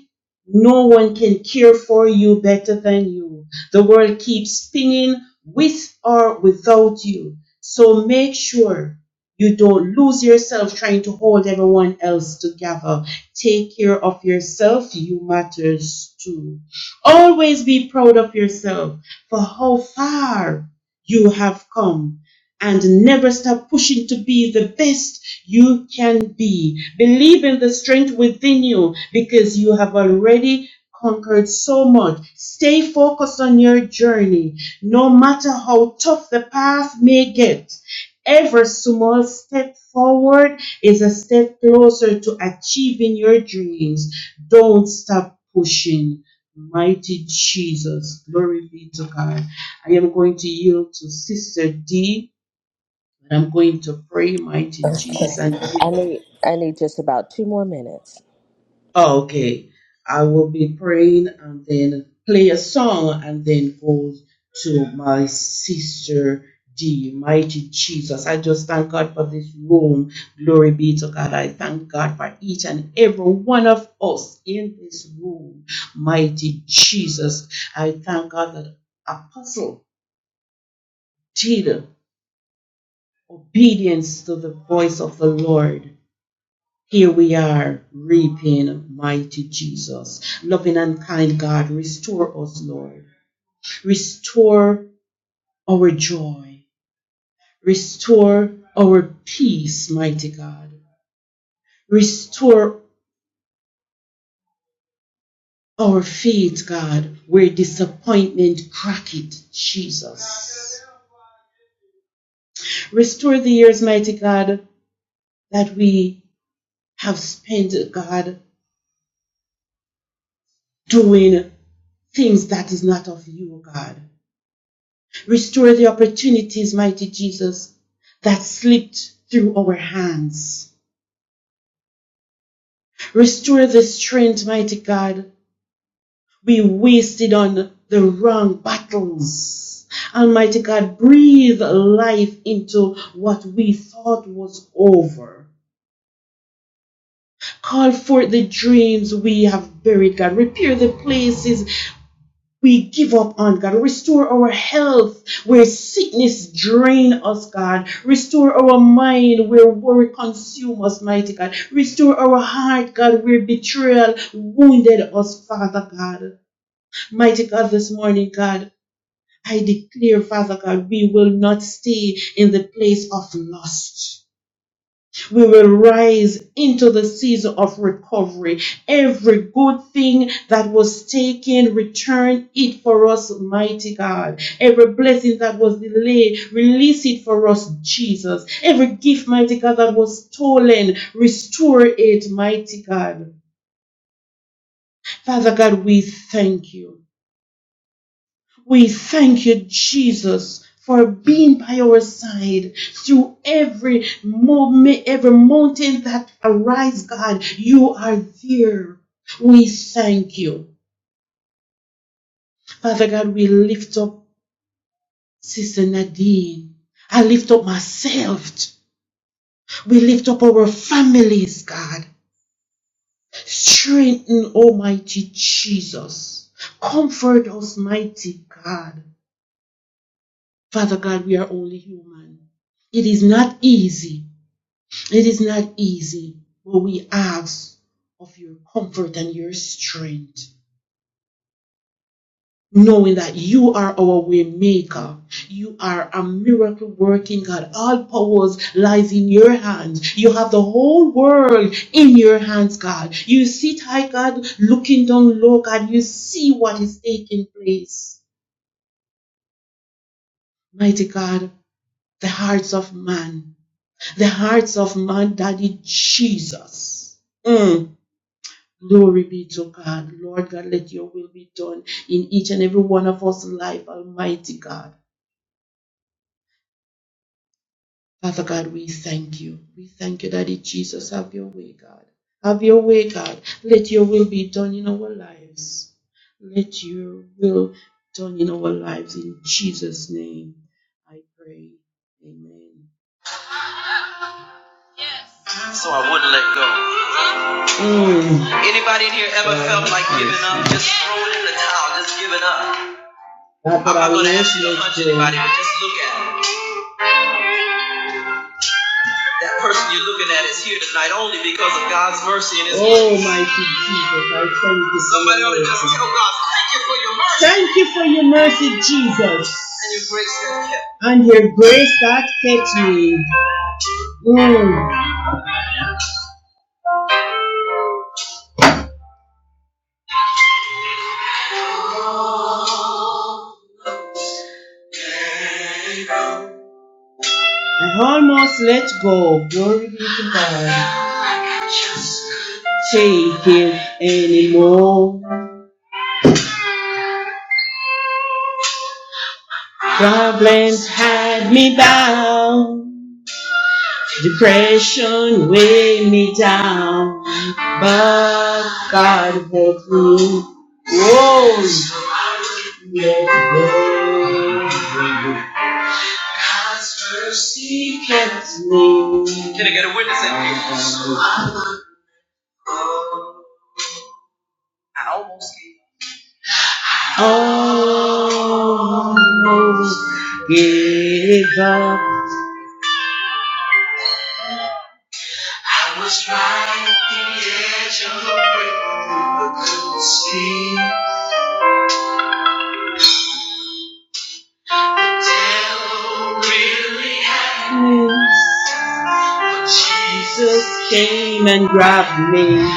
Speaker 12: no one can care for you better than you. The world keeps spinning with or without you. So make sure you don't lose yourself trying to hold everyone else together. Take care of yourself. You matters too. Always be proud of yourself for how far you have come and never stop pushing to be the best you can be. Believe in the strength within you because you have already conquered so much. Stay focused on your journey, no matter how tough the path may get. Every small step forward is a step closer to achieving your dreams. Don't stop pushing. Mighty Jesus, glory be to God. I am going to yield to Sister D, and I'm going to pray, Mighty Jesus,
Speaker 13: Okay.
Speaker 12: and
Speaker 13: I need I need just about two more minutes.
Speaker 12: Oh, okay. I will be praying and then play a song and then go to my sister D. Mighty Jesus. I just thank God for this room. Glory be to God. I thank God for each and every one of us in this room. Mighty Jesus. I thank God that Apostle did obedience to the voice of the Lord. Here we are reaping, mighty Jesus. Loving and kind God, restore us, Lord. Restore our joy. Restore our peace, mighty God. Restore our faith, God, where disappointment crack it, Jesus. Restore the years, mighty God, that we have spent, God, doing things that is not of you, God. Restore the opportunities, mighty Jesus, that slipped through our hands. Restore the strength, mighty God, we wasted on the wrong battles. Almighty God, breathe life into what we thought was over. Call forth the dreams we have buried, God. Repair the places We give up on God. Restore our health where sickness drain us, God. Restore our mind where worry consume us, mighty God. Restore our heart, God, where betrayal wounded us, Father God. Mighty God, this morning, God, I declare, Father God, we will not stay in the place of lust we will rise into the season of recovery. Every good thing that was taken, return it for us, mighty God. Every blessing that was delayed, release it for us, Jesus. Every gift, mighty God, that was stolen, restore it, mighty God. Father God, we thank you. We thank you, Jesus, for being by our side through every moment, every mountain that arises. God. You are there. We thank you. Father God, we lift up Sister Nadine. I lift up myself. We lift up our families, God. Strengthen, Almighty Jesus. Comfort us, mighty God. Father God, we are only human. It is not easy It is not easy, but we ask of your comfort and your strength, knowing that you are our way maker. You are a miracle working God. All powers lies in your hands. You have the whole world in your hands, God. You sit high, God, looking down low, God. You see what is taking place. Mighty God, the hearts of man, the hearts of man, Daddy Jesus. Mm. Glory be to God. Lord God, let your will be done in each and every one of us life, Almighty God. Father God, we thank you. We thank you, Daddy Jesus. Have your way, God. Have your way, God. Let your will be done in our lives. Let your will done in our lives. In Jesus' name, I pray. Amen. Mm. Anybody in here ever uh, felt like giving up? Just throwing in the towel, just giving up. I'm not gonna ask you to punch anybody, but just look at it. That person you're looking at is here tonight only because of God's mercy and His mercy. Oh, grace. mighty Jesus, I thank you. Somebody ought to just tell God, thank you for your mercy. Thank you for your mercy, Jesus. And your grace that kept. And your grace that kept me. Mm, I almost let go. Glory be to God. Take it anymore. Problems had me bound. Depression weighed me down, but God helped me. Whoa, let go. God's mercy kept me. Can I get a witness in here? So I I almost gave up. almost gave up. Jesus came and grabbed me.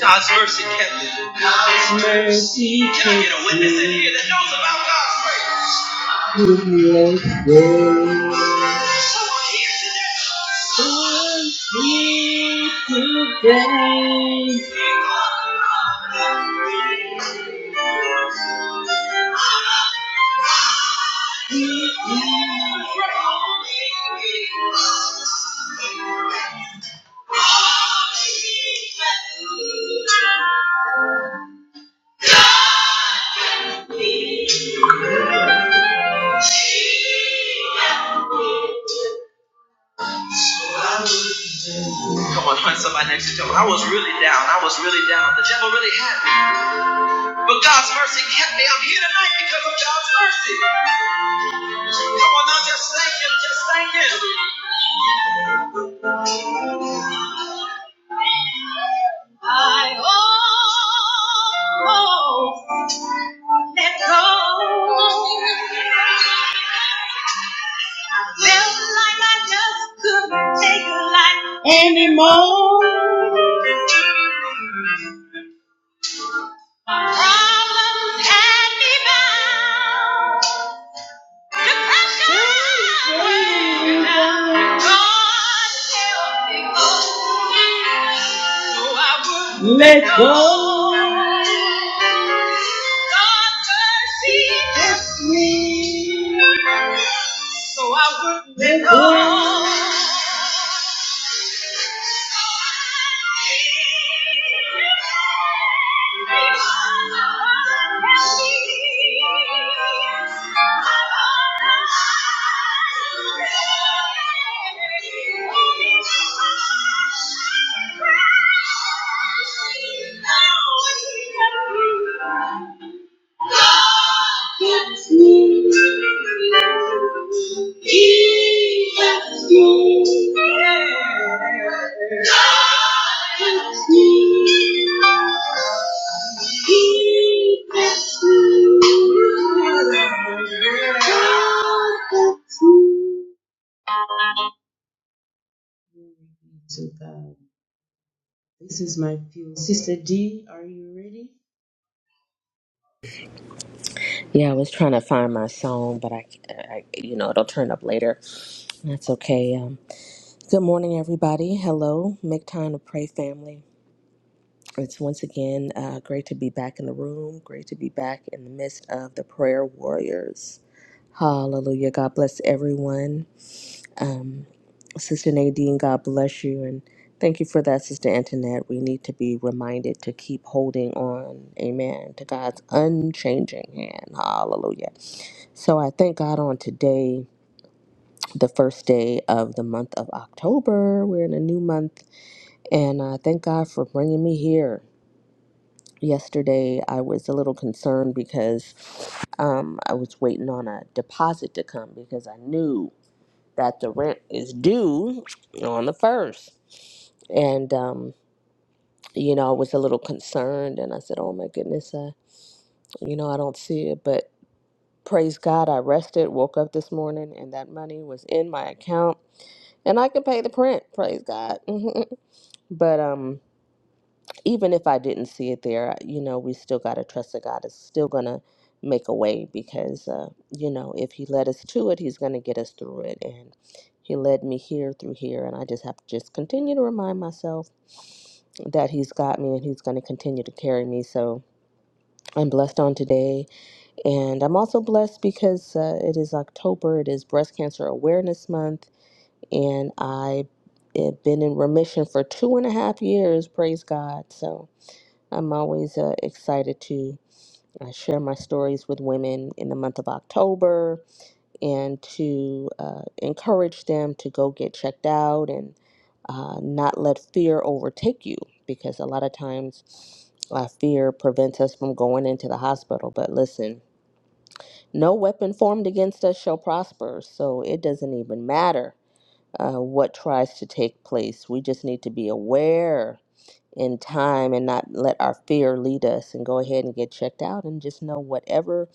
Speaker 12: God's mercy kept me. God's mercy kept me. Can I get a witness in here that knows about God's mercy? Come on, find somebody next to you. I was really down. I was really down. The devil really had me. But God's mercy kept me. I'm here tonight because of God's mercy. Come on now, just thank Him. Just thank Him. Anymore. Let go. Let go. to God. This is my fuel. Sister D, are you ready?
Speaker 13: Yeah, I was trying to find my song, but I, I you know, it'll turn up later. That's okay. Um, good morning, everybody. Hello, make time to pray, family. It's once again uh, great to be back in the room. Great to be back in the midst of the prayer warriors. Hallelujah. God bless everyone. Um, Sister Nadine, God bless you. And thank you for that, Sister Antoinette. We need to be reminded to keep holding on, amen, to God's unchanging hand. Hallelujah. So I thank God on today, the first day of the month of October. We're in a new month. And I thank God for bringing me here. Yesterday, I was a little concerned because um, I was waiting on a deposit to come because I knew that the rent is due on the first. And, um, you know, I was a little concerned and I said, oh my goodness, I, you know, I don't see it. But praise God, I rested, woke up this morning, and that money was in my account and I could pay the print. Praise God. but, um, even if I didn't see it there, you know, we still got to trust that God is still going to make a way because, uh, you know, if He led us to it, He's going to get us through it. And He led me here through here. And I just have to just continue to remind myself that He's got me and He's going to continue to carry me. So I'm blessed on today. And I'm also blessed because uh, it is October, it is Breast Cancer Awareness Month. And I have been in remission for two and a half years, praise God. So I'm always uh, excited to uh, share my stories with women in the month of October and to uh, encourage them to go get checked out and uh, not let fear overtake you because a lot of times uh, fear prevents us from going into the hospital. But listen, no weapon formed against us shall prosper, so it doesn't even matter uh, what tries to take place. We just need to be aware in time and not let our fear lead us and go ahead and get checked out and just know whatever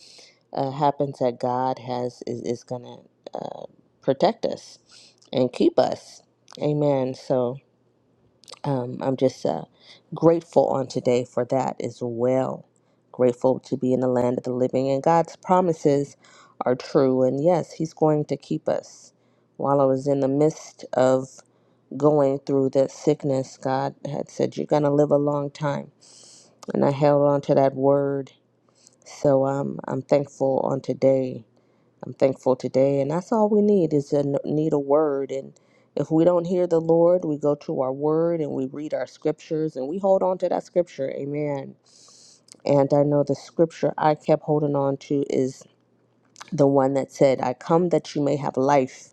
Speaker 13: uh, happens that God has is, is going to uh, protect us and keep us. Amen. So um, I'm just uh, grateful on today for that as well. Grateful to be in the land of the living and God's promises are true. And yes, He's going to keep us. While I was in the midst of going through that sickness, God had said, You're going to live a long time and I held on to that word. So um, I'm thankful on today. I'm thankful today, and that's all we need is a need a word. And if we don't hear the Lord, we go to our word and we read our scriptures and we hold on to that scripture. Amen. And I know the scripture I kept holding on to is the one that said, "I come that you may have life."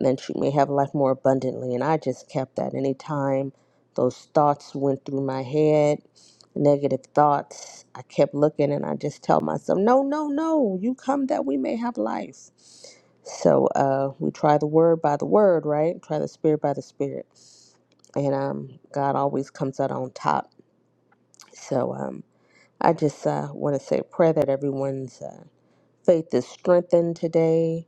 Speaker 13: and that you may have life more abundantly. And I just kept that. Anytime those thoughts went through my head, negative thoughts, I kept looking and I just tell myself, no, no, no, you come that we may have life. So uh, we try the word by the word, right? Try the spirit by the spirit. And um, God always comes out on top. So um, I just uh, want to say a prayer that everyone's uh, faith is strengthened today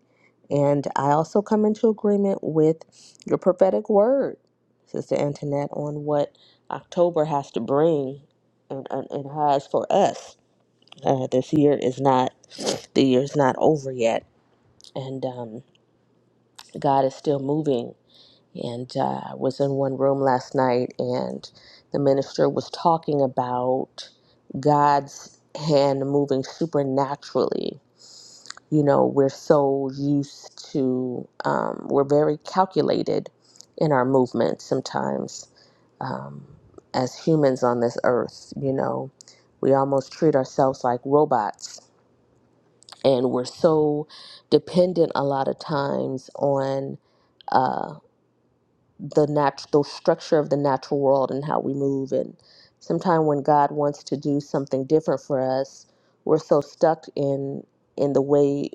Speaker 13: and I also come into agreement with your prophetic word, Sister Antoinette, on what October has to bring and, and, and has for us. Uh, this year is not, the year's not over yet. And um, God is still moving. And uh, I was in one room last night, and the minister was talking about God's hand moving supernaturally you know we're so used to um, we're very calculated in our movement sometimes um, as humans on this earth you know we almost treat ourselves like robots and we're so dependent a lot of times on uh, the natural structure of the natural world and how we move and sometimes when god wants to do something different for us we're so stuck in in the way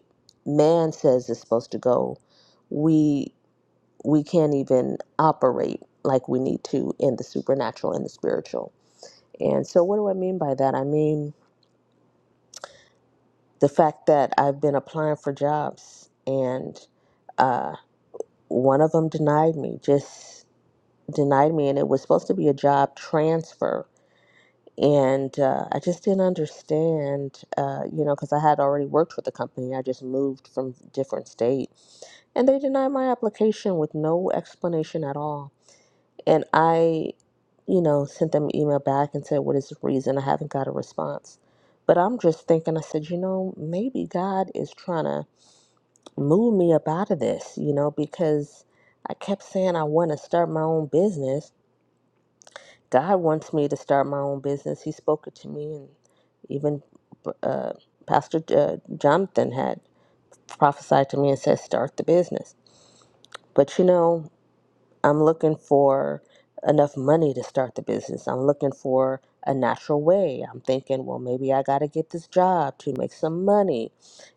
Speaker 13: man says it's supposed to go we we can't even operate like we need to in the supernatural and the spiritual and so what do i mean by that i mean the fact that i've been applying for jobs and uh, one of them denied me just denied me, and it was supposed to be a job transfer. And uh, I just didn't understand, uh, you know, because I had already worked with the company. I just moved from different state, and they denied my application with no explanation at all. And I, you know, sent them an email back and said, "What is the reason?" I haven't got a response. But I'm just thinking, I said, you know, maybe God is trying to move me up out of this, you know, because I kept saying I want to start my own business God wants me to start my own business. He spoke it to me, and even uh, Pastor uh, Jonathan had prophesied to me and said, "Start the business." But you know, I'm looking for enough money to start the business. I'm looking for a natural way. I'm thinking, well, maybe I got to get this job to make some money,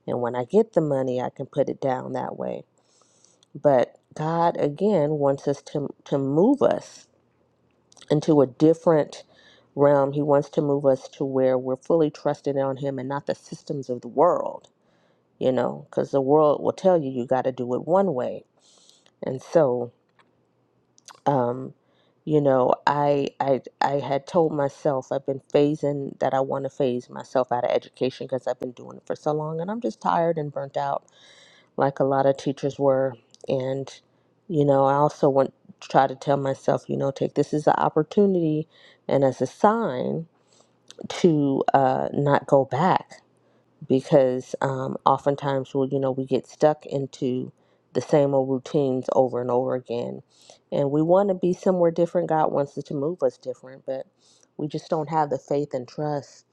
Speaker 13: and when I get the money, I can put it down that way. But God again wants us to to move us into a different realm. He wants to move us to where we're fully trusted on Him and not the systems of the world, you know, because the world will tell you you got to do it one way. And so, um, you know, I, I I had told myself I've been phasing that I want to phase myself out of education because I've been doing it for so long, and I'm just tired and burnt out, like a lot of teachers were. And you know, I also want to try to tell myself, you know, take this as an opportunity and as a sign to uh, not go back because um, oftentimes we you know we get stuck into the same old routines over and over again and we want to be somewhere different god wants us to move us different but we just don't have the faith and trust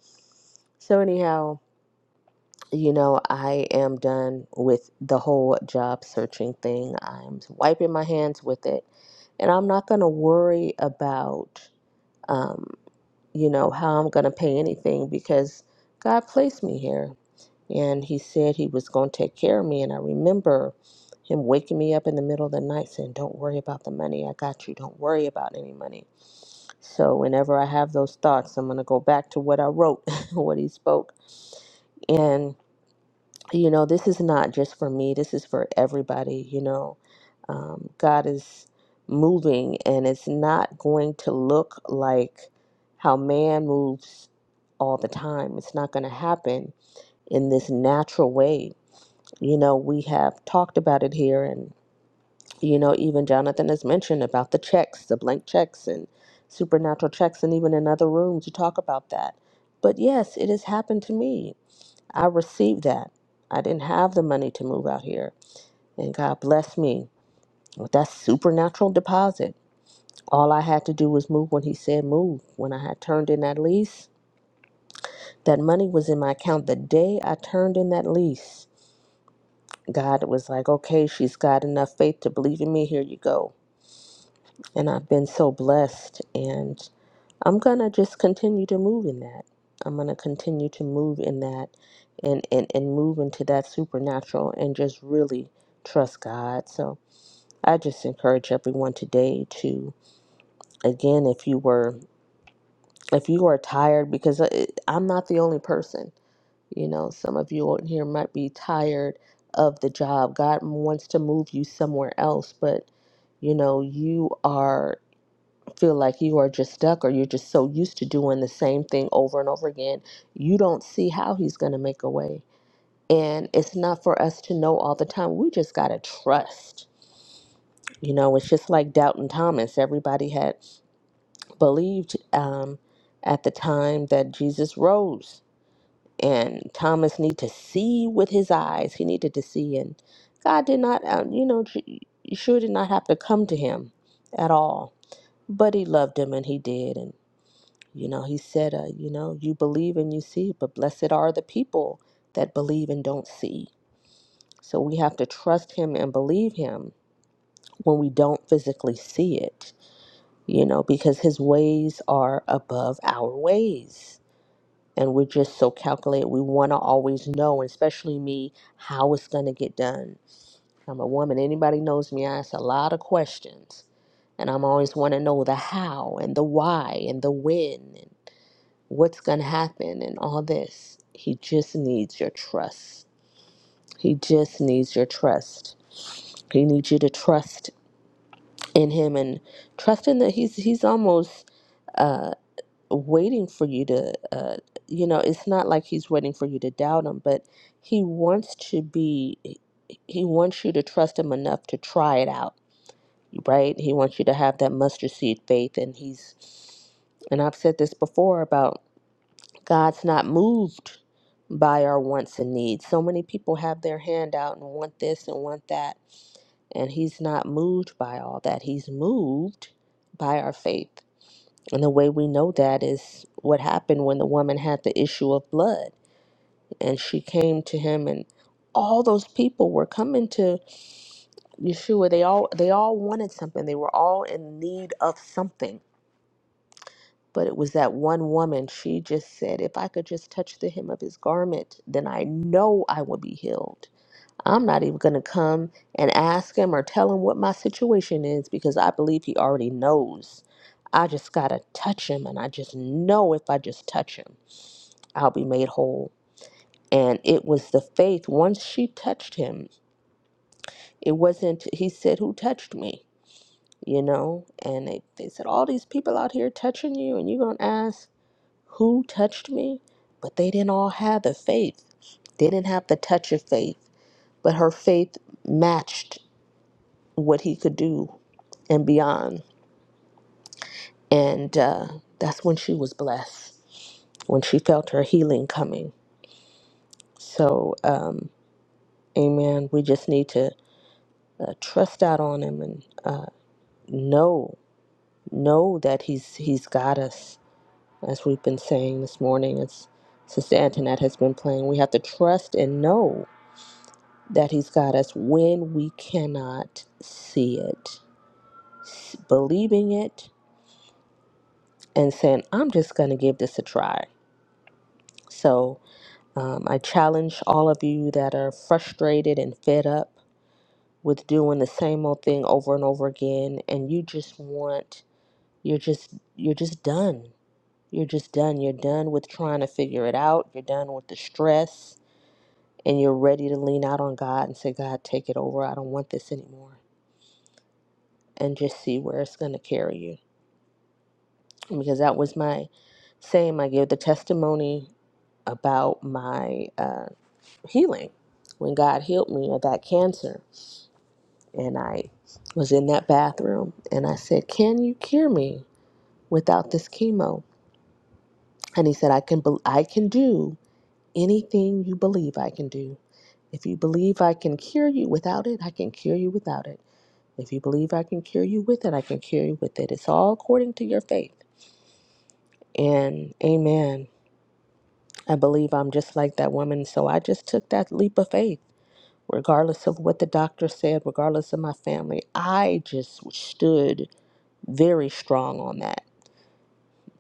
Speaker 13: so anyhow you know i am done with the whole job searching thing i'm wiping my hands with it and i'm not going to worry about Um, you know, how I'm going to pay anything because God placed me here. And he said he was going to take care of me. And I remember him waking me up in the middle of the night saying, Don't worry about the money. I got you. Don't worry about any money. So whenever I have those thoughts, I'm going to go back to what I wrote, what he spoke. and you know, this is not just for me, this is for everybody, you know. Um, God is moving, and it's not going to look like how man moves all the time. It's not going to happen in this natural way. You know, we have talked about it here, and, you know, even Jonathan has mentioned about the checks, the blank checks, and supernatural checks, and even in other rooms, you talk about that. But yes, it has happened to me I received that. I didn't have the money to move out here. And God blessed me with that supernatural deposit. All I had to do was move when He said move. When I had turned in that lease, that money was in my account the day I turned in that lease. God was like, okay, she's got enough faith to believe in me. Here you go. And I've been so blessed. And I'm gonna just continue to move in that. I'm gonna continue to move in that and, and, and move into that supernatural and just really trust God. So I just encourage everyone today to again if you were if you are tired because I- I'm not the only person. You know, some of you out here might be tired of the job. God wants to move you somewhere else, but you know, you are feel like you are just stuck or you're just so used to doing the same thing over and over again, you don't see how he's going to make a way. And it's not for us to know all the time. We just got to trust. You know, it's just like Doubting Thomas. Everybody had believed um, at the time that Jesus rose. And Thomas needed to see with his eyes. He needed to see. And God did not, uh, you know, J- Yeshua did not have to come to him at all. But he loved him and he did. And You know, he said, uh, you know, you believe and you see, but blessed are the people that believe and don't see. So we have to trust him and believe him when we don't physically see it, you know, because his ways are above our ways. And we're just so calculated. We want to always know, and especially me, how it's going to get done. I'm a woman. Anybody knows me, I ask a lot of questions. And I'm always want to know the how and the why and the when. what's going to happen and all this. He just needs your trust. He just needs your trust. He needs you to trust in him and trust in that he's he's almost uh, waiting for you to. Uh, you know, it's not like he's waiting for you to doubt him, but he wants to be. He wants you to trust him enough to try it out, right? He wants you to have that mustard seed faith, and he's. And I've said this before about God's not moved by our wants and needs. So many people have their hand out and want this and want that, and He's not moved by all that. He's moved by our faith. And the way we know that is what happened when the woman had the issue of blood and she came to him and all those people were coming to Yeshua. They all they all wanted something. They were all in need of something But it was that one woman, she just said, If I could just touch the hem of his garment, then I know I will be healed. I'm not even going to come and ask him or tell him what my situation is because I believe he already knows. I just got to touch him, and I just know if I just touch him, I'll be made whole. And it was the faith. Once she touched him, it wasn't, he said, Who touched me? You know? And they, they said, All these people out here touching you, and you're going to ask who touched me? But they didn't all have the faith. They didn't have the touch of faith, but her faith matched what he could do and beyond. And uh, that's when she was blessed, when she felt her healing coming. So, um, amen. We just need to uh, trust out on him and uh, know, know that he's he's got us, as we've been saying this morning. As Sister Antoinette has been playing, we have to trust and know that He's got us when we cannot see it. S- Believing it and saying, I'm just going to give this a try. So um, I challenge all of you that are frustrated and fed up with doing the same old thing over and over again, and you just want, you're just, you're just done. You're just done. You're done with trying to figure it out. You're done with the stress, and you're ready to lean out on God and say, God, take it over. I don't want this anymore. And just see where it's going to carry you because that was my same. I gave the testimony about my uh, healing when God healed me of that cancer. And I was in that bathroom and I said, Can you cure me without this chemo? And he said, I can, bel I can do anything you believe I can do. If you believe I can cure you without it, I can cure you without it. If you believe I can cure you with it, I can cure you with it. It's all according to your faith. And amen I believe I'm just like that woman. So I just took that leap of faith, regardless of what the doctor said, regardless of my family. I just stood very strong on that.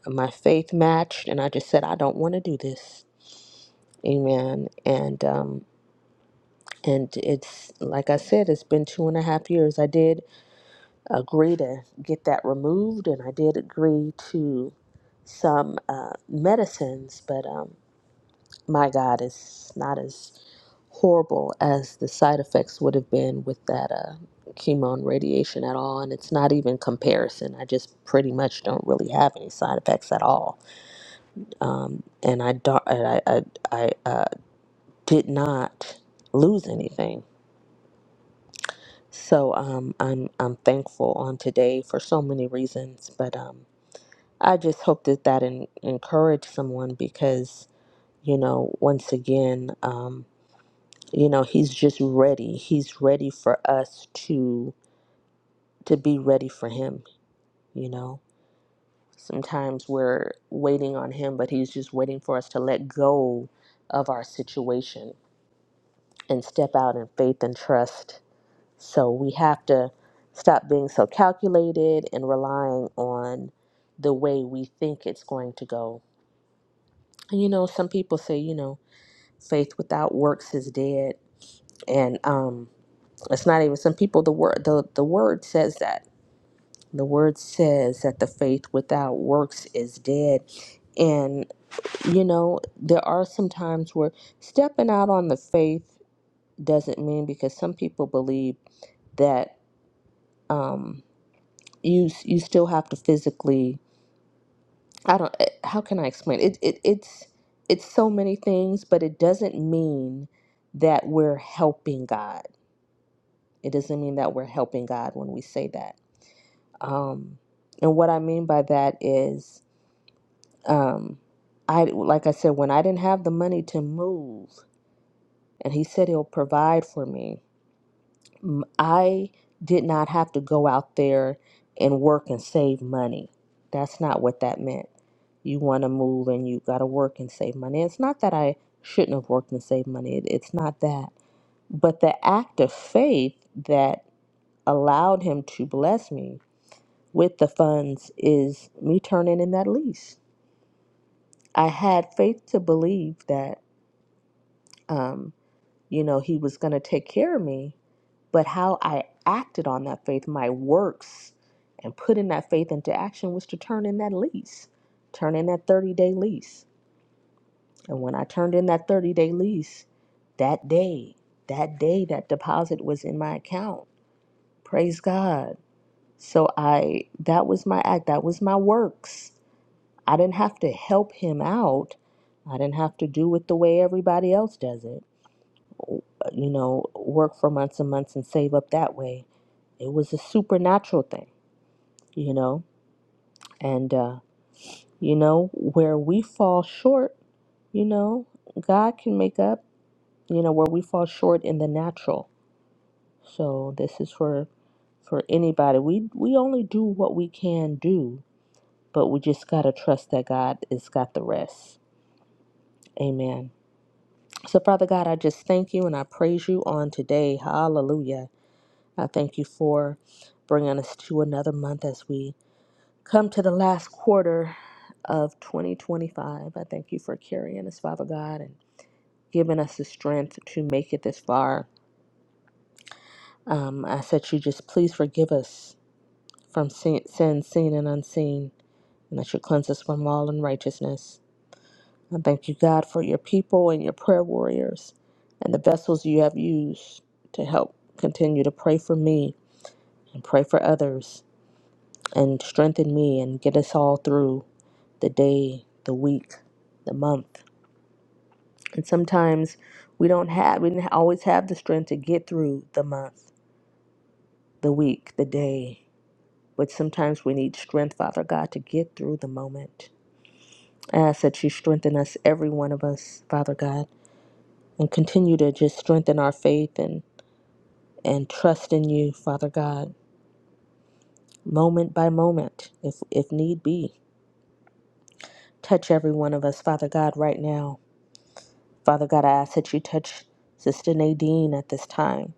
Speaker 13: My faith matched, and I just said, I don't want to do this. Amen. And, um, and it's like I said, it's been two and a half years. I did agree to get that removed, and I did agree to some uh, medicines, but um, my God, it's not as horrible as the side effects would have been with that uh, chemo and radiation at all. And it's not even comparison. I just pretty much don't really have any side effects at all. Um, and I, don't, I, I, I uh, did not lose anything. So um, I'm, I'm thankful on today for so many reasons. But um, I just hope that that en- encouraged someone because, you know, once again, um, you know, he's just ready. He's ready for us to to be ready for him you know sometimes we're waiting on him but he's just waiting for us to let go of our situation and step out in faith and trust so we have to stop being so calculated and relying on the way we think it's going to go and you know some people say you know faith without works is dead and um it's not even some people the word the, the word says that The word says that the faith without works is dead. And, you know, there are some times where stepping out on the faith doesn't mean because some people believe that um, you, you still have to physically, I don't, eh, how can I explain? It, it, it's, it's so many things, but it doesn't mean that we're helping God. It doesn't mean that we're helping God when we say that. Um, and what I mean by that is Um, I like I said when I didn't have the money to move, and he said he'll provide for me. m- I did not have to go out there and work and save money. That's not what that meant. You want to move and you got to work and save money. It's not that I shouldn't have worked and saved money. It, it's not that. But the act of faith that allowed him to bless me with the funds is me turning in that lease. I had faith to believe that um, you know, he was going to take care of me. But how I acted on that faith, my works, and putting that faith into action was to turn in that lease, turn in that 30 day lease. And when I turned in that 30 day lease, that day, that day, that deposit was in my account. Praise God. So I, that was my act, that was my works. I didn't have to help him out. I didn't have to do it the way everybody else does it. you know, work for months and months and save up that way. It was a supernatural thing, you know. And, uh, you know, where we fall short, you know, God can make up, you know, where we fall short in the natural. So this is for for anybody. We we only do what we can do, but we just gotta trust that God has got the rest. Amen. So Father God, I just thank you and I praise you on today. Hallelujah. I thank you for bringing us to another month as we come to the last quarter of 2025. I thank you for carrying us, Father God, and giving us the strength to make it this far. Um, I said, you just please forgive us from sin, sin, seen and unseen, and that you cleanse us from all unrighteousness. I thank you, God, for your people and your prayer warriors and the vessels you have used to help continue to pray for me and pray for others and strengthen me and get us all through the day, the week, the month. And sometimes we don't have, we didn't always have the strength to get through the month, the week, the day. But sometimes we need strength, Father God, to get through the moment. I ask that you strengthen us, every one of us, Father God, and continue to just strengthen our faith and, and trust in you, Father God, moment by moment, if, if need be. Touch every one of us, Father God, right now Father God, I ask that you touch Sister Nadine at this time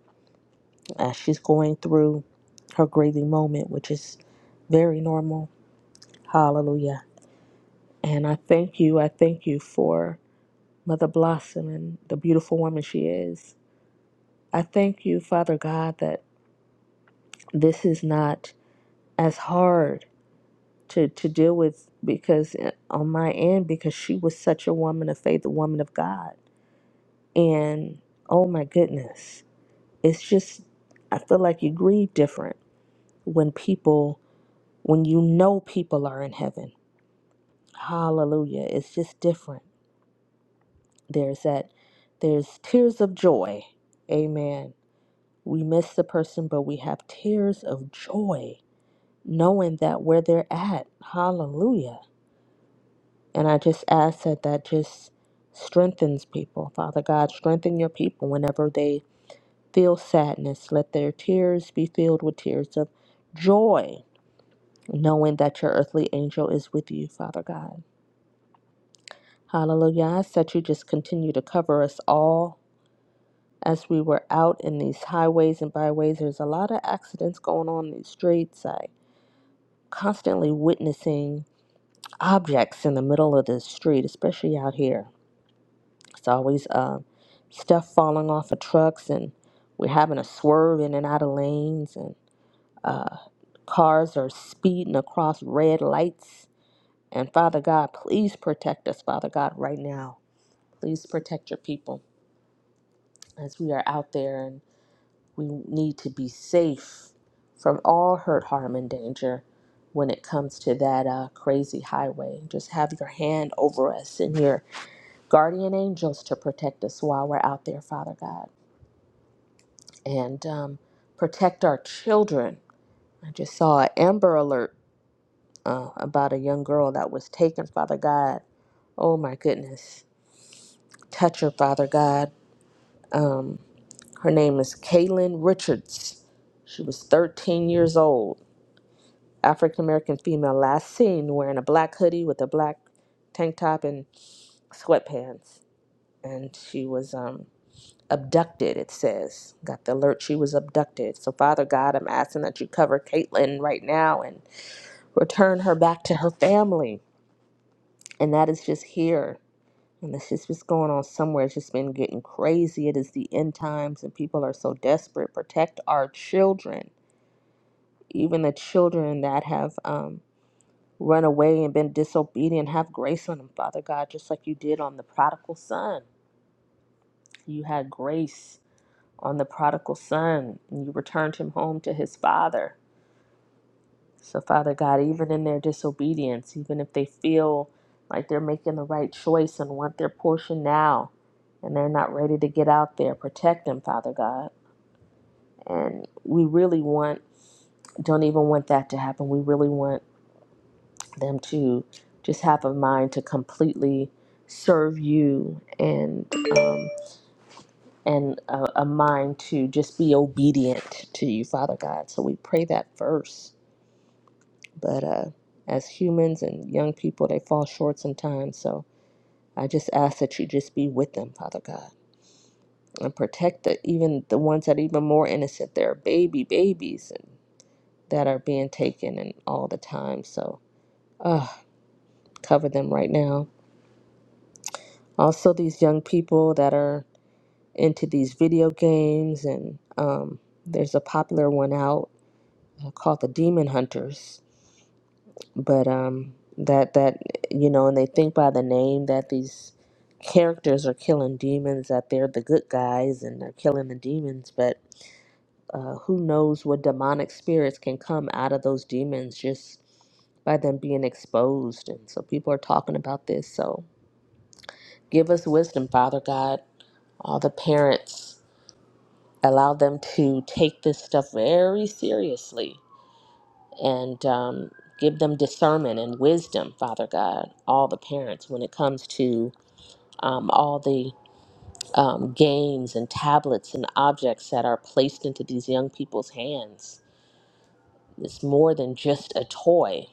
Speaker 13: as she's going through her grieving moment, which is very normal. Hallelujah. And I thank you. I thank you for Mother Blossom and the beautiful woman she is. I thank you, Father God, that this is not as hard to, to deal with because eh, on my end, because she was such a woman of faith, a woman of God. And oh my goodness. it's just I feel like you grieve different when people when you know people are in heaven. Hallelujah. It's just different. There's that there's tears of joy. Amen. We miss the person, but we have tears of joy knowing that where they're at. Hallelujah. And I just ask that that just strengthens people. Father God, strengthen your people whenever they feel sadness. Let their tears be filled with tears of joy knowing that your earthly angel is with you, Father God. Hallelujah. I ask that you just continue to cover us all as we were out in these highways and byways. There's a lot of accidents going on in these streets. I constantly witnessing objects in the middle of the street, especially out here. It's always uh, stuff falling off of trucks, and we're having to swerve in and out of lanes, and uh, cars are speeding across red lights And Father God, please protect us, Father God, right now. Please protect your people as we are out there and we need to be safe from all hurt, harm, and danger when it comes to that uh, crazy highway. Just have your hand over us and your guardian angels to protect us while we're out there, Father God. And um, protect our children. I just saw an Amber Alert uh, about a young girl that was taken, Father God. Oh my goodness. Touch her, Father God Um, her name is Kaylin Richards. She was 13 years old, African American female, last seen wearing a black hoodie with a black tank top and sweatpants. And she was um, abducted, it says. Got the alert she was abducted. So, Father God, I'm asking that you cover Caitlin right now and return her back to her family. And that is just here And it's just what's going on somewhere. It's just been getting crazy. It is the end times, and people are so desperate. Protect our children, even the children that have um, run away and been disobedient. Have grace on them, Father God, just like you did on the prodigal son. You had grace on the prodigal son, and you returned him home to his father So, Father God, even in their disobedience, even if they feel like they're making the right choice and want their portion now and they're not ready to get out there, protect them, Father God. And we really want, don't even want that to happen. We really want them to just have a mind to completely serve you and um, and a, a mind to just be obedient to you father god so we pray that first But uh, as humans and young people, they fall short sometimes. So I just ask that you just be with them, Father God, and protect the, even the ones that are even more innocent. There are baby babies and that are being taken and all the time. So uh, cover them right now. Also, these young people that are into these video games and um, there's a popular one out uh, called the Demon Hunters but um that that you know and they think by the name that these characters are killing demons that they're the good guys and they're killing the demons but uh, who knows what demonic spirits can come out of those demons just by them being exposed and so people are talking about this so give us wisdom father god all the parents allow them to take this stuff very seriously and um, give them discernment and wisdom, Father God, all the parents, when it comes to um, all the um, games and tablets and objects that are placed into these young people's hands. It's more than just a toy.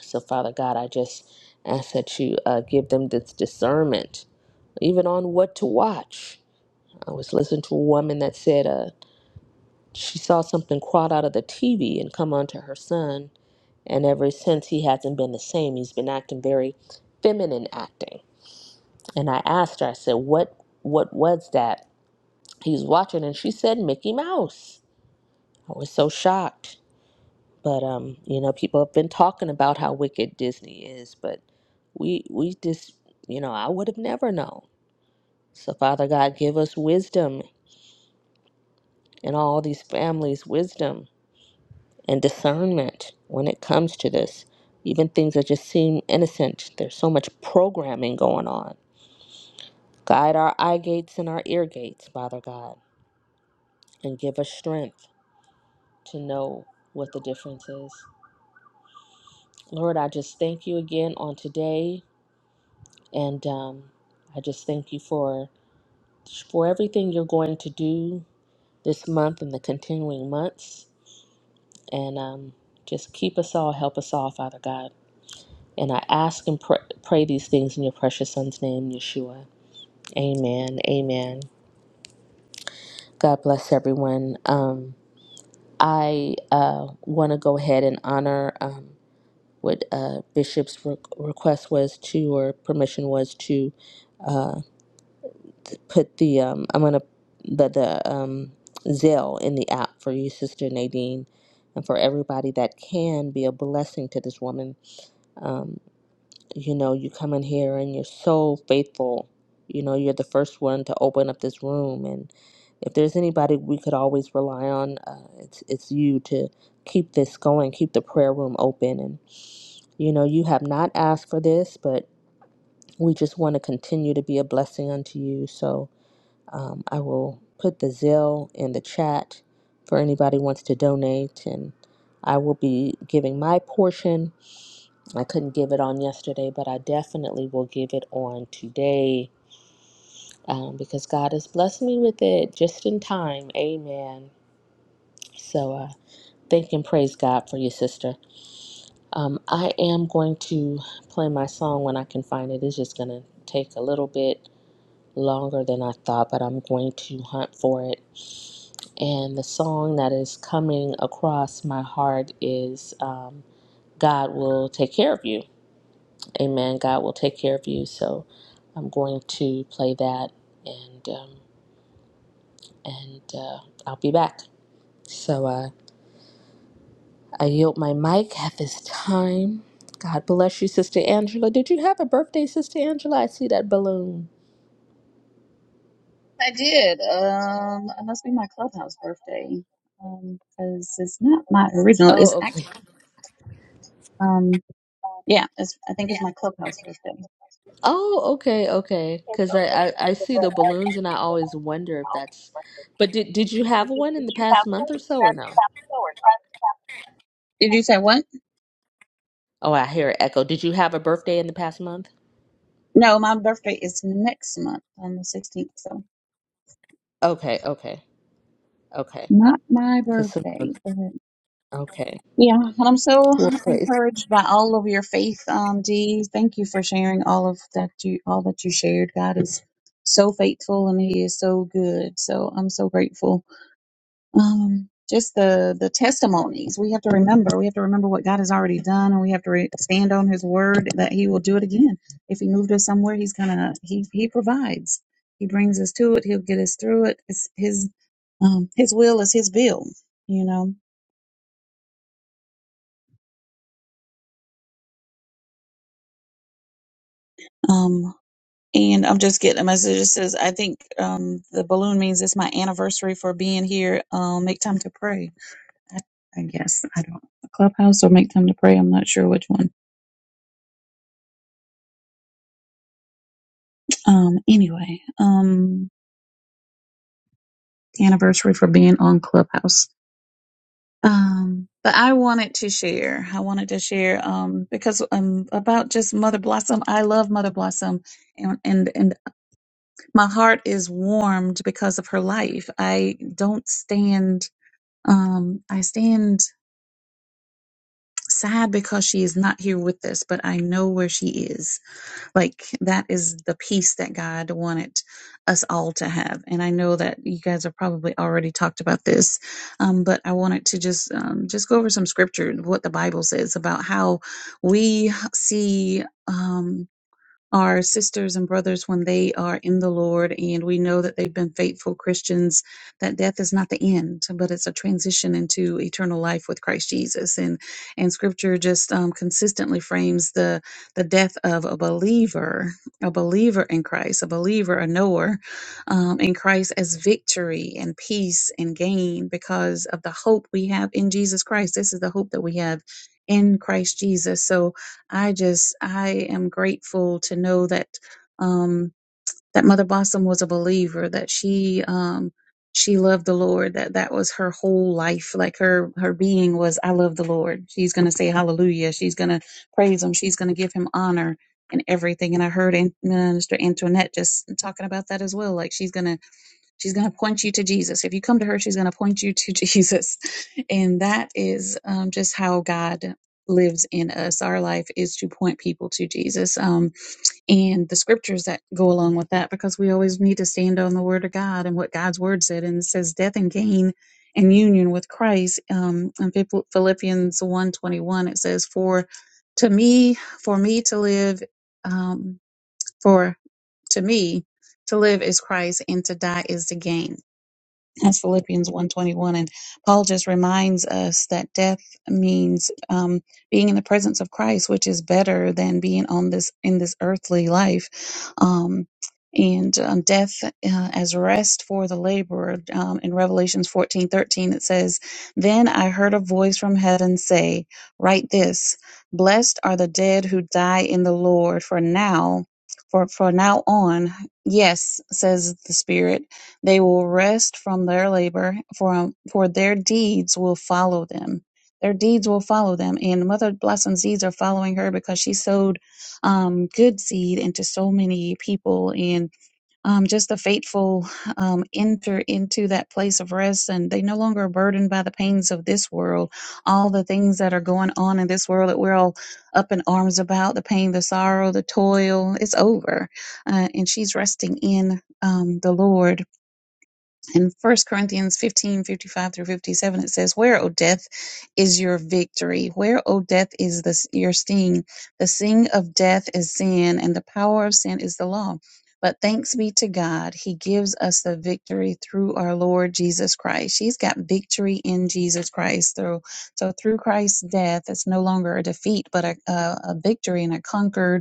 Speaker 13: So, Father God, I just ask that you uh, give them this discernment, even on what to watch. I was listening to a woman that said uh, she saw something crawl out of the TV and come onto her son And ever since he hasn't been the same. He's been acting very feminine acting. And I asked her, I said, What what was that? He's watching and she said Mickey Mouse. I was so shocked. But um, you know, people have been talking about how wicked Disney is, but we we just you know, I would have never known. So Father God give us wisdom and all these families wisdom and discernment when it comes to this. Even things that just seem innocent. There's so much programming going on Guide our eye gates and our ear gates, Father God, and give us strength to know what the difference is. Lord, I just thank you again on today, and um, I just thank you for for everything you're going to do this month and the continuing months, and um, just keep us all, help us all, Father God. And I ask and pr- pray these things in your precious Son's name, Yeshua. Amen. Amen. God bless everyone. Um, I uh, want to go ahead and honor um, what uh, Bishop's re- request was to, or permission was to uh, put the um, I'm gonna the the um, Zelle in the app for you, Sister Nadine, and for everybody that can be a blessing to this woman. Um, you know, you come in here and you're so faithful. You know, you're the first one to open up this room if there's anybody we could always rely on, uh, it's it's you to keep this going, keep the prayer room open, and you know you have not asked for this, but we just want to continue to be a blessing unto you. So um, I will put the Zelle in the chat for anybody who wants to donate, and I will be giving my portion. I couldn't give it on yesterday, but I definitely will give it on today. Um, because God has blessed me with it just in time. Amen. So uh, thank and praise God for your sister. Um, I am going to play my song when I can find it. It's just going to take a little bit longer than I thought, but I'm going to hunt for it. And the song that is coming across my heart is um, God Will Take Care of You. Amen. God will take care of you. So I'm going to play that and, um, and uh, I'll be back. So, uh, I yield my mic at this time. God bless you, Sister Angela. Did you have a birthday, Sister Angela? I see that balloon.
Speaker 14: I did. Um, it must be my clubhouse birthday. Um, because it's not my original.
Speaker 13: Oh,
Speaker 14: It's actually
Speaker 13: okay.
Speaker 14: um, yeah. It's I think it's my clubhouse birthday.
Speaker 13: Oh, okay, okay. Because I, I, I see the balloons and I always wonder if that's. But did, did you have one in the past month or so or no?
Speaker 14: Did you say what?
Speaker 13: Oh, I hear an echo. Did you have a birthday in the past month?
Speaker 14: No, my birthday is next month on the sixteenth. So
Speaker 13: Okay, okay, okay.
Speaker 14: not my
Speaker 13: Because
Speaker 14: birthday.
Speaker 13: sometimes. Okay.
Speaker 14: Yeah, and I'm so
Speaker 13: Well, praise.
Speaker 14: encouraged by all of your faith, um, Dee. Thank you for sharing all of that you all that you shared. God is so faithful and He is so good. So I'm so grateful. Um, just the the testimonies we have to remember. We have to remember what God has already done, and we have to re- stand on His word that He will do it again. If He moved us somewhere, He's gonna He He provides. He brings us to it. He'll get us through it. It's His um, His will is His bill. You know. Um, and I'm just getting a message that says, I think um, the balloon means it's my anniversary for being here. Um, make time to pray. I, I guess I don't clubhouse or make time to pray. I'm not sure which one. Um, anyway, um, anniversary for being on clubhouse. Um, but I wanted to share. I wanted to share um, because um, about just Mother Blossom. I love Mother Blossom, and, and and my heart is warmed because of her life. I don't stand um, I stand sad because she is not here with us, but I know where she is. Like that is the peace that God wanted us all to have. And I know that you guys have probably already talked about this, um, but I wanted to just um, just go over some scripture, what the Bible says about how we see. Um, our sisters and brothers when they are in the Lord and we know that they've been faithful Christians, that death is not the end, but it's a transition into eternal life with Christ Jesus. And and scripture just um, consistently frames the the death of a believer, a believer in Christ, a believer, a knower um, in Christ as victory and peace and gain because of the hope we have in Jesus Christ. This is the hope that we have in Christ Jesus. So I just I am grateful to know that um that Mother Blossom was a believer that she um she loved the Lord that that was her whole life like her her being was I love the Lord. She's going to say hallelujah. She's going to praise him. She's going to give him honor and everything and I heard An- Minister Antoinette just talking about that as well like she's going to She's going to point you to Jesus. If you come to her, she's going to point you to Jesus. And that is um, just how God lives in us. Our life is to point people to Jesus um, and the scriptures that go along with that, because we always need to stand on the word of God and what God's word said. And it says, death and gain and union with Christ. Um, in Phil- Philippians one twenty one, it says, for to me, for me to live, um, for to me, to live is Christ and to die is the gain. That's Philippians 121. And Paul just reminds us that death means um, being in the presence of Christ, which is better than being on this in this earthly life. Um, and um, death uh, as rest for the laborer. Um, in Revelations 14 13, it says, Then I heard a voice from heaven say, 'Write this, blessed are the dead who die in the Lord, for now, for, for now on, yes, says the Spirit they will rest from their labor, for, um, for their deeds will follow them. Their deeds will follow them. And Mother Blossom's deeds are following her because she sowed um, good seed into so many people. And um, just the faithful um, enter into that place of rest, and they no longer are burdened by the pains of this world. All the things that are going on in this world that we're all up in arms about the pain, the sorrow, the toil it's over. Uh, and she's resting in um, the Lord in First Corinthians 15 55 through 57, it says, Where, O death, is your victory? Where, O death, is this, your sting? The sting of death is sin, and the power of sin is the law. But thanks be to God, He gives us the victory through our Lord Jesus Christ. She's got victory in Jesus Christ. Through, so through Christ's death, it's no longer a defeat, but a, a, a victory and a conquered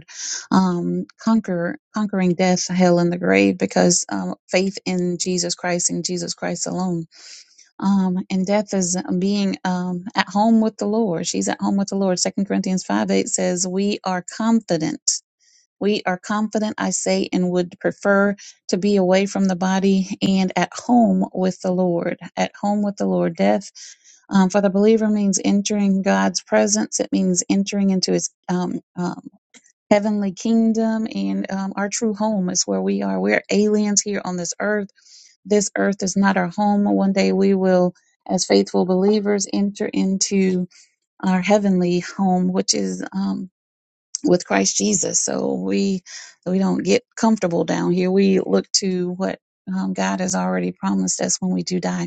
Speaker 14: um, conquer conquering death, hell, and the grave because um, faith in Jesus Christ and Jesus Christ alone. Um, and death is being um, at home with the Lord. She's at home with the Lord. Second Corinthians five eight says, "We are confident." We are confident, I say, and would prefer to be away from the body and at home with the Lord. At home with the Lord. Death um, for the believer means entering God's presence. It means entering into His um, um, heavenly kingdom and um, our true home is where we are. We're aliens here on this earth. This earth is not our home. One day we will, as faithful believers, enter into our heavenly home, which is um, with Christ Jesus. So we we don't get comfortable down here. We look to what um, God has already promised us when we do die.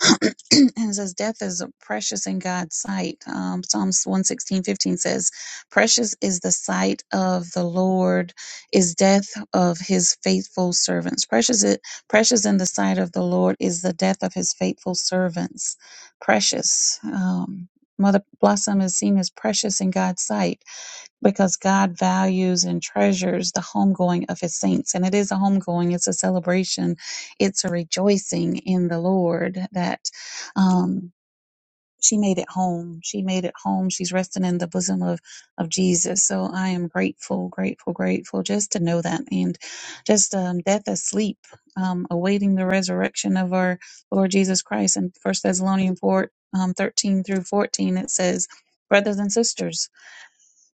Speaker 14: and it says death is precious in God's sight. Um, Psalms one sixteen fifteen says, precious is the sight of the Lord is death of his faithful servants. Precious, it, precious in the sight of the Lord is the death of his faithful servants. Precious. Um, Mother Blossom is seen as precious in God's sight because God values and treasures the homegoing of his saints. And it is a homegoing, it's a celebration, it's a rejoicing in the Lord that um, she made it home. She made it home. She's resting in the bosom of, of Jesus. So I am grateful, grateful, grateful just to know that. And just um, death asleep, um, awaiting the resurrection of our Lord Jesus Christ. In First Thessalonians 4, um, 13 through 14, it says, Brothers and sisters,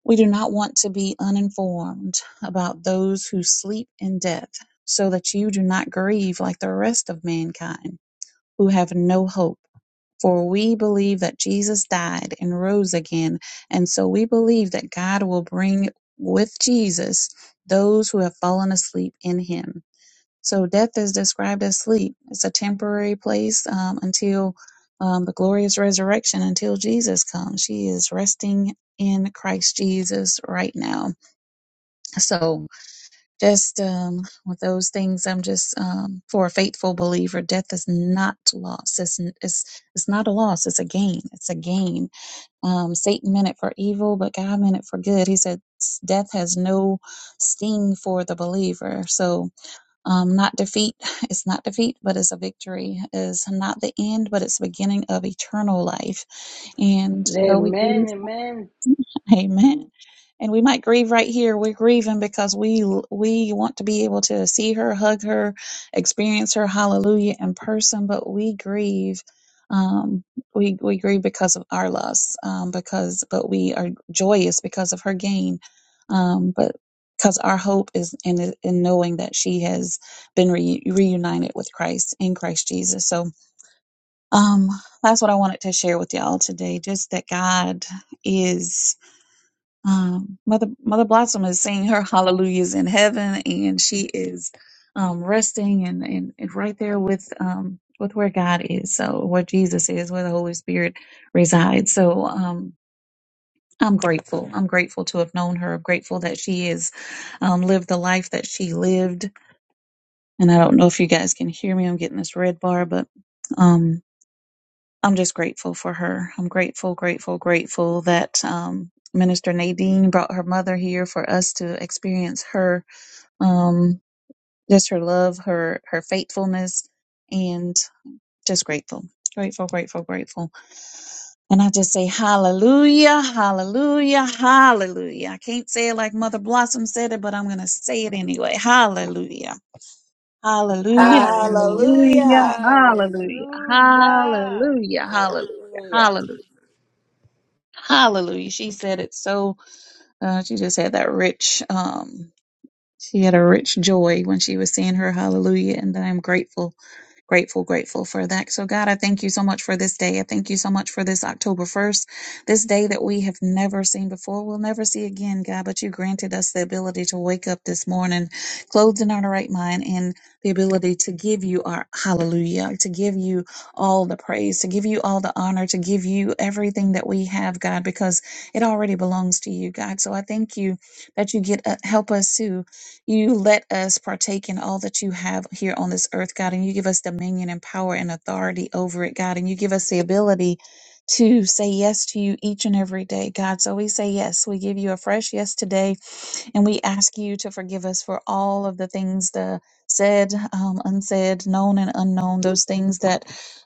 Speaker 14: we do not want to be uninformed about those who sleep in death, so that you do not grieve like the rest of mankind who have no hope. For we believe that Jesus died and rose again, and so we believe that God will bring with Jesus those who have fallen asleep in him. So death is described as sleep. It's a temporary place um, until um, the glorious resurrection, until Jesus comes. She is resting in Christ Jesus right now. So just um, with those things, I'm just um, for a faithful believer, death is not loss. It's, n- it's it's not a loss. It's a gain. It's a gain. Um, Satan meant it for evil, but God meant it for good. He said "S- death has no sting for the believer. So um, not defeat, it's not defeat, but it's a victory. Is not the end, but it's the beginning of eternal life. And though we grieve
Speaker 2: Amen. Amen.
Speaker 14: Amen. and we might grieve right here we're grieving because we we want to be able to see her hug her experience her hallelujah in person but we grieve um we we grieve because of our loss um because but we are joyous because of her gain um but because our hope is in in knowing that she has been re- reunited with Christ in Christ Jesus so um that's what I wanted to share with y'all today just that God is um, Mother Mother Blossom is saying her hallelujahs in heaven, and she is um, resting and, and and right there with um, with where God is, so where Jesus is, where the Holy Spirit resides. So um, I'm grateful. I'm grateful to have known her. I'm grateful that she has um, lived the life that she lived. And I don't know if you guys can hear me. I'm getting this red bar, but. Um, I'm just grateful for her. I'm grateful, grateful, grateful that um, Minister Nadine brought her mother here for us to experience her, um, just her love, her her faithfulness, and just grateful, grateful, grateful, grateful. And I just say hallelujah, hallelujah, hallelujah. I can't say it like Mother Blossom said it, but I'm gonna say it anyway. Hallelujah. Hallelujah,
Speaker 2: Hallelujah.
Speaker 14: hallelujah,
Speaker 13: Hallelujah.
Speaker 14: hallelujah,
Speaker 2: Hallelujah.
Speaker 14: hallelujah, hallelujah,
Speaker 13: Hallelujah.
Speaker 14: hallelujah. Hallelujah. She said it so, uh, she just had that rich, um, she had a rich joy when she was saying her hallelujah. And that I'm grateful Grateful, grateful for that. So, God, I thank you so much for this day. I thank you so much for this October 1st, this day that we have never seen before. We'll never see again, God, but you granted us the ability to wake up this morning, clothed in our right mind, and the ability to give you our hallelujah, to give you all the praise, to give you all the honor, to give you everything that we have, God, because it already belongs to you, God. So I thank you that you get uh, help us to. You let us partake in all that you have here on this earth, God, and you give us dominion and power and authority over it, God, and you give us the ability to say yes to you each and every day, God. So we say yes. We give you a fresh yes today, and we ask you to forgive us for all of the things the said, um, unsaid, known and unknown, those things that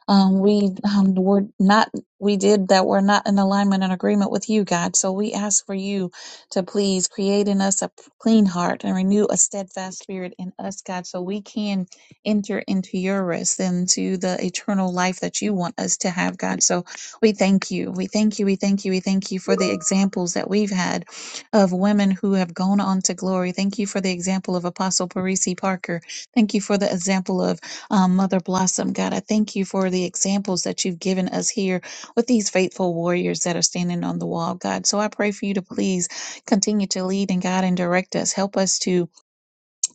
Speaker 14: um, we um, were not, we did that were not in alignment and agreement with you, God. So we ask for you to please create in us a clean heart and renew a steadfast spirit in us, God, so we can enter into your rest and to the eternal life that you want us to have, God. So we thank you. We thank you. We thank you. We thank you for the examples that we've had of women who have gone on to glory. Thank you for the example of Apostle Parisi Parker. Thank you for the example of um, Mother Blossom. God, I thank you for the examples that you've given us here with these faithful warriors that are standing on the wall, God. So I pray for you to please continue to lead and guide and direct us. Help us to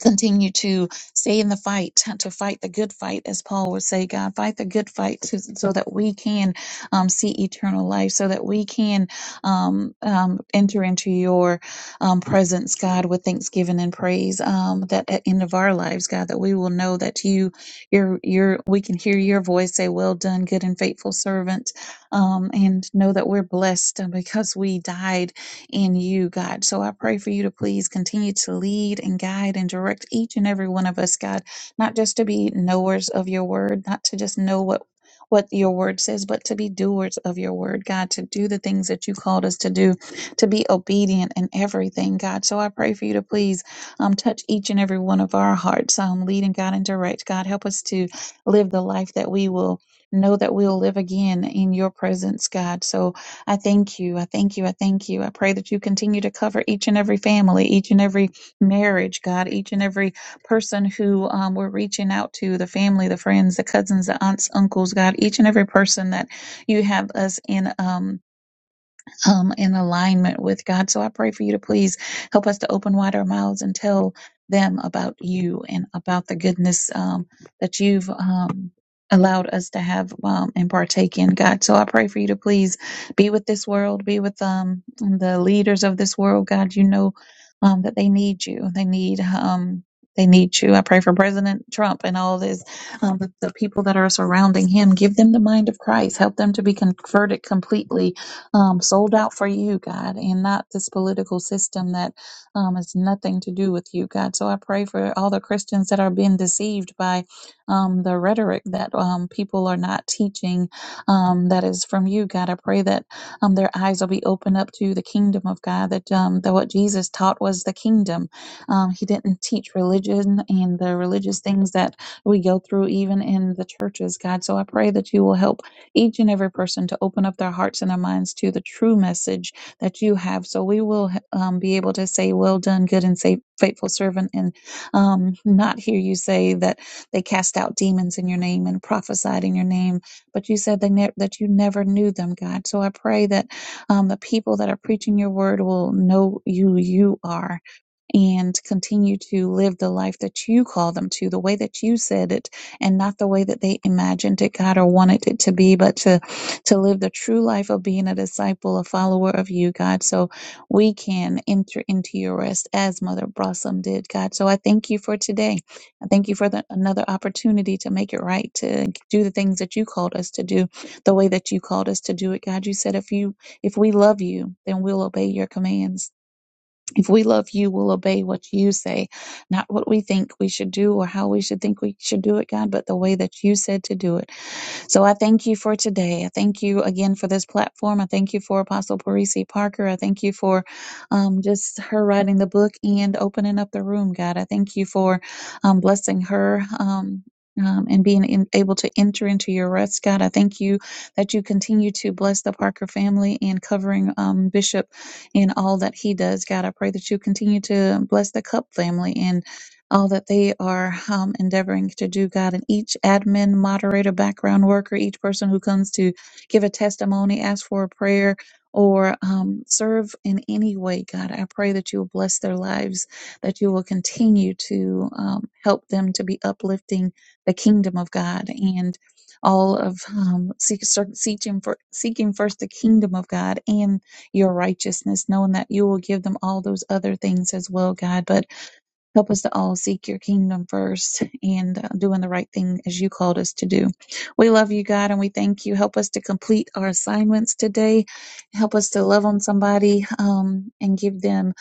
Speaker 14: continue to stay in the fight, to fight the good fight, as Paul would say, God, fight the good fight to, so that we can um, see eternal life, so that we can um, um, enter into your um, presence, God, with thanksgiving and praise. Um, that at end of our lives, God, that we will know that you, your, your, we can hear your voice say, "Well done, good and faithful servant," um, and know that we're blessed uh, because we died in you, God. So I pray for you to please continue to lead and guide and direct each and every one of us, God, not just to be knowers of your word, not to just know what what your word says, but to be doers of your word, God, to do the things that you called us to do, to be obedient in everything, God. So I pray for you to please um, touch each and every one of our hearts, um, lead and guide and direct, God. Help us to live the life that we will know that we'll live again in your presence, God. So I thank you. I thank you. I thank you. I pray that you continue to cover each and every family, each and every marriage, God, each and every person who um, we're reaching out to the family, the friends, the cousins, the aunts, uncles, God, each and every person that you have us in. Um, um, in alignment with God. So I pray for you to please help us to open wide our mouths and tell them about you and about the goodness um, that you've um, allowed us to have um, and partake in, God. So I pray for you to please be with this world, be with um, the leaders of this world, God. You know um, that they need you. They need. Um, they need you. I pray for President Trump and all this, um, the, the people that are surrounding him. Give them the mind of Christ. Help them to be converted completely um, sold out for you, God, and not this political system that um, has nothing to do with you, God. So I pray for all the Christians that are being deceived by um, the rhetoric that um, people are not teaching um, that is from you, God. I pray that um, their eyes will be opened up to the kingdom of God, that, um, that what Jesus taught was the kingdom. Um, he didn't teach religion and the religious things that we go through, even in the churches, God. So I pray that you will help each and every person to open up their hearts and their minds to the true message that you have. So we will um, be able to say, Well done, good and safe, faithful servant, and um, not hear you say that they cast out demons in your name and prophesied in your name, but you said they ne- that you never knew them, God. So I pray that um, the people that are preaching your word will know you, you are and continue to live the life that you call them to, the way that you said it, and not the way that they imagined it, God, or wanted it to be, but to to live the true life of being a disciple, a follower of you, God, so we can enter into your rest as Mother Blossom did, God. So I thank you for today. I thank you for the, another opportunity to make it right, to do the things that you called us to do, the way that you called us to do it, God. You said if you if we love you, then we'll obey your commands. If we love you, we'll obey what you say, not what we think we should do or how we should think we should do it, God, but the way that you said to do it. So I thank you for today. I thank you again for this platform. I thank you for Apostle Parisi Parker. I thank you for um, just her writing the book and opening up the room, God. I thank you for um, blessing her. Um, um, and being in, able to enter into your rest, God, I thank you that you continue to bless the Parker family and covering um, Bishop in all that he does. God, I pray that you continue to bless the Cup family and all that they are um, endeavoring to do, God, and each admin, moderator, background worker, each person who comes to give a testimony, ask for a prayer, or um, serve in any way, God, I pray that you will bless their lives, that you will continue to um, help them to be uplifting the kingdom of God and all of um, seek, ser- seeking, for, seeking first the kingdom of God and your righteousness, knowing that you will give them all those other things as well, God. But Help us to all seek your kingdom first and uh, doing the right thing as you called us to do. We love you, God, and we thank you. Help us to complete our assignments today. Help us to love on somebody um, and give them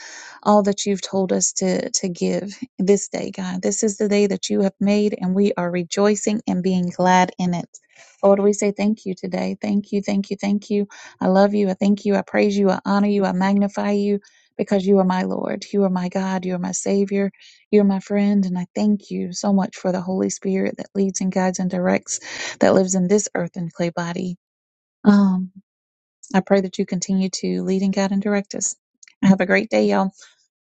Speaker 14: all that you've told us to, to give this day, God. This is the day that you have made, and we are rejoicing and being glad in it. Lord, we say thank you today. Thank you, thank you, thank you. I love you. I thank you. I praise you. I honor you. I magnify you because you are my Lord. You are my God. You are my Savior. You're my friend, and I thank you so much for the Holy Spirit that leads and guides and directs that lives in this earth and clay body. Um, I pray that you continue to lead and guide and direct us. Have a great day, y'all.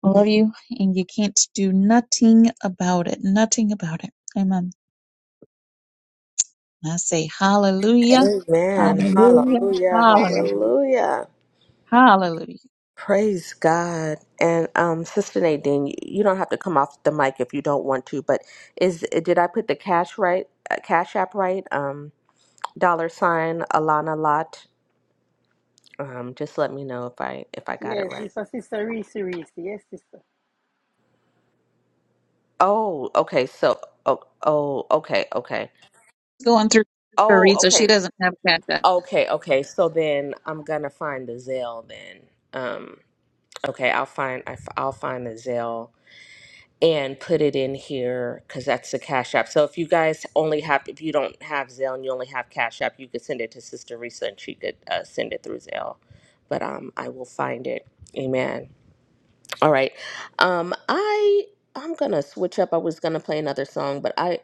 Speaker 14: I love you, and you can't do nothing about it. Nothing about it. Amen. And I say hallelujah,
Speaker 13: Amen.
Speaker 14: hallelujah,
Speaker 13: Hallelujah.
Speaker 14: hallelujah,
Speaker 13: Hallelujah.
Speaker 14: hallelujah.
Speaker 13: Praise God. And um, Sister Nadine, you you don't have to come off the mic if you don't want to, but is did I put the cash right, uh, cash app right? Um, dollar sign Alana Lot. Um, just let me know if I if I got it
Speaker 2: Yes,
Speaker 13: right.
Speaker 2: this was Sister Reese Reese. Yes, sister.
Speaker 13: Oh, okay. So, oh, oh, okay, okay.
Speaker 14: Going through
Speaker 13: Oh,
Speaker 14: three, so she
Speaker 13: okay,
Speaker 14: doesn't have cat that.
Speaker 13: okay, okay. So then I'm gonna find the Zelle then. Um, okay, I'll find I, will find the Zelle and put it in here because that's the Cash App. So if you guys only have, if you don't have Zelle and you only have Cash App, you could send it to Sister Risa and she could uh, send it through Zelle. But um, I will find it. Amen. All right. Um, I I'm gonna switch up. I was gonna play another song, but I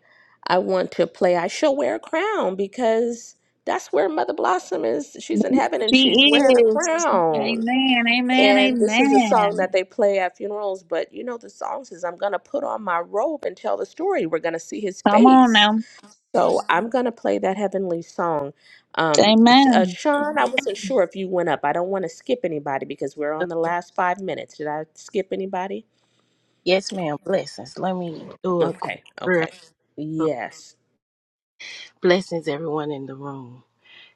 Speaker 13: I want to play "I Shall Wear a Crown" because that's where Mother Blossom is. She's in heaven and
Speaker 14: She
Speaker 13: she's wearing a
Speaker 14: is.
Speaker 13: crown.
Speaker 14: Amen, amen,
Speaker 13: And this is a song
Speaker 14: amen.
Speaker 13: that they play at funerals, but you know, the song says, I'm going to put on my robe and tell the story. We're going to see his
Speaker 14: Come on
Speaker 13: face.
Speaker 14: now.
Speaker 13: So I'm going to play that heavenly song. Um, S- uh,
Speaker 14: Amen.
Speaker 13: Sean, I wasn't sure if you went up. I don't want to skip anybody because we're on the last five minutes. Did I skip anybody?
Speaker 15: Yes, ma'am. Blessings. Let me do a quick
Speaker 13: Okay,
Speaker 15: prayer.
Speaker 13: okay. Yes.
Speaker 15: Blessings, everyone in the room.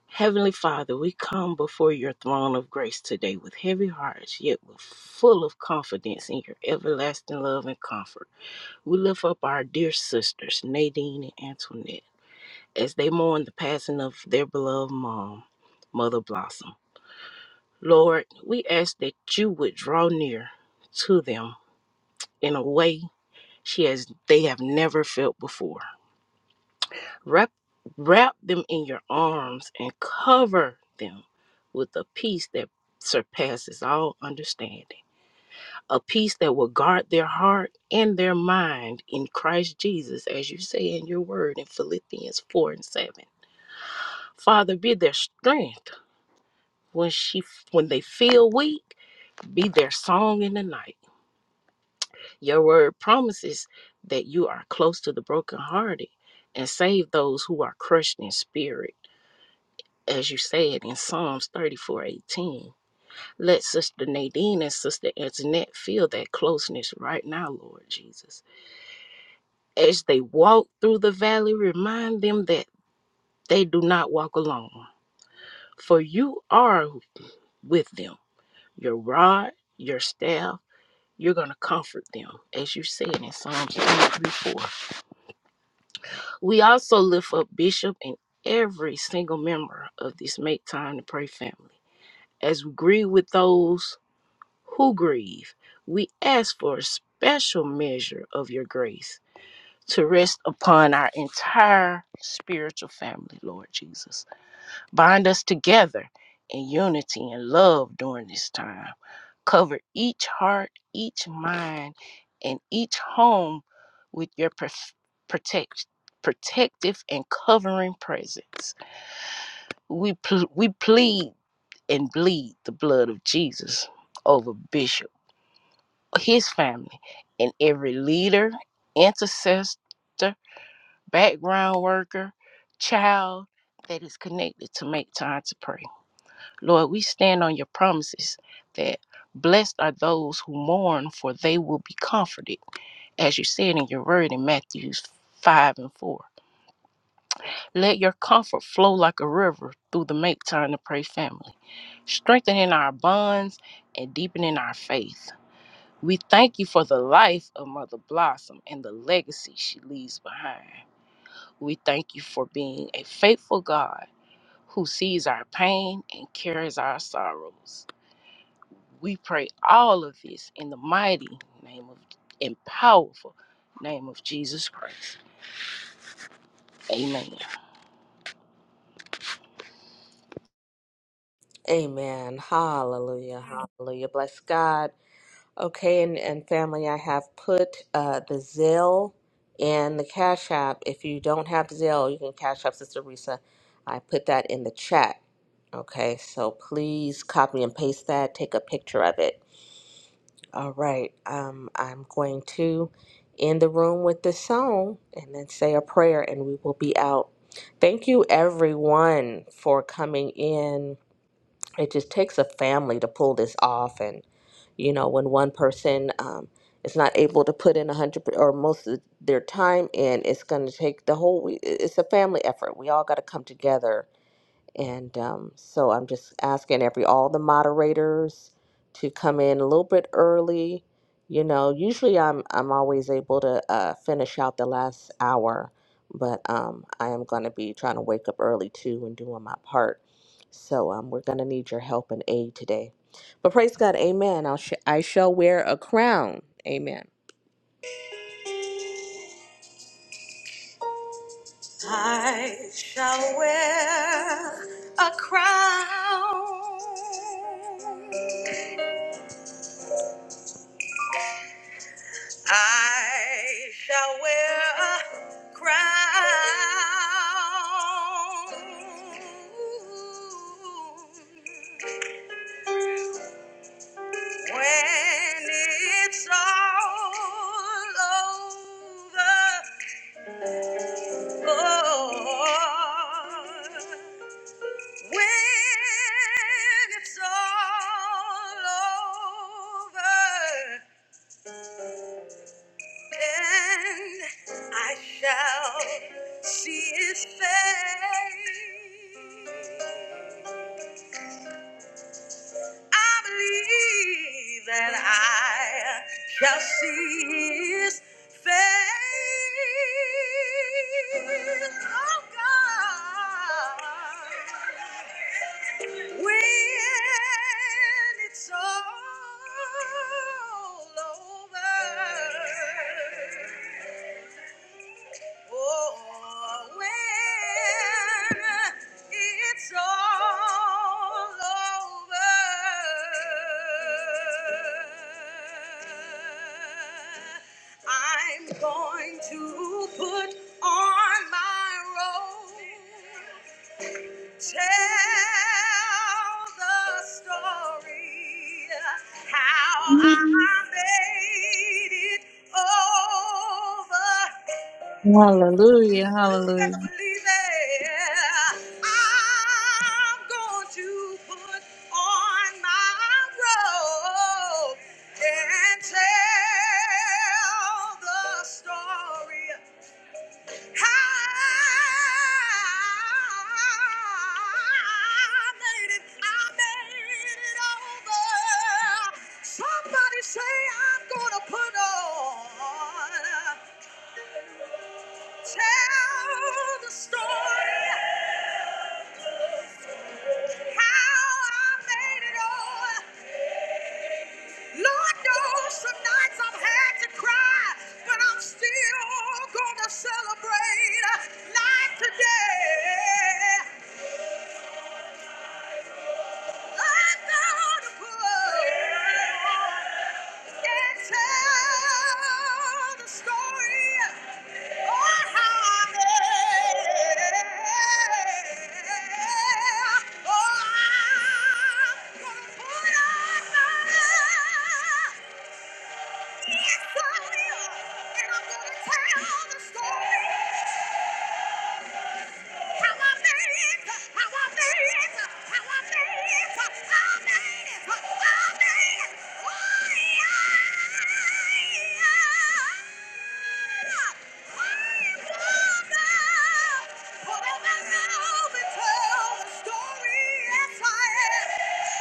Speaker 15: Heavenly Father, we come before your throne of grace today with heavy hearts, yet with full of confidence in your everlasting love and comfort. We lift up our dear sisters, Nadine and Antoinette, as they mourn the passing of their beloved mom, Mother Blossom. Lord, we ask that you would draw near to them in a way she has they have never felt before. Wrap, wrap them in your arms and cover them with a peace that surpasses all understanding, a peace that will guard their heart and their mind in Christ Jesus, as you say in your word in Philippians 4 and 7. Father, be their strength when she when they feel weak, be their song in the night. Your word promises that you are close to the brokenhearted and save those who are crushed in spirit. as you said in Psalms 34 18, Let Sister Nadine and Sister Antoinette feel that closeness right now, Lord Jesus. As they walk through the valley, remind them that they do not walk alone, for you are with them. Your rod, your staff, you're going to comfort them, as you said in Psalms 23 4. We also lift up Bishop and every single member of this Make Time to Pray family. As we grieve with those who grieve, we ask for a special measure of your grace to rest upon our entire spiritual family, Lord Jesus. Bind us together in unity and love during this time. Cover each heart, each mind, and each home with your prof- protect, protective and covering presence. We, pl- we plead and bleed the blood of Jesus over Bishop his family and every leader, intercessor, background worker, child that is connected to make time to pray. Lord, we stand on your promises that blessed are those who mourn, for they will be comforted, as you said in your word in Matthew 5 and 4. Let your comfort flow like a river through the make time to pray family, strengthening our bonds and deepening our faith. We thank you for the life of Mother Blossom and the legacy she leaves behind. We thank you for being a faithful God who sees our pain and carries our sorrows. We pray all of this in the mighty name of and powerful name of Jesus Christ. Amen.
Speaker 13: Amen. Hallelujah. Hallelujah. Bless God. Okay, and, and family, I have put uh, the Zelle and the Cash App. If you don't have Zelle, you can Cash App Sister Risa. I put that in the chat. Okay, so please copy and paste that. Take a picture of it. All right, um, I'm going to end the room with this song and then say a prayer, and we will be out. Thank you, everyone, for coming in it just takes a family to pull this off and you know when one person um, is not able to put in a 100 per- or most of their time in it's going to take the whole it's a family effort we all got to come together and um, so I'm just asking every all the moderators to come in a little bit early. You know, usually I'm I'm always able to uh, finish out the last hour, but um, I am going to be trying to wake up early too and doing my part. So um, we're going to need your help and aid today. But praise God, Amen. I'll sh- I shall wear a crown. Amen. I shall wear a crown. I shall wear a crown when it's all over. Oh, When it's all over. And I shall see his face. I believe that I shall see his face. Oh God. When it's all over. Oh, when it's all over, I'm going to put on my robe Tell the story how I
Speaker 14: Mm.
Speaker 13: made it over. You
Speaker 14: Hallelujah. Hallelujah.
Speaker 13: better believe it. I'm going to put on my robe and tell the story. Somebody say I'm gonna put on. Tell the story how I made it on. Lord knows some nights I've had to cry, but I'm still gonna celebrate life today. Yes, I will. And I'm gonna tell the story. Story, yes I am.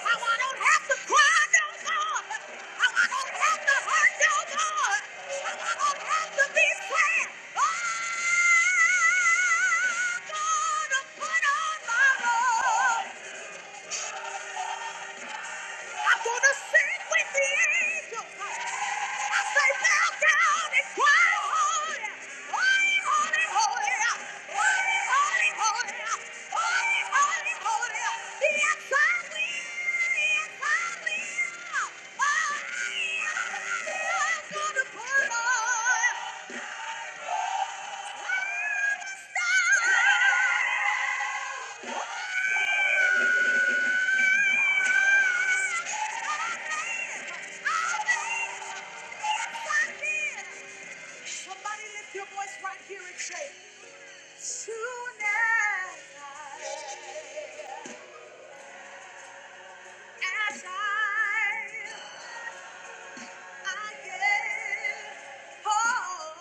Speaker 13: How I don't have to cry no more. How I don't have to hurt no more. How I don't have to be sad. Oh, I'm gonna put on my robe. I'm gonna sing with the angels. I say, bow down and cry holy, holy, holy, holy, holy, holy, holy, holy, holy, holy. Yes, I will. Yes, I will. I am gonna put on. I'm a star. Somebody lift your voice right here and say, Tonight, as I, I get home.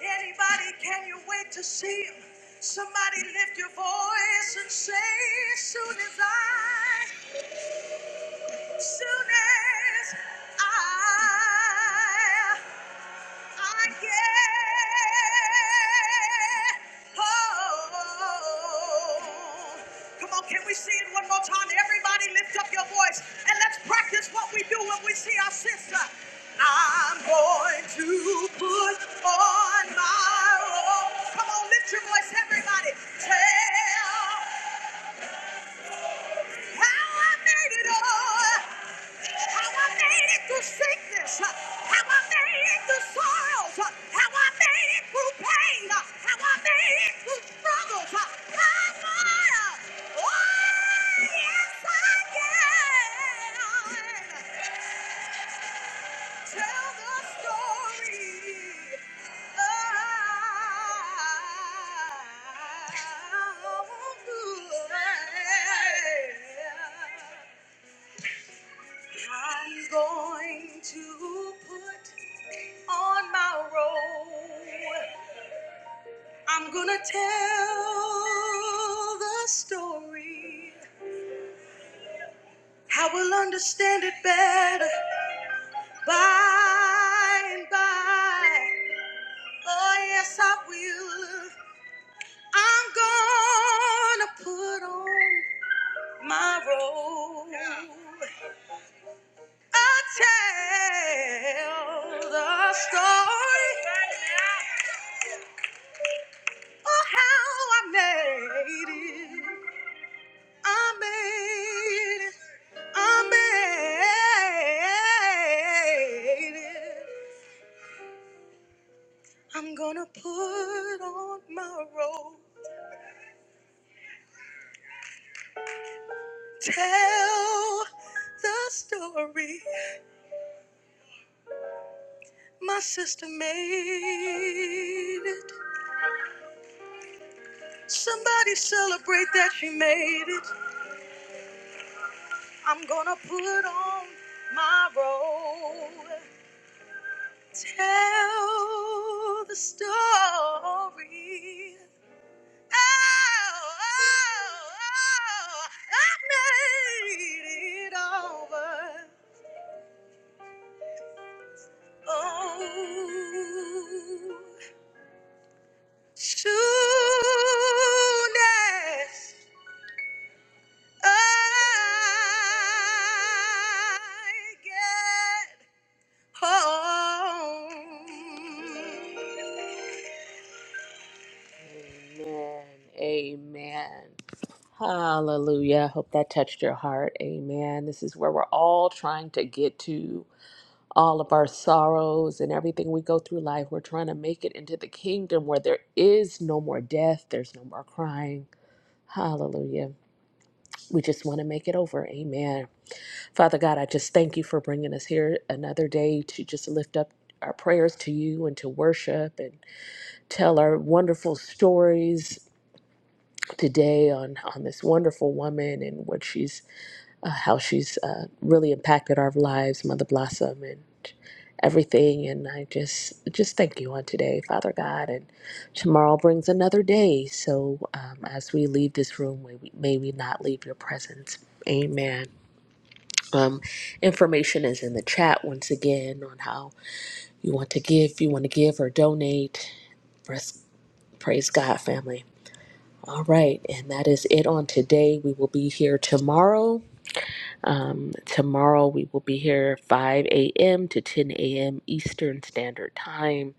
Speaker 13: Anybody, can you wait to see him? Somebody lift your voice and say, soon as I Soon as I, I get home. Come on, can we see it one more time? Everybody lift up your voice and let's practice what we do when we see our sister. I'm going to put on my robe. Come on, lift your voice, everybody. Tell how I made it through sickness. How I made it through sorrows. How I made it through pain. How I made it through struggles. My God. Oh, yes, I can. Tell the story. I'm going to put on my robe. I'm gonna tell the story. I will understand it better by and by. Oh, yes, I will. I'm gonna put on my robe. I tell the story of how I made it. I made it. I made it. I'm gonna put on my robe. Tell the story. My sister made it. Somebody celebrate that she made it. I'm gonna put on my robe, tell the story. Oh, oh, oh, I made it over. Oh, soon as I get Home. Amen. Amen. Hallelujah. I hope that touched your heart. Amen. This is where we're all trying to get to. All of our sorrows and everything we go through life, we're trying to make it into the kingdom where there is no more death, there's no more crying. Hallelujah. We just want to make it over. Amen. Father God, I just thank you for bringing us here another day to just lift up our prayers to you and to worship and tell our wonderful stories today on on this wonderful woman and what she's uh, how she's uh, really impacted our lives, Mother Blossom and everything and I just just thank you on today, Father God, and tomorrow brings another day. So um, as we leave this room, may we, may we not leave your presence. Amen. Um, information is in the chat once again on how you want to give, if you want to give or donate. Praise, praise God, family. All right, and that is it on today. We will be here tomorrow. Um, tomorrow we will be here 5 a.m. to 10 a.m. Eastern Standard Time,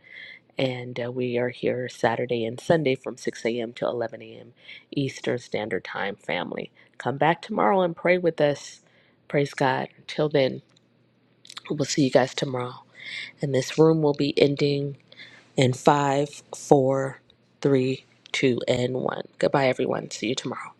Speaker 13: and uh, we are here Saturday and Sunday from 6 a.m. to 11 a.m. Eastern Standard Time, family. Come back tomorrow and pray with us. Praise God. Until then, we'll see you guys tomorrow. And this room will be ending in five, four, three, two, and one. Goodbye, everyone. See you tomorrow.